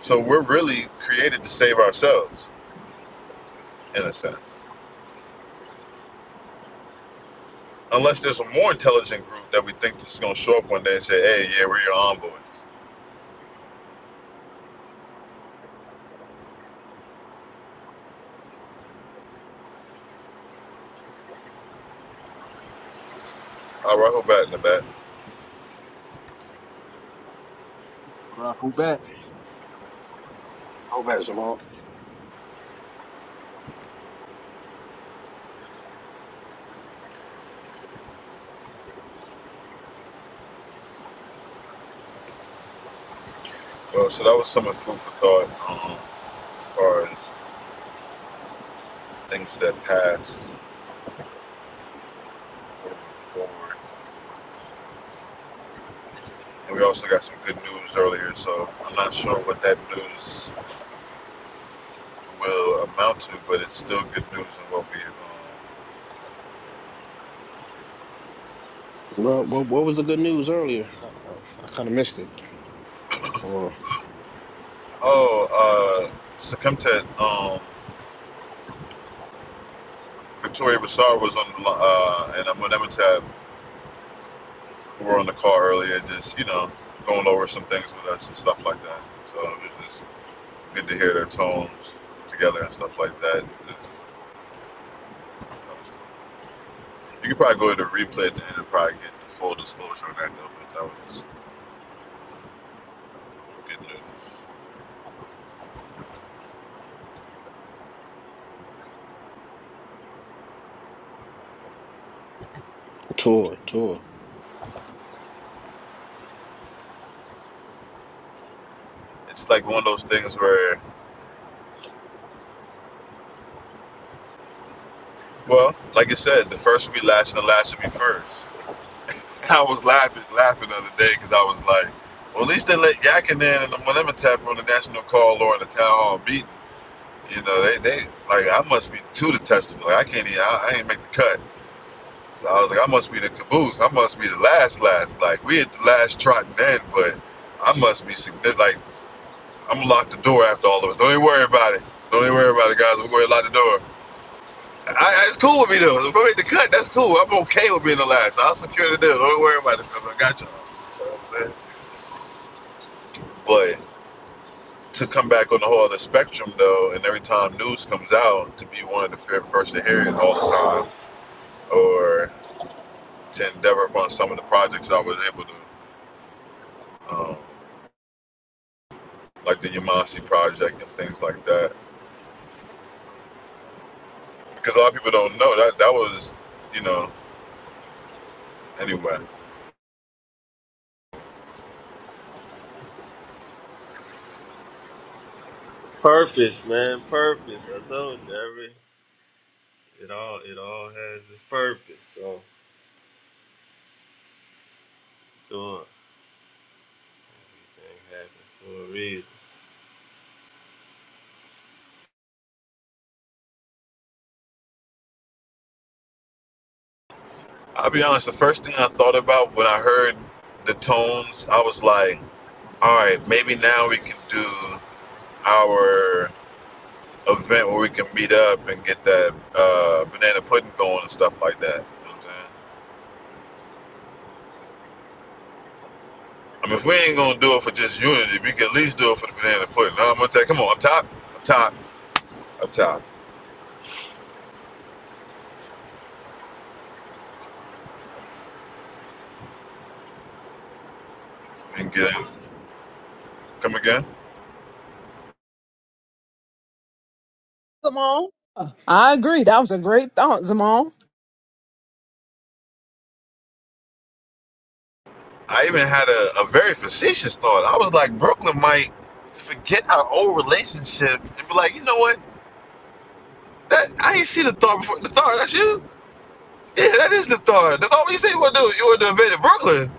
S2: So we're really created to save ourselves in a sense. Unless there's a more intelligent group that we think is going to show up one day and say, hey, yeah, we're your envoys. All right, go back in the back.
S9: Rahul back.
S8: Go back, Jamal.
S2: Well, so that was some of food for thought um, as far as things that passed moving forward. And we also got some good news earlier, so I'm not sure what that news will amount to, but it's still good news in what we um,
S8: Well,
S2: just.
S8: what, what was the good news earlier? I, I, I kind of missed it.
S2: Oh, uh, Sakumtet, um, Victoria Bassar was on the li- uh, and Amunemetab who were on the call earlier, just you know, going over some things with us and stuff like that. So it was just good to hear their tones together and stuff like that. And just, you could probably go to the replay at the end and probably get the full disclosure on that though, but that was just good news.
S8: Tour, tour,
S2: It's like one of those things where, well, like I said, the first will be last and the last will be first. I was laughing, laughing the other day because I was like, well, at least they let Yakin in and the Malimitap on the national call or in the town hall meeting. You know, they, they like I must be too detestable. Like I can't even I, I ain't make the cut. So I was like, I must be the caboose. I must be the last last. Like we at the last trotting end, but I must be significant. Like I'm gonna lock the door after all of us. Don't even worry about it. Don't even worry about it, guys. I'm going to lock the door. I, I, it's cool with me though. If I make the cut, that's cool. I'm okay with being the last. I'll secure the deal. Don't even worry about it. I got y'all. You know what I'm saying? But to come back on the whole other spectrum though, and every time news comes out, to be one of the first to hear it all the time or to endeavor upon some of the projects I was able to, um, like the Yamasi project and things like that. Because a lot of people don't know that that was, you know, anyway.
S4: Purpose, man, purpose. I told you, every it all it all has its purpose. So tour, it happened for a reason.
S2: I'll be honest, the first thing I thought about when I heard the tones, I was like, all right, maybe now we can do our event where we can meet up and get that uh, banana pudding going and stuff like that. You know what I'm saying? I mean, if we ain't gonna do it for just unity, we can at least do it for the banana pudding. Now I'm gonna tell you, come on, up top, up top. up top and get him. Come again?
S1: Zamal? I agree. That was a great thought, Zamal.
S2: I even had a, a very facetious thought. I was like, Brooklyn might forget our old relationship and be like, you know what? That I ain't seen the thought before. The thought, that's you? Yeah, that is the thought. The thought, you say you want to do? You want to invade Brooklyn?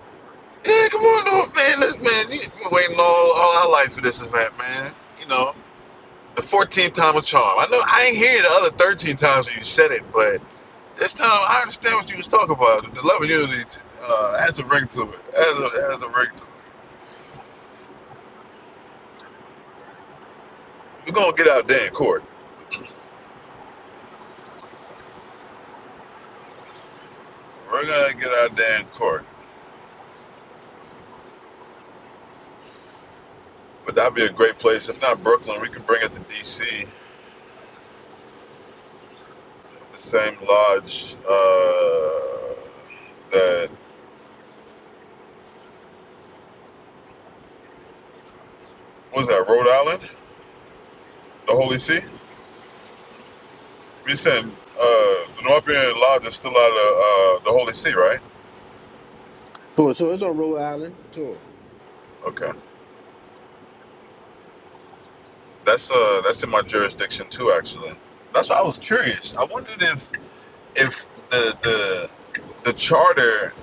S2: Yeah, come on, no, man. Look, man, you have been waiting all, all our life for this event, man. You know, the 14th time a charm. I know I ain't hear the other 13 times when you said it, but This time, I understand what you was talking about. The love and unity uh, has a ring to it. Has a, has a ring to it. We're going to get out there in court. We're going to get out there in court. But that'd be a great place. If not Brooklyn, we can bring it to D.C. The same lodge uh, that, what was that, Rhode Island? The Holy See? We send, uh, the Northern Lodge is still out of uh, the Holy See, right?
S8: Tour, tour. It's on Rhode Island. Tour.
S2: Okay. That's uh, that's in my jurisdiction too, actually. That's why I was curious. I wondered if if the the the charter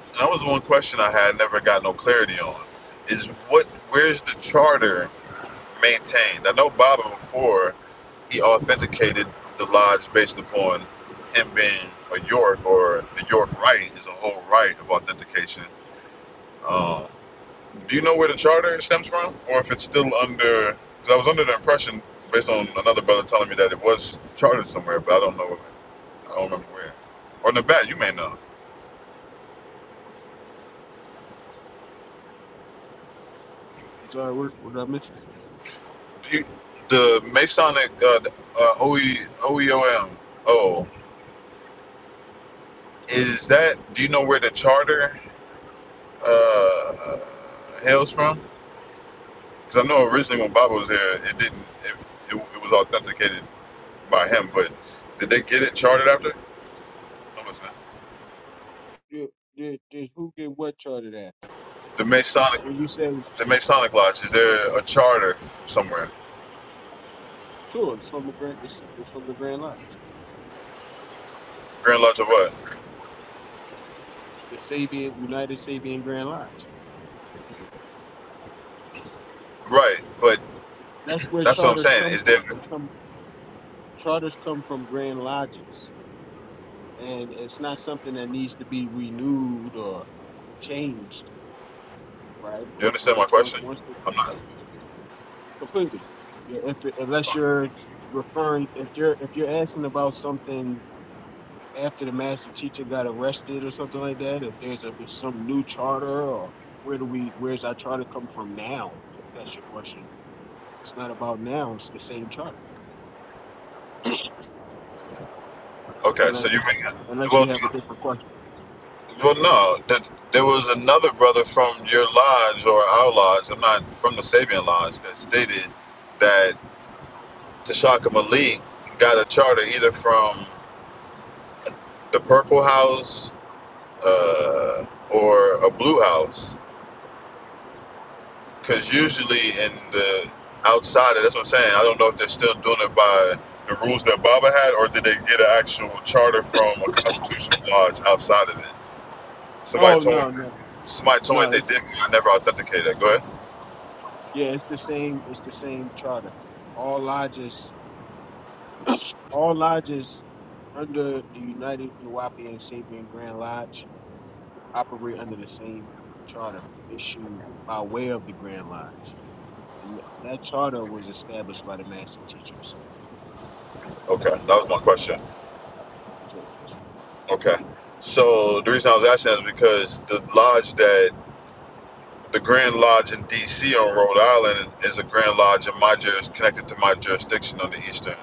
S2: and that was one question i had never got no clarity on is what where's the charter maintained i know baba before he authenticated the lodge based upon him being a york or the york right is a whole right of authentication um, do you know where the charter stems from or if it's still under because i was under the impression based on another brother telling me that it was chartered somewhere but i don't know i don't remember where or nabat you may know
S9: I'm sorry, what, what did I miss?
S2: you, the Masonic uh, the, uh, OE, OEOM, oh, is that, do you know where the charter uh, hails from? Because I know originally when Bob was there, it didn't, it, it, it was authenticated by him, but did they get it chartered after? I'm listening.
S9: Did, did, did who get what charted at?
S2: The Masonic,
S9: When you say
S2: the Masonic Lodge, is there a charter from somewhere?
S9: tour, it's from the Grand, it's, it's from the Grand Lodge,
S2: Grand Lodge of what?
S9: the Sabian United Sabian Grand Lodge.
S2: Right, but
S9: That's where
S2: that's what I'm
S9: charters
S2: saying.
S9: come
S2: Is there,
S9: from. They come charters come from Grand Lodges, and it's not something that needs to be renewed or changed, right?
S2: you
S9: When
S2: understand my
S9: it's once
S2: question?
S9: once it's
S2: I'm not.
S9: completely, you know, if it, unless you're referring, if you're if you're asking about something after the master teacher got arrested or something like that? If there's a some new charter or where do we where's our charter come from now? If that's your question, it's not about now. It's the same charter,
S2: Okay, so
S9: unless
S2: you bring,
S9: unless
S2: well,
S9: you have a different question.
S2: Well, no, that there was another brother from your lodge or our lodge. I'm not from the Sabian lodge that stated that Tashaka Malik got a charter either from the Purple House uh, or a Blue House, because usually in the outside, that's what I'm saying. I don't know if they're still doing it by the rules that Baba had, or did they get an actual charter from a constitutional lodge outside of it? Somebody
S9: Oh
S2: told me.
S9: no no
S2: Somebody told me
S9: no. It's
S2: they
S9: the,
S2: did. I never authenticated that. Go ahead.
S9: yeah, it's the same. It's the same charter. All lodges, all lodges under the United Nuwapi and Sabian Grand Lodge operate under the same charter issued by way of the Grand Lodge. and that charter was established by the master teacher. So,
S2: Okay,
S9: uh,
S2: that was my question.
S9: so
S2: Okay, so the reason I was asking is because the lodge that the Grand Lodge in D.C. on Rhode Island is a Grand Lodge in my juris connected to my jurisdiction on the eastern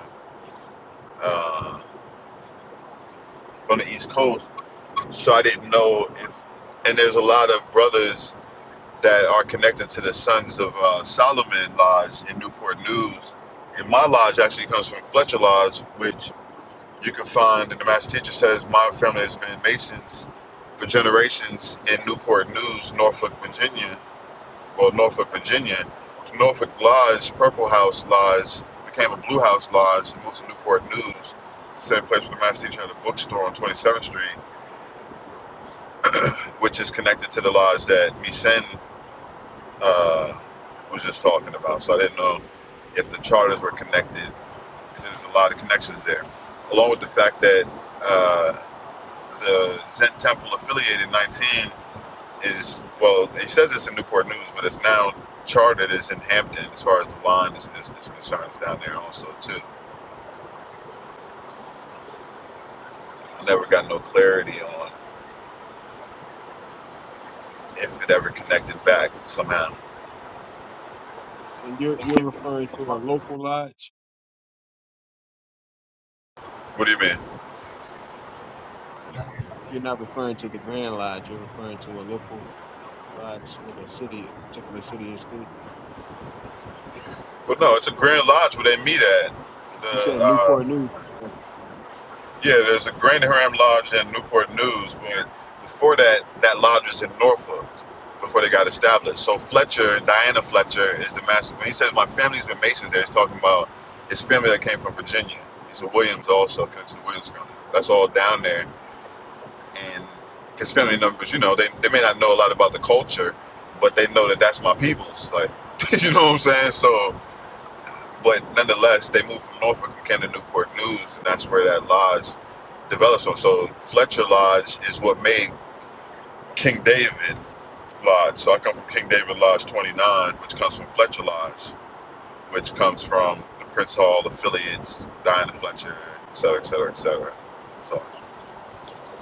S2: uh, on the East Coast. So I didn't know if, and there's a lot of brothers that are connected to the Sons of uh, Solomon Lodge in Newport News. And my lodge actually comes from Fletcher Lodge, which You can find, and the master teacher says, my family has been Masons for generations in Newport News, Norfolk, Virginia. Well, Norfolk, Virginia. the Norfolk Lodge, Purple House Lodge, became a Blue House Lodge and moved to Newport News, the same place where the master teacher had a bookstore on 27th Street, which is connected to the lodge that Misen uh, was just talking about. So I didn't know if the charters were connected because there's a lot of connections there. Along with the fact that uh, the Zen Temple affiliated 19 is, well, it says it's in Newport News, but it's now chartered as in Hampton as far as the line is, is, is concerned. down there also, too. I never got no clarity on if it ever connected back somehow.
S9: and you're you're referring to a local lodge.
S2: What do you mean?
S9: You're not referring to the Grand Lodge. You're referring to a local lodge in a city, a particular city and state.
S2: But no, it's a Grand Lodge where they meet at.
S9: You
S2: The
S9: said
S2: uh,
S9: Newport News. So.
S2: Yeah, there's a Grand Ram Lodge in Newport News, but before that, that lodge was in Norfolk before they got established. So Fletcher, Diana Fletcher, is the master. When he says my family's been Masons there, he's talking about his family that came from Virginia. He's a Williams also, connected to the Williams family. That's all down there. And his family numbers, you know, they, they may not know a lot about the culture, but they know that that's my people's. Like, you know what I'm saying? So but nonetheless, they moved from Norfolk and came to Newport News, and that's where that lodge developed from. So Fletcher Lodge is what made King David Lodge. So I come from King David Lodge 29, which comes from Fletcher Lodge, which comes from the Prince Hall affiliates, Diana Fletcher, et cetera, et cetera, et cetera. So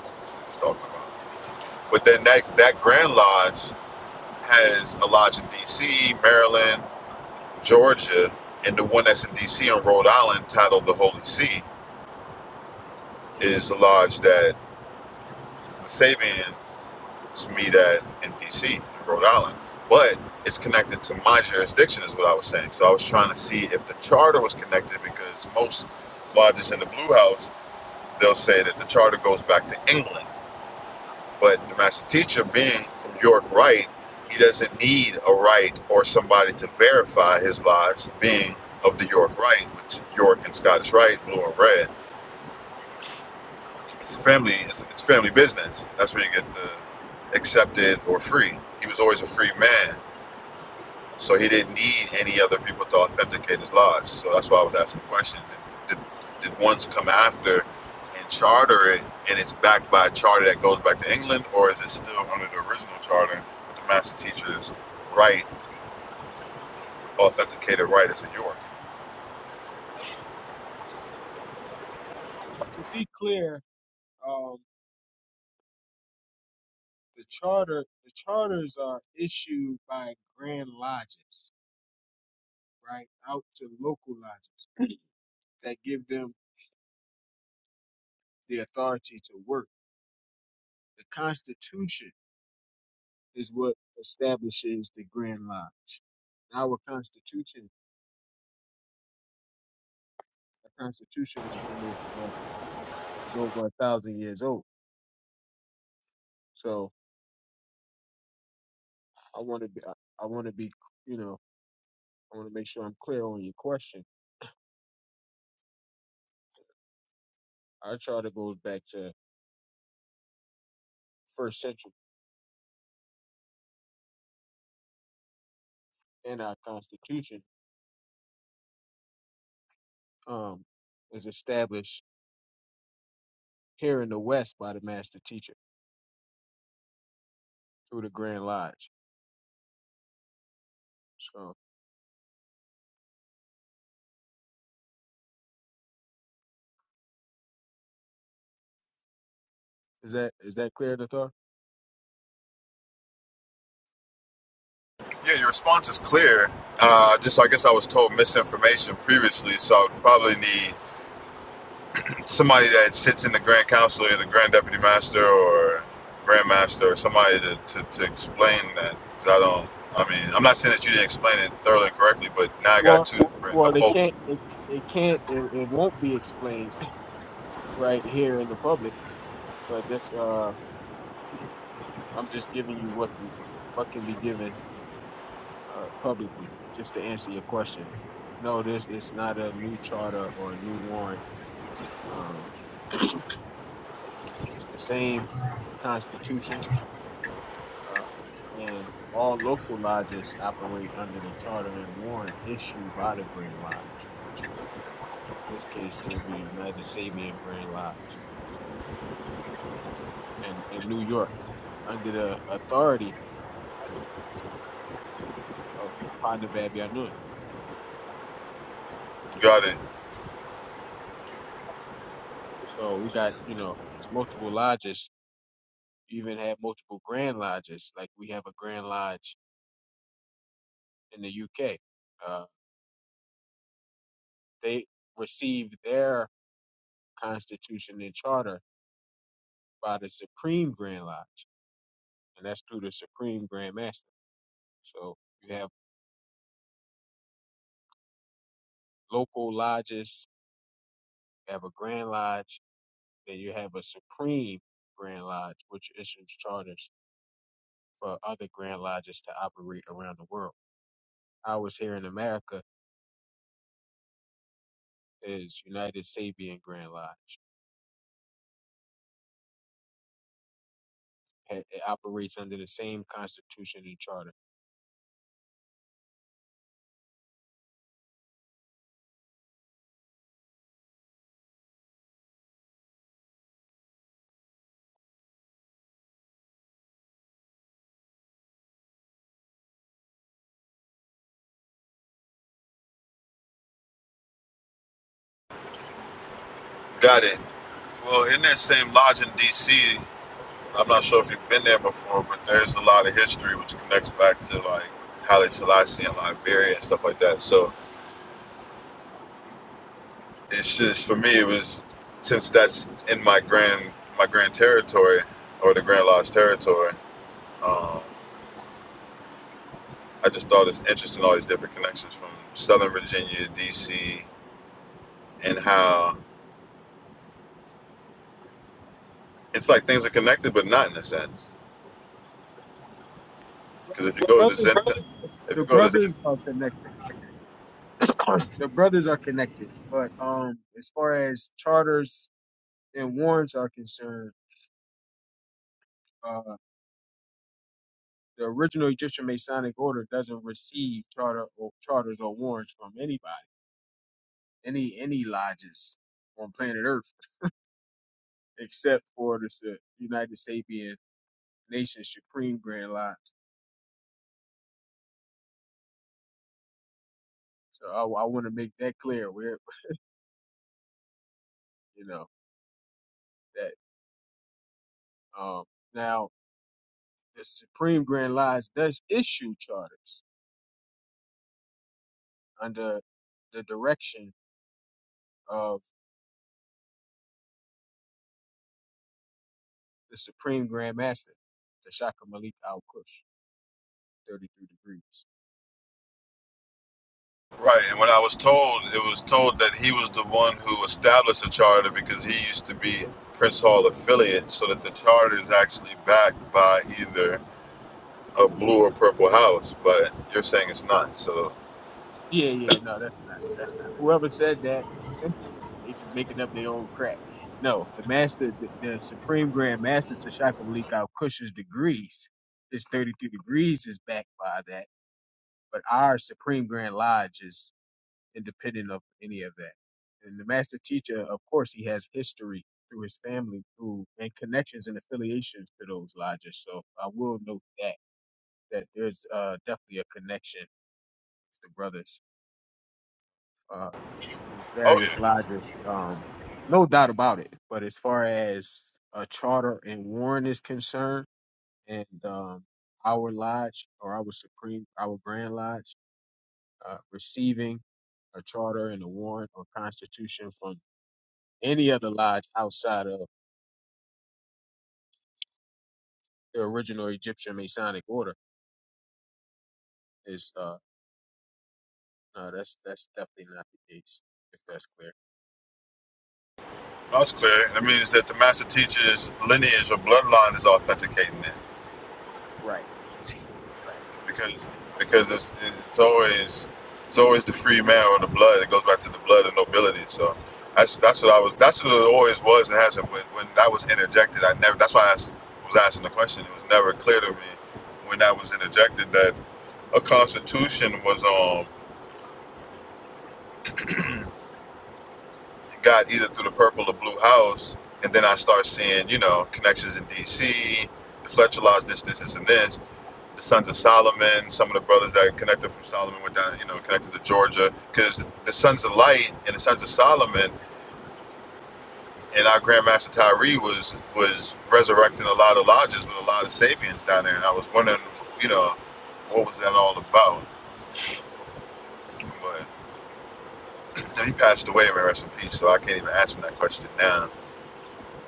S2: that's what it's talking about. But then that, that Grand Lodge has a lodge in D.C., Maryland, Georgia, and the one that's in D.C. on Rhode Island titled the Holy See is the lodge that the Sabians meet at in DC, in Rhode Island. But it's connected to my jurisdiction, is what I was saying. So I was trying to see if the charter was connected because most lodges in the Blue House, they'll say that the charter goes back to England. But the master teacher, being from York Right, he doesn't need a right or somebody to verify his lodge being of the York Right, which York and Scottish Right, blue and red. It's family. It's, it's family business. That's where you get the accepted or free. He was always a free man, so he didn't need any other people to authenticate his lodge. So that's why I was asking the question: Did, did, did ones come after and charter it, and it's backed by a charter that goes back to England, or is it still under the original charter with the master teacher's right, authenticated right as in York?
S9: Well, to be clear, um, the charter the charters are issued by grand lodges, right, out to local lodges that give them the authority to work. The Constitution. is what establishes the Grand Lodge. Our Constitution, the Constitution is almost uh, is over a thousand years old. So I want to be, I, I want to be, you know, I want to make sure I'm clear on your question. Our charter goes back to first century, and our Constitution um, was established here in the West by the Master Teacher through the Grand Lodge. So is that is that clear, Nathar?
S2: Yeah, your response is clear. Uh, just I guess I was told misinformation previously, so I would probably need somebody that sits in the grand council or the grand deputy master or grand master or somebody to, to, to explain that because I don't I mean I'm not saying that you didn't explain it thoroughly and correctly but now I got
S9: Well,
S2: two different
S9: well, it
S2: opposed
S9: can't, it, it can't, it, it won't be explained right here in the public, but this uh, I'm just giving you what we- what can be given uh, publicly, just to answer your question. No, this it's not a new charter or a new warrant. Um, it's the same constitution, uh, and all local lodges operate under the charter and warrant issued by the Grand Lodge. In this case, it will be United Sabian Grand Lodge, and in in New York under the authority of Ponda Bab Yanun.
S2: got it
S9: So we got, you know, it's multiple lodges. You even have multiple grand lodges. Like we have a grand lodge in the UK. Uh, they receive their constitution and charter by the Supreme Grand Lodge, and that's through the Supreme Grand Master. So you have local lodges, you have a grand lodge, then you have a Supreme Grand Lodge, which issues charters for other grand lodges to operate around the world. Ours here in America is United Sabian Grand Lodge. ha- it operates under the same Constitution and Charter.
S2: got it well in that same lodge in DC I'm not sure if you've been there before but there's a lot of history which connects back to like Haile Selassie and Liberia and stuff like that so it's just for me it was since that's in my grand my grand territory or the grand lodge territory Um, I just thought it's interesting all these different connections from Southern Virginia, D.C., and how it's like things are connected but not in a sense. Because if you go to
S9: brothers
S2: Zen, if
S9: the
S2: you go to Zen,
S9: brothers are connected the brothers are connected but um as far as charters and warrants are concerned uh the original egyptian masonic order doesn't receive charter or charters or warrants from anybody any any lodges on planet earth except for the Sa- united sabian nation supreme grand lodge so i, I want to make that clear where you know that um now The Supreme Grand Lodge does issue charters under the direction of the Supreme Grand Master, Tashaka Malik Al Kush, 33 degrees.
S2: right, and when I was told, it was told that he was the one who established the charter because he used to be Prince Hall affiliate, so that the charter is actually backed by either a blue or purple house. But you're saying it's not, so
S9: Yeah, yeah, no, that's not. That's not. Whoever said that, they just making up their own crap. No, the master, the, the Supreme Grand Master Tashaka Malik Al Kush's degrees, his 33 degrees is backed by that. But our Supreme Grand Lodge is independent of any of that. And the master teacher, of course, he has history through his family, through and connections and affiliations to those lodges. So I will note that that there's uh, definitely a connection with the brothers, uh, these
S2: oh
S9: various
S2: yeah.
S9: lodges. Um, no doubt about it. But as far as a charter and Warren is concerned, and um, our lodge or our supreme, our grand lodge, uh, receiving a charter and a warrant or constitution from Any other lodge outside of the original Egyptian Masonic order is uh no, that's that's definitely not the case. If that's clear.
S2: That's clear. That means that the master teacher's lineage or bloodline is authenticating it.
S9: Right,
S2: team,
S9: right.
S2: because because it's it's always it's always the free man or the blood. It goes back to the blood of nobility. So that's that's what I was. That's what it always was and has not When, when I was interjected, I never. That's why I was asking the question. It was never clear to me when I was interjected that a constitution was um got either through the purple or blue house, and then I start seeing you know connections in D.C. The Fletcher laws, this, this, this, and this the Sons of Solomon, some of the brothers that connected from Solomon with down, you know, connected to Georgia, because the Sons of Light and the Sons of Solomon and our Grandmaster Tyree was was resurrecting a lot of lodges with a lot of Sabians down there, and I was wondering, you know, what was that all about? But he passed away, man, rest in peace. So I can't even ask him that question now.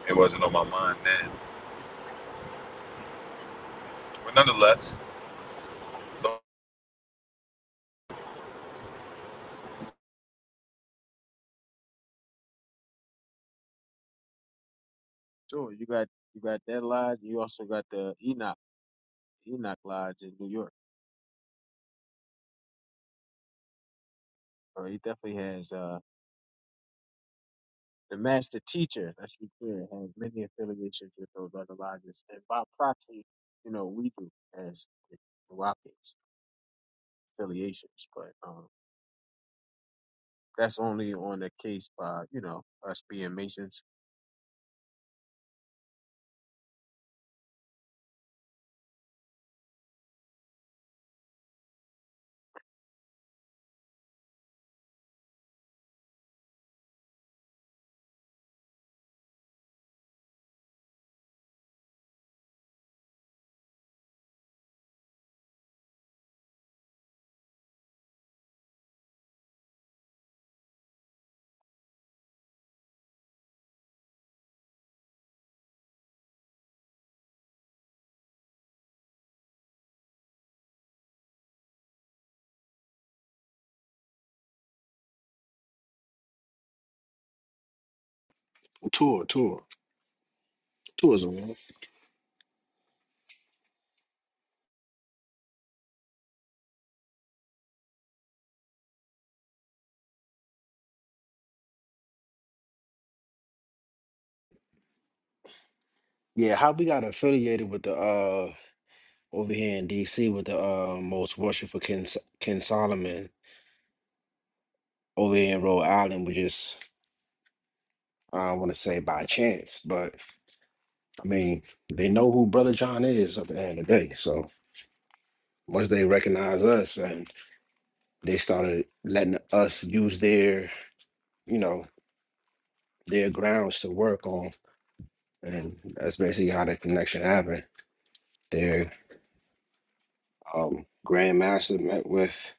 S2: It wasn't on my mind then. But nonetheless,
S9: So you got you got that lodge. You also got the Enoch Enoch Lodge in New York. Or he definitely has uh the master teacher. Let's be clear, has many affiliations with those other lodges, and by proxy, you know we do as the Wapians affiliations, but um that's only on the case by you know us being Masons
S8: tour, tour, tourism. Man. Yeah, how we got affiliated with the uh over here in DC with the uh most worshipful King S- King Solomon over here in Rhode Island, which is I don't want to say by chance, but I mean they know who Brother John is at the end of the day. So once they recognize us and they started letting us use their, you know, their grounds to work on, and that's basically how the connection happened. um, grandmaster met with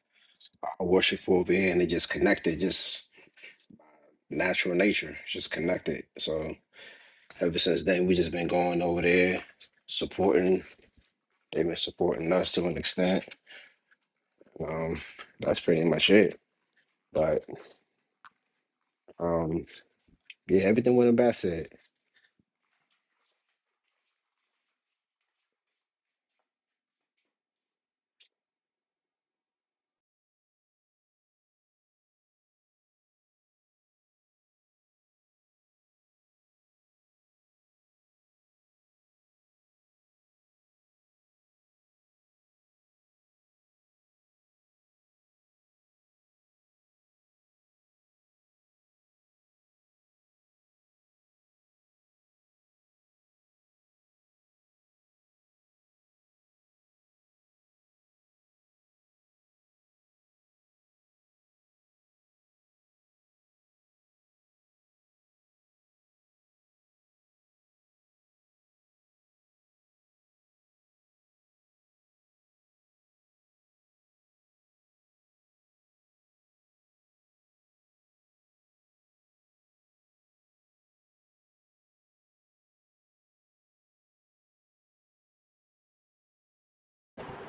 S8: a worshipful over here and it just connected, just natural nature, it's just connected. So ever since then, we just been going over there, supporting. They've been supporting us to an extent. Um, that's pretty much it. But um, yeah, everything went about said.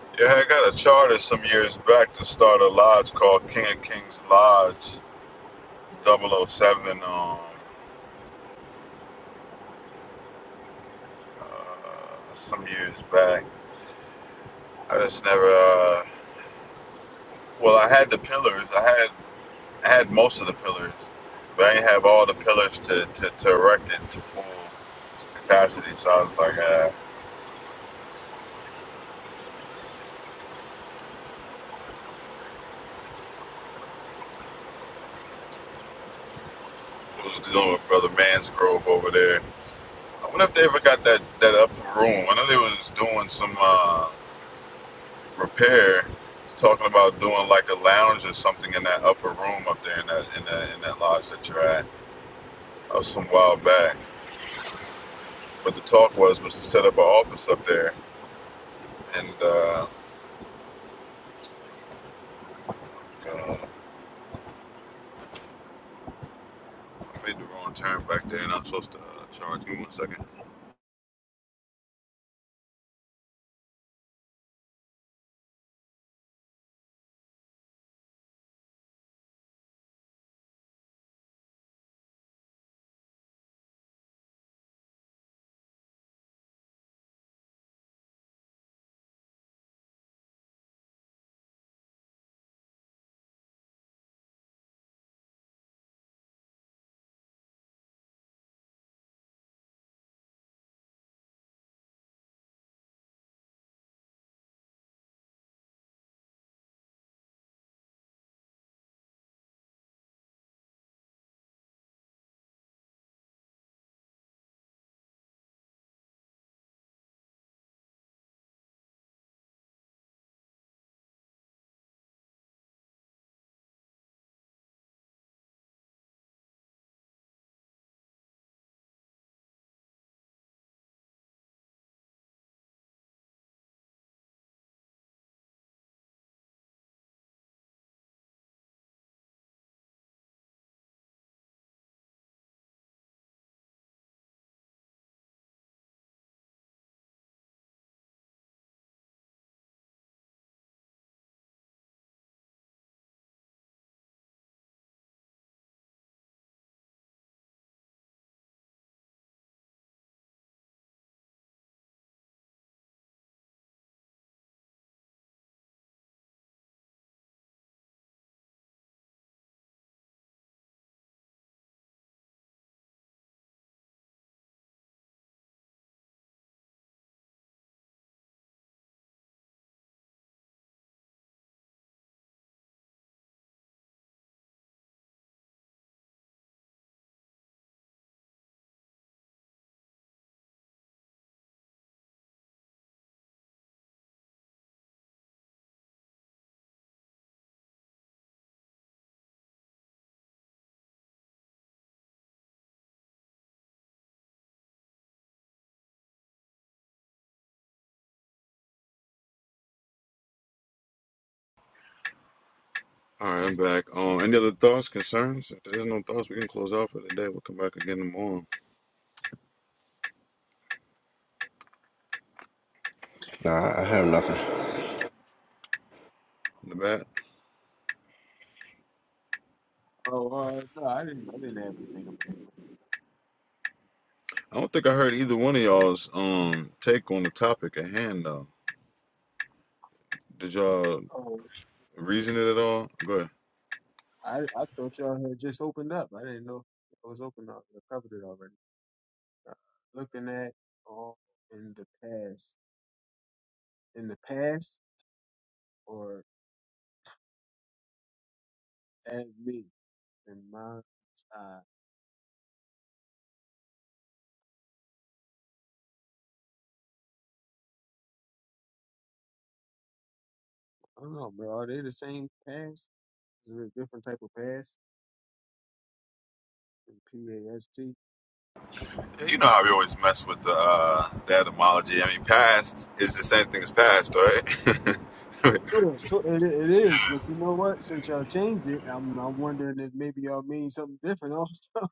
S2: yeah, I got a charter some years back to start a lodge called King of Kings Lodge double oh 007. Um, uh, some years back. I just never. Uh, well, I had the pillars. I had I had most of the pillars, but I didn't have all the pillars to, to, to erect it to full capacity. So I was like, uh, I was dealing with Brother Mansgrove over there. I wonder if they ever got that that upper room. I know they was doing some uh, repair, talking about doing like a lounge or something in that upper room up there in that in that in that lodge that you're at. That was some while back. But the talk was was to set up an office up there, and uh, uh, I made the wrong turn back there, and I'm supposed to uh, charge. Give me one second. All right, I'm back. Um, any other thoughts, concerns? If there's no thoughts, we can close out for the day. We'll come back again tomorrow.
S8: Nah, I have nothing.
S2: In the back,
S9: Oh, uh, no, I didn't. I didn't have anything in particular.
S2: I don't think I heard either one of y'all's um take on the topic at hand though. Did y'all
S9: Oh,
S2: reason it at all? Go ahead.
S9: I I thought y'all had just opened up. I didn't know it was open up. I covered it already. Uh, looking at all in the past, in the past, or at me in my eye. I don't know, bro. Are they the same past? Is it a different type of past? P A S T.
S2: Yeah, you know how we always mess with the uh, the etymology. I mean, past is the same thing as past, right?
S9: Sure, sure. It, it is. But you know what? Since y'all changed it, I'm I'm wondering if maybe y'all mean something different also,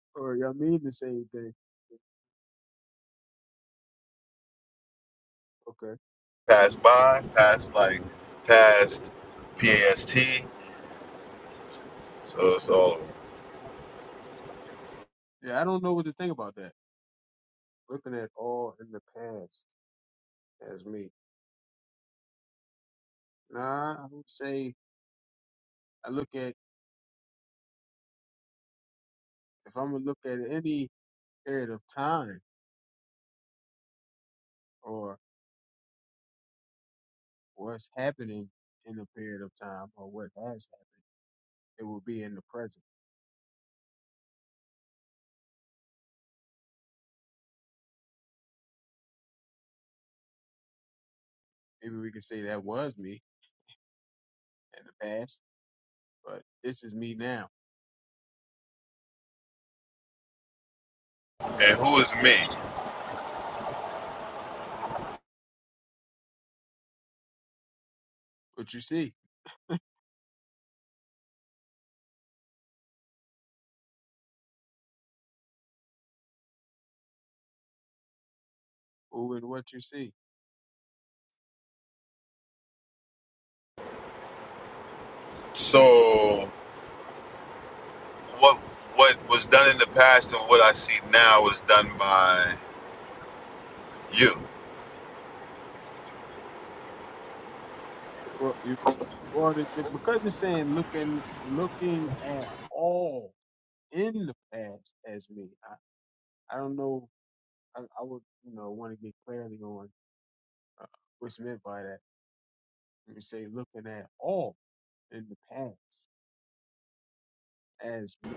S9: or y'all mean the same thing. Okay.
S2: Past by, past like, past PAST. So it's all.
S9: Yeah, I don't know what to think about that. Looking at all in the past as me. Nah, I would say I look at if I'm gonna look at any period of time or what's happening in a period of time or what has happened, it will be in the present. Maybe we could say that was me in the past, but this is me now.
S2: over. And who is me?
S9: What you see, who and what you see.
S2: So what what was done in the past and what I see now was done by you.
S9: Well, you, well, the, the, because it's saying looking, looking at all in the past as me. I, I don't know I, I would, you know, want to get clarity on uh, what's meant by that. When we say looking at all in the past as me,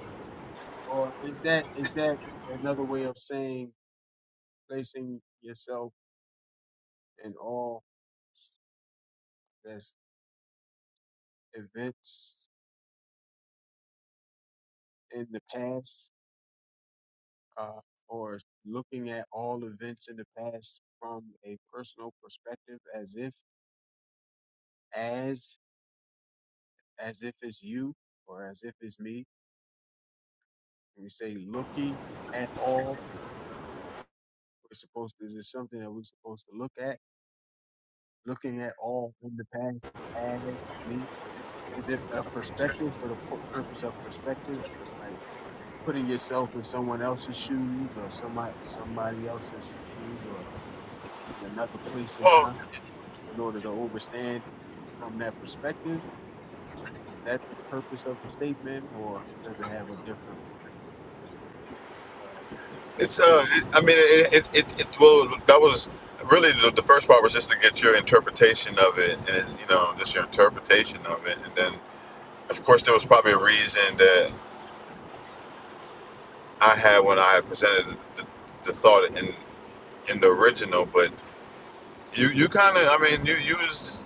S9: or is that is that another way of saying placing yourself in all that's events in the past, uh, or looking at all events in the past from a personal perspective, as if as as if it's you or as if it's me. When we say looking at all We're supposed to, it's something that we're supposed to look at, looking at all in the past as me. Is it a perspective for the pu- purpose of perspective? Like putting yourself in someone else's shoes or somebody, somebody else's shoes or in another place and
S2: Well,
S9: time in order to understand from that perspective? Is that the purpose of the statement or does it have a different, uh,
S2: it's uh, it, I mean, it, it it it well that was really the, the first part was just to get your interpretation of it, and it, you know, just your interpretation of it, and then of course there was probably a reason that I had when I presented the, the, the thought in in the original, but You you kind of I mean you you was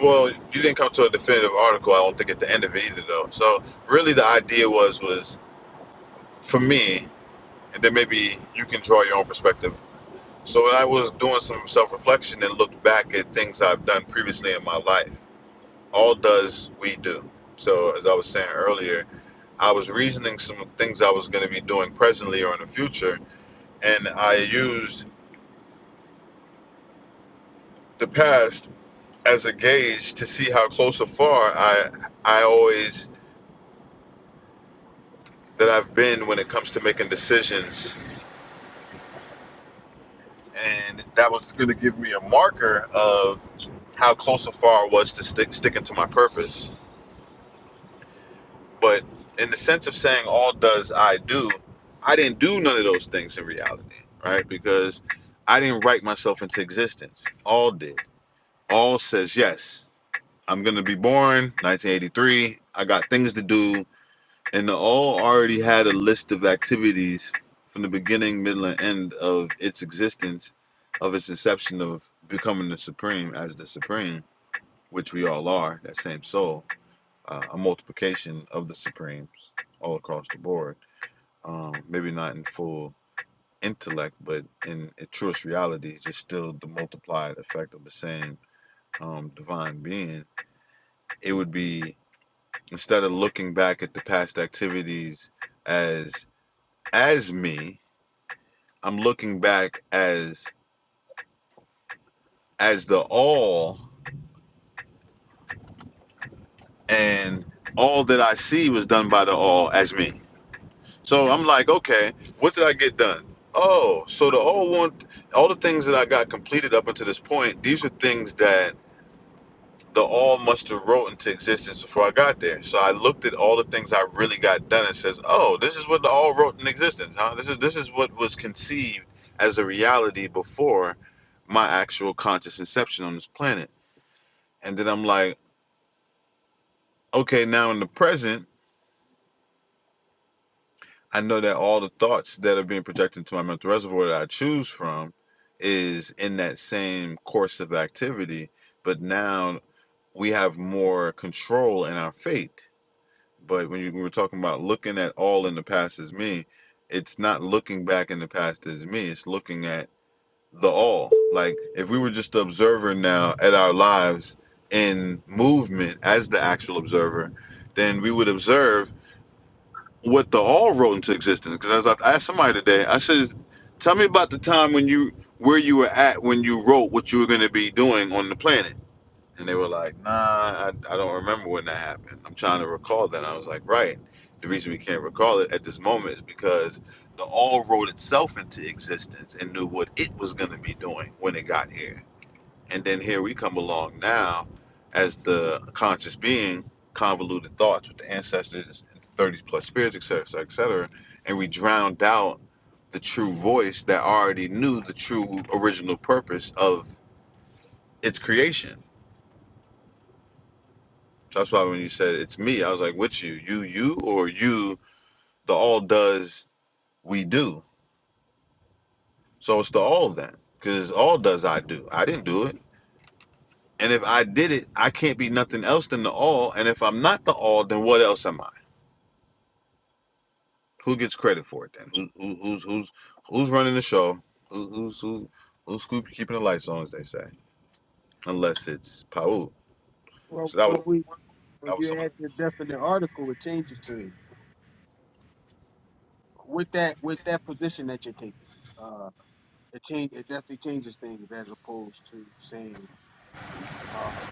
S2: well you didn't come to a definitive article I don't think at the end of it either though. So really the idea was was for me and then maybe you can draw your own perspective. So when I was doing some self reflection and looked back at things I've done previously in my life. All does we do. So as I was saying earlier, I was reasoning some things I was going to be doing presently or in the future, and I used the past as a gauge to see how close or far I I always that I've been when it comes to making decisions, and that was going to give me a marker of how close or far I was to stick, sticking to my purpose. But in the sense of saying all does I do, I didn't do none of those things in reality, right? Because I didn't write myself into existence. All did. All says yes. I'm going to be born 1983. I got things to do And the all already had a list of activities from the beginning, middle, and end of its existence, of its inception of becoming the supreme as the supreme, which we all are, that same soul, uh, a multiplication of the supremes all across the board. Um, maybe not in full intellect, but in its truest reality, just still the multiplied effect of the same um, divine being. It would be instead of looking back at the past activities as as me. I'm looking back as as the all, and all that I see was done by the all as me. So I'm like, okay, what did I get done? Oh, so the all want all the things that I got completed up until this point. These are things that the all must have wrote into existence before I got there. So I looked at all the things I really got done and says, "Oh, this is what the all wrote in existence. Huh? This is this is what was conceived as a reality before my actual conscious inception on this planet." And then I'm like, "Okay, now in the present, I know that all the thoughts that are being projected to my mental reservoir that I choose from is in that same course of activity, but now we have more control in our fate." But when you we were talking about looking at all in the past as me, it's not looking back in the past as me. It's looking at the all. Like if we were just the observer now at our lives in movement as the actual observer, then we would observe what the all wrote into existence. Because as I I asked somebody today, I said, "Tell me about the time when you where you were at when you wrote what you were going to be doing on the planet." And they were like, nah, I, I don't remember when that happened. I'm trying to recall that. And I was like, right. The reason we can't recall it at this moment is because the all wrote itself into existence and knew what it was going to be doing when it got here. And then here we come along now as the conscious being, convoluted thoughts with the ancestors, 30s plus spirits, et cetera, et cetera, And we drowned out the true voice that already knew the true original purpose of its creation That's why when you said it's me, I was like, which you? You, you, or you, the all does we do. So it's the all then. Because all does I do. I didn't do it. And if I did it, I can't be nothing else than the all. And if I'm not the all, then what else am I? Who gets credit for it then? Who, who, who's who's who's running the show? Who, who's who, who's keep- keeping the lights on, as they say? Unless it's Pau.
S9: well,
S2: So that
S9: when
S2: was
S9: we, when
S2: that was
S9: you
S2: some. of
S9: add the definite article, it changes things with that, with that position that you're taking. it change, it definitely changes things as opposed to saying um,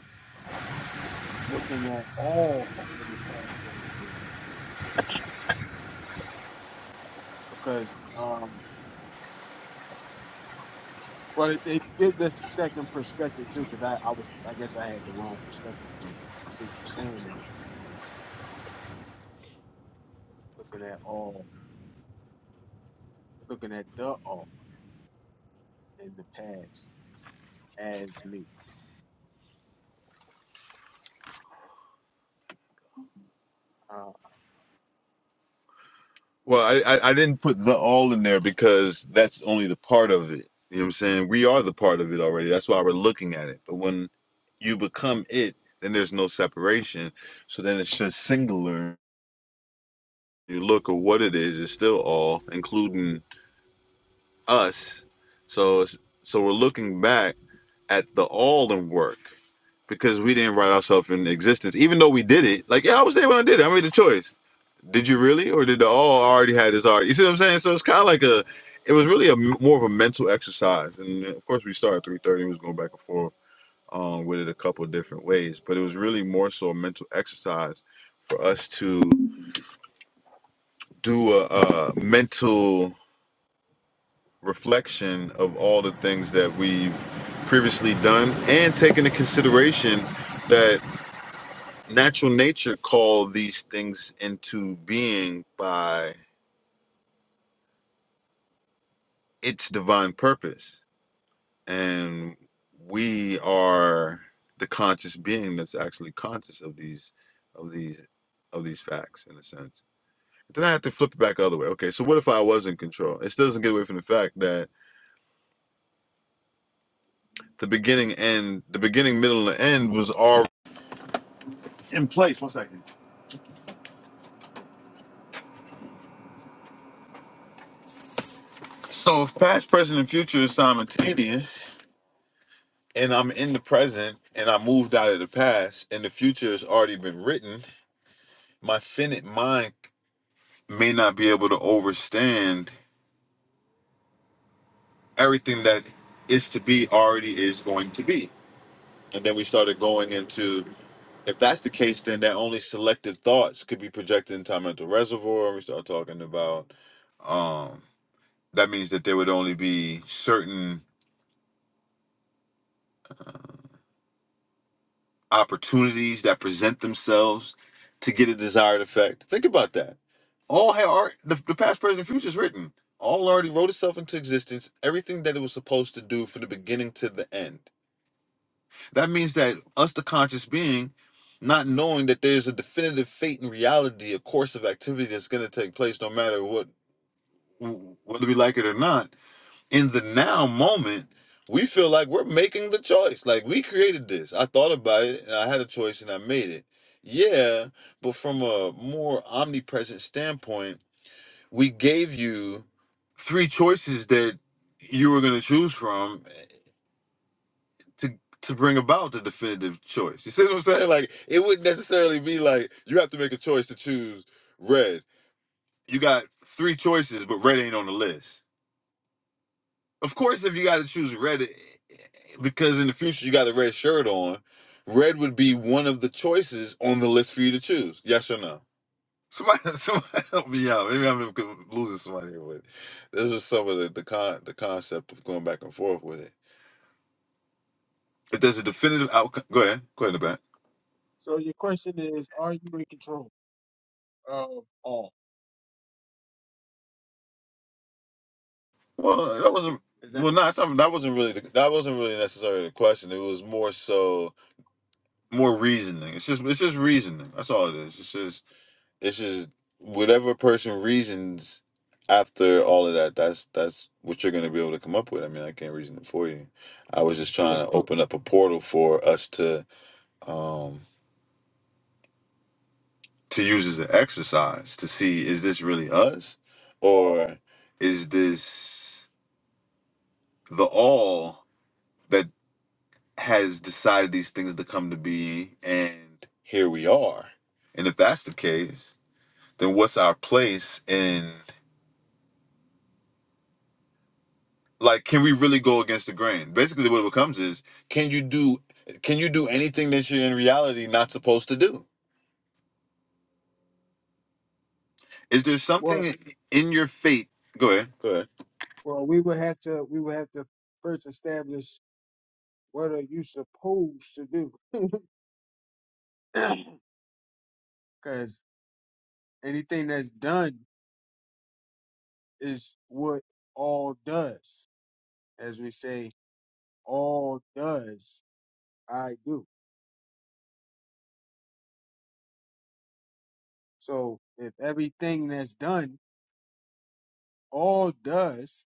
S9: looking at all in the past as good because um, well it, it gives us second perspective too because I, I was I guess I had the wrong perspective but I see what you're saying now looking at all looking at the all in the past as me uh,
S2: Well, I, I, I didn't put the all in there because that's only the part of it. You know what I'm saying? We are the part of it already. That's why we're looking at it. But when you become it, then there's no separation. So then it's just singular. You look at what it is, it's still all, including us. So it's, so we're looking back at the all in work because we didn't write ourselves in existence, even though we did it. Like, yeah, I was there when I did it. I made the choice. Did you really, or did the all already had this already? You see what I'm saying? So it's kind of like a, it was really a m- more of a mental exercise, and of course we started at three thirty. We was going back and forth um, with it a couple of different ways, but it was really more so a mental exercise for us to do a, a mental reflection of all the things that we've previously done, and take into consideration that natural nature called these things into being by its divine purpose and we are the conscious being that's actually conscious of these of these of these facts in a sense But then i have to flip it back the other way okay so what if i was in control it still doesn't get away from the fact that the beginning end the beginning middle and end was all so if past present and future is simultaneous and i'm in the present and i moved out of the past and the future has already been written my finite mind may not be able to overstand everything that is to be already is going to be. And then we started going into if that's the case, then that only selective thoughts could be projected into our mental reservoir. We start talking about um, that means that there would only be certain opportunities that present themselves to get a desired effect. Think about that. All had art, the, the past, present, and future is written. All already wrote itself into existence. Everything that it was supposed to do from the beginning to the end That means that us, the conscious being, not knowing that there's a definitive fate and reality, a course of activity that's going to take place, no matter what, whether we like it or not. In the now moment, we feel like we're making the choice. Like we created this. I thought about it, and I had a choice, and I made it. Yeah, but from a more omnipresent standpoint, we gave you three choices that you were going to choose from to to bring about the definitive choice. You see what I'm saying? Like it wouldn't necessarily be like you have to make a choice to choose red. You got three choices, but red ain't on the list. Of course, if you got to choose red, eh, eh, because in the future you got a red shirt on, red would be one of the choices on the list for you to choose. Yes or no? Somebody, somebody help me out. Maybe I'm losing somebody here, but this is some of the the, con, the concept of going back and forth with it. If there's a definitive outcome, go ahead. Go ahead, Nabat.
S9: so your question is are you in control of all
S2: Well, that wasn't
S9: is that
S2: well
S9: the
S2: not something that wasn't really the, that wasn't really necessarily the question. It was more so more reasoning. It's just it's just reasoning. That's all it is. It's just it's just whatever person reasons after all of that. That's that's what you're going to be able to come up with. I mean, I can't reason it for you. I was just
S9: sure.
S2: trying to open up a portal for us to um to use as an exercise to see is this really us or is this the all has decided these things to come to be, and here we are. And if that's the case, then what's our place in like can we really go against the grain? Basically what it becomes is can you do can you do anything that you're in reality not supposed to do? Is there
S9: well
S2: something in your faith? Go ahead. Go ahead.
S9: well we would have to we would have to first establish What are you supposed to do? Because anything that's done is what all does. As we say, all does I do. So if everything that's done all does,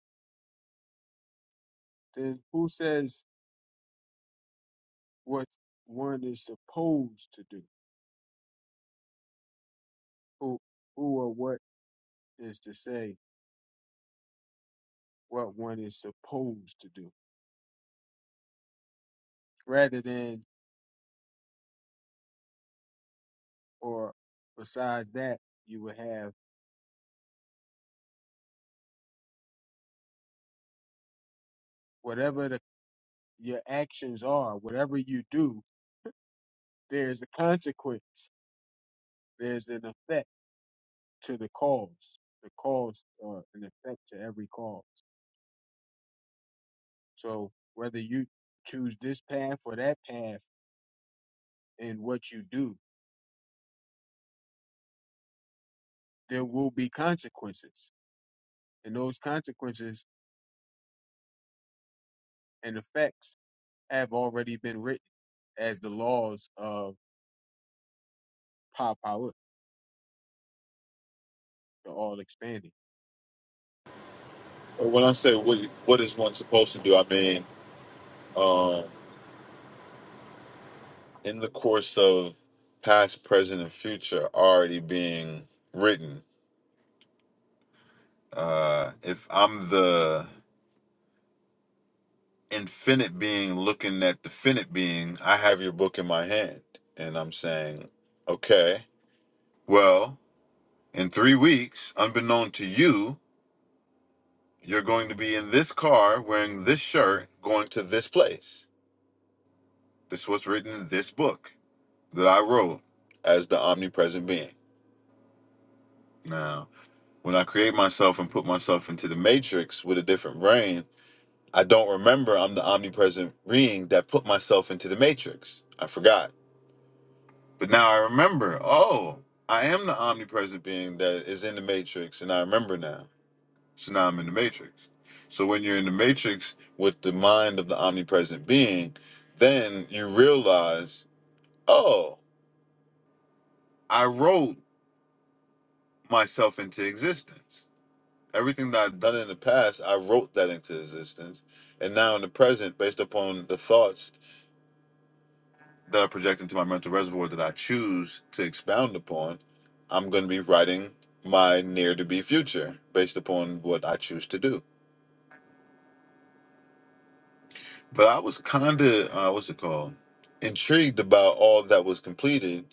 S9: then who says what one is supposed to do? Who, who or what is to say what one is supposed to do? Rather than, or besides that, you would have whatever the your actions are. Whatever you do, there's a consequence. There's an effect to the cause. The cause or an effect to every cause. So whether you choose this path or that path in what you do, there will be consequences. And those consequences and effects have already been written as the laws of Pa Power, the all expanding.
S2: When I say what what is one supposed to do, I mean um, in the course of past, present, and future already being written. Uh, if I'm the infinite being looking at the finite being, I have your book in my hand. And I'm saying, okay, well, in three weeks, unbeknown to you, you're going to be in this car wearing this shirt going to this place. This was written in this book that I wrote as the omnipresent being. Now, when I create myself and put myself into the matrix with a different brain, I don't remember I'm the omnipresent being that put myself into the matrix. I forgot. But now I remember, oh, I am the omnipresent being that is in the matrix, and I remember now. So now I'm in the matrix. So when you're in the matrix with the mind of the omnipresent being, then you realize, oh, I wrote myself into existence. Everything that I've done in the past, I wrote that into existence. And now in the present, based upon the thoughts that I project into my mental reservoir that I choose to expound upon, I'm going to be writing my near to be future based upon what I choose to do. But I was kind of, uh, what's it called? Intrigued about all that was completed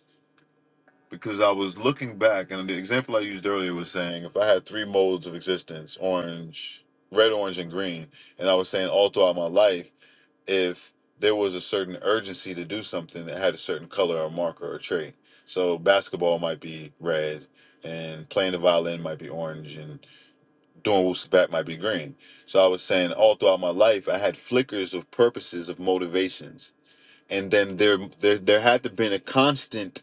S2: because I was looking back, and the example I used earlier was saying if I had three modes of existence orange, red, orange, and green, and I was saying all throughout my life, if there was a certain urgency to do something that had a certain color or marker or trait. So basketball might be red, and playing the violin might be orange, and doing woosie back might be green. So I was saying all throughout my life, I had flickers of purposes of motivations. And then there, there, there had to been a constant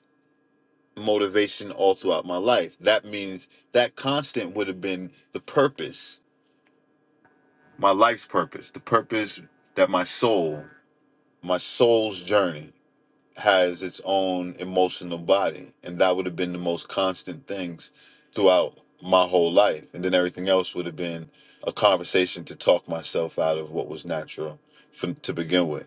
S2: motivation all throughout my life. That means that constant would have been the purpose, my life's purpose, the purpose that my soul, my soul's journey has its own emotional body. And that would have been the most constant things throughout my whole life. And then everything else would have been a conversation to talk myself out of what was natural for, to begin with.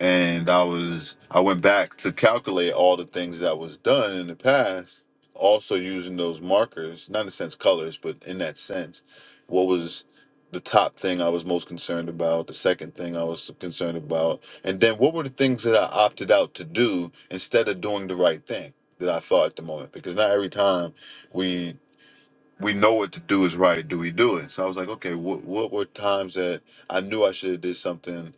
S2: and I was I went back to calculate all the things that was done in the past, also using those markers, not in the sense colors, but in that sense, what was the top thing I was most concerned about, the second thing I was concerned about, and then what were the things that I opted out to do instead of doing the right thing that I thought at the moment? Because not every time we we know what to do is right, do we do it? So I was like, okay, what what were times that I knew I should have did something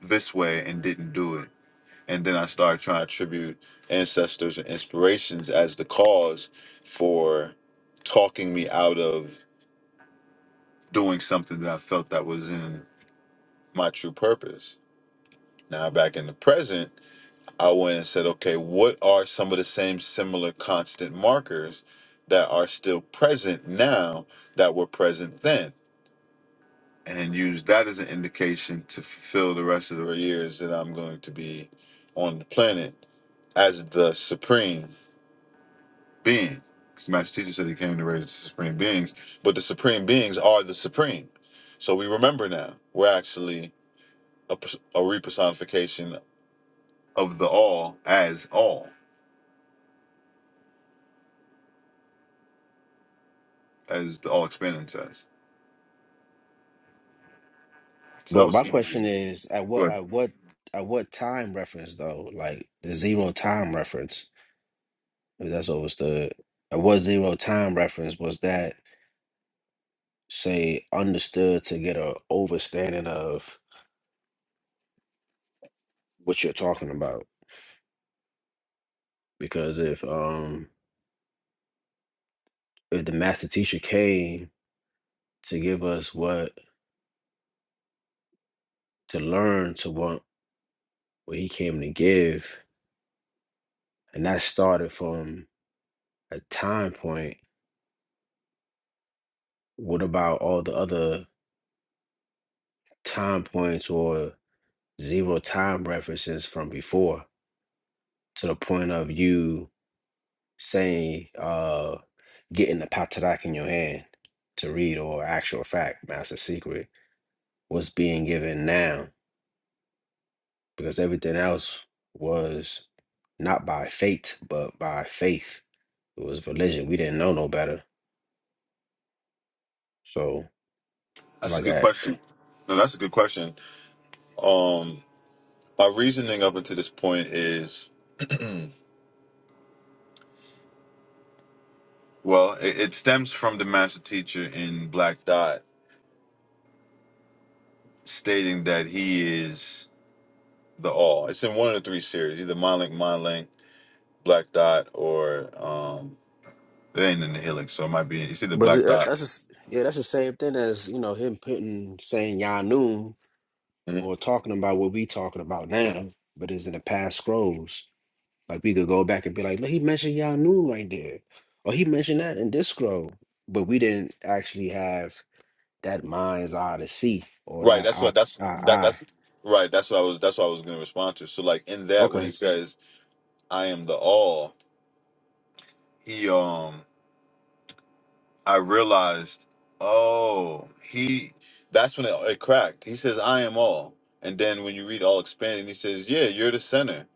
S2: this way and didn't do it? and then I started trying to attribute ancestors and inspirations as the cause for talking me out of doing something that I felt that was in my true purpose. Now back in the present, I went and said, okay, what are some of the same similar constant markers that are still present now that were present then? And use that as an indication to fulfill the rest of the years that I'm going to be on the planet as the supreme being. Because the master teacher said he came to raise the supreme beings, but the supreme beings are the supreme. So we remember now we're actually a, pers- a repersonification of the all as all, as the all expanding says. So that
S8: But
S2: was
S8: my
S2: some
S8: question
S2: reason.
S8: is, at what,
S2: Good.
S8: at what, at what time reference though? Like the zero time reference, if that's understood. At what zero time reference was that? say understood to get a overstanding of what you're talking about because if um if the master teacher came to give us what to learn to want what he came to give and that started from a time point what about all the other time points or zero time references from before to the point of you saying uh getting the patarak in your hand to read or actual fact master secret what's being given now because everything else was not by fate but by faith it was religion we didn't know no better so
S2: That's a
S8: like
S2: good
S8: that
S2: question. No, that's a good question. Um, my reasoning up until this point is well, it, it stems from the master teacher in Black Dot stating that he is the all. It's in one of the three series, either Mind Link, Mind Link, Black Dot or um, it ain't in the Helix, so it might be. You see the
S8: but
S2: Black
S8: uh,
S2: Dot,
S8: that's just, yeah that's the same thing as you know him putting saying yanu
S2: hmm
S8: or talking about what we talking about now but it's in the past scrolls like we could go back and be like look he mentioned yanu right there or he mentioned that in this scroll but we didn't actually have that mind's eye to see or
S2: right?
S8: that
S2: That's
S8: eye
S2: what that's
S8: our
S2: that
S8: eye
S2: that's right. That's what I was that's what I was gonna respond to. So like in that when
S8: Okay.
S2: he says I am the All, he um I realized, oh, he. That's when it, it cracked. He says, "I am all," and then when you read all expanded, he says, "Yeah, you're the center,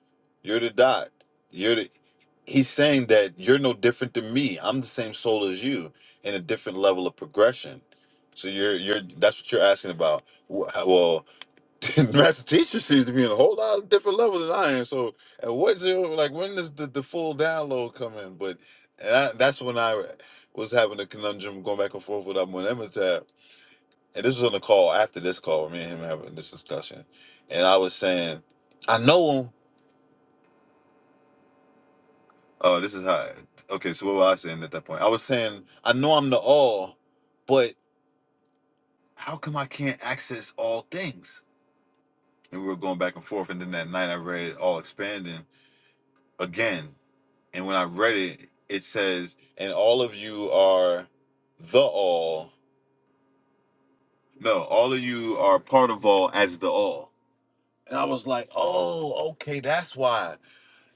S2: you're the dot, you're the." He's saying that you're no different than me. I'm the same soul as you in a different level of progression. So you're you're that's what you're asking about. Wh- how- Well, master teacher seems to be in a whole lot of different levels than I am. So at what zero, like when does the, the full download come in? But and I, that's when I was having a conundrum going back and forth with Amun Emitab. And this was on the call after this call, me and him having this discussion. And I was saying, I know him. Oh, this is high. Okay, so what was I saying at that point? I was saying, I know I'm the all, but how come I can't access all things? And we were going back and forth. And then that night I read All Expanding again And when I read it, it says, and all of you are the all. No, all of you are part of all as the all. And I was like, oh, okay, that's why.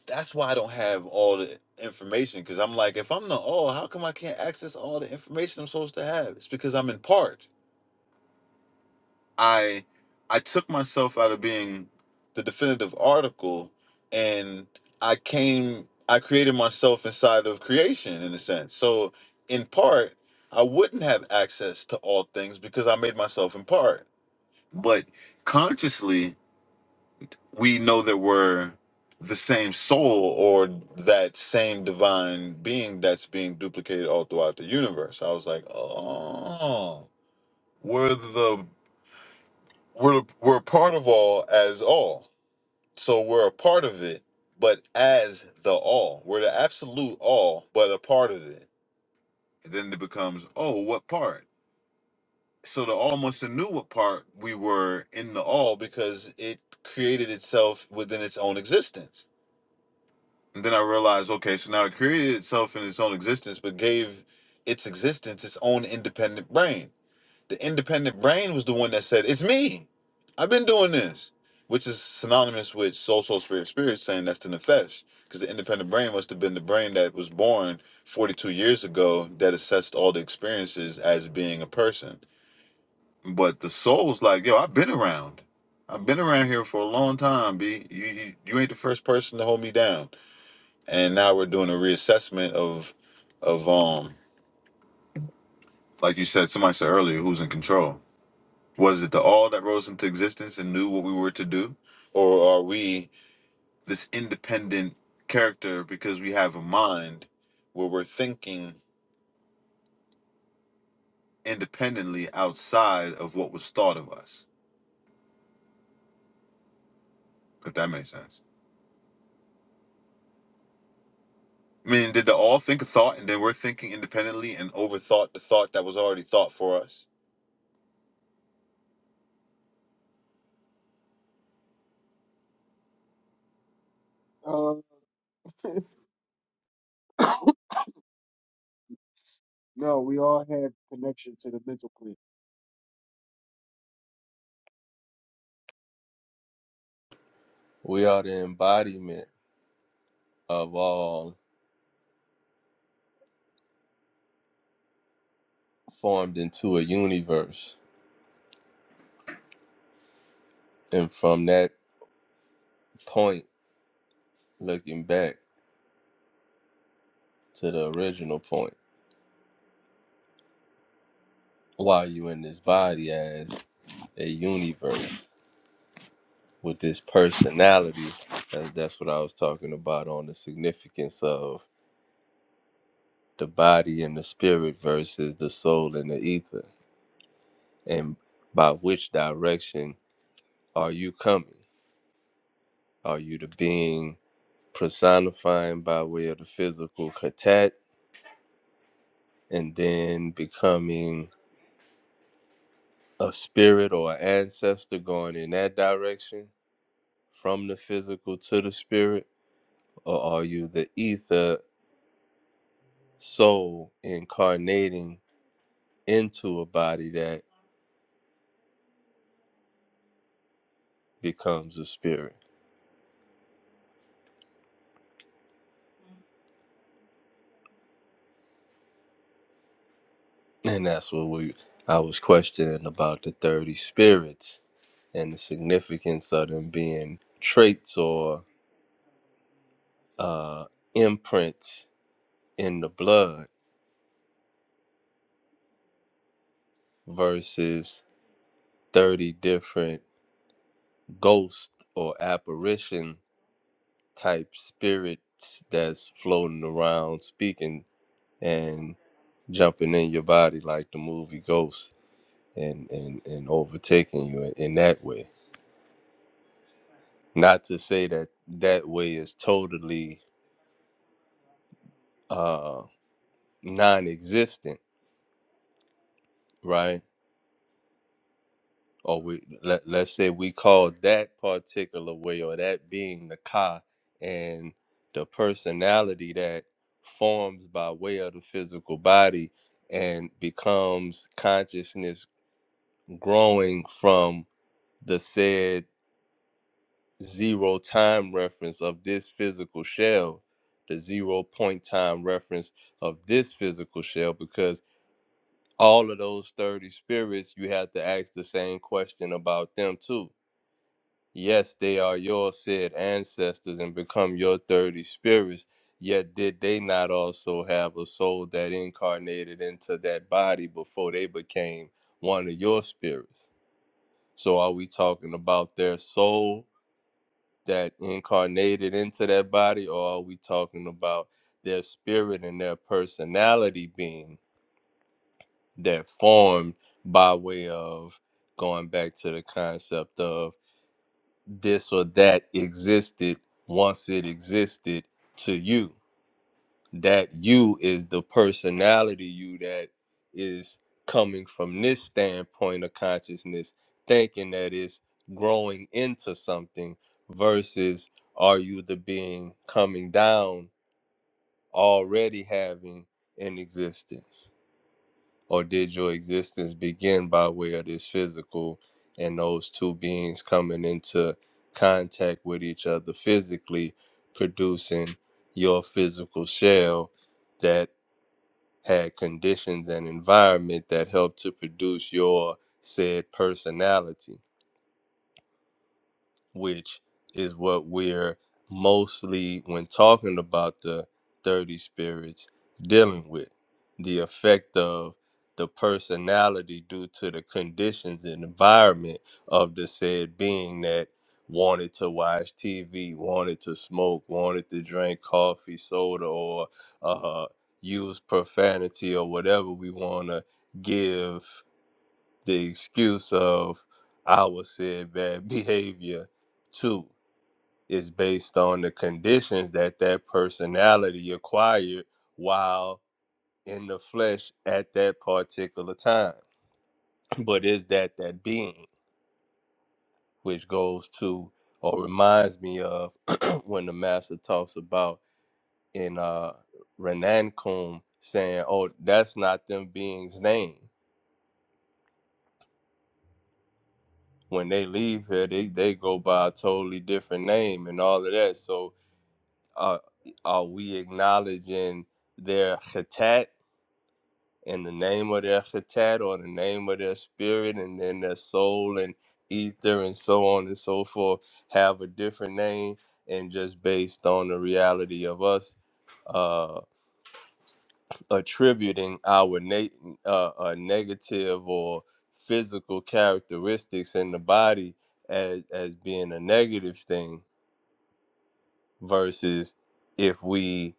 S2: That's why I don't have all the information. Cause I'm like, if I'm the all, how come I can't access all the information I'm supposed to have? It's because I'm in part. I I took myself out of being the definitive article and I came I created myself inside of creation in a sense. So in part, I wouldn't have access to all things because I made myself in part. But consciously, we know that we're the same soul or that same divine being that's being duplicated all throughout the universe. I was like, oh, we're the we're we're part of all as all so we're a part of it but as the all we're the absolute all but a part of it and then it becomes oh what part so the all must have knew what part we were in the all because it created itself within its own existence and then i realized okay so now it created itself in its own existence but gave its existence its own independent brain The independent brain was the one that said, It's me. I've been doing this. Which is synonymous with soul, soul, spirit, spirit, saying that's the nefesh. Because the independent brain must have been the brain that was born 42 years ago that assessed all the experiences as being a person. But the soul's like, yo, I've been around. I've been around here for a long time, B. You, you you ain't the first person to hold me down. And now we're doing a reassessment of of um like you said, somebody said earlier, who's in control. Was it the all that rose into existence and knew what we were to do? Or are we this independent character because we have a mind where we're thinking independently outside of what was thought of us? If that makes sense. I mean, did the all think a thought and then we're thinking independently and overthought the thought that was already thought for us?
S9: Uh, no, we all have connection to the mental plane.
S4: We are the embodiment of all formed into a universe. And from that point, looking back to the original point, while you in this body as a universe with this personality, that's, that's what I was talking about on the significance of the body and the spirit versus the soul and the ether. And by which direction are you coming? Are you the being personifying by way of the physical and then becoming a spirit or an ancestor going in that direction from the physical to the spirit? Or are you the ether soul incarnating into a body that becomes a spirit? And that's what we I was questioning about the 30 spirits and the significance of them being traits or uh, imprints in the blood versus 30 different ghost or apparition type spirits that's floating around speaking and jumping in your body like the movie Ghost and and, and overtaking you in, in that way. Not to say that that way is totally uh non-existent, right? or we let, let's say we call that particular way or that being the ka and the personality that forms by way of the physical body and becomes consciousness growing from the said zero time reference of this physical shell the zero point time reference of this physical shell because all of those 30 spirits you have to ask the same question about them too Yes, they are your said ancestors and become your thirty spirits. Yet did they not also have a soul that incarnated into that body before they became one of your spirits? So are we talking about their soul that incarnated into that body, or are we talking about their spirit and their personality being that formed by way of going back to the concept of this or that existed once it existed to you. That you is the personality you that is coming from this standpoint of consciousness, thinking that it's growing into something versus are you the being coming down already having an existence? or did your existence begin by way of this physical and those two beings coming into contact with each other physically producing your physical shell that had conditions and environment that helped to produce your said personality which is what we're mostly, when talking about the dirty spirits, dealing with the effect of the personality due to the conditions and environment of the said being that wanted to watch TV, wanted to smoke, wanted to drink coffee, soda, or uh, use profanity or whatever we want to give the excuse of our said bad behavior too is based on the conditions that that personality acquired while in the flesh at that particular time but is that that being which goes to or reminds me of when the master talks about in uh renan kum saying oh that's not them beings name when they leave here they, they go by a totally different name and all of that so uh, are we acknowledging their chitat and the name of their chitat or the name of their spirit and then their soul and ether and so on and so forth have a different name and just based on the reality of us uh, attributing our na- uh, uh, negative or physical characteristics in the body as, as being a negative thing versus if we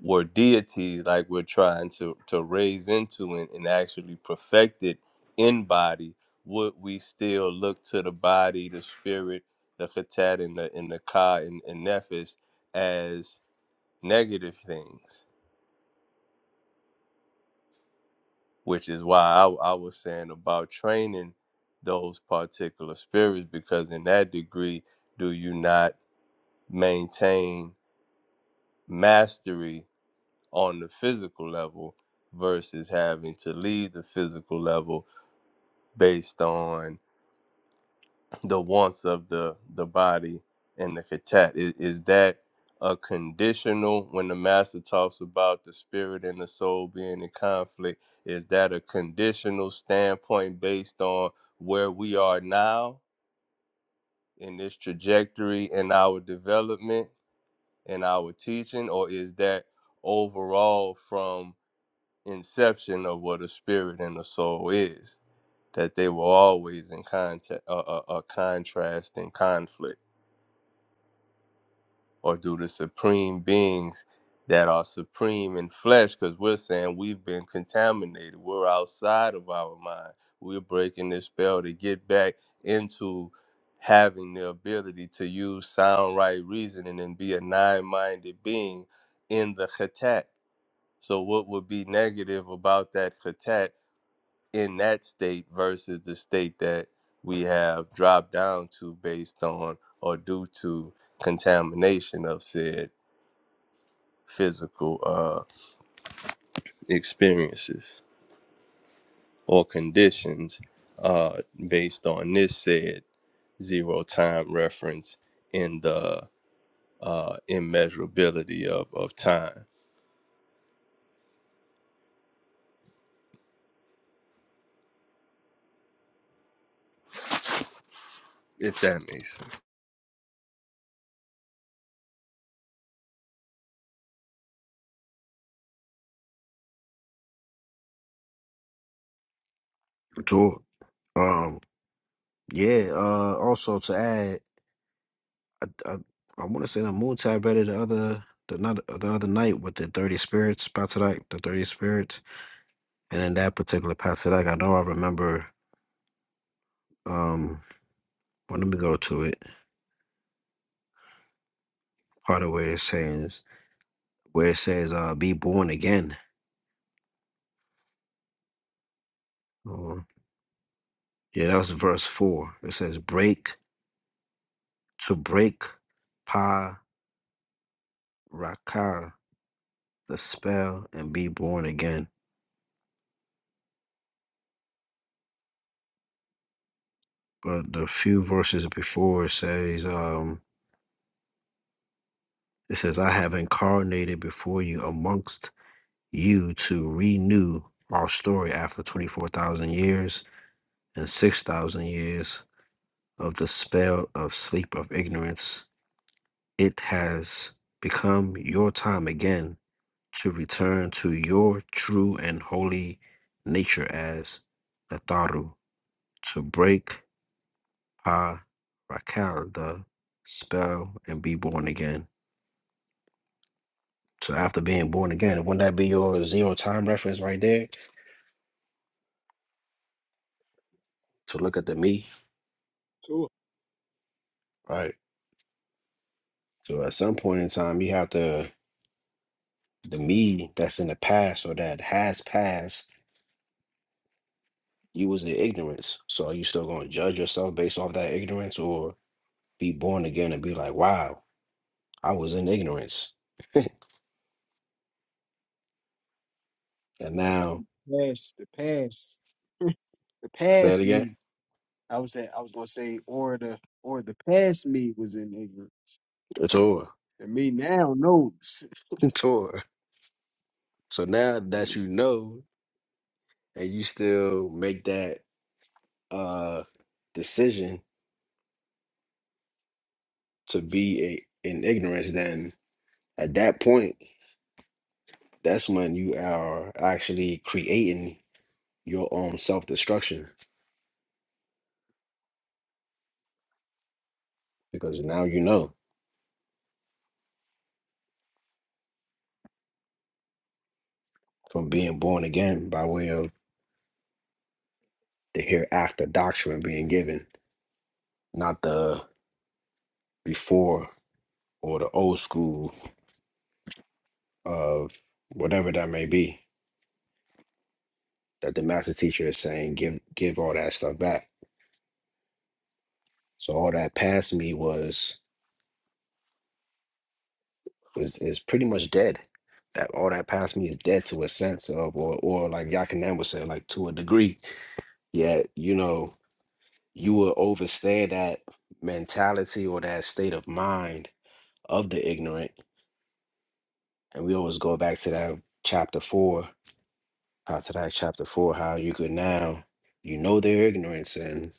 S4: were deities like we're trying to to raise into and, and actually perfect it in body would we still look to the body the spirit the khatat and the and the ka and, and nefis as negative things which is why I, I was saying about training those particular spirits because in that degree do you not maintain mastery on the physical level versus having to leave the physical level based on the wants of the the body and the katat. Is, is that a conditional when the master talks about the spirit and the soul being in conflict? Is that a conditional standpoint based on where we are now in this trajectory in our development and our teaching, or is that overall from? inception of what a spirit and a soul is that they were always in contact a, a, a contrast and conflict or do the supreme beings that are supreme in flesh because we're saying we've been contaminated we're outside of our mind we're breaking this spell to get back into having the ability to use sound right reasoning and be a nine-minded being in the khatat so what would be negative about that khatat in that state versus the state that we have dropped down to based on or due to contamination of said physical uh, experiences or conditions uh, based on this said zero time reference in the uh, immeasurability of, of time, if that makes sense.
S8: Tour. Um, yeah. Uh, also to add, I I, I want to say the moon tab read it the other the not the other night with the thirty spirits Patsadak, the thirty spirits, and in that particular Patsadak, I know I remember. Um, well, let me go to it. Part of where it says where it says uh be born again. Uh, yeah, that was verse four. It says break to break pa raka the spell and be born again but the few verses before it says, um, it says, I have incarnated before you amongst you to renew our story after 24,000 years and 6,000 years of the spell of sleep of ignorance. It has become your time again to return to your true and holy nature as Natharu, to break Pa Rakal, the spell, and be born again. So after being born again, wouldn't that be your zero time reference right there? To look at the me, right? So at some point in time, you have to the me that's in the past or that has passed. You was the ignorance. So are you still going to judge yourself based off that ignorance, or be born again and be like, "Wow, I was in ignorance, and now
S9: past the past the
S8: s- say it
S9: past
S8: again,
S9: me. I was at, I was gonna say or the or the past me was in ignorance.
S8: it's over,
S9: And me now knows.
S8: it's over." So now that you know, and you still make that uh decision to be a, in ignorance, then at that point, that's when you are actually creating your own self destruction because now you know from being born again by way of the hereafter doctrine being given, not the before or the old school of whatever that may be that the master teacher is saying give give all that stuff back. So all that past me was is is pretty much dead. That all that past me is dead to a sense of, or or like Yakanan would say, like to a degree. Yet you know you will overstay that mentality or that state of mind of the ignorant, and we always go back to that chapter four, how to that chapter four, how you could now you know their ignorance and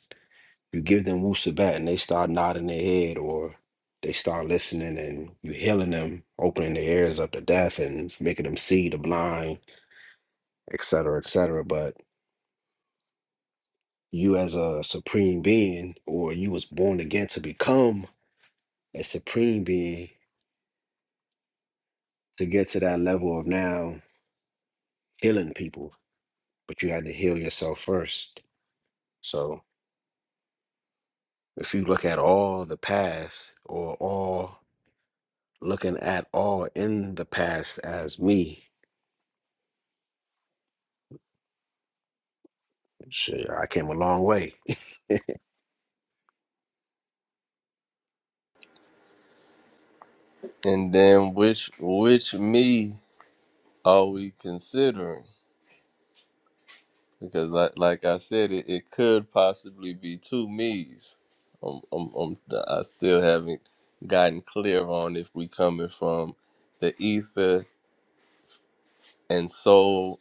S8: you give them wusabat and they start nodding their head or they start listening and you healing them, opening their ears up to death and making them see the blind et cetera, et cetera. But you as a supreme being, or you was born again to become a supreme being to get to that level of now healing people, but you had to heal yourself first. So if you look at all the past or all looking at all in the past as me, shit, I came a long way.
S4: And then which which me are we considering? because like, like I said, it, it could possibly be two me's. Um, um, um, I still haven't gotten clear on if we coming from the ether and soul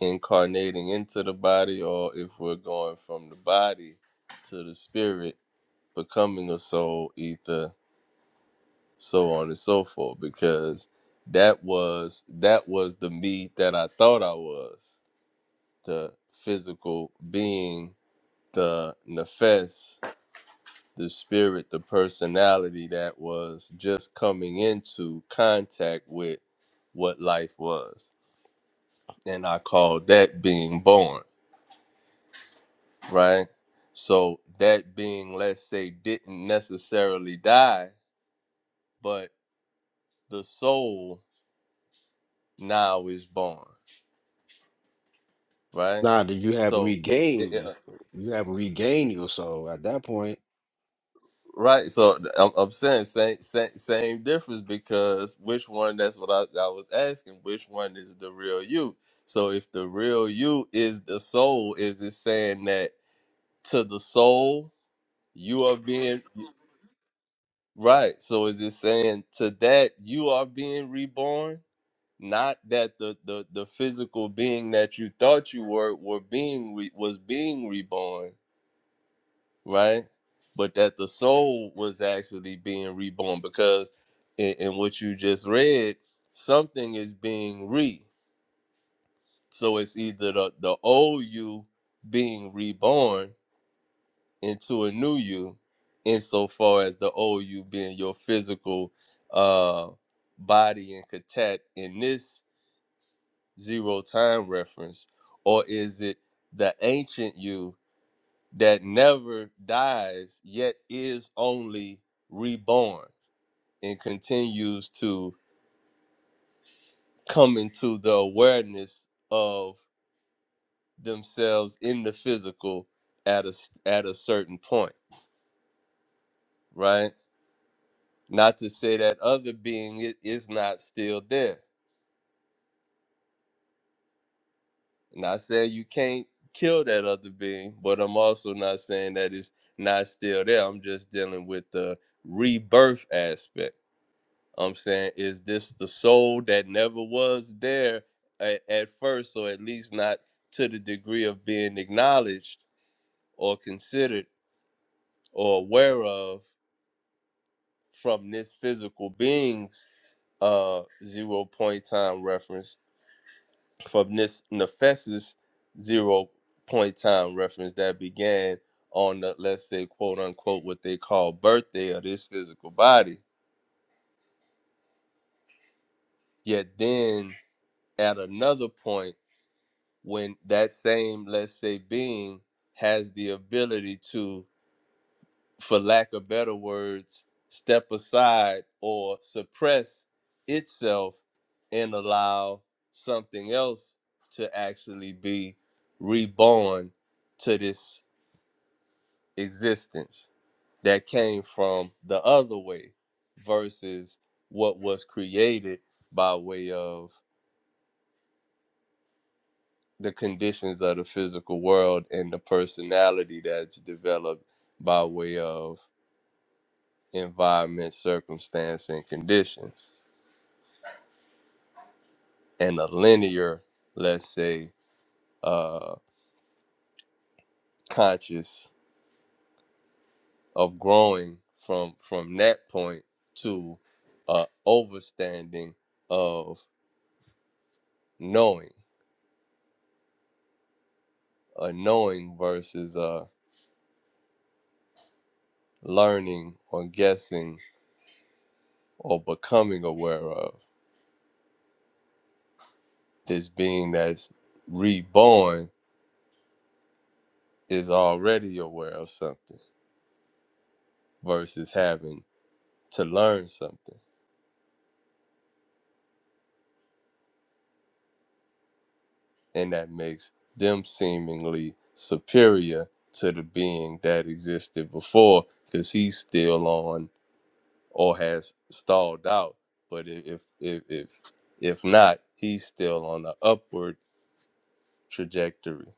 S4: incarnating into the body, or if we're going from the body to the spirit becoming a soul ether, so on and so forth. Because that was that was the me that I thought I was, the physical being, the nefes the spirit, the personality that was just coming into contact with what life was. And I call that being born, right? So that being, let's say, didn't necessarily die, but the soul now is born, right?
S8: Nah, that you have
S4: So, it, it-
S8: regained, you have regained your soul at that point
S4: Right, so th- I'm, I'm saying same, same same difference because which one? That's what I, I was asking. Which one is the real you? So if the real you is the soul, is it saying that to the soul you are being right? So is it saying to that you are being reborn? Not that the the, the physical being that you thought you were were being re, was being reborn right? But that the soul was actually being reborn because in, in what you just read, something is being re. So it's either the, the old you being reborn into a new you, insofar as the old you being your physical uh, body and katat in this zero time reference, or is it the ancient you? that never dies, yet is only reborn and continues to come into the awareness of themselves in the physical at a s- at a certain point, right? Not to say that other being i- is not still there. Not saying you can't kill that other being, but I'm also not saying that it's not still there. I'm just dealing with the rebirth aspect I'm saying, is this the soul that never was there at, at first, or at least not to the degree of being acknowledged or considered or aware of from this physical being's uh, zero point time reference, from this Nefesis zero point time reference that began on the, let's say, quote unquote, what they call birthday of this physical body. Yet then at another point, when that same let's say being has the ability to for lack of better words step aside or suppress itself and allow something else to actually be reborn to this existence that came from the other way versus what was created by way of the conditions of the physical world and the personality that's developed by way of environment, circumstance, and conditions, and a linear, let's say, uh, conscious of growing from from that point to a overstanding of knowing, a knowing versus a learning or guessing or becoming aware of this being that's reborn is already aware of something versus having to learn something. And that makes them seemingly superior to the being that existed before because he's still on or has stalled out. But if, if, if, if not, he's still on the upward trajectory.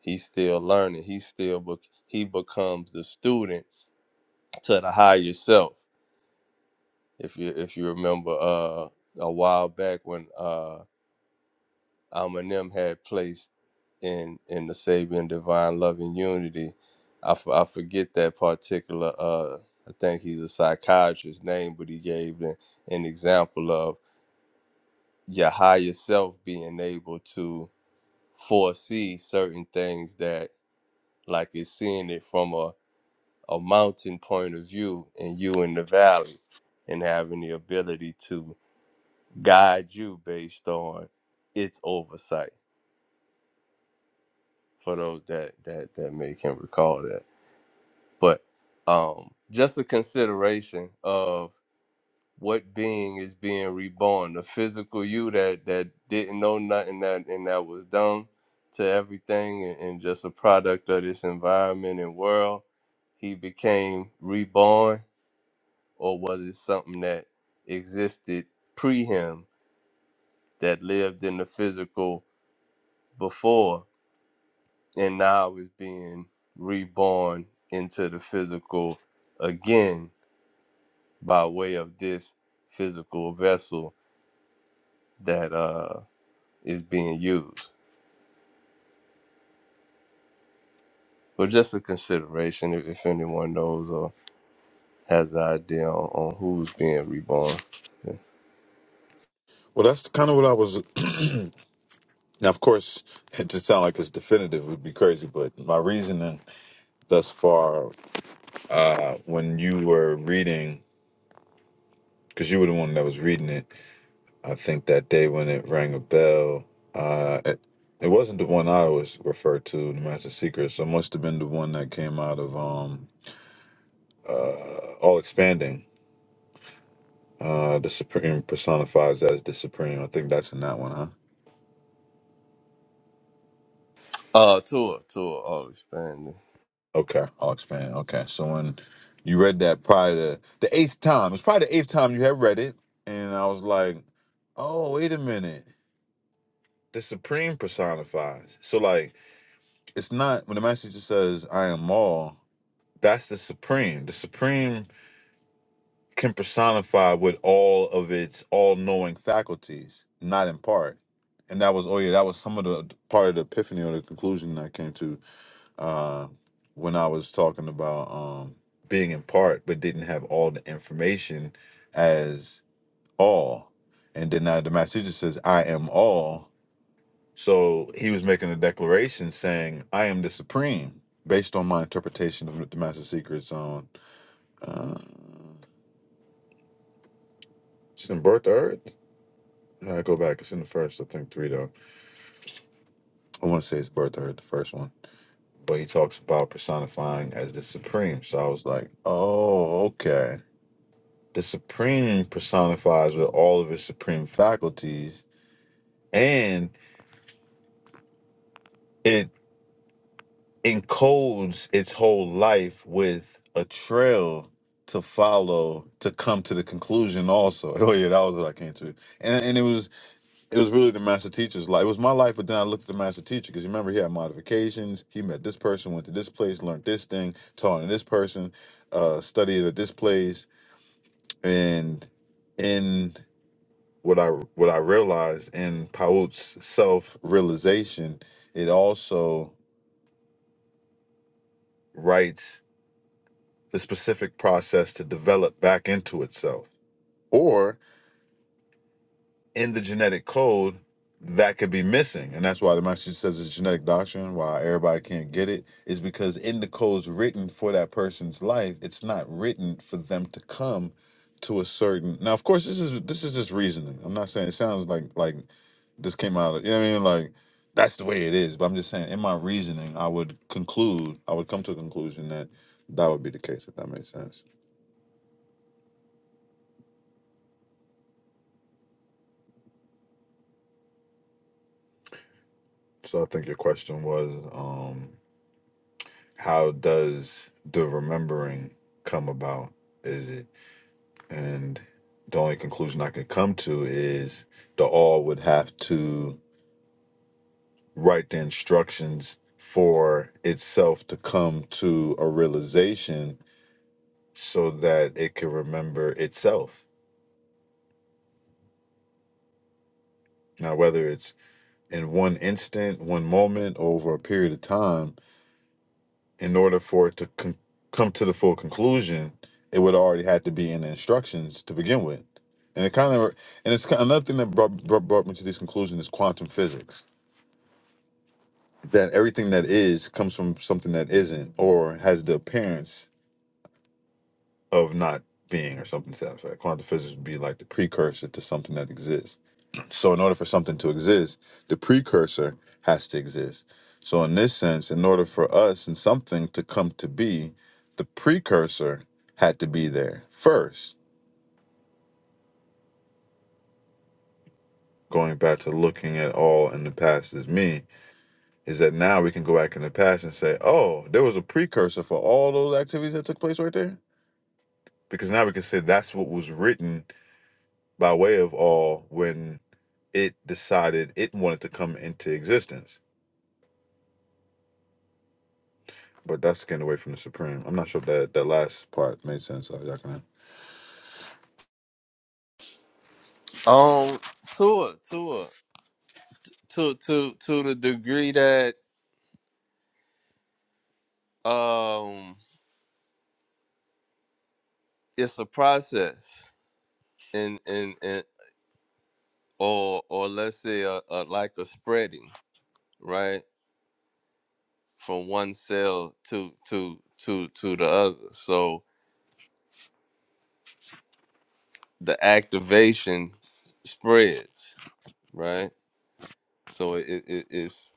S4: He's still learning. He still bec- he becomes the student to the higher self. If you if you remember uh, a while back when uh, um, and them had placed in in the Sabian divine love and unity. I, f- I forget that particular. Uh, I think he's a psychiatrist name, but he gave an, an example of your higher self being able to foresee certain things that, like, it's seeing it from a a mountain point of view, and you in the valley, and having the ability to guide you based on its oversight for those that that that may can recall that. But um, just a consideration of what being is being reborn, the physical you that that didn't know nothing that and that was dumb to everything and, and just a product of this environment and world, he became reborn, or was it something that existed pre him that lived in the physical before? and now is being reborn into the physical again by way of this physical vessel that uh is being used. But just a consideration if, if anyone knows or has an idea on, on who's being reborn.
S2: Well, that's kind of what I was. Now, of course, it to sound like it's definitive would be crazy, but my reasoning thus far, uh, when you were reading because you were the one that was reading it. I think that day when it rang a bell, uh, it, it wasn't the one I was referred to, the Master Secret. So it must have been the one that came out of um, uh, All Expanding. Uh, the Supreme personifies as the Supreme. I think that's in that one, huh?
S4: Uh Tua, Tua, oh expanding.
S2: Okay, All Expanding. Okay, so when you read that probably the, the eighth time, it's probably the eighth time you have read it, and I was like, oh, wait a minute. The Supreme personifies. So like it's not when the master teacher says i am all that's the supreme the supreme can personify with all of its all-knowing faculties not in part and that was oh yeah that was some of the part of the epiphany or the conclusion that i came to uh when i was talking about um being in part but didn't have all the information as all and then now the master teacher says i am all so he was making a declaration saying, "I am the supreme," based on my interpretation of the master secrets on. Uh, it's in Birth to Earth. I go back. It's in the first, I think, three though. I want to say it's Birth to Earth, the first one. But he talks about personifying as the supreme. So I was like, "Oh, okay." The supreme personifies with all of his supreme faculties, and it encodes its whole life with a trail to follow to come to the conclusion also oh yeah that was what i came to and, and it was it was really the master teacher's life it was my life but then i looked at the master teacher because you remember he had modifications he met this person went to this place learned this thing taught to this person uh studied at this place and in what i what i realized in paut's self-realization it also writes the specific process to develop back into itself. Or in the genetic code, that could be missing. And that's why the message says it's genetic doctrine, why everybody can't get it, is because in the codes written for that person's life, it's not written for them to come to a certain now of course this is this is just reasoning. I'm not saying it sounds like like this came out of you know what I mean like that's the way it is. But I'm just saying in my reasoning I would conclude I would come to a conclusion that that would be the case if that makes sense. So I think your question was, um, how does the remembering come about? Is it and the only conclusion I could come to is the all would have to write the instructions for itself to come to a realization so that it can remember itself. Now, whether it's in one instant, one moment, over a period of time, in order for it to con- come to the full conclusion, it would already had to be in the instructions to begin with. And it kind of, and it's kind another thing that brought, brought brought me to this conclusion is quantum physics. That everything that is comes from something that isn't, or has the appearance of not being, or something to that effect. Quantum physics would be like the precursor to something that exists So, in order for something to exist, the precursor has to exist. So, in this sense, in order for us and something to come to be, the precursor had to be there first. Going back to looking at all in the past as me, is that now we can go back in the past and say, oh, there was a precursor for all those activities that took place right there? Because now we can say that's what was written by way of all when it decided it wanted to come into existence but that's getting away from the Supreme. I'm not sure if that, that last part made sense. So y'all can
S4: Um Tua, Tua, to to to the degree that um it's a process and and, and or or let's say a, a like a spreading right from one cell to to to to the other so the activation spreads right so it, it it's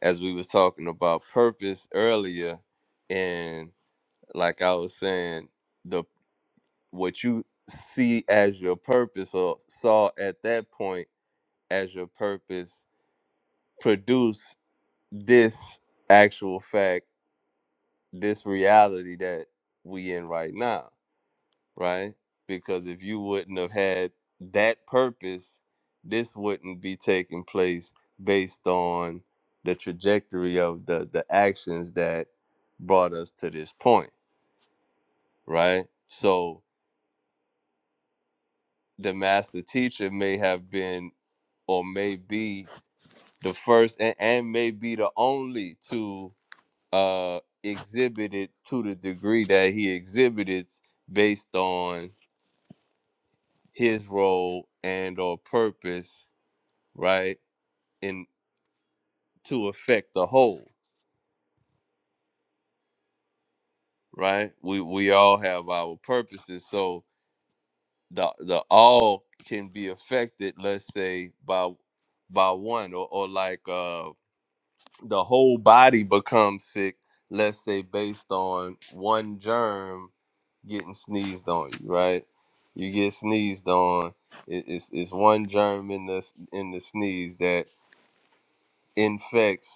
S4: as we was talking about purpose earlier and like i was saying the what you see as your purpose or saw at that point as your purpose produce this actual fact this reality that we in right now right? Because if you wouldn't have had that purpose, this wouldn't be taking place based on the trajectory of the the actions that brought us to this point, right? So the master teacher may have been or may be the first and, and may be the only to uh exhibit it to the degree that he exhibits based on his role and or purpose right in to affect the whole, right? We we all have our purposes, so the the all can be affected. Let's say by by one, or or like uh the whole body becomes sick. Let's say based on one germ getting sneezed on you, right? You get sneezed on. It, it's it's one germ in the in the sneeze that infects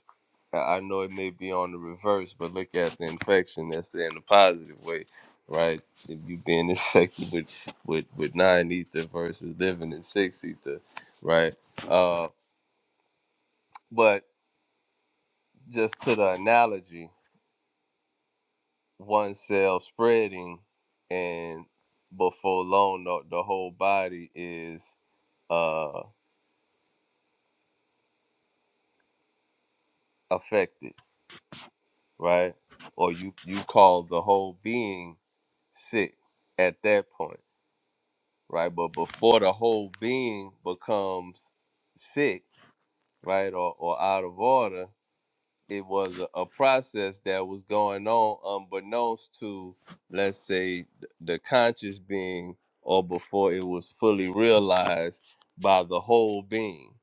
S4: I I know it may be on the reverse, but look at the infection that's in a positive way, right? If you being infected with with, with nine ether versus living in six ether, right? Uh, but just to the analogy, one cell spreading, and before long, the, the whole body is uh, affected, right? Or you you call the whole being sick at that point right? But before the whole being becomes sick, right, or, or out of order, it was a, a process that was going on unbeknownst to, let's say, th- the conscious being, or before it was fully realized by the whole being,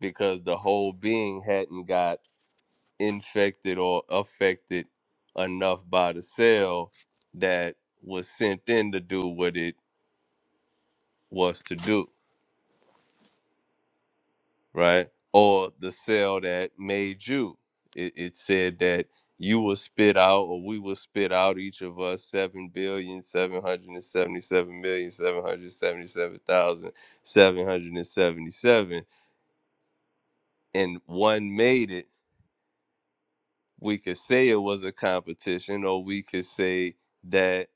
S4: because the whole being hadn't got infected or affected enough by the cell that was sent in to do what it was to do right? Or the cell that made you. It, it said that you will spit out, or we will spit out each of us seven billion seven hundred and seventy-seven million seven hundred seventy-seven thousand seven hundred and seventy-seven, and one made it. We could say it was a competition, or we could say that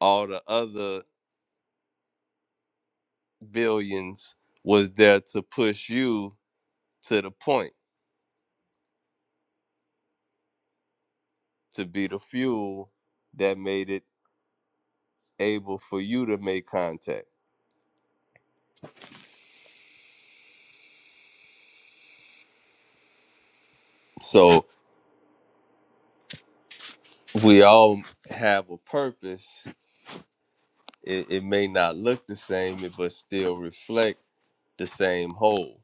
S4: all the other billions was there to push you to the point to be the fuel that made it able for you to make contact. So we all have a purpose. It, it may not look the same, but still reflect the same whole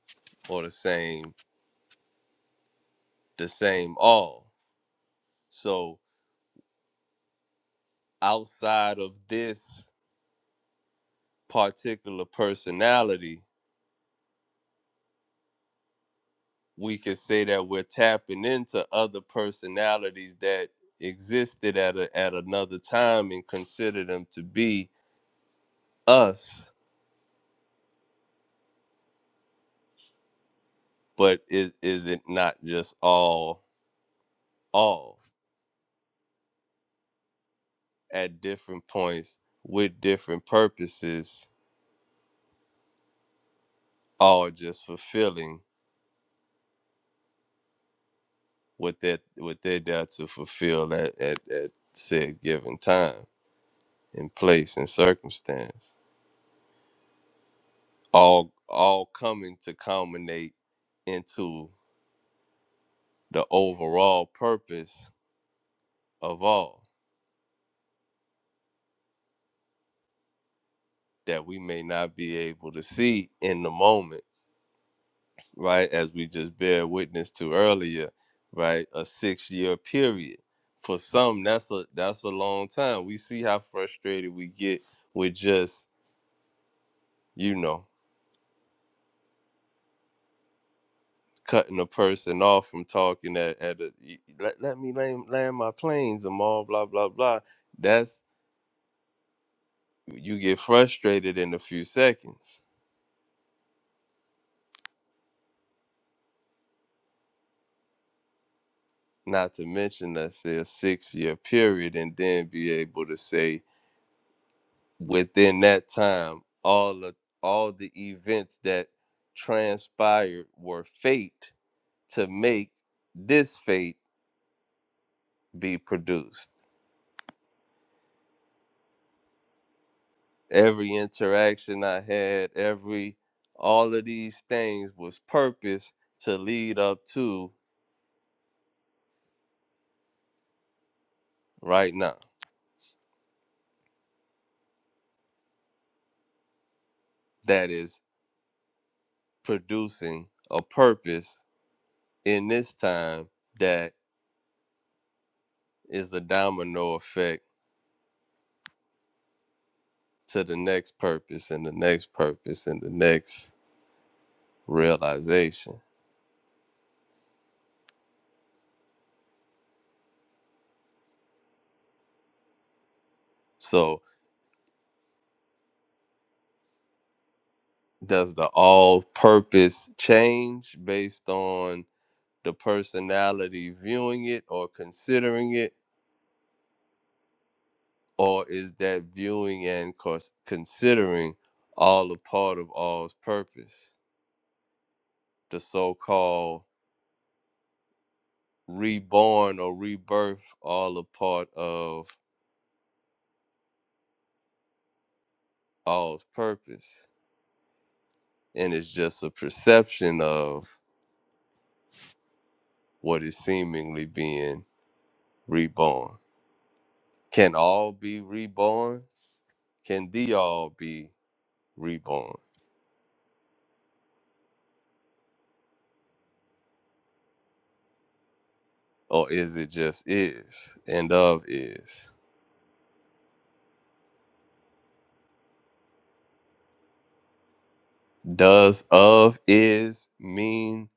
S4: or the same the same all. So outside of this particular personality, we could say that we're tapping into other personalities that existed at a, at another time and consider them to be us but is is it not just all all at different points with different purposes, all just fulfilling what that what they're there to fulfill at, at, at said given time and place and circumstance. All all coming to culminate into the overall purpose of all that we may not be able to see in the moment right, as we just bear witness to earlier, right, a six year period. For some, that's a that's a long time. We see how frustrated we get with just you know cutting a person off from talking at at a let let me land, land my planes and all blah blah blah. That's you get frustrated in a few seconds. Not to mention let's say a six year period, and then be able to say within that time all the all the events that transpired were fate to make this fate be produced every interaction i had every all of these things was purpose to lead up to right now that is producing a purpose in this time that is a domino effect to the next purpose and the next purpose and the next realization So does the all purpose change based on the personality viewing it or considering it? Or is that viewing and cons- considering all a part of all's purpose? The so called reborn or rebirth, all a part of all's purpose. And it's just a perception of what is seemingly being reborn. Can all be reborn? Can the all be? reborn? Or is it just is and of is? Does of is mean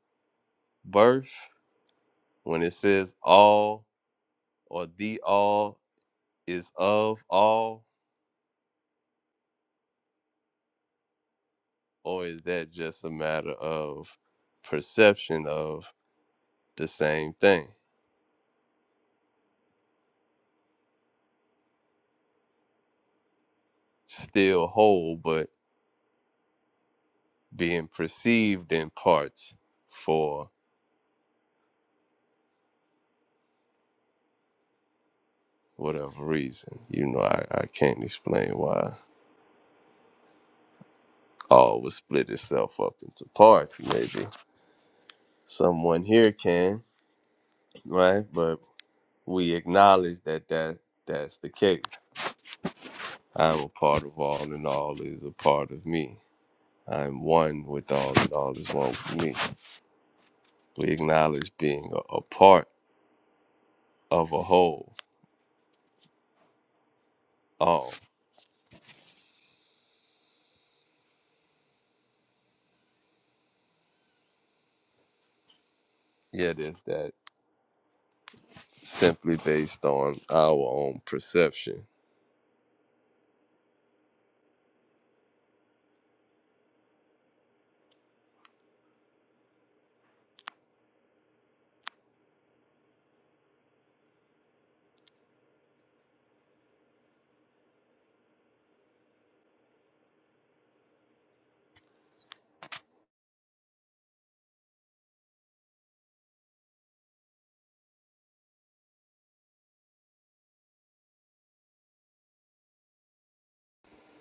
S4: birth when it says all or the all is of all? Or is that just a matter of perception of the same thing? Still whole, but being perceived in parts for whatever reason. You know, I, I can't explain why all would split itself up into parts, maybe. Someone here can, right? But we acknowledge that, that that's the case. I'm a part of all, and all is a part of me. I'm one with all, and all is one with me. We acknowledge being a, a part of a whole, all. Yet is that simply based on our own perception.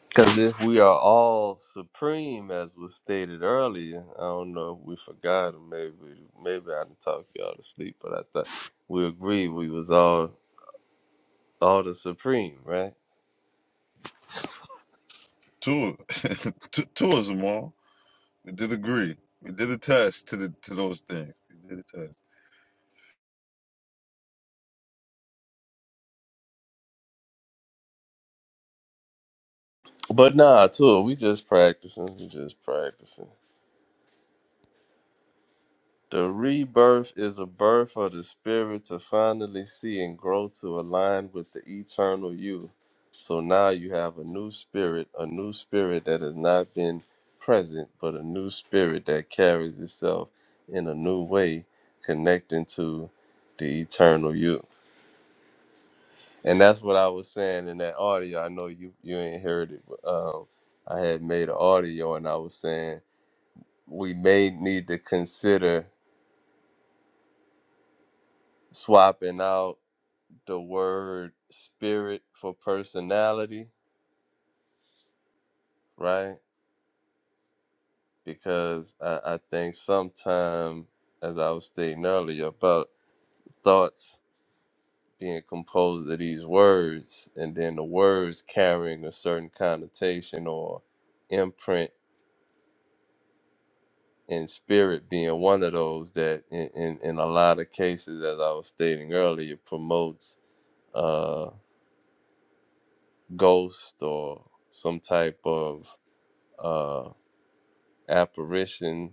S4: Because if we are all supreme, as was stated earlier, I don't know if we forgot or maybe maybe I didn't talk y'all to sleep, but I thought we agreed we was all All the Supreme, right?
S2: Two, two, two of them all. We did agree. We did a test to the to those things. We did a test.
S4: But nah, too. We just practicing. We just practicing. The rebirth is a birth of the spirit to finally see and grow to align with the eternal you. So now you have a new spirit, a new spirit that has not been present, but a new spirit that carries itself in a new way, connecting to the eternal you. And that's what I was saying in that audio. I know you you ain't heard it, but um, I had made an audio and I was saying we may need to consider swapping out the word spirit for personality, right? Because I, I think sometime, as I was stating earlier, about thoughts being composed of these words and then the words carrying a certain connotation or imprint and spirit being one of those that in, in, in a lot of cases as i was stating earlier promotes uh ghost or some type of uh apparition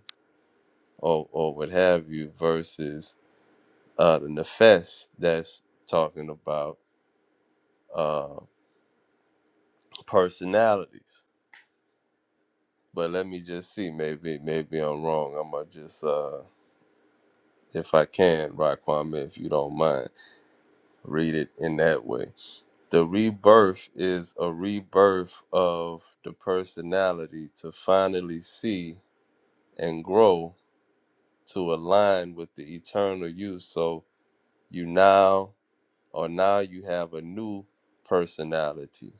S4: or or what have you versus uh the nefes that's talking about uh personalities but let me just see maybe maybe i'm wrong i'm gonna just uh if i can Raquan, if you don't mind read it in that way The rebirth is a rebirth of the personality to finally see and grow to align with the eternal you. So you now, or now you have a new personality,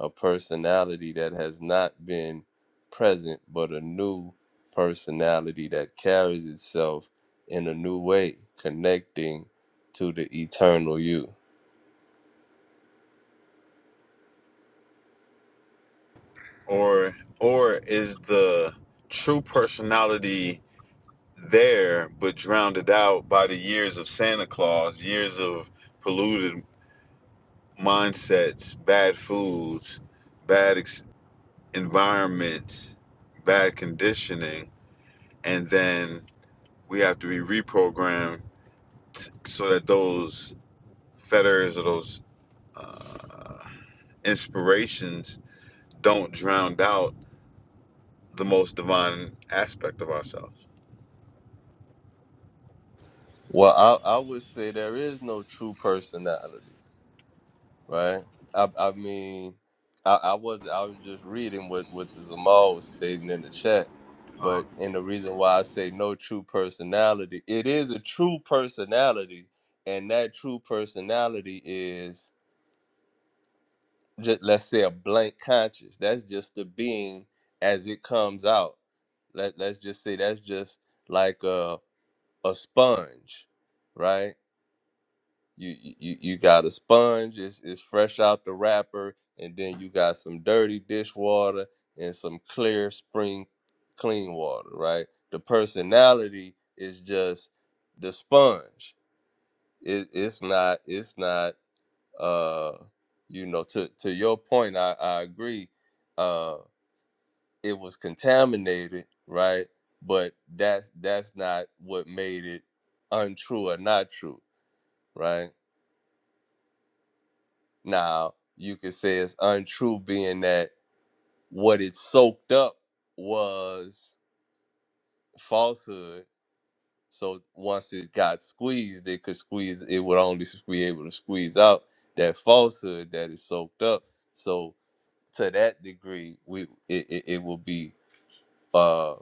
S4: a personality that has not been present, but a new personality that carries itself in a new way, connecting to the eternal you.
S2: Or or is the true personality there but drowned it out by the years of Santa Claus, years of polluted mindsets, bad foods, bad ex- environments, bad conditioning, and then we have to be reprogrammed t- so that those fetters or those uh, inspirations don't drown out the most divine aspect of ourselves.
S4: Well, I, I would say there is no true personality right? I, I mean, I, I was I was just reading what what the Zamal was stating in the chat,
S2: Um,
S4: but and the reason why I say no true personality, it is a true personality, and that true personality is just let's say a blank conscious. That's just the being as it comes out. Let let's just say that's just like a a sponge, right? you you you got a sponge it's, it's fresh out the wrapper and then you got some dirty dishwater and some clear spring clean water right the personality is just the sponge it, it's not it's not uh you know to to your point i i agree uh it was contaminated right but that's that's not what made it untrue or not true right Now, you could say it's untrue, being that what it soaked up was falsehood. So once it got squeezed, it could squeeze, it would only be able to squeeze out that falsehood that is soaked up. So to that degree, we it, it, it will be uh,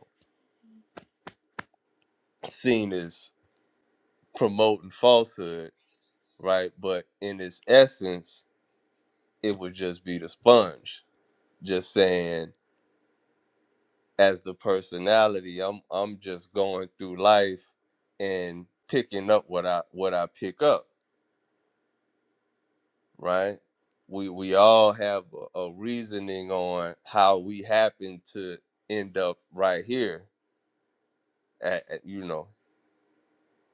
S4: seen as promoting falsehood, right? But in its essence, it would just be the sponge, just saying as the personality i'm i'm just going through life and picking up what i what i pick up right we we all have a, a reasoning on how we happen to end up right here at, at- you know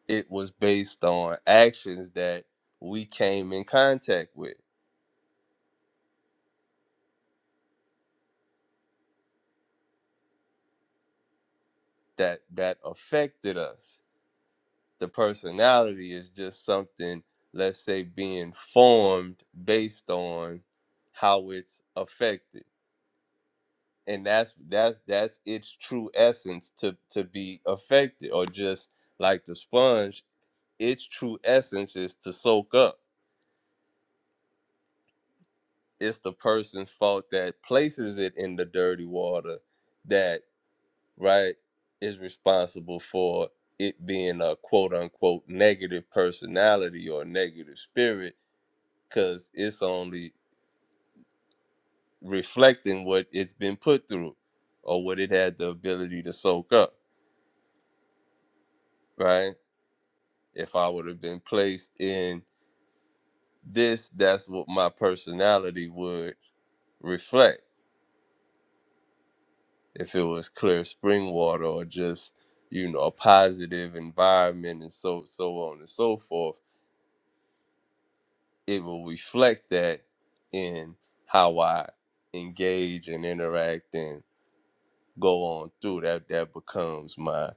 S4: it was based on actions that we came in contact with that that affected us the personality is just something let's say being formed based on how it's affected and that's that's that's its true essence to to be affected or just like the sponge its true essence is to soak up it's the person's fault that places it in the dirty water that right is responsible for it being a quote unquote negative personality or negative spirit because it's only reflecting what it's been put through or what it had the ability to soak up, right? If I would have been placed in this, that's what my personality would reflect. If it was clear spring water or just, you know, a positive environment and so so on and so forth, it will reflect that in how I engage and interact and go on through that that becomes my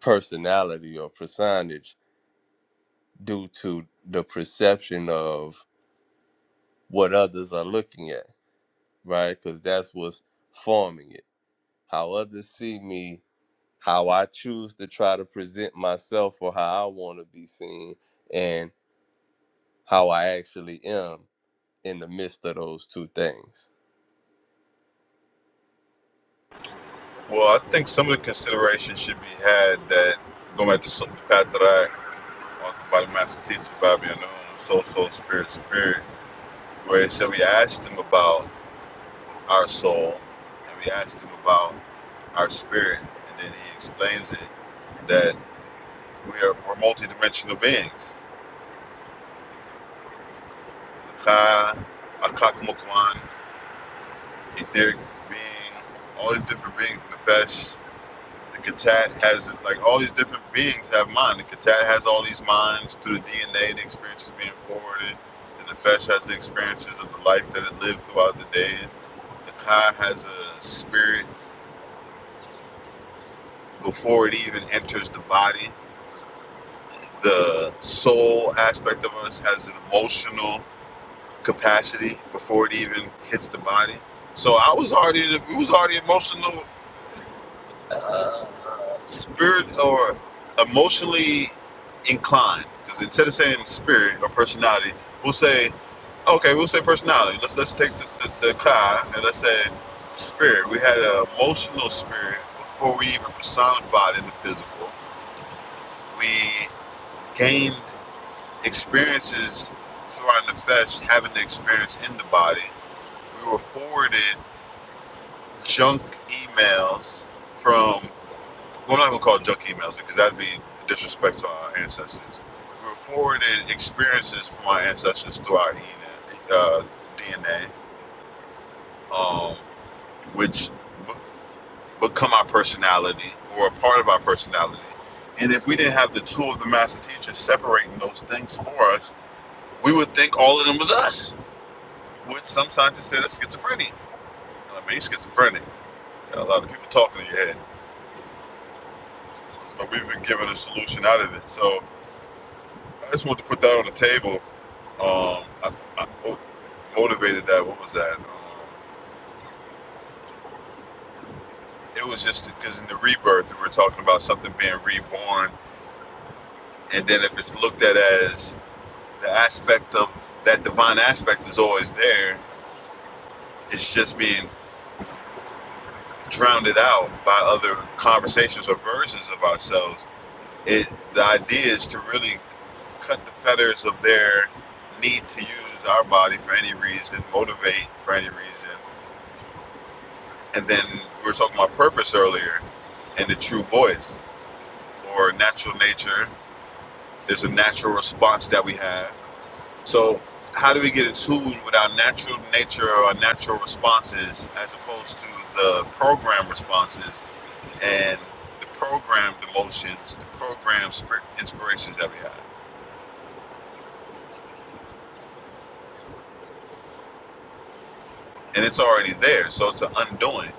S4: personality or personage due to the perception of what others are looking at, right? Because that's what's forming it. How others see me, how I choose to try to present myself or how I want to be seen, and how I actually am in the midst of those two things.
S2: well, I think some of the consideration should be had that going back to some- the path that I authored by the master teacher Bobby Anoon, soul, soul, spirit, spirit, where it said we asked him about our soul and we asked him about our spirit, and then he explains it that we are we're multidimensional beings. Ka, Akak Mukwan, Etheric being, all these different beings, Nefesh, the Katat has, like, all these different beings have mind. The Katat has all these minds through the DNA, the experiences being forwarded. The Nefesh has the experiences of the life that it lives throughout the days. The Ka has a spirit before it even enters the body. The soul aspect of us has an emotional capacity before it even hits the body. So I was already it was already emotional, uh, spirit or emotionally inclined. Because instead of saying spirit or personality, we'll say okay, we'll say personality. Let's let's take the the, the car and let's say spirit. We had an emotional spirit before we even personified in the physical. We gained experiences through our nefesh, having the experience in the body. We were forwarded junk emails from, well, I'm not going to call it junk emails because that'd be disrespect to our ancestors. We were forwarded experiences from our ancestors through our DNA, uh, DNA um, which b- become our personality or a part of our personality. And if we didn't have the tool of the master teacher separating those things for us, we would think all of them was us, which some scientists say that's schizophrenia. I mean, he's schizophrenic. Got a lot of people talking in your head. but we've been given a solution out of it. So I just wanted to put that on the table. Um, I, I motivated that. What was that? Um, it was just because in the rebirth, we were talking about something being reborn, and then if it's looked at as the aspect of that divine aspect is always there, it's just being drowned out by other conversations or versions of ourselves it the idea is to really cut the fetters of their need to use our body for any reason, motivate for any reason. And then we were talking about purpose earlier and the true voice or natural nature. There's a natural response that we have. So how do we get in tune with our natural nature or our natural responses as opposed to the program responses and the programmed emotions, the programmed inspirations that we have? and it's already there. So it's an undoing.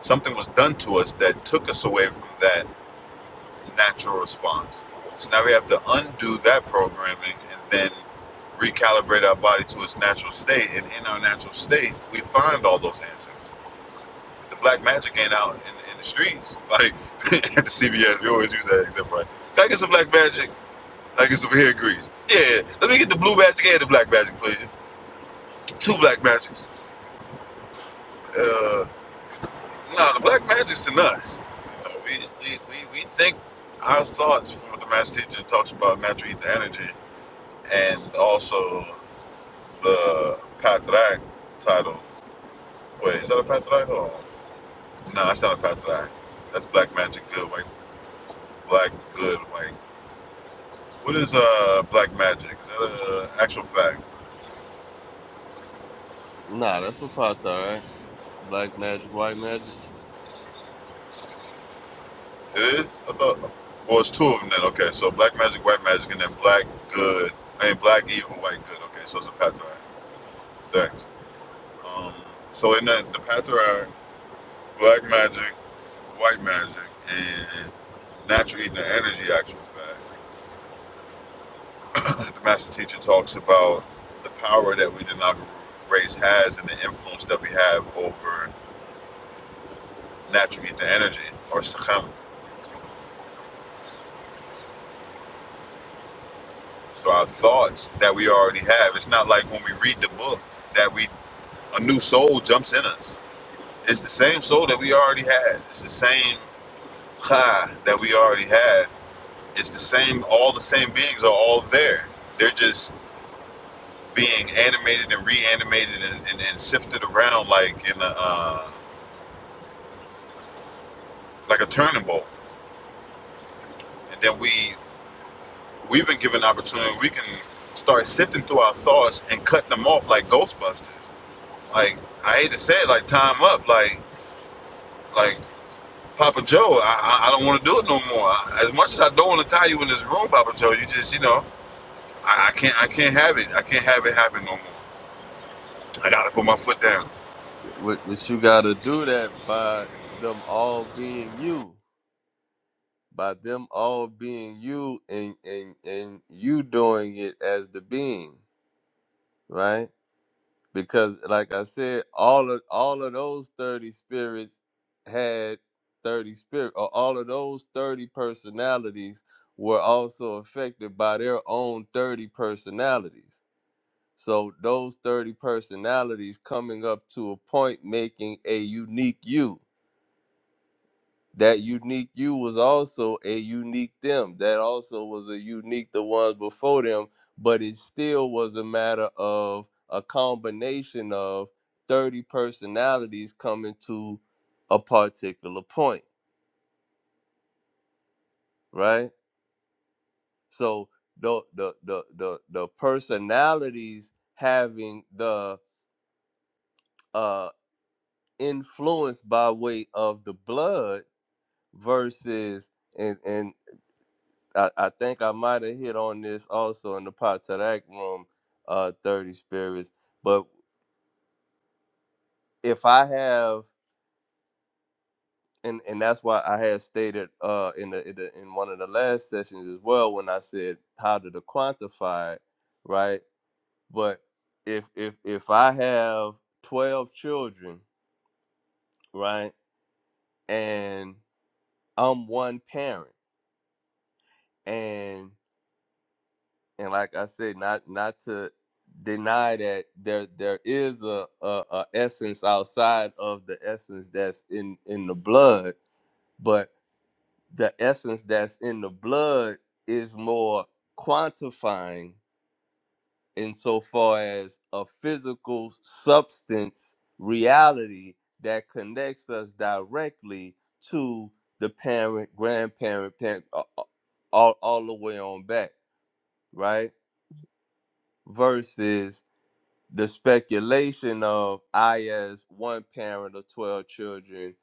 S2: Something was done to us that took us away from that natural response. So now we have to undo that programming and then recalibrate our body to its natural state. And in our natural state, we find all those answers. The black magic ain't out in, in the streets. Like at the CVS, we always use that example, right? Can I get some black magic? Can I get some hair Greece. Yeah, let me get the blue magic and the black magic, please. Two black magics. Uh, No, the black magic's in us. You know, we, we, we, we think our thoughts from what the master teacher talks about natural ether energy and also the Patrak title. Wait, is that a Patrak? Hold on. No, that's not a Patrak. That's black magic good white. Black good white. What is uh black magic? Is that a actual fact?
S4: Nah, that's a part, all right? Black magic, white magic.
S2: It is? I thought well it's two of them then, okay. So black magic, white magic, and then black good I mean black evil, white good, okay, so it's a Patrak. Thanks. Um, so in that the Patharai, black magic, white magic, and natural healing energy actual fact. the master teacher talks about the power that we the Naga race has and the influence that we have over natural healing energy or sakhama. So our thoughts that we already have. It's not like when we read the book that we a new soul jumps in us. It's the same soul that we already had. It's the same cha that we already had. It's the same. All the same beings are all there. They're just being animated and reanimated and, and, and sifted around like in a uh, like a turning bowl. And then we we've been given opportunity. We can start sifting through our thoughts and cut them off like Ghostbusters. Like I hate to say it, like time up. Like like Papa Joe, I I, don't want to do it no more. As much as I don't want to tie you in this room, Papa Joe, you just you know I, I can't I can't have it. I can't have it happen no more. I gotta put my foot down.
S4: What, what you got to do that by them all being you. by them all being you and and and you doing it as the being right because like i said all of all of those 30 spirits had 30 spirit or all of those 30 personalities were also affected by their own 30 personalities so those 30 personalities coming up to a point making a unique you that unique you was also a unique them that also was a unique the ones before them but it still was a matter of a combination of 30 personalities coming to a particular point right so the the the the, the personalities having the uh influence by way of the blood versus and and. I, I think I might have hit on this also in the Potterac room, uh, 30 spirits. But if I have, and, and that's why I had stated uh, in the, in the in one of the last sessions as well when I said how did the quantify it, right? But if if if I have 12 children, right, and I'm one parent, and and like I said, not not to deny that there there is a, a, a essence outside of the essence that's in in the blood, but the essence that's in the blood is more quantifying insofar as a physical substance reality that connects us directly to the parent, grandparent, parent, all, all the way on back, right? Versus the speculation of I as one parent of 12 children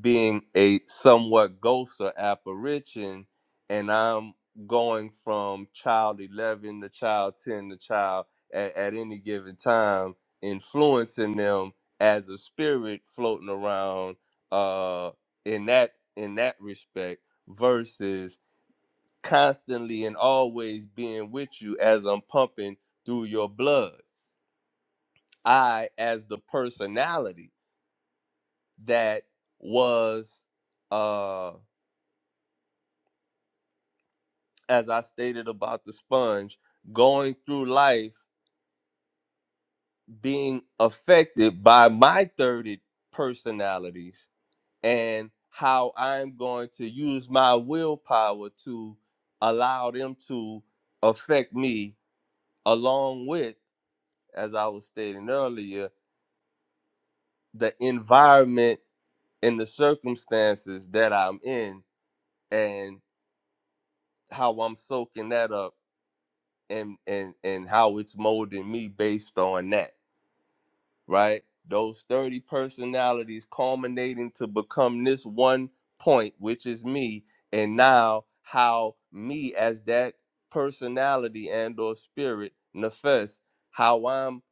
S4: being a somewhat ghost or apparition and I'm going from child 11 to child 10 to child at, at any given time influencing them as a spirit floating around uh in that in that respect versus constantly and always being with you as I'm pumping through your blood I as the personality that was uh as I stated about the sponge going through life being affected by my 30 personalities and how I'm going to use my willpower to allow them to affect me along with as I was stating earlier the environment and the circumstances that I'm in and how I'm soaking that up and and and how it's molding me based on that, right? Those 30 personalities culminating to become this one point, which is me, and now how me as that personality and or spirit manifests. how I'm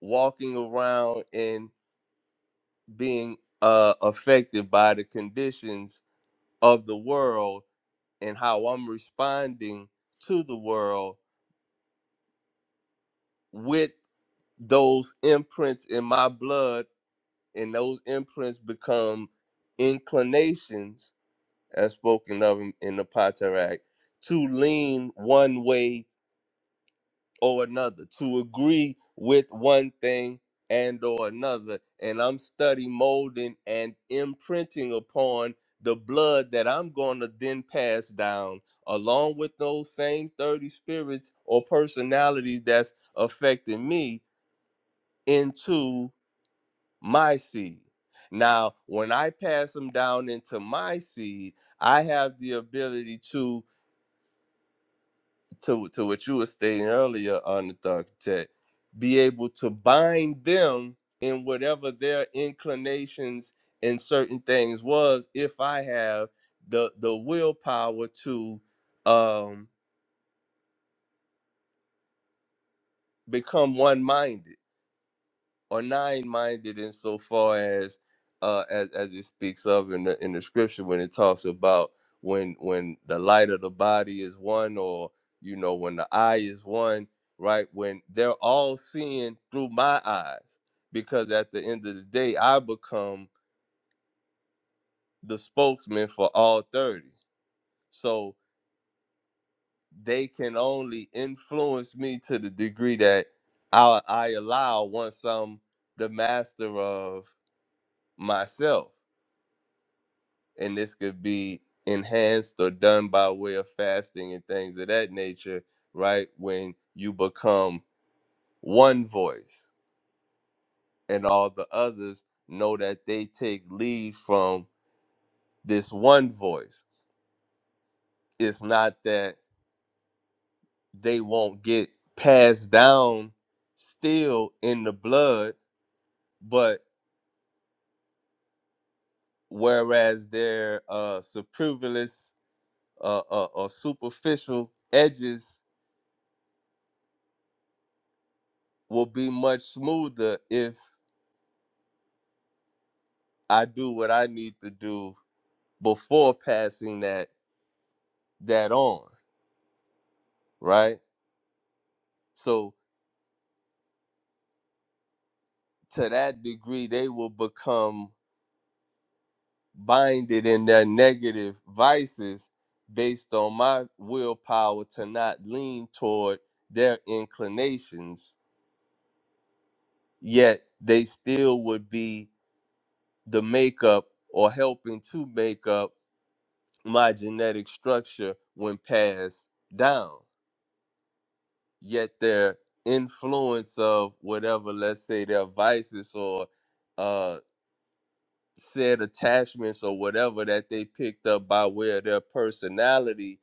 S4: walking around and being uh affected by the conditions of the world and how I'm responding to the world with those imprints in my blood and those imprints become inclinations as spoken of in, in the Potteract to lean one way or another to agree with one thing and or another and I'm study molding and imprinting upon the blood that I'm going to then pass down along with those same 30 spirits or personalities that's affecting me into my seed. Now, when I pass them down into my seed, I have the ability to to to what you were stating earlier on the thug tech, be able to bind them in whatever their inclinations and certain things was if I have the the willpower to um become one minded or nine-minded insofar as uh as, as it speaks of in the in the scripture when it talks about when when the light of the body is one or you know when the eye is one right when they're all seeing through my eyes because at the end of the day i become the spokesman for all 30 so they can only influence me to the degree that I, I allow once i'm the master of myself and this could be enhanced or done by way of fasting and things of that nature, right? When you become one voice and all the others know that they take lead from this one voice. It's not that they won't get passed down still in the blood, but whereas their uh, superfluous uh, uh, or superficial edges will be much smoother if. I do what I need to do before passing that that on, right? So to that degree, they will become binded in their negative vices based on my willpower to not lean toward their inclinations, yet they still would be the makeup or helping to make up my genetic structure when passed down. yet their influence of whatever, let's say their vices or uh, said attachments or whatever that they picked up by way of their personality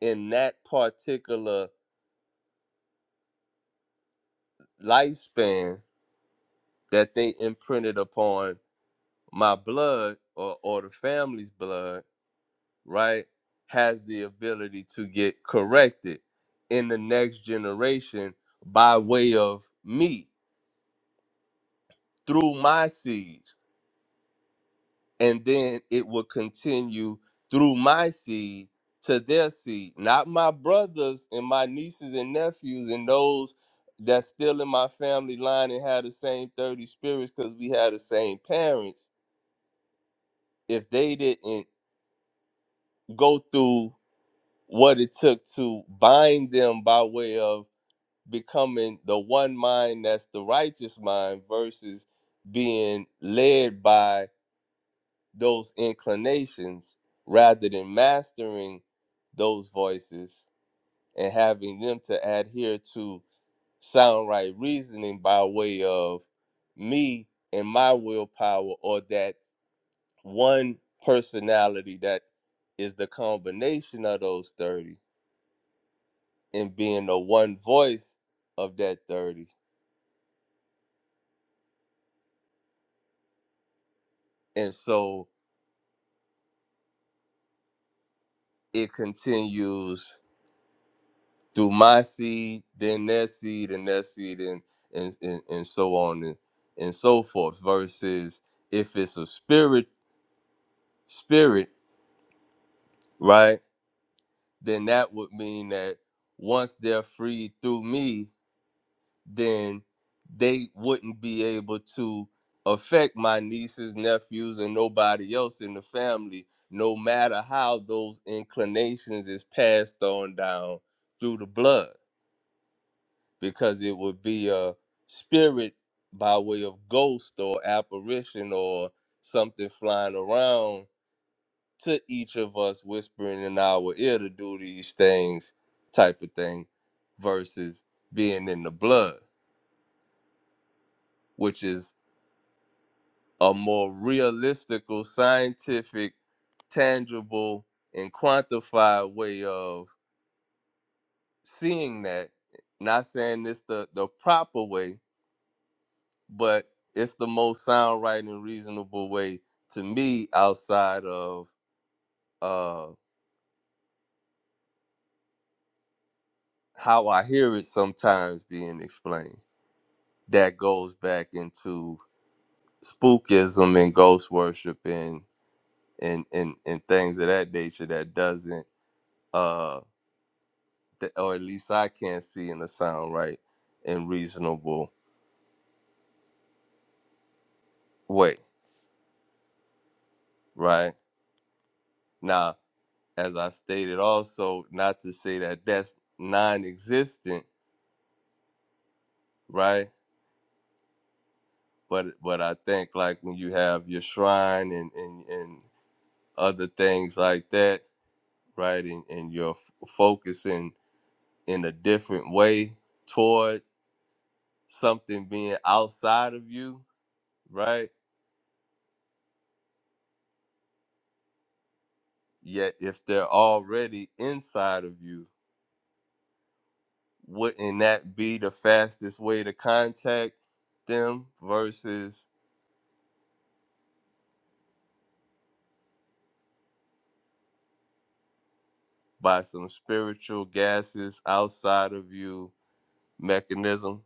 S4: in that particular lifespan that they imprinted upon my blood or, or the family's blood, right, has the ability to get corrected in the next generation by way of me through my seed and then it will continue through my seed to their seed, not my brothers and my nieces and nephews and those that's still in my family line and had the same 30 spirits because we had the same parents. If they didn't go through what it took to bind them by way of becoming the one mind that's the righteous mind versus being led by those inclinations rather than mastering those voices and having them to adhere to sound right reasoning by way of me and my willpower or that one personality that is the combination of those 30 and being the one voice of that 30 and so it continues through my seed, then their seed, and their seed, and and and, and so on and, and so forth. Versus if it's a spirit, spirit, right? Then that would mean that once they're freed through me, then they wouldn't be able to affect my nieces, nephews, and nobody else in the family, no matter how those inclinations is passed on down through the blood because it would be a spirit by way of ghost or apparition or something flying around to each of us whispering in our ear to do these things type of thing versus being in the blood which is a more realistical scientific tangible and quantified way of seeing that not saying this the the proper way but it's the most sound right and reasonable way to me outside of uh how I hear it sometimes being explained. That goes back into spookism and ghost worship and and and, and things of that nature that doesn't uh that, or at least I can't see in a sound right and reasonable way, right? Now, as I also not that that's non-existent, right? but but I think like when you have your shrine and and, and other things like that, right, and, and you're f- focusing in a different way toward something being outside of you, right? Yet if they're already inside of you, wouldn't that be the fastest way to contact them versus by some spiritual gases outside of you mechanism?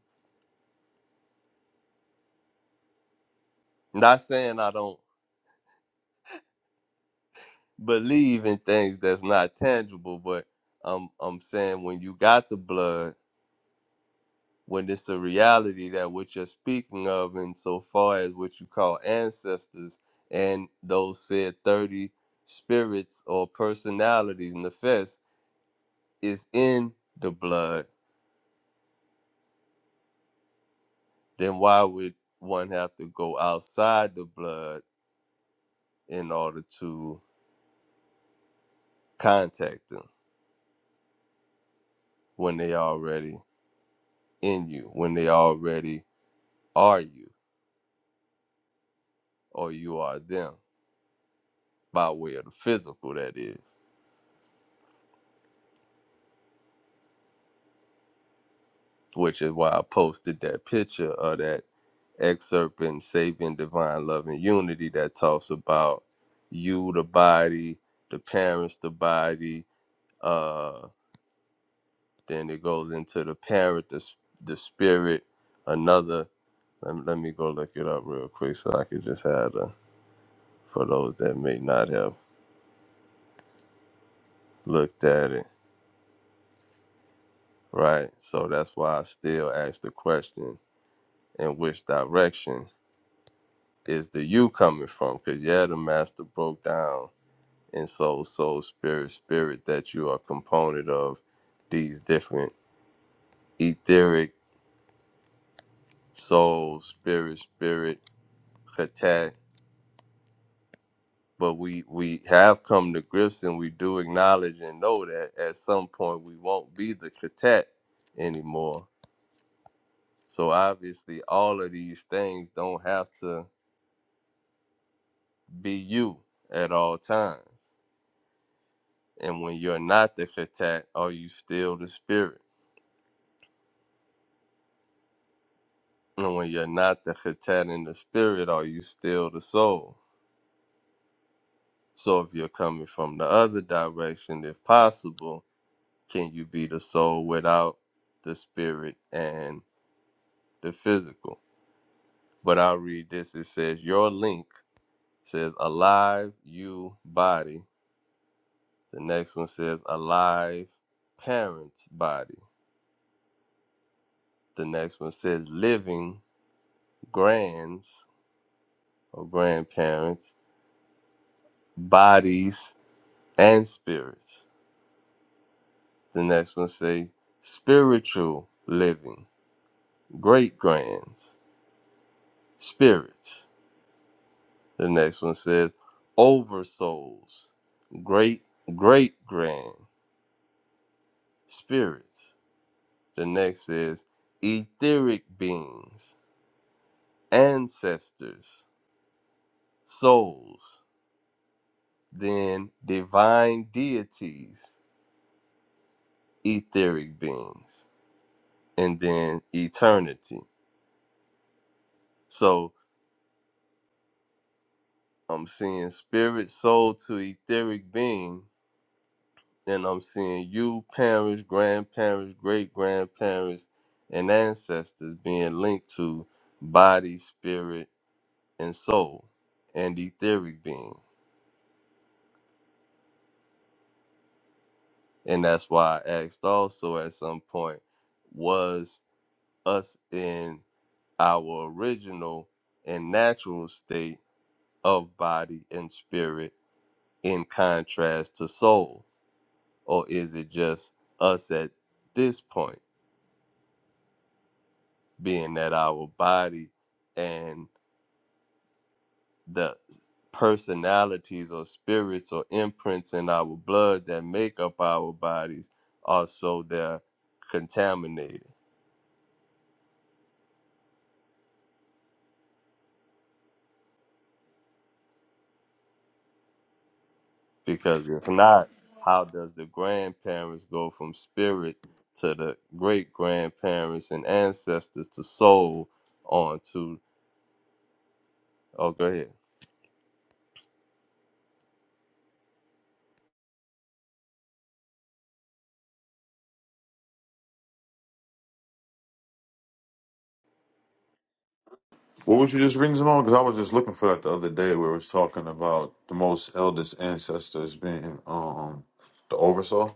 S4: Not on believe in things that's not tangible, but I'm I'm saying when you got the blood, when it's a reality that what you're speaking of, and so far as what you call ancestors and those said thirty spirits or personalities nefesh is in the blood, then why would one have to go outside the blood in order to contact them when they already in you, when they already are you or you are them? by way of the physical, that is, which is why I posted that picture of that excerpt in Saving Divine Love and Unity that talks about you, the body, the parents, the body. Uh, then it goes into the parent, the, the spirit, another. Let me, let me go look it up real quick so I can just have the, for those that may not have looked at it, right? So that's why I still ask the question in which direction is the you coming from because yeah the master broke down in soul soul spirit spirit that you are component of these different etheric soul spirit spirit khatat but we we have come to grips and we do acknowledge and know that at some point we won't be the cat anymore so obviously all of these things don't have to be you at all times and when you're not the khatat are you still the spirit And when you're not the Khatat in the spirit, are you still the soul? So if you're coming from the other direction, if possible, can you be the soul without the spirit and the physical? But I'll read this. It says, Your link says, Alive, you, body. The next one says, Alive, parents, body. The next one says, Living, grands or grandparents, bodies, and spirits. The next one say spiritual living, great grands, spirits. The next one says oversouls, great great grand, spirits. The next is etheric beings, ancestors, souls. Then divine deities, etheric beings, and then eternity. So I'm seeing spirit, soul to etheric being Then I'm seeing you, parents, grandparents, great grandparents, and ancestors being linked to body, spirit, and soul, and etheric being. And that's why I asked also at some point was us in our original and natural state of body and spirit in contrast to soul? Or is it us at this point being that our body and the qualities or spirits or imprints in our blood that make up our bodies are so they're contaminated. Because if not, how does the grandparents go from spirit to the great grandparents and ancestors to soul on to oh go ahead.
S2: What would you just rings them on? Because I was just looking for that the other day where it was talking about the most eldest ancestors being um the Oversoul.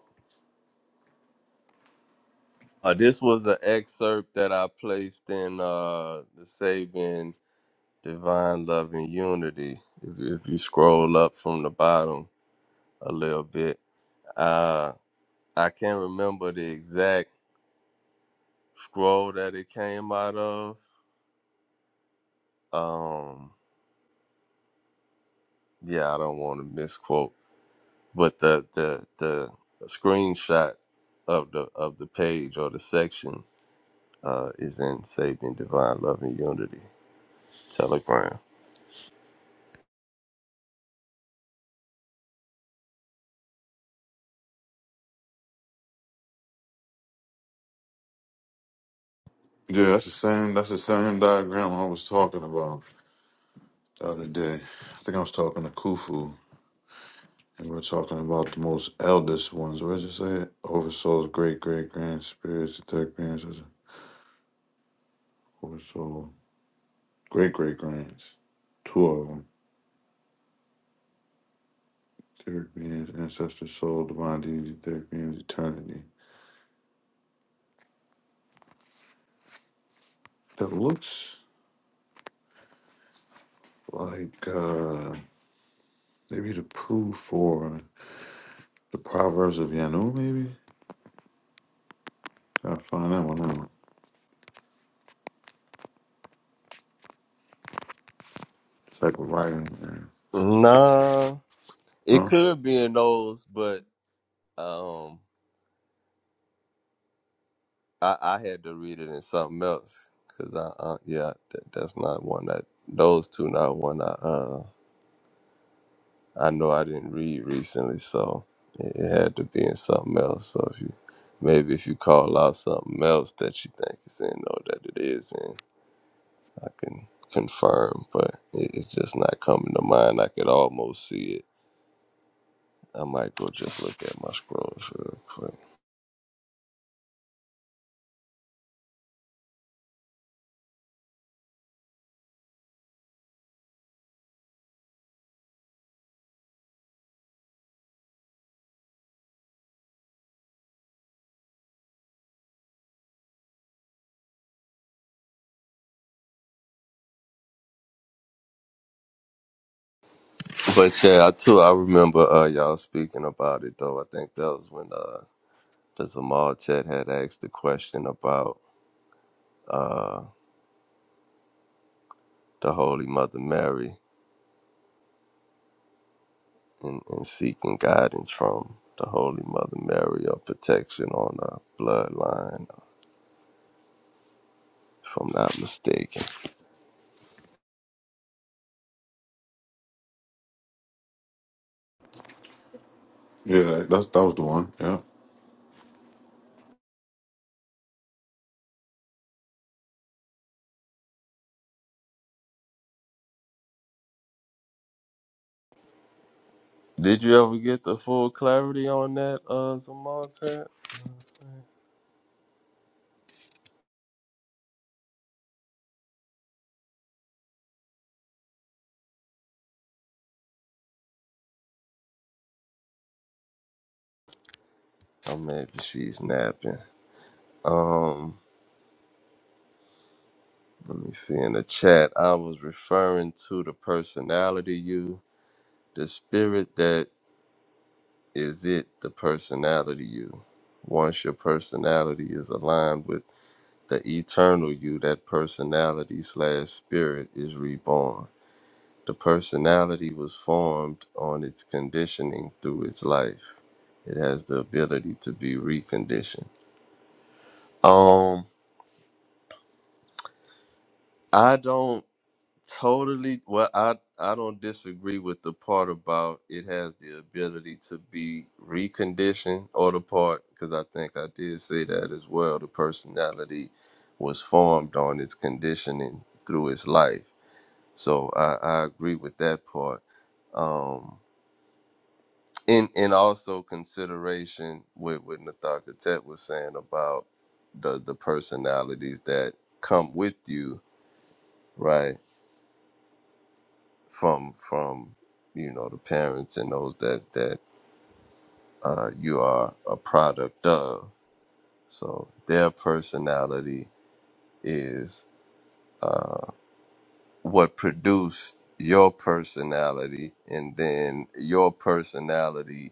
S4: Uh, this was an excerpt that I placed in uh the Saving Divine Love and Unity. If, if you scroll up from the bottom a little bit. uh, I can't remember the exact scroll that it came out of. Um, yeah, I don't want to misquote, but the the the screenshot of the of the page or the section uh, is in Saving Divine Love and Unity Telegram.
S2: Yeah, that's the same that's the same diagram I was talking about the other day. I think I was talking to Khufu and we were talking about the most eldest ones. Where does it say it? Oversaw's great great grand spirits, the third beings Oversoul, great great grands. Two of them. Third beings, ancestor, soul, divine deity, third beings, eternity. That looks like uh maybe the proof for the Proverbs of Yanu, maybe. Gotta find that one out. Type of writing. yeah.
S4: Nah, it
S2: No?
S4: could be in those, but um, I, I had to read it in something else because I uh, yeah, that, that's not one that those two not one I uh I know I didn't read recently, so it it had to be in something else. So if you maybe if you call out something else that you think is in or that it is in, I can confirm, but it, it's just not coming to mind. I could almost see it. I might go just look at my scrolls real quick. But yeah, I too I remember uh y'all speaking about it though. I think that was when uh the Zamal Ted had asked the question about uh the Holy Mother Mary and, and seeking guidance from the Holy Mother Mary or protection on our bloodline, if I'm not mistaken.
S2: Yeah, that's that was the one. Yeah.
S4: Did you ever get the full clarity on that, uh, Zamonte? Or maybe she's napping. Um, let me see in the chat. I was referring to the personality you, the spirit that is it, the personality you. Once your personality is aligned with The eternal you, that personality slash spirit, is reborn. The personality was formed on its conditioning through its life. It has the ability to be reconditioned. Um, I don't totally. Well, I I don't disagree with the part about it has the ability to be reconditioned, or the part because I think I did say that as well. The personality was formed on its conditioning through its life So I, I agree with that part. Um, and and also consideration with what Nathaka Tet was saying about those that come to you right from you know the parents and those that that uh, you are a product of. So their personality is uh, what produced your personality, and then your personality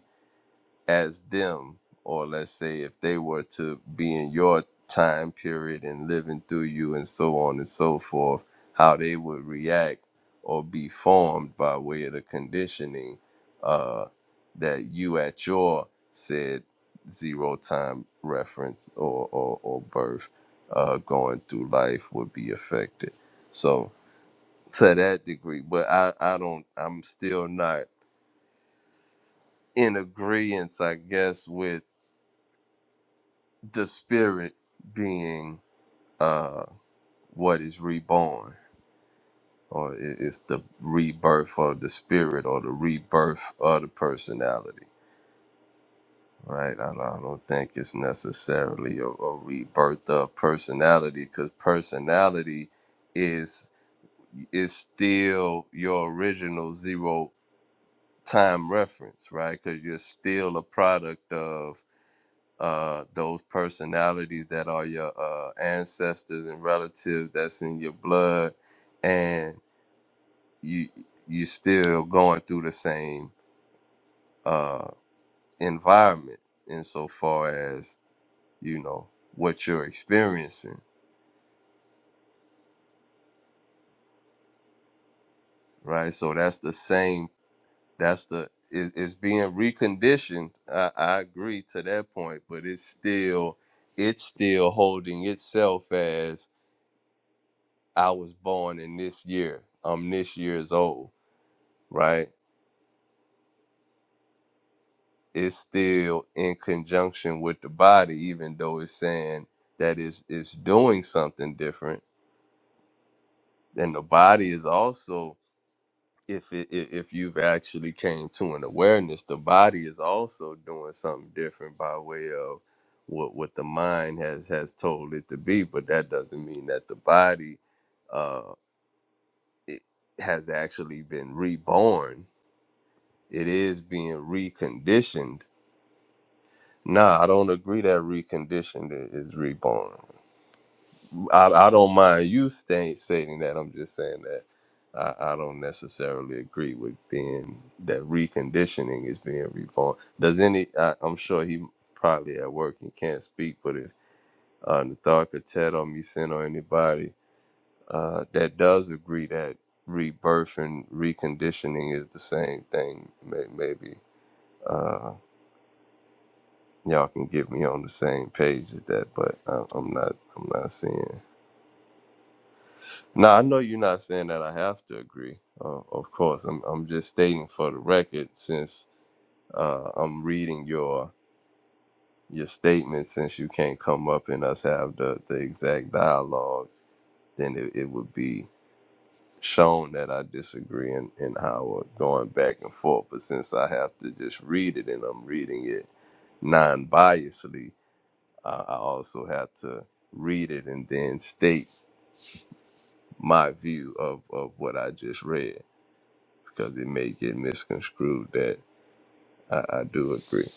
S4: as them, or let's say if they were to be in your time period and living through you and so on and so forth, how they would react or be formed by way of the conditioning uh, that you at your said zero time reference or, or, or birth uh, going through life would be affected. So to that degree, but I, I don't, I'm still not in agreement, I guess, with the spirit being uh what is reborn or i- it's the rebirth of the spirit rebirth of the personality right i don't think it's necessarily a, a rebirth of personality because personality is is still your original zero time reference right because you're still a product of uh, those personalities that are your uh, ancestors and relatives that's in your blood, and you you are still going through the same uh, environment insofar as you know what you're experiencing, right? So that's the same. That's the it, it's being reconditioned. I, I agree to that point, but it's still it's still holding itself as I was born in this year. I'm this year's old right, it's still in conjunction with the body, even though it's saying that it's, it's doing something different. And the body is also, if it, i- if you've actually came to an awareness, the body is also doing something different by way of what what the mind has has told it to be. But that doesn't mean that the body uh, has actually been reborn. It is reconditioned. Nah, I don't agree that reconditioned i- is reborn I, I don't mind you staying stating that. I'm just saying that I, I don't necessarily agree with being that reconditioning is being reborn. Does any? I, I'm sure he probably at work and can't speak, but if uh, Nathar could Ted or Meeson or anybody uh, that does agree that rebirth and reconditioning is the same thing, may, maybe uh, y'all can get me on the same page as that. But I, I'm not. I'm not seeing. No, I know you're not saying that I have to agree. Uh, of course, I'm. I'm just stating for the record, since uh, I'm reading your your statement. Since you can't come up and us have the the exact dialogue, then it, it would be shown that I disagree in, in how we're going back and forth. But since I have to just read it and I'm reading it non-biasedly, I, I also have to read it and then state my view of, of what I just read. because it may get misconstrued that I, I do agree.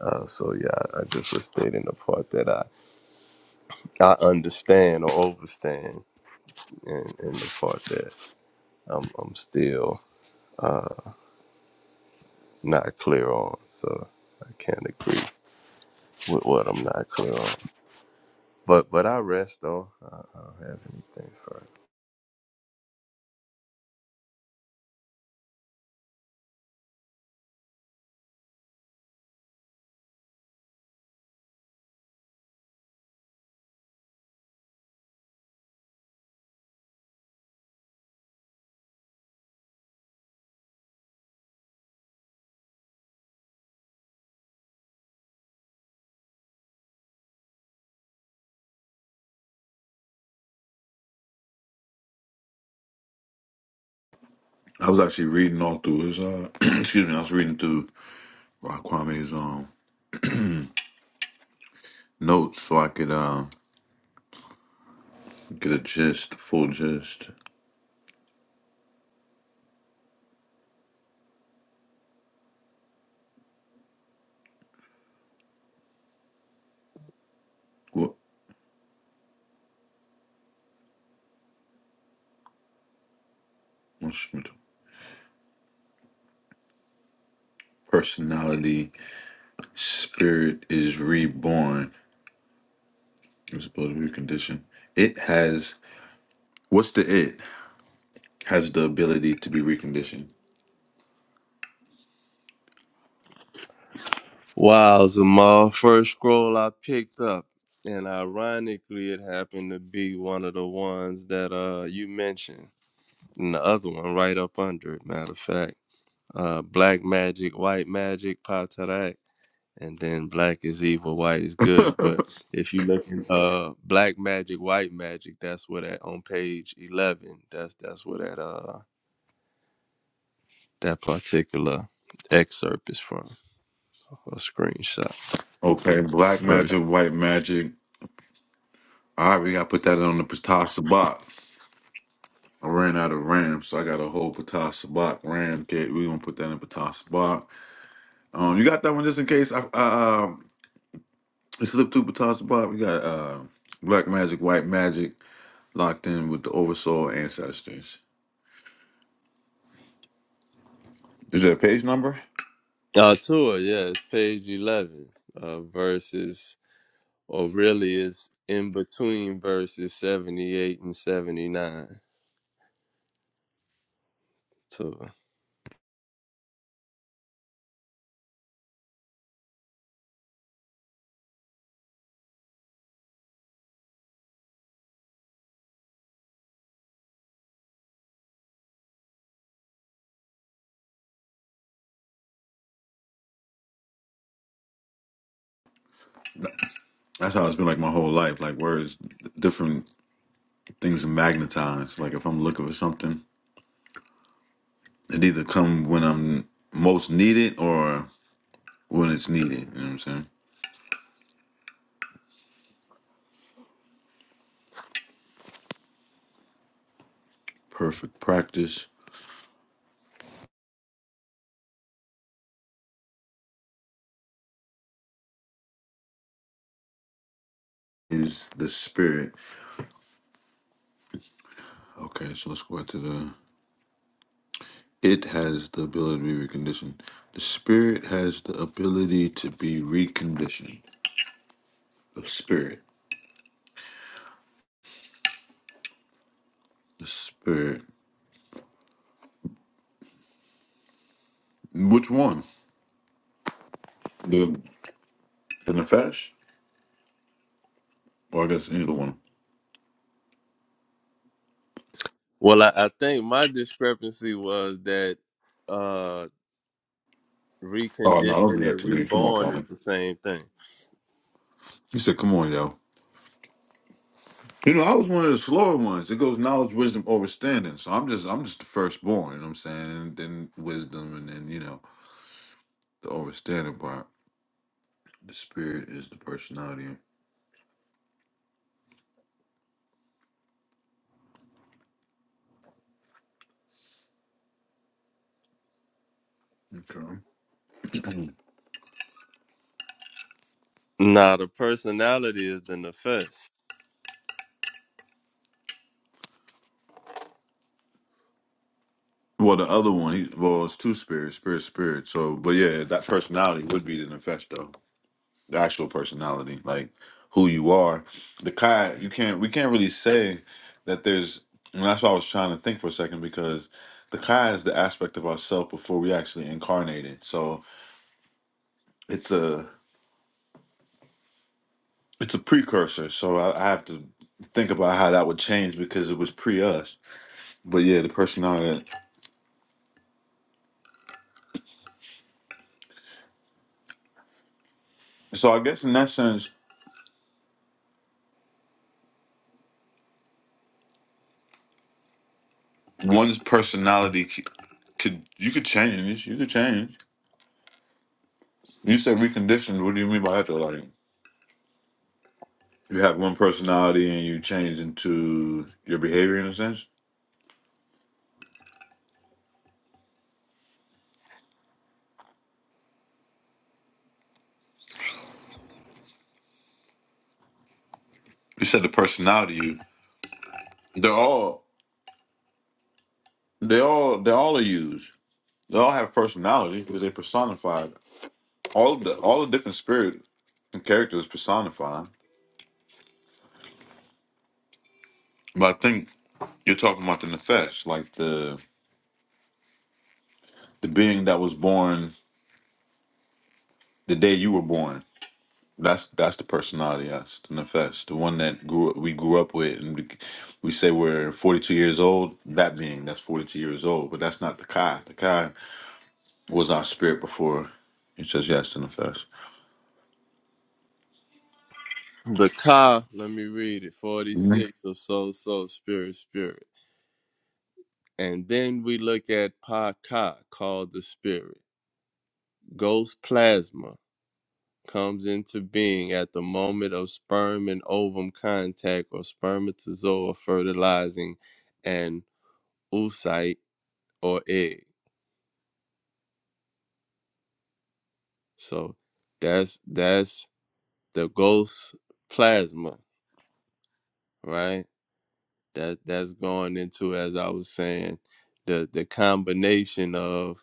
S4: Uh, so yeah, I, I just was stating the part that I, I understand or overstand and, and the part that I'm, I'm still uh, not clear on. So I can't agree with what I'm not clear on. But but I rest though. I, I don't have anything for it.
S2: I was actually reading all through his uh excuse me, I was reading through uh, Kwame's um notes so I could uh get a st- st- personality spirit is reborn. It's supposed to be reconditioned. It has what's the it? Has the ability to be reconditioned.
S4: Wow, Zamal, first scroll I picked up. And ironically, it happened to be one of the ones that uh you mentioned. and the other one right up under it. Matter of fact, uh, Black Magic, White Magic, Patarak, and then Black is Evil, White is Good. But if you look at uh, Black Magic, White Magic, that's where that on page eleven. That's that's where that uh that particular excerpt is from a screenshot
S2: Okay, black
S4: verse.
S2: magic, white magic, All right, we gotta put that on the Patasa Bach. I ran out of RAM, so I got a whole Patasa Bach RAM kit. We gonna put that in Patasa Bach. Um, you got that one just in case I, I um it slipped through Patasa Bach. We got uh Black Magic, White Magic locked in with the Oversoul and Satisfaction. Is that a page number?
S4: Uh, tour, yeah, it's page eleven. Uh, verses, or really, it's in between verses seventy-eight and seventy-nine. Tour.
S2: That's how it's been like my whole life. Like words, different things are magnetized. Like if I'm looking for something, it either come when I'm most needed or when it's needed. You know what I'm saying? Perfect practice, the spirit. Which one? The the Nefesh? or I guess either one.
S4: Well, I, I think my discrepancy was that uh
S2: Oh no,
S4: reconditioned
S2: don't do that
S4: and
S2: to me. Come on,
S4: reborn is
S2: Colin.
S4: the same thing.
S2: Yo. You know, I was one of the ones. Wisdom over. So I'm just the firstborn, you know what I'm saying? And then wisdom and then, you know, the overstanding part. The spirit is the personality. Okay.
S4: Now the personality is the nefesh.
S2: Well, the other one, he, well, it's two spirits, spirit, spirit. So, but yeah, that personality would be the Nefesh, though. the actual personality, like who you are. The Kai, you can't we can't really say that there's and that's why I was trying to think for a second because the Kai is the aspect of ourself before we actually incarnated. So it's a it's a precursor. So I, I have to think about how that would change because it was pre us. But yeah, the personality. So I guess in that sense, one's personality c- could you could change. You could change. You said reconditioned. What do you mean by that? Though? Like You have one personality and you change into your behavior in a sense. You said the personality you. They're all they all they all are used. They all have personality because they personified. All of the all the different spirit and characters personified. But I think you're talking about the nefesh, like the the being that was born the day you were born. That's that's the personality, that's the nefesh, the one that grew we grew up with, and we, we say we're forty two years old. That being that's forty two years old, but that's not the kai. The kai was our spirit before. It says yes to nefesh.
S4: The ka, let me read it, 46 of soul, soul, spirit, spirit. And then we look at pa ka, called the spirit. Ghost plasma comes into being at the moment of sperm and ovum contact or spermatozoa fertilizing an oocyte or egg. So that's that's the ghost plasma, right? That that's going into, as I was saying, the the combination of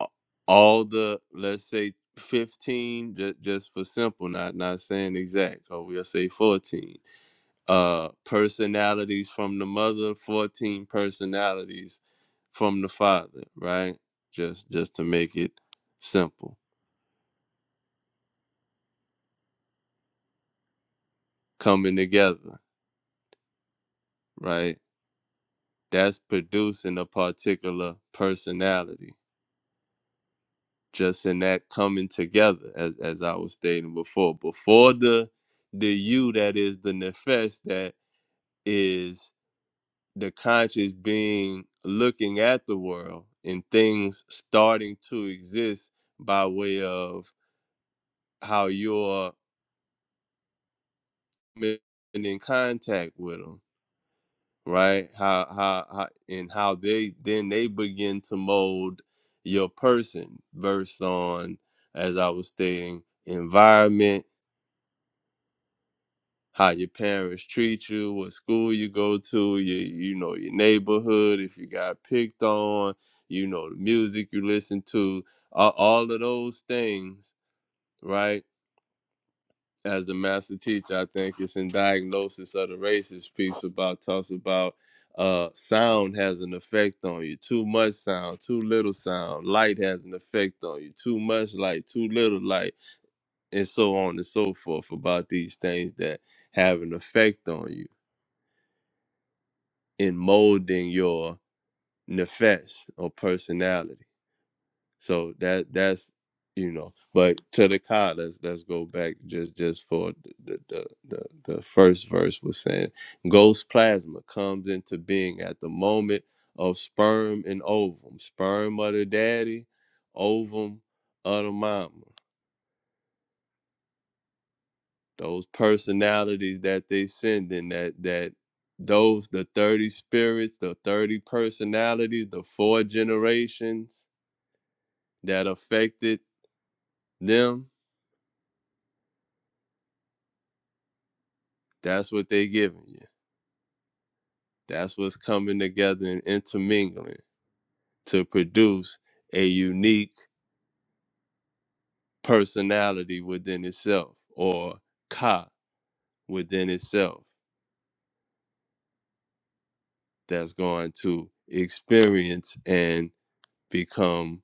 S4: a- all the let's say fifteen, just just for simple, not not saying exact, or we'll say fourteen. Uh, personalities from the mother, fourteen personalities from the father, right? Just just to make it simple, coming together, right? that's producing a particular personality just in that coming together as, as i was stating before before the the you that is the nefesh that is the conscious being looking at the world and things starting to exist by way of how you're in contact with them right? How, how, how, and how they then they begin to mold your person based on, as I was stating, environment, how your parents treat you, what school you go to, you you know your neighborhood, if you got picked on, you know the music you listen to, a- all of those things, right? as the master teacher, I think it's in diagnosis of the racist piece about talks about uh sound has an effect on you. Too much sound, too little sound, light has an effect on you, too much light, too little light, and so on and so forth about these things that have an effect on you in molding your nefesh or personality. So that that's you know, but to the cod, let's let's go back just just for the the the, the first verse was saying ghost plasma comes into being at the moment of sperm and ovum, sperm of the daddy, ovum of the mama. Those personalities that they send in that that those the 30 spirits, the 30 personalities, the four generations that affected them, that's what they giving you. That's what's coming together and intermingling to produce a unique personality within itself or ka within itself that's going to experience and become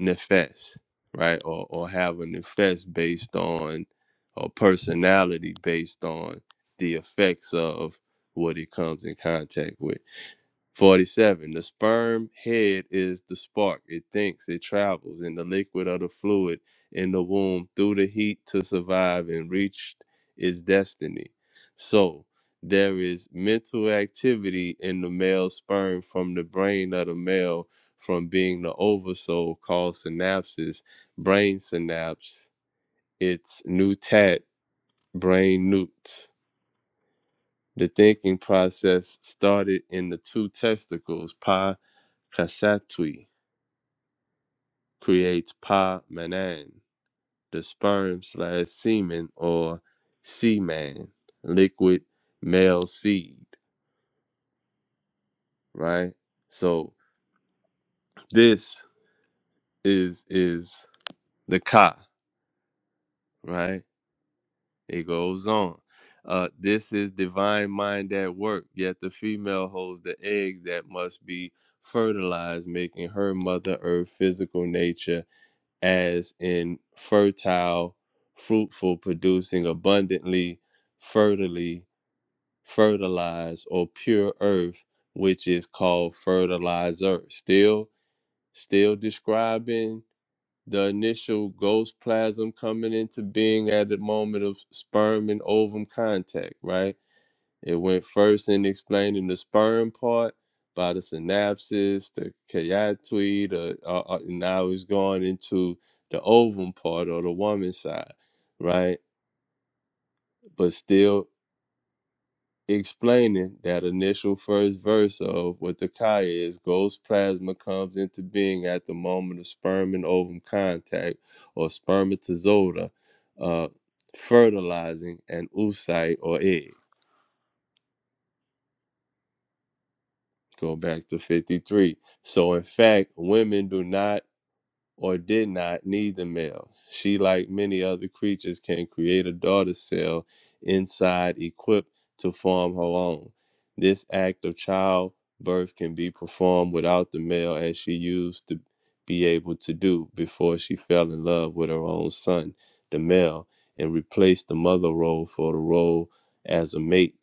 S4: nefes, right? Or, or have a nefes based on or personality based on the effects of what it comes in contact with. 47. The sperm head is the spark. It thinks, it travels in the liquid or the fluid in the womb through the heat to survive and reach its destiny. So, there is mental activity in the male sperm from the brain of the male from being the oversoul called synapses, brain synapse, its nutat brain newt. The thinking process started in the two testicles, pi Kasatwi creates Pa Manan, the sperm slash semen or seaman, liquid male seed, right? So this is is the Ka, right? It goes on. Uh, this is divine mind at work, yet the female holds the egg that must be fertilized, making her mother earth physical nature as in fertile, fruitful, producing abundantly, fertily, fertilized, or pure earth, which is called fertilizer. Still, still describing the initial ghost plasm coming into being at the moment of sperm and ovum contact, right? It went first in explaining the sperm part by the synapses, the chiatry, the uh, uh, and now it's going into the ovum part or the woman side, right? But still explaining that initial first verse of what the chi is ghost plasma comes into being at the moment of sperm and ovum contact or spermatozoa uh, fertilizing an oocyte or egg Go back to 53. So, in fact, women do not or did not need the male. She, like many other creatures, can create a daughter cell inside equipped to form her own. This act of childbirth can be performed without the male, as she used to be able to do before she fell in love with her own son, the male, and replaced the mother role for the role as a mate.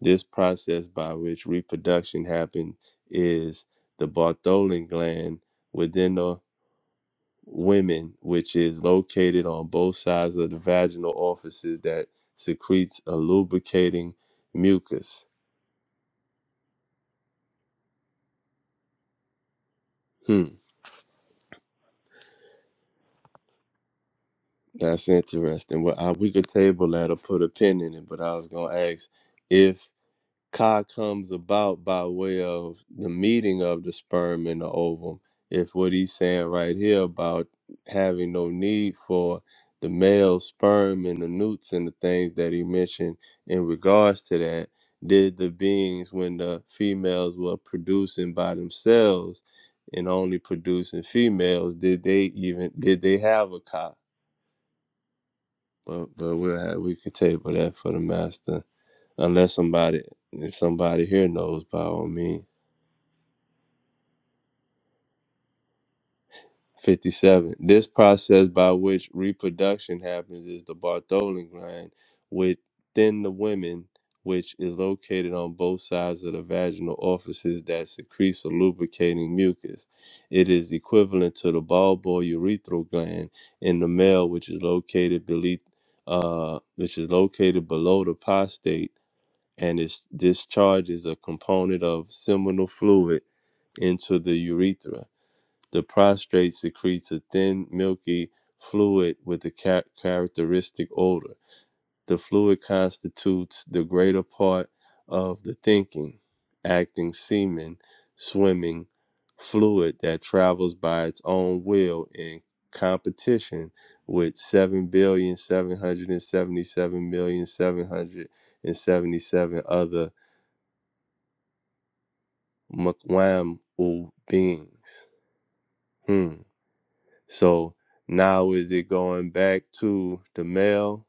S4: This process by which reproduction happens is the Bartholin gland within the women, which is located on both sides of the vaginal orifices that secretes a lubricating mucus. Hmm, that's interesting. Well, I, we could table that or put a pin in it, but I was gonna ask if Chi comes about by way of the meeting of the sperm and the ovum. If what he's saying right here about having no need for the male sperm and the newts and the things that he mentioned in regards to that, did the beings when the females were producing by themselves and only producing females, did they even did they have a chi? But but we'll have, we could table that for the master unless somebody if somebody here knows by all means 57 this process by which reproduction happens is the bartholin gland within the women which is located on both sides of the vaginal orifices that secretes a lubricating mucus it is equivalent to the bulbourethral gland in the male which is located beneath uh, which is located below the prostate and its discharge is a component of seminal fluid into the urethra. The prostate secretes a thin, milky fluid with a cha- characteristic odor. The fluid constitutes the greater part of the thinking, acting semen, swimming fluid that travels by its own will in competition with seven billion, seven hundred and seventy-seven million, seven hundred and seventy-seven other Mwam beings. Hmm. So now is it going back to the male,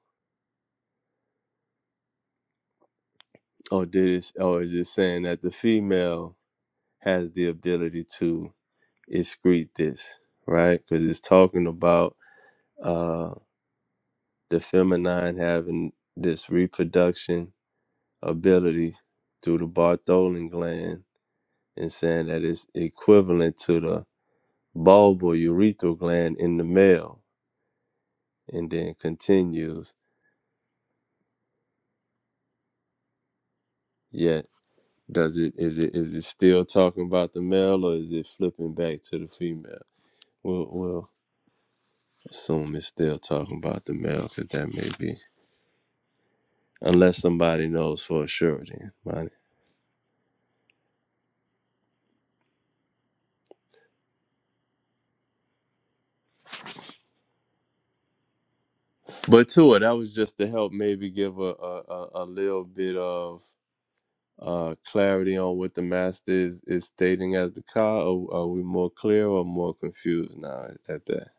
S4: or did it, or is it saying that the female has the ability to excrete this, right? Because it's talking about uh, the feminine having this reproduction ability through the Bartholin gland, and saying that it's equivalent to the bulbal urethral gland in the male, and then continues. yes, Does it is it is it still talking about the male or is it flipping back to the female? We'll we'll assume it's still talking about the male because that may be unless somebody knows for sure. Then, right? but to it, that was just to help maybe give a a, a, a little bit of uh clarity on what the master is is stating as the car. Are, are we more clear or more confused now at that?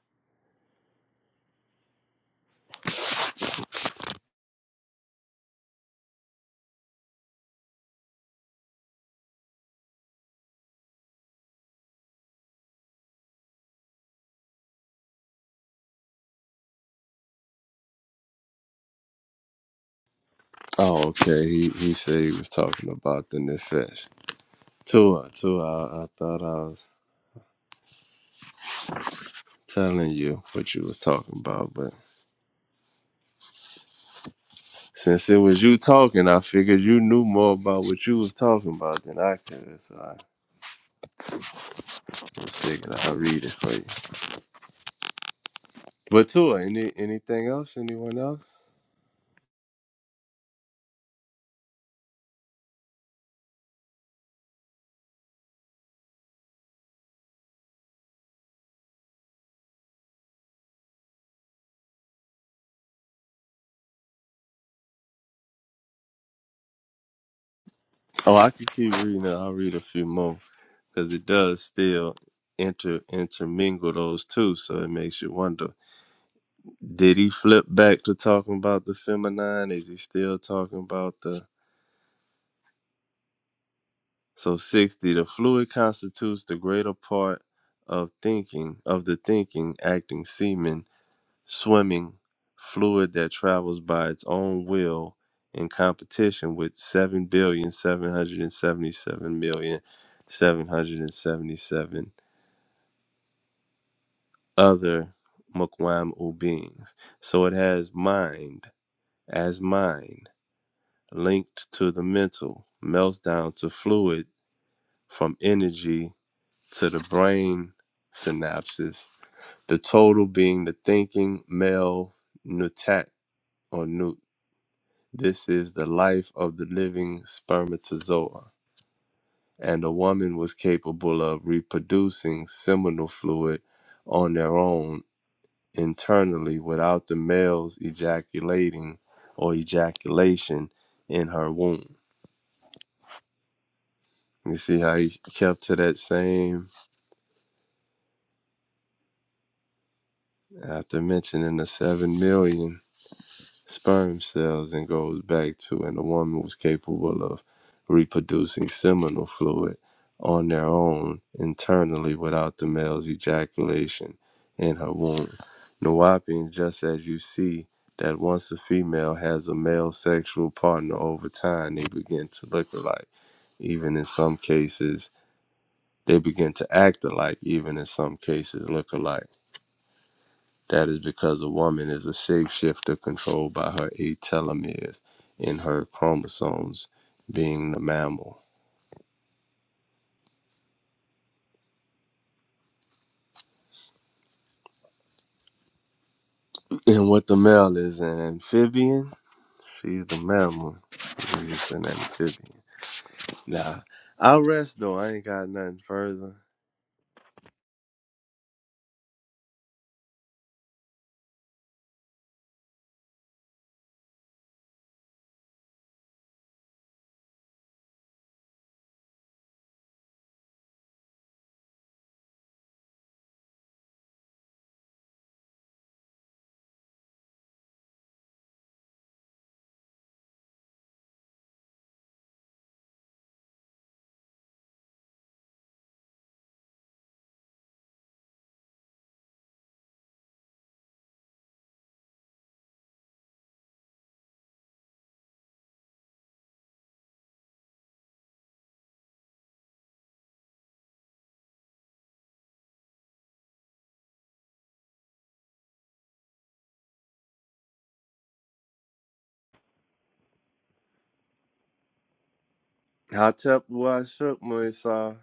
S4: Oh, okay. He he said he was talking about the nefesh. Tua, Tua. I, I thought I was. telling you what you was talking about, but since it was you talking, I figured you knew more about what you was talking about than I could, so I figured I'd read it for you. But Tua, any anything else? Anyone else? Oh, I could keep reading it. I'll read a few more because it does still intermingle those two, so it makes you wonder: Did he flip back to talking about the feminine? Is he still talking about the? So 60, the fluid constitutes the greater part of thinking, of the thinking, acting semen, swimming fluid that travels by its own will in competition with seven billion, seven hundred and seventy-seven million, seven hundred and seventy-seven other Mukwamu beings. So it has mind as mind linked to the mental, melts down to fluid from energy to the brain synapses, the total being the thinking male nutat or nut. This is the life of the living spermatozoa, and the woman was capable of reproducing seminal fluid on their own internally without the males ejaculating or ejaculation in her womb. You see how he kept to that same after mentioning the seven million. sperm cells and goes back to, and the woman was capable of reproducing seminal fluid on their own internally without the male's ejaculation in her womb. Nawapians, just as you see that once a female has a male sexual partner over time, they begin to look alike. Even in some cases, they begin to act alike, even in some cases, look alike that is because a woman is a shapeshifter controlled by her eight telomeres in her chromosomes, being the mammal. And what the male is an amphibian, she's the mammal. She's an amphibian. Nah, I'll rest though. I ain't got nothing further. Hotep wa shook Moisa.